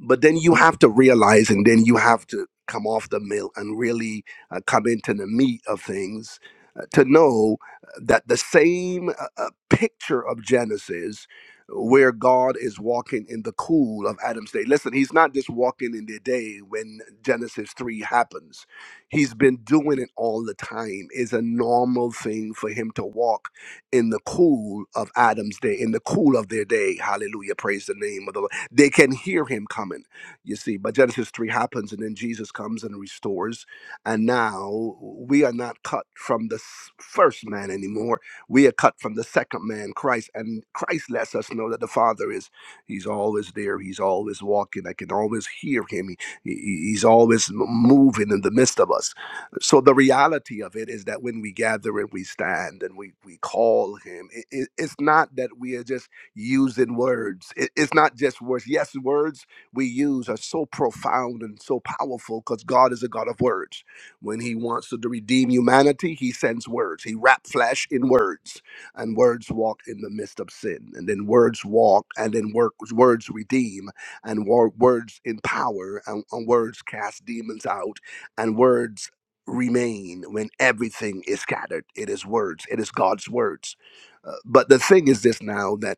S16: but then you have to realize and then you have to come off the mill and really uh, come into the meat of things uh, to know uh, that the same uh, uh, picture of genesis where god is walking in the cool of adam's day listen he's not just walking in the day when genesis 3 happens he's been doing it all the time It's a normal thing for him to walk in the cool of adam's day in the cool of their day hallelujah praise the name of the lord they can hear him coming, you see. But Genesis 3 happens, and then Jesus comes and restores. And now we are not cut from the s- first man anymore. We are cut from the second man, Christ. And Christ lets us know that the Father is, he's always there. He's always walking. I can always hear him. He, he- he's always m- moving in the midst of us. So the reality of it is that when we gather and we stand and we, we call him, it, it- it's not that we are just using words. It- it's not just words. Yes, words we use are so profound and so powerful because God is a God of words. When He wants to redeem humanity, He sends words. He wrapped flesh in words, and words walk in the midst of sin. And then words walk, and then work, words redeem, and wor- words empower, and, and words cast demons out, and words remain when everything is scattered. It is words, it is God's words. Uh, but the thing is this now that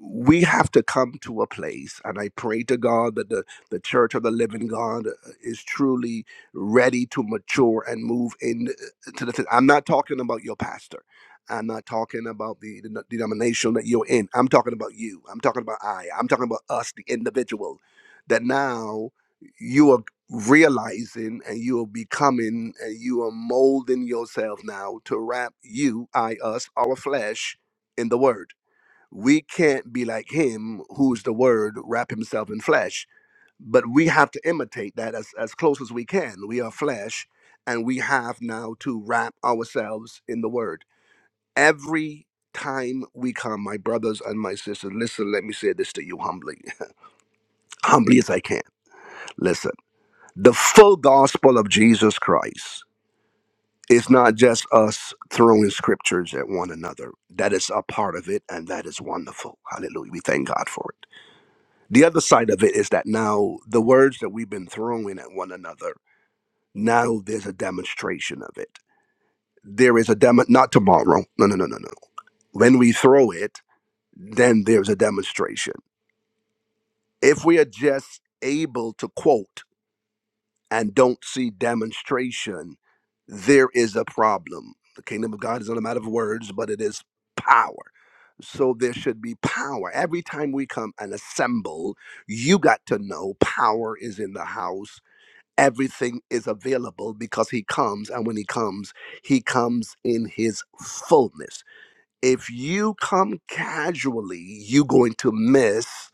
S16: we have to come to a place, and I pray to God that the, the church of the living God uh, is truly ready to mature and move in uh, to the. I'm not talking about your pastor. I'm not talking about the, the denomination that you're in. I'm talking about you. I'm talking about I. I'm talking about us, the individual, that now you are realizing and you are becoming and you are molding yourself now to wrap you, I, us, our flesh in the word we can't be like him who's the word wrap himself in flesh but we have to imitate that as, as close as we can we are flesh and we have now to wrap ourselves in the word every time we come my brothers and my sisters listen let me say this to you humbly humbly as i can listen the full gospel of jesus christ is not just us throwing scriptures at one another that is a part of it and that is wonderful hallelujah we thank god for it The other side of it is that now the words that we've been throwing at one another, now there's a demonstration of it. There is a demo, not tomorrow. No, no, no, no, no. When we throw it, then there's a demonstration. If we are just able to quote and don't see demonstration, there is a problem. The kingdom of God is not a matter of words, but it is power. So there should be power. Every time we come and assemble, you got to know power is in the house everything is available because he comes and when he comes he comes in his fullness if you come casually you're going to miss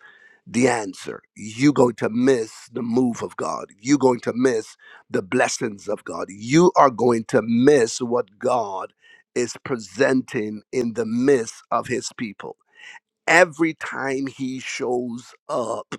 S16: the answer you're going to miss the move of god you're going to miss the blessings of god you are going to miss what god is presenting in the midst of his people every time he shows up,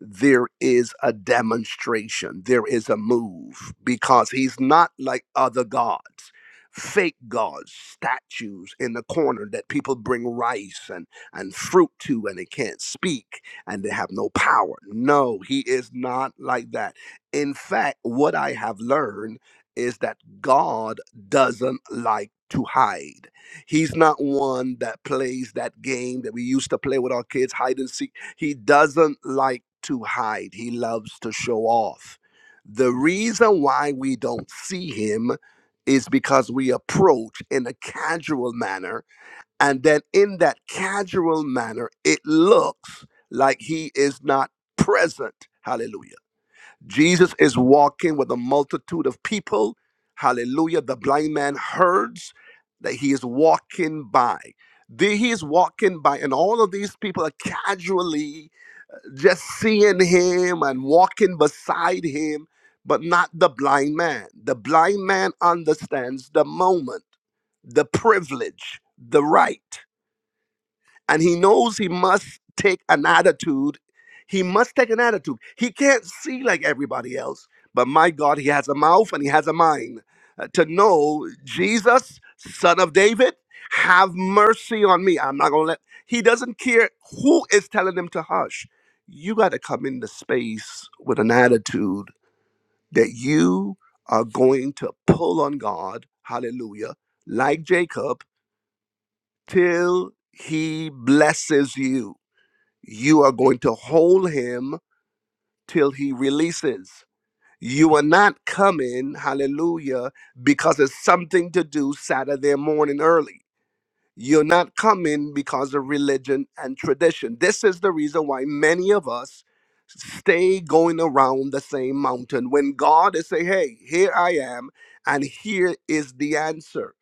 S16: there is a demonstration, there is a move, because he's not like other gods, fake gods, statues in the corner that people bring rice and, and fruit to and they can't speak and they have no power. No, he is not like that. In fact, what I have learned is that God doesn't like to hide. He's not one that plays that game that we used to play with our kids, hide and seek. He doesn't like to hide, he loves to show off. The reason why we don't see him is because we approach in a casual manner. And then in that casual manner, it looks like he is not present. Hallelujah. Jesus is walking with a multitude of people. Hallelujah. The blind man hears that he is walking by. The- He is walking by, and all of these people are casually just seeing him and walking beside him, but not the blind man. The blind man understands the moment, the privilege, the right and he knows he must take an attitude. He must take an attitude. He can't see like everybody else, but my God, he has a mouth and he has a mind uh, to know Jesus, son of David, have mercy on me. I'm not going to let, he doesn't care who is telling him to hush. You got to come into space with an attitude that you are going to pull on God, hallelujah, like Jacob, till he blesses you you are going to hold him till he releases. You are not coming, hallelujah, because it's something to do Saturday morning early. You're not coming because of religion and tradition. This is the reason why many of us stay going around the same mountain when God is saying, Hey, here I am, and here is the answer.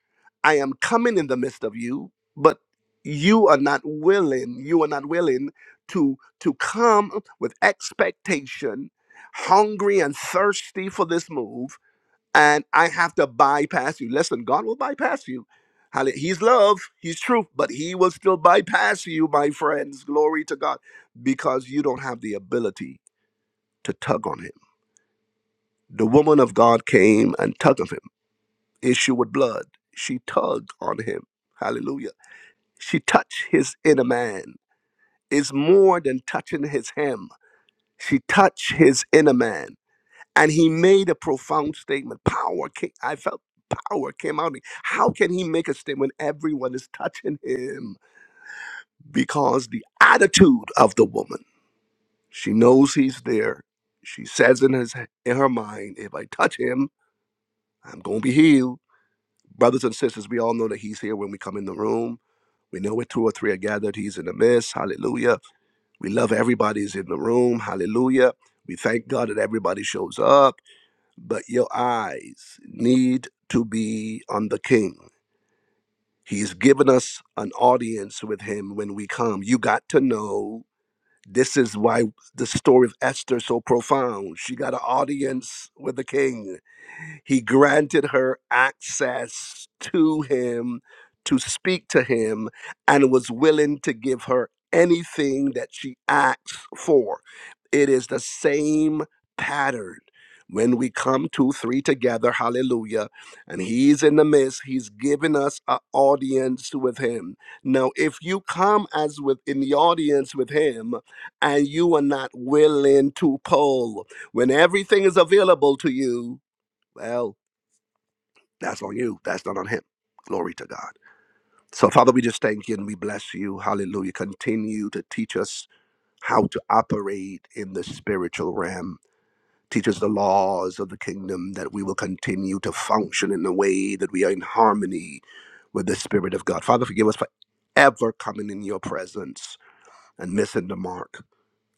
S16: I am coming in the midst of you, but you are not willing, you are not willing to to come with expectation, hungry and thirsty for this move and I have to bypass you. Listen, God will bypass you. Halle- He's love, He's truth, but He will still bypass you, my friends. Glory to God, because you don't have the ability to tug on Him. The woman of God came and tugged on Him, issue with blood. She tugged on Him. Hallelujah. She touched His inner man. It's more than touching His hem. She touched His inner man. and he made a profound statement. Power came, I felt power came out. of me. How can he make a statement? Everyone is touching him because the attitude of the woman. She knows he's there. She says in his in her mind, if I touch him, I'm gonna be healed. Brothers and sisters, we all know that he's here when we come in the room. We know where two or three are gathered, he's in the midst. Hallelujah. We love everybody's in the room. Hallelujah. We thank God that everybody shows up. but your eyes need to be on the king. He's given us an audience with him when we come. You got to know this is why the story of Esther is so profound. She got an audience with the king. He granted her access to him to speak to him and was willing to give her anything that she asks for. It is the same pattern. When we come two, three together, hallelujah, and he's in the midst, he's giving us an audience with him. Now, if you come as with in the audience with him and you are not willing to pull, when everything is available to you, well, that's on you. That's not on him. Glory to God. So, Father, we just thank you and we bless you. Hallelujah. Continue to teach us how to operate in the spiritual realm. Teach us the laws of the kingdom that we will continue to function in the way that we are in harmony with the Spirit of God. Father, forgive us for ever coming in your presence and missing the mark.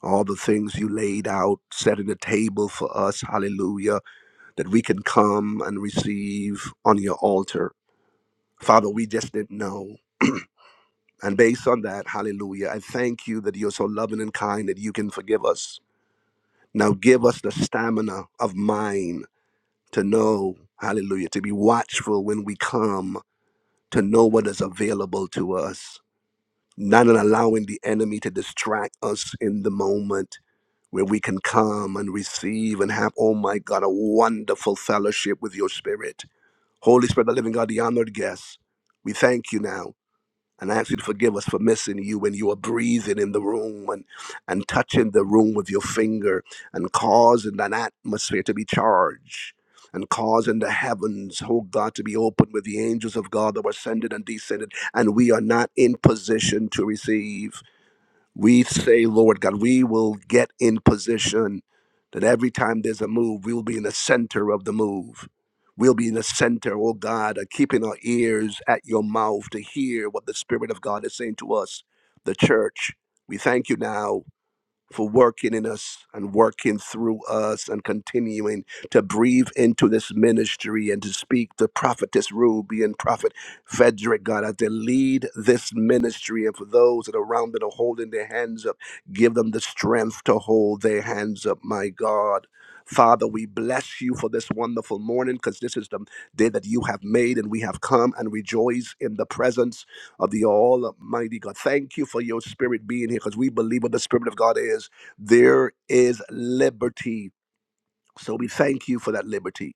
S16: All the things you laid out, setting the table for us, hallelujah, that we can come and receive on your altar. Father, we just didn't know. And based on that, hallelujah, I thank you that you're so loving and kind that you can forgive us. Now give us the stamina of mind to know, hallelujah, to be watchful when we come, to know what is available to us, not in allowing the enemy to distract us in the moment where we can come and receive and have, oh my God, a wonderful fellowship with your spirit. Holy Spirit, the living God, the honored guest, we thank you now And I ask you to forgive us for missing you when you are breathing in the room and, and touching the room with your finger and causing that atmosphere to be charged and causing the heavens, oh God, to be open with the angels of God that were ascended and descended. And we are not in position to receive. We say, Lord God, we will get in position that every time there's a move, we will be in the center of the move. We'll be in the center, oh God, of keeping our ears at your mouth to hear what the Spirit of God is saying to us, the church. We thank you now for working in us and working through us and continuing to breathe into this ministry and to speak to prophetess Ruby and prophet Frederick, God, as they lead this ministry and for those that are around that are holding their hands up, give them the strength to hold their hands up, my God. Father, we bless you for this wonderful morning because this is the day that you have made, and we have come and rejoice in the presence of the Almighty God. Thank you for your spirit being here because we believe what the Spirit of God is. There is liberty. So we thank you for that liberty.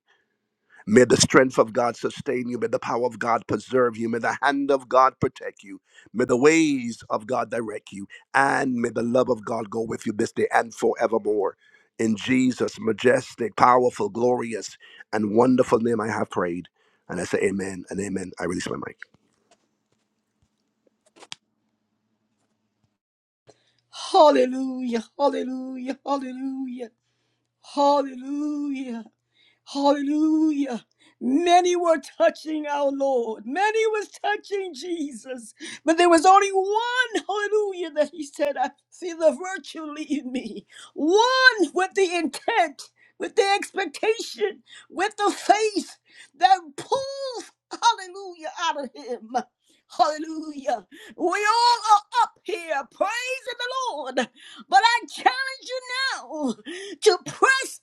S16: May the strength of God sustain you. May the power of God preserve you. May the hand of God protect you. May the ways of God direct you. And may the love of God go with you this day and forevermore. In Jesus' majestic, powerful, glorious, and wonderful name, I have prayed. And I say amen and amen. I release my mic.
S1: Hallelujah, hallelujah, hallelujah, hallelujah. Hallelujah. Many were touching our Lord. Many was touching Jesus. But there was only one, hallelujah, that he said, I see the virtue leave me. One with the intent, with the expectation, with the faith that pulls, hallelujah, out of him. Hallelujah. We all are up here praising the Lord. But I challenge you now to press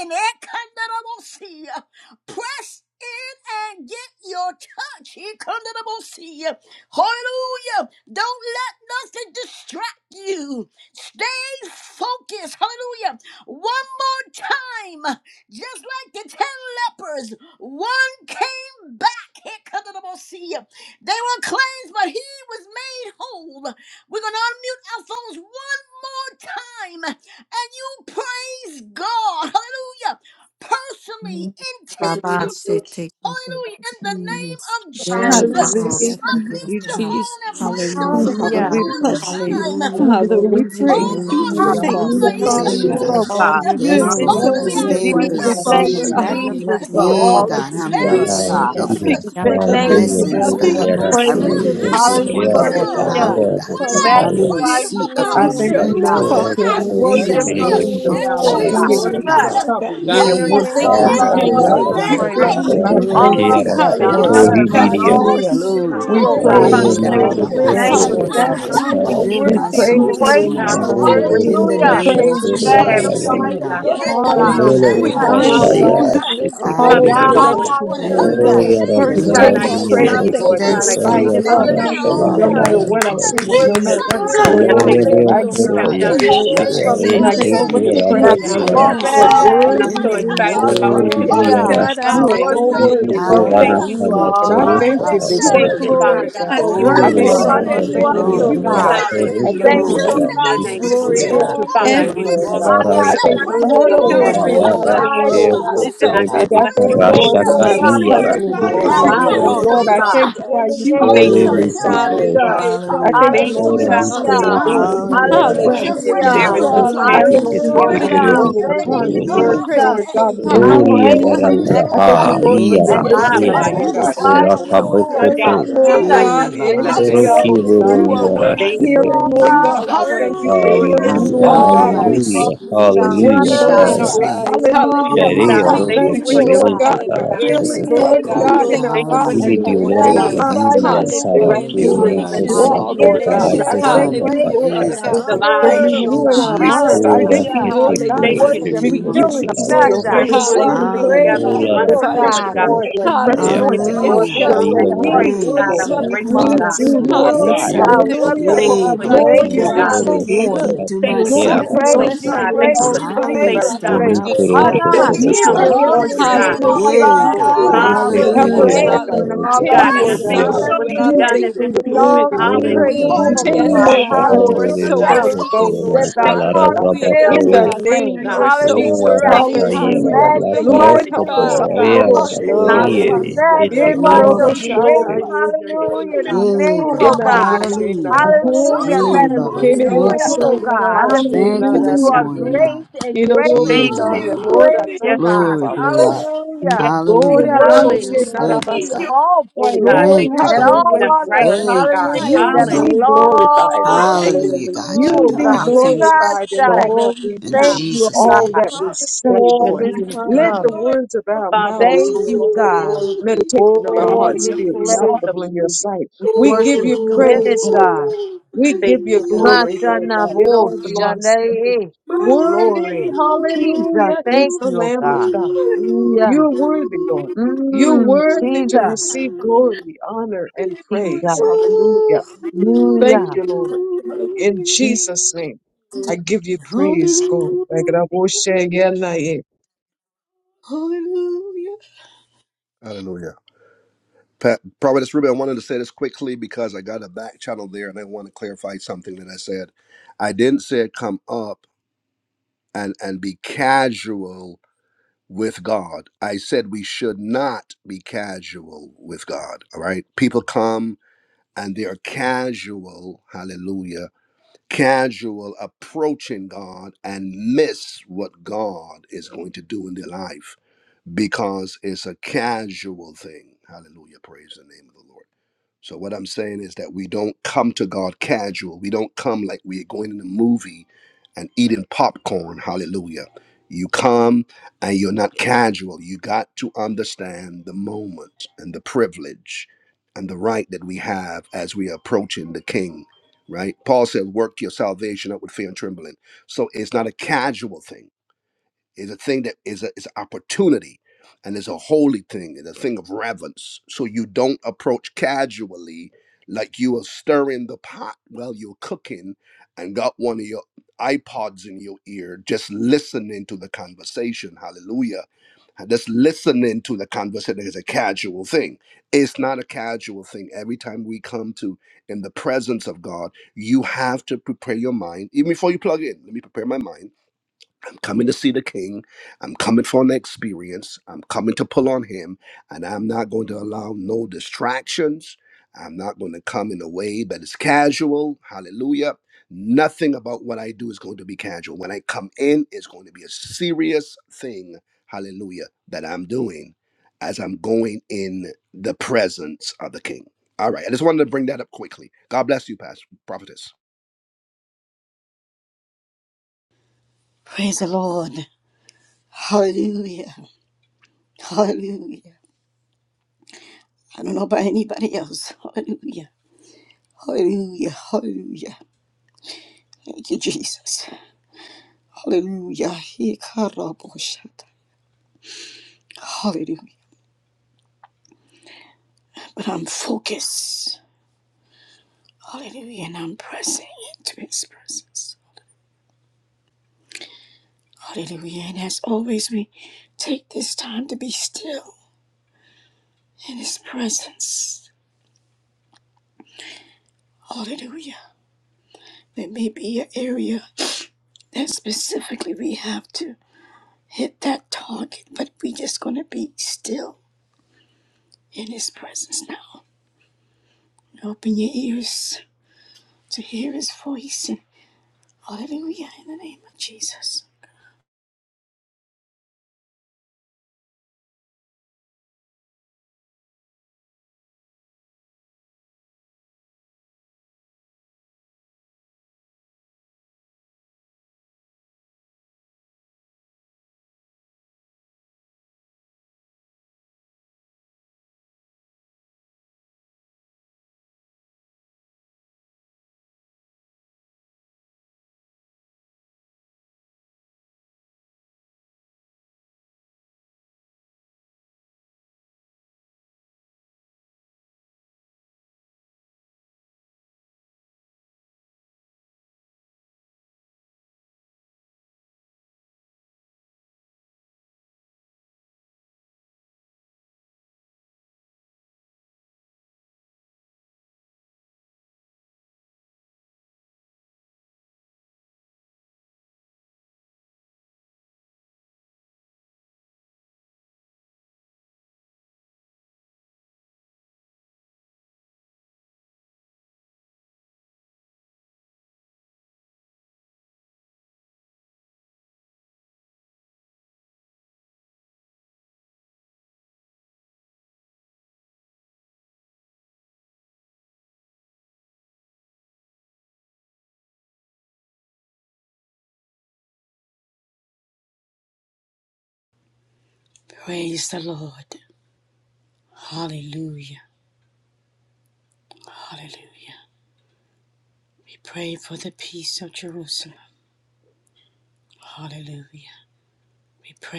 S1: in. Ekandarabosia. Press in and get your touch. Ekandarabosia. Hallelujah. Don't let nothing distract you. Stay focused. Hallelujah. One more time. Just like the ten lepers, one came back. Ekandarabosia. They were cleansed, but he was made whole. We're going to unmute our phones one more time and you praise God, hallelujah, personally,
S14: Baba
S2: Hallelujah.
S1: intentionally,
S14: said,
S2: Thank you.
S14: take me to
S1: hallelujah, in the name
S14: Jesus.
S1: of
S6: Thank you,
S14: Very
S1: Jesus.
S2: Hallelujah. Thank
S6: Jesus.
S2: you.
S9: Hallelujah.
S14: balanced
S6: Thank
S14: at
S9: Thank
S14: your
S9: you,
S1: Unmute
S6: you,
S1: your
S14: side.
S1: phone and praise
S9: Jesus.
S1: Him
S6: Lord. Thank you,
S1: one
S9: Father,
S14: Hallelujah.
S9: we
S6: Father
S1: more
S2: Hallelujah.
S6: God.
S9: bless you.
S1: time.
S14: Hallelujah.
S6: All the
S9: Father,
S14: Glory
S9: we
S14: to
S6: glory,
S14: your
S1: Oh
S6: Lord,
S9: praise
S14: name,
S6: and
S9: you.
S1: Lord,
S6: all
S9: We
S5: Jesus,
S9: thank you,
S14: Jesus.
S5: We
S1: Father, he
S5: honor
S2: Hallelujah.
S6: belongs to
S1: come
S9: Father
S1: to
S14: Glory
S2: Thank
S3: position,
S1: the
S6: you,
S5: you,
S14: to
S9: God.
S2: you,
S6: Lord.
S5: oh
S1: most
S3: God.
S2: Jesus.
S14: all
S5: God.
S1: high.
S14: you're
S6: I
S9: You have
S3: Yes,
S9: been
S6: receive
S3: Lord.
S9: so
S14: doing.
S3: I
S6: your
S5: Thank
S1: Hallelujah. I
S5: you,
S9: good
S2: Hallelujah,
S14: In
S3: stay
S6: word,
S14: the
S3: in
S9: to
S2: Lord
S9: me,
S6: Lord
S5: Jesus.
S2: God.
S14: name of
S6: God,
S1: Press
S14: Jesus,
S6: on
S2: We
S14: we
S5: Thank
S1: in
S9: Father.
S6: this
S5: you,
S3: position,
S9: I
S3: God.
S2: thank
S6: morning,
S1: your
S2: you,
S9: thank
S14: magnify
S5: Jesus,
S6: Lord
S9: you
S5: for
S14: you.
S6: God,
S9: for
S14: Oh,
S1: presence.
S6: and
S2: Jesus.
S5: all
S3: Yea,
S6: I
S9: all
S14: Rabba,
S5: that
S6: give
S9: that
S3: God,
S5: you've
S6: you
S3: I'm
S9: you've
S14: Sita,
S3: in
S2: We
S9: done.
S1: Hey,
S5: done,
S6: praise,
S14: Nara,
S6: Lord
S5: God.
S3: receipt of
S9: I
S2: position
S6: God.
S3: your
S9: thank
S5: We
S1: Jesus.
S9: you for
S5: say
S14: Yaka,
S6: I
S2: ourselves.
S5: thank
S6: thank
S14: Karo,
S5: you,
S6: you,
S2: God.
S4: hallelujah,
S9: deliverance. I
S3: blessings,
S6: Lord, for
S5: Jesus.
S9: thank
S3: God.
S4: glory
S6: what
S9: you
S5: We
S6: my
S14: Kete,
S9: for
S1: Rasikuramasi,
S3: I'm
S5: praise
S4: Arashta,
S14: Se.
S6: spirit
S1: What
S5: you.
S9: freedom
S3: in
S1: I
S9: in
S6: begins to
S1: have
S2: We
S9: you,
S6: hear
S3: receipt
S2: want
S6: and
S4: Wokuria,
S1: need
S3: of
S9: Father
S3: your
S6: what
S2: to
S6: my
S9: God.
S1: of,
S2: love
S5: Hallelujah.
S6: heart
S3: power,
S2: you,
S4: Tatarua,
S3: God.
S5: We
S1: what
S9: Father,
S1: I
S9: I
S6: receives,
S1: have
S3: I'm
S2: Jesus.
S3: in
S4: Bukataya,
S6: Lord.
S5: magnify
S9: repent
S1: prayed
S9: for
S3: receipt
S5: you,
S3: of
S9: getting
S6: I
S1: about.
S3: your
S6: thank
S5: oh
S6: you,
S2: Hallelujah,
S9: distracted.
S6: Lord,
S3: anointing,
S5: God.
S6: that
S3: God.
S9: Father
S4: Ashura,
S1: Lord,
S2: Lord
S6: your
S1: I
S2: God.
S7: Thank
S9: God,
S5: We
S7: you
S9: I'm
S6: word
S2: Thank you,
S3: In
S4: Kurosha,
S7: for
S5: worship
S3: the
S1: thank
S6: is,
S9: sorry.
S1: you.
S6: Lord,
S2: Father.
S3: name
S7: everything,
S4: Pehekebele,
S6: the
S5: you,
S3: of
S7: God,
S5: oh
S7: while
S2: We
S7: the
S5: God.
S4: Arasta,
S9: Forgive
S3: Jesus, oh
S7: waters
S9: me,
S1: Shetanamosi.
S4: Batu,
S7: were
S6: praise.
S2: glorify
S5: Yes.
S3: God.
S2: your
S9: Father God.
S7: troubled,
S2: holy
S5: We give
S7: God.
S6: and
S5: your
S3: Yea,
S9: I
S1: Hallelujah.
S5: name
S1: For
S3: God,
S6: worship
S9: thank
S1: the
S2: name.
S9: you
S5: all
S7: You
S4: Ado,
S6: is
S9: for
S3: have
S9: your
S6: our
S1: answer
S7: came
S4: Arbi,
S3: your
S1: is
S5: of
S9: love,
S2: We
S3: way,
S7: through,
S5: the
S1: on
S3: God.
S6: weapon,
S7: God.
S1: the
S9: your
S4: Arasta,
S6: Lord
S5: praise.
S6: God.
S2: magnify
S9: grace,
S1: way.
S6: And
S4: Toko,
S6: I
S9: and your
S7: Hallelujah.
S6: thank
S5: All
S3: Glory
S6: you
S3: to
S4: Arabake,
S5: of
S6: for
S9: mercy.
S5: the
S1: Hekanamosi.
S6: that,
S3: God.
S7: And
S4: Arasto,
S7: you
S6: Lord
S7: met
S3: Yes,
S6: God.
S7: the
S9: Hallelujah,
S5: honor
S2: you.
S3: God.
S1: I
S7: needs
S9: God.
S4: Tohi,
S7: of
S9: You
S3: King
S7: your
S5: belongs
S9: are
S3: of
S6: Hallelujah.
S5: to
S1: thank
S7: people,
S5: you,
S1: you,
S7: God.
S3: glory.
S9: such
S6: We
S9: a
S5: oh
S9: good,
S5: God.
S1: Lord.
S9: good
S2: Hallelujah,
S7: Father,
S6: praise
S5: So
S3: Hey,
S7: you
S3: da,
S6: you,
S2: Lord.
S7: know
S2: Thank
S3: ba,
S6: Lord,
S5: thank
S9: Father.
S4: Yarohoviro
S3: ba,
S6: in
S5: you,
S7: where
S1: Hallelujah.
S3: ba.
S7: we
S6: advance,
S5: thank
S3: Fill
S7: were,
S4: kotere
S5: you,
S6: Lord
S3: this
S7: God.
S1: I
S6: God.
S5: thank
S2: you,
S9: Hallelujah.
S3: house.
S5: you,
S9: You
S1: touch
S2: Father.
S9: are
S5: Jesus.
S1: he
S3: Fill
S7: Hallelujah.
S6: We
S3: my
S1: come
S4: yatarashata.
S1: to
S9: worthy,
S1: the
S5: We
S3: soul
S7: And
S6: praise
S1: most
S9: Lord.
S2: Jesus.
S6: you
S3: this
S7: thank you,
S5: praise
S6: in the
S9: You
S3: morning,
S7: God,
S9: are
S3: God.
S7: for
S5: you.
S2: Hallelujah,
S1: and
S4: Ambolo
S6: song, and we
S9: worthy,
S7: bringing
S2: Lord
S4: roko
S3: In
S7: us
S3: the
S7: to
S9: Lord.
S1: receive
S7: that
S5: Hallelujah.
S2: God.
S3: name
S7: place
S6: praise
S1: my
S7: where
S5: We
S3: of
S6: you,
S7: you
S4: pashatere
S7: would
S6: Lord,
S7: have
S6: in
S7: us
S2: Thank
S6: the
S2: you
S3: Jesus,
S7: to
S1: healing
S4: alarabara.
S2: for
S5: magnify
S3: Lord
S7: be,
S2: the
S9: Hallelujah.
S7: God.
S3: God.
S5: you,
S6: dance.
S2: word.
S1: in
S9: Yes,
S5: oh
S1: the
S9: God.
S7: In
S3: Oh,
S1: mighty
S5: God.
S7: you,
S4: Ambolo
S7: God.
S3: God.
S9: We
S1: name
S4: roko
S6: Hallelujah,
S1: of
S3: Have your
S9: bless
S6: Lord
S5: Our
S3: way,
S6: God.
S9: you
S7: Hallelujah.
S3: God.
S9: and
S1: Jesus.
S4: shayarashe
S9: we honor
S1: I
S3: Have
S5: invisible
S7: Father
S9: you,
S3: your
S4: tekerebe.
S1: thank
S7: God,
S6: Hallelujah.
S7: I'm
S1: you,
S3: way,
S5: God,
S6: Let us
S9: Father.
S3: God.
S6: be
S1: Lord.
S7: grateful.
S6: that
S3: Heal,
S4: O
S5: hallelujah.
S9: This
S3: God.
S1: Hallelujah.
S6: leader
S9: is
S6: to
S5: We
S1: Angels
S4: yaranagara
S9: personal,
S7: God,
S1: are
S5: praise
S6: continue
S3: Deliver,
S7: I
S6: to
S5: you,
S3: God.
S9: Father.
S4: viro
S9: I
S6: praise
S5: God,
S6: you,
S7: appreciate
S4: roko
S1: ascending
S7: you,
S6: Lord,
S9: thank
S5: praise
S9: you
S6: in
S3: Set
S1: and
S7: God.
S5: you,
S7: I
S9: for
S7: give
S4: kotori
S3: free,
S6: spite
S7: you
S5: God.
S3: God.
S9: freedom
S6: of
S7: glory,
S1: descending
S9: in you,
S7: honor, and
S3: In
S1: now
S4: yatarashalaka
S3: the
S6: no
S9: Father.
S5: Hallelujah.
S7: praise.
S6: matter
S3: name
S6: what
S1: in
S6: I
S3: of
S1: the
S6: see,
S5: We
S6: what
S4: yarashavibi.
S6: no
S1: name
S5: worship
S6: matter
S1: of
S6: what
S3: Jesus, oh
S6: is
S5: you
S3: God,
S7: And
S6: going
S7: I
S5: by
S6: on,
S1: Jesus.
S7: thank you
S4: Lerebe
S6: Lord.
S9: Hallelujah.
S7: for
S5: faith,
S6: I
S7: what
S5: oh
S3: release,
S7: you
S6: give
S4: okoro
S7: have
S6: you
S5: God,
S3: God.
S6: the
S5: in
S1: Angels
S7: done,
S9: Yes,
S1: are
S5: the
S3: In
S6: glory
S9: God.
S5: name of
S4: yashere
S6: and I
S1: ascending
S7: even
S3: Jesus'
S6: give
S7: for
S5: Jesus.
S1: and
S4: teko
S6: you
S7: what
S6: the
S9: Hallelujah.
S3: name,
S7: you're
S9: Yes,
S7: doing,
S5: That's
S4: rabatu
S6: praise,
S1: descending
S7: God.
S9: God.
S6: Lord.
S5: above
S1: now.
S6: For
S3: release, oh
S9: Hallelujah.
S4: yarashabatu.
S3: God.
S7: And
S1: Hashakone
S7: I'm
S5: every
S3: In
S6: worthy
S7: so
S3: the
S5: name.
S6: is
S4: O
S7: excited
S1: Messiah.
S6: the
S3: name
S7: about
S3: of
S7: what you're
S6: Lamb
S4: ribi
S7: going
S6: of
S9: Yes,
S7: to
S5: Hallelujah.
S1: Hallelujah.
S7: do.
S6: God.
S9: God,
S1: In the
S3: Jesus,
S6: You
S5: We
S3: oh
S4: yarashi.
S6: are
S3: God.
S1: name
S6: so
S5: worship
S1: of
S7: Hallelujah.
S9: hallelujah.
S5: you
S6: worthy,
S4: Ukoko
S9: Yes,
S5: for
S6: Lord
S9: God.
S7: Thank
S6: God.
S5: who
S7: you,
S1: Jesus.
S5: you
S4: ranakaba
S3: Hallelujah,
S7: Jesus.
S6: And I
S5: are.
S3: Jehovah
S6: thank
S4: korosha
S1: Hallelujah.
S9: God,
S6: you
S9: I
S5: We
S6: this
S9: give
S3: Hasso.
S9: you
S7: Thank
S1: We
S7: you,
S4: Kabake.
S6: morning,
S5: worship
S7: Father
S9: glory.
S6: Lord
S5: you
S1: give
S7: God.
S6: God.
S9: I
S5: for
S9: give
S5: what
S6: I
S9: you
S3: Holy
S6: thank
S9: all
S5: you
S6: you
S9: the
S5: are
S6: for my
S7: Hallelujah.
S3: Spirit,
S9: honor and
S5: to
S9: I
S5: us,
S3: flow
S6: family,
S4: Eberialarababukua,
S9: give
S5: oh
S9: you
S6: Lord
S3: through
S9: all
S5: God.
S6: God.
S3: me.
S9: the
S5: We
S6: I
S1: him
S7: Hallelujah.
S6: thank
S5: thank
S9: praise.
S6: you
S3: Flow
S5: you,
S6: for
S7: Glory
S4: Yakorukuara,
S5: oh
S9: You
S7: to
S3: through
S5: God,
S7: your
S9: get
S3: me
S9: the
S5: for
S7: name.
S5: what
S3: this
S5: you're
S9: glory
S3: morning,
S9: out
S4: Shitikiara,
S3: God.
S9: of
S6: spiritual
S5: going to
S7: Father, I
S3: Flow
S6: family,
S9: every
S7: give
S3: in
S5: do.
S7: you
S6: Lord
S7: all
S3: this
S7: the
S6: God.
S9: single
S7: glory,
S6: I
S3: house.
S7: all
S6: thank
S7: the
S9: thing
S4: Avarazada,
S6: you for
S7: honor,
S6: all
S7: and
S9: that's
S6: the
S5: Adashande,
S7: all
S3: In
S7: the
S9: come
S3: the
S9: out of
S6: bullshit
S7: praise,
S9: my
S6: now
S3: name
S4: Ababara,
S9: life,
S3: of
S7: God.
S6: in
S5: Lobosade,
S9: Father
S6: my
S9: God.
S6: you.
S3: Jesus,
S9: It's
S7: And
S3: oh
S5: Lisa.
S9: all
S7: I
S6: I
S3: God.
S9: been
S4: Shekotorebedi,
S9: for
S6: I
S7: bless
S5: We
S7: you
S6: thank
S9: your
S6: you,
S7: for
S3: In
S5: Thank
S7: being
S6: Lord,
S4: Karasha,
S5: you,
S6: for
S7: my
S9: purpose,
S5: oh
S6: my
S7: Lord.
S5: God,
S3: Jesus'
S9: for
S5: for
S3: name,
S9: your
S4: Kariara,
S5: what
S3: in the
S6: cousins,
S5: you
S3: mighty
S9: glory,
S6: Lord
S5: have
S9: for
S6: God.
S9: your
S3: name
S4: Fitirukuru,
S3: of
S5: done, oh
S6: Lord,
S9: honor,
S7: Hallelujah.
S6: I
S3: Jesus.
S9: Father
S5: God.
S6: thank you for
S9: God.
S5: In
S6: how
S5: the
S6: you
S9: You get
S7: Thank
S9: the
S6: keeping
S5: name
S7: you,
S6: them
S5: of
S3: Yay,
S9: praise.
S3: God.
S6: safe,
S7: Jesus.
S6: Lord
S4: Orebukurush,
S6: God.
S5: Jesus.
S1: heaven's
S9: Hallelujah. It's
S1: up
S6: I
S9: all
S3: Hallelujah,
S6: thank you,
S9: about
S7: Thank
S6: Lord,
S1: to
S7: you,
S6: for
S9: you,
S6: my
S3: Jesus.
S7: God.
S9: not
S6: sons
S1: his
S6: and
S9: about
S5: Hallelujah.
S4: Orabukorocho,
S6: daughters,
S1: throne.
S6: Lord, my
S7: Hallelujah.
S3: Hallelujah, God.
S4: Tikiabarasha,
S9: Hallelujah.
S6: grandchildren,
S9: Yes,
S4: Ia,
S7: There
S5: Hallelujah.
S7: is
S6: Lord.
S7: no
S9: God, I
S1: anointing.
S6: I
S3: Hallelujah,
S7: failure
S6: thank
S3: God,
S6: you,
S3: to
S9: bless
S7: in
S3: the
S9: you
S7: you,
S6: Lord, for
S9: and
S7: God.
S9: I
S3: Lamb.
S5: Hallelujah.
S9: honor
S7: Thank
S6: moving
S1: Hallelujah,
S7: you,
S1: that
S5: Thank
S9: you.
S1: they
S6: upon
S1: can
S5: you,
S1: go
S6: the
S9: I
S7: Jesus.
S4: Tikitikerebukutoleveduba,
S6: earth,
S3: Yay,
S1: out
S3: God.
S5: Jesus.
S6: Lord
S9: praise
S6: God,
S9: you.
S1: today
S6: and in
S5: We
S6: the
S3: Mm.
S4: Boria
S6: heavens,
S9: Hallelujah.
S5: praise
S6: Lord
S1: and
S9: I
S6: God.
S7: Hallelujah.
S5: you
S1: minister.
S6: I thank
S3: God
S9: magnify
S6: you,
S4: Varazaha,
S3: who
S6: Lord,
S9: you.
S6: for
S3: reigns
S1: Hallelujah,
S4: Iara,
S3: in
S5: and
S1: with
S9: Yes,
S5: we
S1: the
S7: Ah,
S3: victory
S9: God,
S7: Baba,
S3: and
S6: deliverance,
S4: Iara,
S6: Lord
S1: fire
S7: you
S1: of
S9: you
S7: da
S9: are
S6: God.
S1: the
S7: da
S3: majesty and
S1: Holy
S7: da
S5: magnify
S9: such a
S3: in
S7: boy.
S4: Kotoraka
S5: you,
S9: good,
S3: power,
S1: Ghost.
S9: good
S5: oh
S3: God.
S7: Sunday,
S4: Bokoto,
S6: Healing,
S7: you,
S9: Father.
S6: Lord
S7: my,
S5: God.
S7: ya,
S3: Yay,
S6: God,
S9: Hallelujah.
S7: da
S3: Baba,
S5: And
S7: da da,
S3: I
S6: it's
S5: we
S9: Yes,
S7: boy.
S6: that
S9: God,
S4: Oroki
S5: give
S3: receive
S6: almost
S5: your
S7: Sunday.
S4: Boro
S3: that
S9: you are
S3: now,
S4: Iara,
S1: Hallelujah,
S3: God.
S7: Thank
S9: worthy,
S5: name
S3: In
S7: you,
S3: the
S9: Lord.
S6: Healing,
S4: Shepet.
S5: all
S6: Lord
S9: You
S7: Jesus.
S3: name
S5: of
S6: God.
S3: of,
S9: are
S5: the
S6: I thank
S5: praise.
S6: you
S9: worthy,
S6: for
S9: Lord.
S3: I
S6: healing,
S9: Yes,
S4: Hallelujah,
S6: Lord
S9: God,
S1: hallelujah,
S7: Mm,
S3: believe
S6: God,
S3: I
S9: we
S7: glory
S5: All
S7: to
S9: thank
S4: hallelujah,
S5: of
S3: receive.
S9: you
S7: your
S9: for
S5: the
S9: what
S7: name.
S9: you're
S3: In
S7: Yes,
S6: when we
S4: hallelujah,
S6: don't
S9: doing in
S7: God.
S5: honors
S4: Father.
S9: our
S3: Jesus'
S6: understand.
S5: that
S3: name.
S1: Jesus,
S9: lives.
S3: In
S7: Yes,
S3: the
S6: Hallelujah.
S9: Hallelujah.
S5: belong
S9: We
S1: my
S5: to
S4: Sharia
S3: mighty
S6: I
S7: God.
S9: thank
S1: God.
S9: you
S3: name
S7: Thank
S4: rosa
S3: of
S9: for
S7: you
S6: thank
S7: for
S6: you,
S9: what you're
S5: you,
S7: your
S3: Jesus.
S6: Lord
S4: toveni que
S9: doing
S6: God,
S5: God.
S9: in
S7: presence,
S6: for
S9: our
S7: God.
S4: tarasso
S5: We
S3: Yes,
S6: healing,
S3: oh
S9: areas,
S4: rosa
S3: God.
S1: Hey,
S6: Lord
S9: Father
S5: praise
S9: God.
S4: toveni.
S9: We
S6: God, in
S5: you
S9: thank
S6: our
S9: you
S7: Thank
S9: for
S1: Kondorobo
S7: you
S6: bodies
S7: for
S9: what
S7: your
S9: you're
S4: Ibi
S5: and
S3: Hallelujah, God.
S5: we
S7: Holy
S9: doing
S1: Sikera
S9: in
S6: in our
S9: this
S3: Yay,
S4: rioloroso
S7: Spirit,
S6: minds,
S5: magnify
S3: God.
S6: in
S4: vivi
S6: our
S1: Basataya.
S3: I
S5: you
S4: antara
S9: Hallelujah.
S7: rest
S6: spirit
S9: In
S4: che
S9: this
S6: to
S7: ruling
S3: believe
S7: and
S3: I
S5: and
S9: nation and
S5: we
S4: vorocoro
S6: walk,
S3: receive.
S7: abiding
S9: all
S7: in
S9: the
S7: this
S6: Lord
S5: give your
S6: God.
S3: It
S4: alcampara
S7: place,
S9: nations.
S3: is
S6: I
S1: Jesus,
S5: name
S4: coto
S7: God,
S6: thank
S3: done,
S6: you,
S3: God.
S9: Hallelujah.
S5: praise
S3: It
S6: Lord
S4: vapaccia
S9: Father
S5: and
S3: is
S6: God,
S7: in
S9: God,
S3: done.
S7: the
S9: we
S4: capo.
S5: honor,
S6: for
S7: lives
S9: praise
S1: thank
S7: of
S1: you,
S7: your
S5: oh
S9: you.
S3: In
S6: renewing
S1: Lord,
S6: our
S5: God.
S7: people,
S9: We
S3: Jesus'
S6: minds.
S7: Father
S6: I
S1: for
S7: God.
S4: Ora
S9: reverence
S3: name.
S6: thank
S1: your
S9: you.
S6: you,
S5: Hallelujah.
S4: che
S6: Lord
S4: kore
S3: In
S5: We
S3: the
S6: God,
S7: Thank
S6: for
S9: Hallelujah.
S3: mighty
S7: you,
S4: coresce
S5: worship
S1: visitation,
S4: di
S9: We
S3: name of
S7: Jesus,
S9: give
S5: you,
S4: corete
S6: refilling
S9: you
S6: us
S4: la
S6: with
S3: Jesus.
S6: your
S7: for
S1: for
S9: glory.
S5: Nasha,
S6: Holy
S1: your
S7: everyone
S5: and we
S6: Spirit,
S7: coming
S1: dwelling,
S9: Hallelujah.
S6: Lord
S9: We
S6: God,
S7: together
S5: praise
S7: on
S4: Ola
S3: Hallelujah.
S5: you,
S7: one
S6: with
S5: oh
S4: ralta
S9: magnify
S6: fresh
S4: koro
S7: accord,
S9: you.
S5: God.
S7: God,
S6: oil
S5: We
S4: coresce
S6: and fresh
S7: to
S4: taia
S5: use
S7: give
S9: Hallelujah.
S6: anointing,
S7: you
S4: cara.
S5: our
S6: Lord,
S9: Yes,
S3: Hallelujah.
S1: for
S7: glory,
S1: your
S9: God,
S6: because
S3: Give
S6: we
S5: weapon
S4: Shaia
S7: honor,
S3: you
S9: you
S7: and
S1: dwelling
S9: are
S5: of
S6: need
S7: praise,
S6: it,
S4: vorocco
S9: good,
S7: God.
S4: ti
S6: Lord.
S3: praise,
S7: I'm
S3: oh
S9: good
S5: worship.
S6: We
S3: God.
S7: grateful,
S1: among
S4: arassade.
S6: need
S9: Father.
S7: God.
S5: We
S1: us
S6: you,
S3: On the
S6: Lord God.
S5: use
S4: Ashio
S9: Hallelujah.
S3: inside,
S5: our
S9: There's
S4: rosa
S3: God.
S6: Hallelujah.
S5: weapon
S7: Thank
S9: nobody
S7: you
S3: Yay,
S5: of
S7: for
S4: tolorosa
S7: your
S1: corporately
S9: like
S3: Baba.
S6: Lord,
S4: vivi
S9: you.
S7: people,
S6: you've
S4: e
S5: praise
S1: together.
S6: been
S7: God.
S5: this
S3: I
S6: so
S3: can't
S4: coresce
S9: Hallelujah.
S6: good.
S3: keep
S5: morning.
S3: to
S4: capa
S7: Thank
S1: You're
S7: you
S6: Lord,
S4: che
S7: for
S9: I
S5: We
S6: you've
S1: here,
S7: this
S9: will
S3: myself.
S6: been
S5: praise
S1: you're
S6: so
S7: place,
S1: here,
S9: bless
S5: you,
S4: arassade.
S6: kind
S9: you
S7: God.
S1: you're
S6: in
S9: at
S7: Thank
S5: praise
S3: I
S7: you
S1: here,
S9: all
S7: for
S5: you,
S7: this
S1: you're
S6: spite
S9: times.
S6: of
S1: here.
S3: highly
S5: praise
S7: space,
S5: you,
S9: Hallelujah.
S3: stirring
S5: praise
S7: God,
S6: ourselves,
S5: you.
S3: up
S6: Lord
S9: No
S3: from
S6: God.
S9: matter
S3: the
S4: Ubukorosho
S7: that
S1: You're
S9: what
S5: Allah,
S7: we
S3: depths
S6: You
S9: it
S7: can
S3: of
S2: Give
S9: looked
S5: we
S1: here,
S3: my.
S7: come
S9: like.
S2: us
S6: still
S5: give
S1: God
S4: tobokoroshe
S2: what
S7: before
S6: love
S5: your
S1: is
S7: you,
S6: us. You
S7: God.
S5: name
S6: still
S4: tekebere.
S1: here.
S5: all
S9: Hallelujah.
S6: care,
S9: No
S3: Yay,
S1: And
S9: matter
S6: Lord
S2: we
S3: God.
S1: I
S9: what
S6: God.
S9: it
S5: love.
S1: will
S2: need.
S5: We
S1: see
S9: felt
S6: Help
S4: Etekere
S9: like.
S7: Hallelujah.
S6: us, Lord
S3: Hallelujah.
S5: praise
S6: God.
S5: and
S2: Lord God.
S4: abakorosho
S9: Hallelujah,
S5: all of
S6: Continue,
S7: God,
S9: God. I
S7: and
S5: the
S7: I
S6: Lord
S1: Christ,
S7: thank you
S6: God,
S2: You
S9: bless
S7: for
S2: know
S7: what
S9: you
S6: to
S9: and
S2: the
S4: tokoriyarashe.
S9: I
S7: you've
S6: use
S5: honor
S6: us
S7: done
S9: thank
S7: in
S6: for
S7: this
S9: you.
S2: places,
S6: your
S7: moment.
S5: belongs
S6: glory,
S9: I
S5: to
S6: Lord
S4: Loro
S6: God.
S7: Hallelujah.
S9: praise
S5: you,
S9: you.
S5: oh
S6: Continue,
S9: Yes,
S2: hallelujah,
S1: hallelujah.
S5: God.
S6: Lord
S4: zabiyarasha
S9: God.
S6: God, to
S9: You are
S7: Glory
S6: give
S7: to
S6: us
S2: Lord
S4: hundovere
S9: so
S7: God.
S2: God,
S1: Stretch
S6: holy
S5: Hallelujah.
S9: worthy,
S4: rutokoro
S1: forth.
S5: With
S6: boldness,
S9: Lord.
S5: a
S6: Lord
S7: Thank you for
S5: heart
S7: what
S4: nakalarasa
S6: God.
S7: you
S9: Hallelujah.
S7: have done
S5: filled
S9: Yes,
S6: In
S7: for
S2: that
S4: bakoro.
S5: with
S6: the
S7: your
S9: God.
S7: people,
S5: praise.
S6: name
S9: You
S6: of
S7: God.
S9: are so
S6: Jesus.
S5: Hallelujah.
S7: Thank you
S4: Uvaraka
S9: worthy.
S7: for what
S5: We
S1: Jesus,
S7: you will
S6: Hallelujah.
S9: Hallelujah.
S4: yelavalasa
S7: continue
S5: magnify
S2: you
S6: Lord,
S9: Yes,
S7: to
S5: you,
S6: help
S7: do,
S4: rokoto
S6: us.
S7: God.
S9: God.
S5: oh
S6: out with
S5: God.
S6: Obo
S1: hallelujah.
S9: Hallelujah.
S5: We
S3: Glory.
S1: Rabba
S6: Shenaye.
S2: you
S4: vayarabakoriere
S7: Hallelujah.
S3: In the
S1: Shanda,
S6: Ema
S1: Rabba
S3: name
S5: magnify
S6: Robo
S5: your
S3: of
S1: Sita,
S3: Jesus.
S4: etekeyarashe.
S5: great,
S7: Glory
S1: Rabba
S7: to
S6: Shanaye
S1: Sita.
S7: your
S6: Ke.
S7: name,
S5: hallelujah,
S2: see
S7: Father.
S3: Yay,
S1: Oh,
S5: name, oh
S3: God.
S6: Ema
S1: Rabba
S6: Robo
S5: God.
S1: Shata, yeah.
S3: Hallelujah.
S7: Glory
S5: Hallelujah.
S6: Shenarabasaya.
S7: to
S2: every
S1: Lord,
S3: Yay,
S5: Let
S7: your
S5: it be
S3: Baba.
S7: name.
S2: morning,
S6: Kelele
S1: thank
S2: God,
S3: Thank you,
S5: known,
S1: you.
S5: oh
S6: Yaso
S2: over
S3: God.
S2: me.
S5: God.
S6: Darabashe
S3: Thank you
S5: That you
S3: this
S5: are
S7: Hallelujah.
S3: morning,
S6: Narabriye.
S3: God.
S5: great and
S6: Ino
S5: greatly
S6: Robo
S7: Thank
S3: Jada
S5: to
S7: you,
S6: Tanya.
S5: be
S3: Baha.
S6: Lord,
S2: Hallelujah,
S6: I
S7: Jesus.
S2: thank
S5: praised, oh
S7: Yes,
S6: thank you,
S5: God.
S7: God.
S3: Glory,
S2: you,
S6: Father
S1: Ooh,
S6: God.
S3: glory.
S5: Hallelujah.
S6: Lord,
S5: You're
S1: thank you.
S6: I
S3: Hallelujah,
S6: will
S5: worthy,
S3: Jesus.
S7: Hallelujah.
S3: Thank you,
S2: thank
S5: hallelujah,
S6: say,
S2: you.
S5: of
S3: God.
S5: all
S7: Oh,
S5: praise
S7: God,
S6: Lord,
S7: thank
S3: Thank
S7: you
S3: you,
S6: have
S7: for
S5: and
S1: Hallelujah.
S6: your
S3: God.
S5: all
S7: meeting us
S6: way, Lord
S7: right
S5: honor,
S6: God.
S7: here,
S3: Thank you,
S7: God.
S2: Thank you.
S3: God.
S5: hallelujah,
S6: You
S5: that
S6: be
S1: God,
S3: Mm.
S7: Hallelujah.
S6: glorified, oh
S2: I
S5: belongs
S6: God.
S2: thank
S5: to
S2: you for
S7: Glory
S3: Hallelujah,
S2: what
S5: you,
S7: to
S6: You
S3: God. You
S7: God.
S2: you're
S5: oh
S2: doing
S3: do
S6: be
S1: God,
S2: right
S5: God.
S3: all
S1: you're
S2: now.
S3: things
S1: here.
S5: Not
S3: well.
S6: glorified in all
S5: that.
S6: that
S7: Glory
S6: we
S5: We
S7: to
S3: In
S6: do
S7: God.
S5: thank
S6: and
S5: you, oh
S3: Jesus'
S2: Thank
S1: You're
S5: God,
S1: here.
S6: all
S2: you,
S3: name.
S6: that we
S2: Father.
S7: Bless
S6: say,
S5: for
S7: your
S6: Lord.
S5: this
S7: name,
S2: I
S6: Let
S7: Jesus.
S6: the
S5: time.
S2: glorify
S6: words of
S2: your holy
S6: our
S5: We
S7: Father, we
S2: name.
S6: mouths,
S7: give
S5: thank
S7: you
S6: Lord
S5: you,
S7: all the
S6: God,
S5: God,
S7: glory
S6: meditation of
S7: and
S6: our
S7: all the
S5: for
S6: hearts
S5: this
S7: honor
S6: be
S2: Hallelujah,
S7: and
S2: Lord
S5: place.
S7: all
S2: God.
S7: the
S6: acceptable in your
S7: praise
S6: sight.
S5: We
S6: We give
S5: worship
S7: in
S6: you
S5: you
S2: Oh,
S7: Jesus'
S5: in it,
S6: praise, Lord
S7: name.
S5: God.
S6: God.
S2: my
S6: We
S2: God.
S6: give
S7: Thank
S6: you
S7: you,
S6: glory, Lord God. It
S5: Masanabo
S6: all belongs to
S7: God.
S6: you.
S5: Shandai.
S2: My God.
S6: Worthy,
S5: Glory. Jesus,
S6: hallelujah,
S5: thank
S6: is the
S5: you, oh
S6: Lamb of
S5: God.
S6: God.
S5: Hallelujah.
S6: You're worthy, Lord. You're
S5: Mm,
S6: worthy to
S5: Jesus,
S6: receive glory, honor, and
S2: Hallelujah.
S6: praise.
S5: Jesus.
S6: Hallelujah. Thank
S5: Hallelujah.
S6: you, Lord.
S2: Hallelujah.
S6: In
S1: Hallelujah.
S6: Jesus' name, I
S2: hallelujah.
S6: give you praise, God.
S16: Hallelujah. Pat, Providence Ruby, I wanted to say this quickly because I got a back channel there and I want to clarify something that I said. I didn't say come up and, and be casual with God. I said we should not be casual with God. All right. People come and they are casual, hallelujah, casual approaching God and miss what God is going to do in their life because it's a casual thing. Hallelujah. Praise the name of the Lord. So, what I'm saying is that we don't come to God casual. We don't come like we're going in a movie and eating popcorn. Hallelujah. You come and you're not casual. You got to understand the moment and the privilege and the right that we have as we are approaching the King, right? Paul said, Work your salvation up with fear and trembling. So, it's not a casual thing is a thing that is a is an opportunity and is a holy thing and a thing of reverence. So you don't approach casually like you are stirring the pot while you're cooking and got one of your iPods in your ear, just listening to the conversation. Hallelujah. And just listening to the conversation is a casual thing. It's not a casual thing. Every time we come to in the presence of God, you have to prepare your mind, even before you plug in. Let me prepare my mind I'm coming to see the king. I'm coming for an experience. I'm coming to pull on him. And I'm not going to allow no distractions. I'm not going to come in a way that is casual. Hallelujah. Nothing about what I do is going to be casual. When I come in, it's going to be a serious thing. Hallelujah. That I'm doing as I'm going in the presence of the king. All right. I just wanted to bring that up quickly. God bless you, Pastor Prophetess.
S1: Praise the Lord. Hallelujah. Hallelujah. I don't know about anybody else. Hallelujah. Hallelujah. Hallelujah. Thank you, Jesus. Hallelujah. He karaboshata. Hallelujah. But I'm focused. Hallelujah. And I'm pressing into his presence. Hallelujah. And as always, we take this time to be still in His presence. Hallelujah. There may be an area that specifically we have to hit that target, but we just going to be still in His presence now. Open your ears to hear His voice and hallelujah. Praise the Lord. Hallelujah. Hallelujah. We pray for the peace of Jerusalem. Hallelujah. We praise.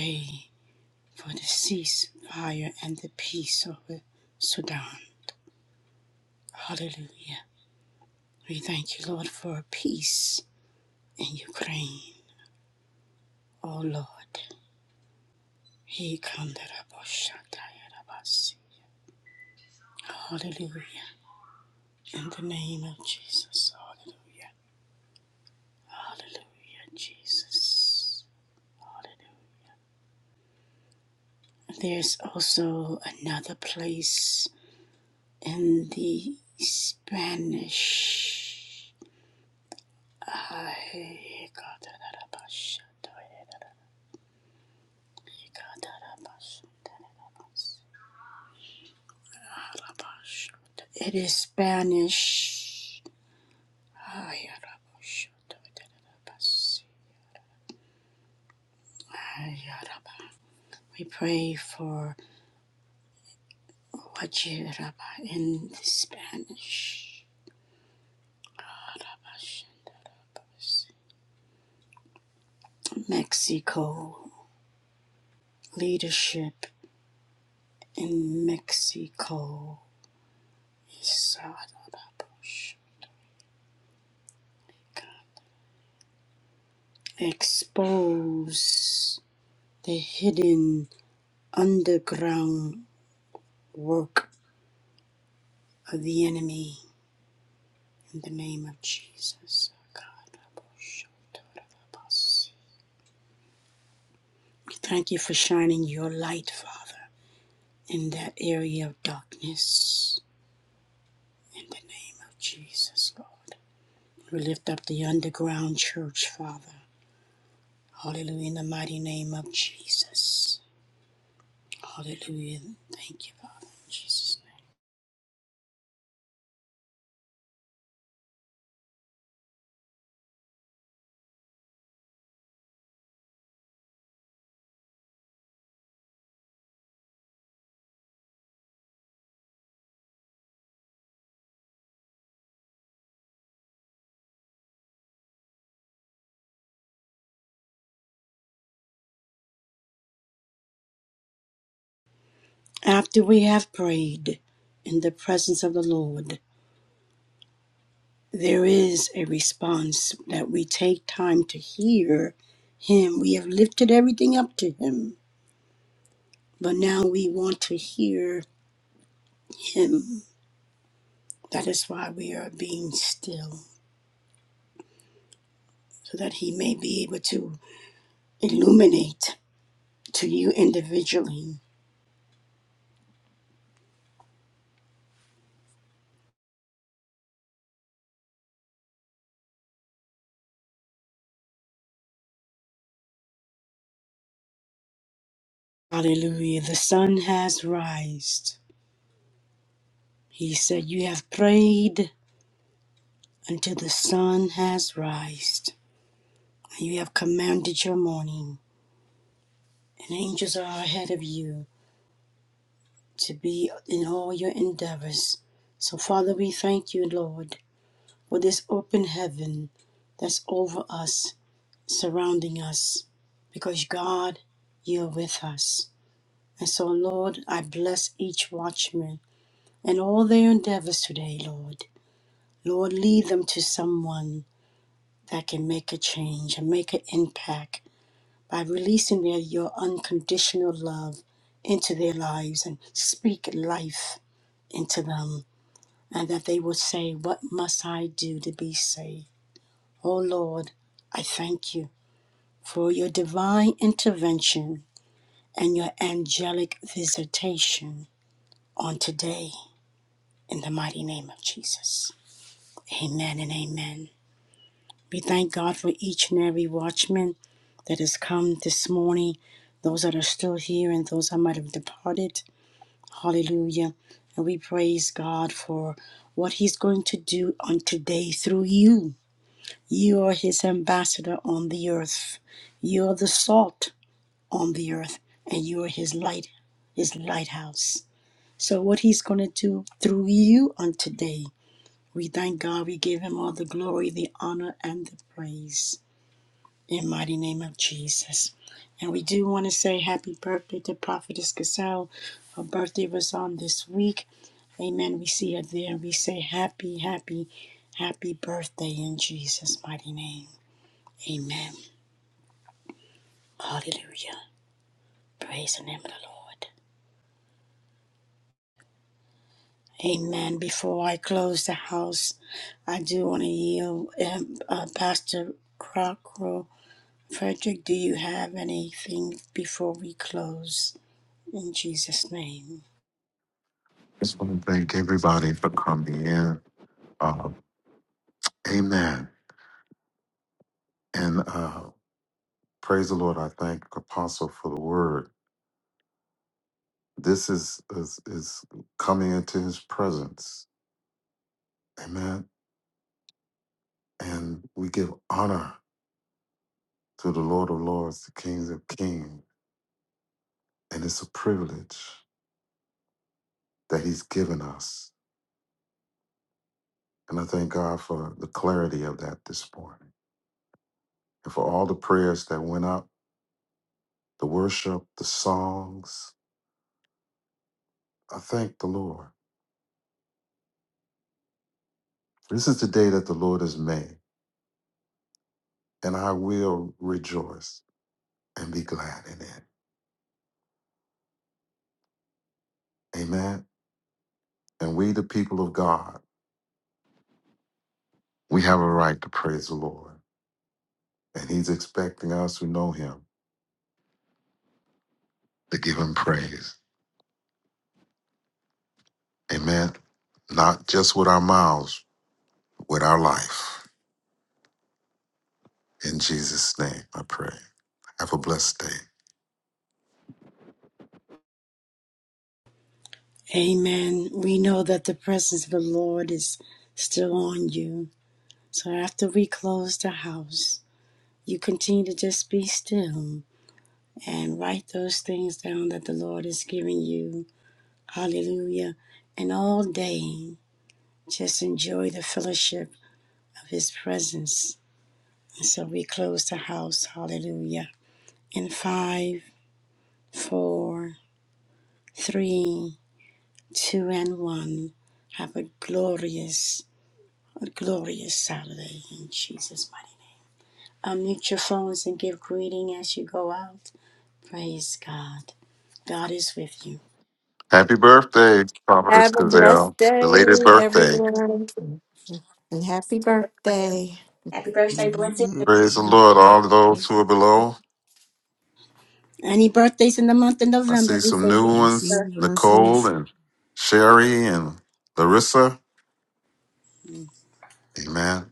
S1: Hallelujah. There's also another place in the Spanish. It is Spanish. We pray for Wajiraba in Spanish. Mexico, leadership in Mexico. Expose the hidden underground work of the enemy in the name of Jesus. Thank you for shining your light, Father, in that area of darkness in the name of Jesus, Lord. We lift up the underground church, Father. Hallelujah, in the mighty name of Jesus. Hallelujah. Thank you, Father. After we have prayed in the presence of the Lord, there is a response that we take time to hear him. We have lifted everything up to him, but now we want to hear him. That is why we are being still, so that he may be able to illuminate to you individually. Hallelujah. The sun has rised. He said, You have prayed until the sun has rised. You have commanded your morning, and angels are ahead of you to be in all your endeavors. So, Father, we thank you, Lord, for this open heaven that's over us, surrounding us, because God, you're with us. And so, Lord, I bless each watchman and all their endeavors today, Lord. Lord, lead them to someone that can make a change and make an impact by releasing their, your unconditional love into their lives and speak life into them Hallelujah. And we praise God for what He's going to do on today through you. You are His ambassador on the earth. You are the salt on the earth, and you are His light, His lighthouse. So, what He's going to do through you on today, we thank God. We give Him all the glory, the honor, and the praise. In the mighty name of Jesus. We do want to say happy birthday to Prophetess Gazelle. Her birthday was on this week. Amen. We see her there. We say happy, happy, happy birthday in Jesus' mighty name. Amen. Hallelujah. Praise the name of the Lord. Amen. Before I close the house, I do want to yield um, uh, Pastor Crocker. Frederick, do you have anything before we close? In Jesus' name.
S11: just want to thank everybody for coming in. Uh, amen. And uh, praise the Lord. I thank Apostle for the word. This is, is is coming into His presence. Amen. And we give honor to the Lord of Lords, the Kings of Kings, and it's a privilege that He's given us. And I thank God for the clarity of that this morning. and for all the prayers that went up, the worship, the songs. I thank the Lord. This is the day that the Lord has made, and I will rejoice and be glad in it. Amen. And we, the people of God, we have a right to praise the Lord, and He's expecting us who know Him to give Him praise. Amen. Not just with our mouths, with our life. In Jesus' name, I pray. Have a blessed day.
S1: We know that the presence of the Lord is still on you. After we close the house, you continue to just be still and write those things down that the Lord is giving you. Hallelujah. And all day, just enjoy the fellowship of His presence. So we close the house. Hallelujah. In five, four, three, two, and one. Have a glorious, a glorious Saturday in Jesus' name. Unmute your phones and give greeting as you go out. Praise God. God is with you.
S11: Happy birthday, Providence
S14: Have a blessed
S11: Gazelle. Belated
S14: day,
S11: birthday.
S14: everyone, and happy birthday.
S2: Happy birthday, blessed.
S3: Mhm.
S11: Praise the Lord, all of those who are below.
S1: Any birthdays in the month of
S11: I
S1: November,
S11: see
S1: we
S11: some
S1: say
S11: new ones
S3: Blessings,
S11: Nicole
S3: blessings,
S11: and Sherry and Larissa.
S1: happy.
S11: Amen.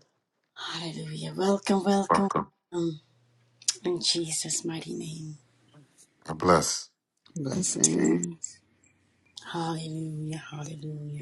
S1: Hallelujah. Welcome, welcome,
S11: Welcome.
S1: welcome in Jesus' mighty name.
S11: God bless.
S3: blessings.
S1: Hallelujah, hallelujah.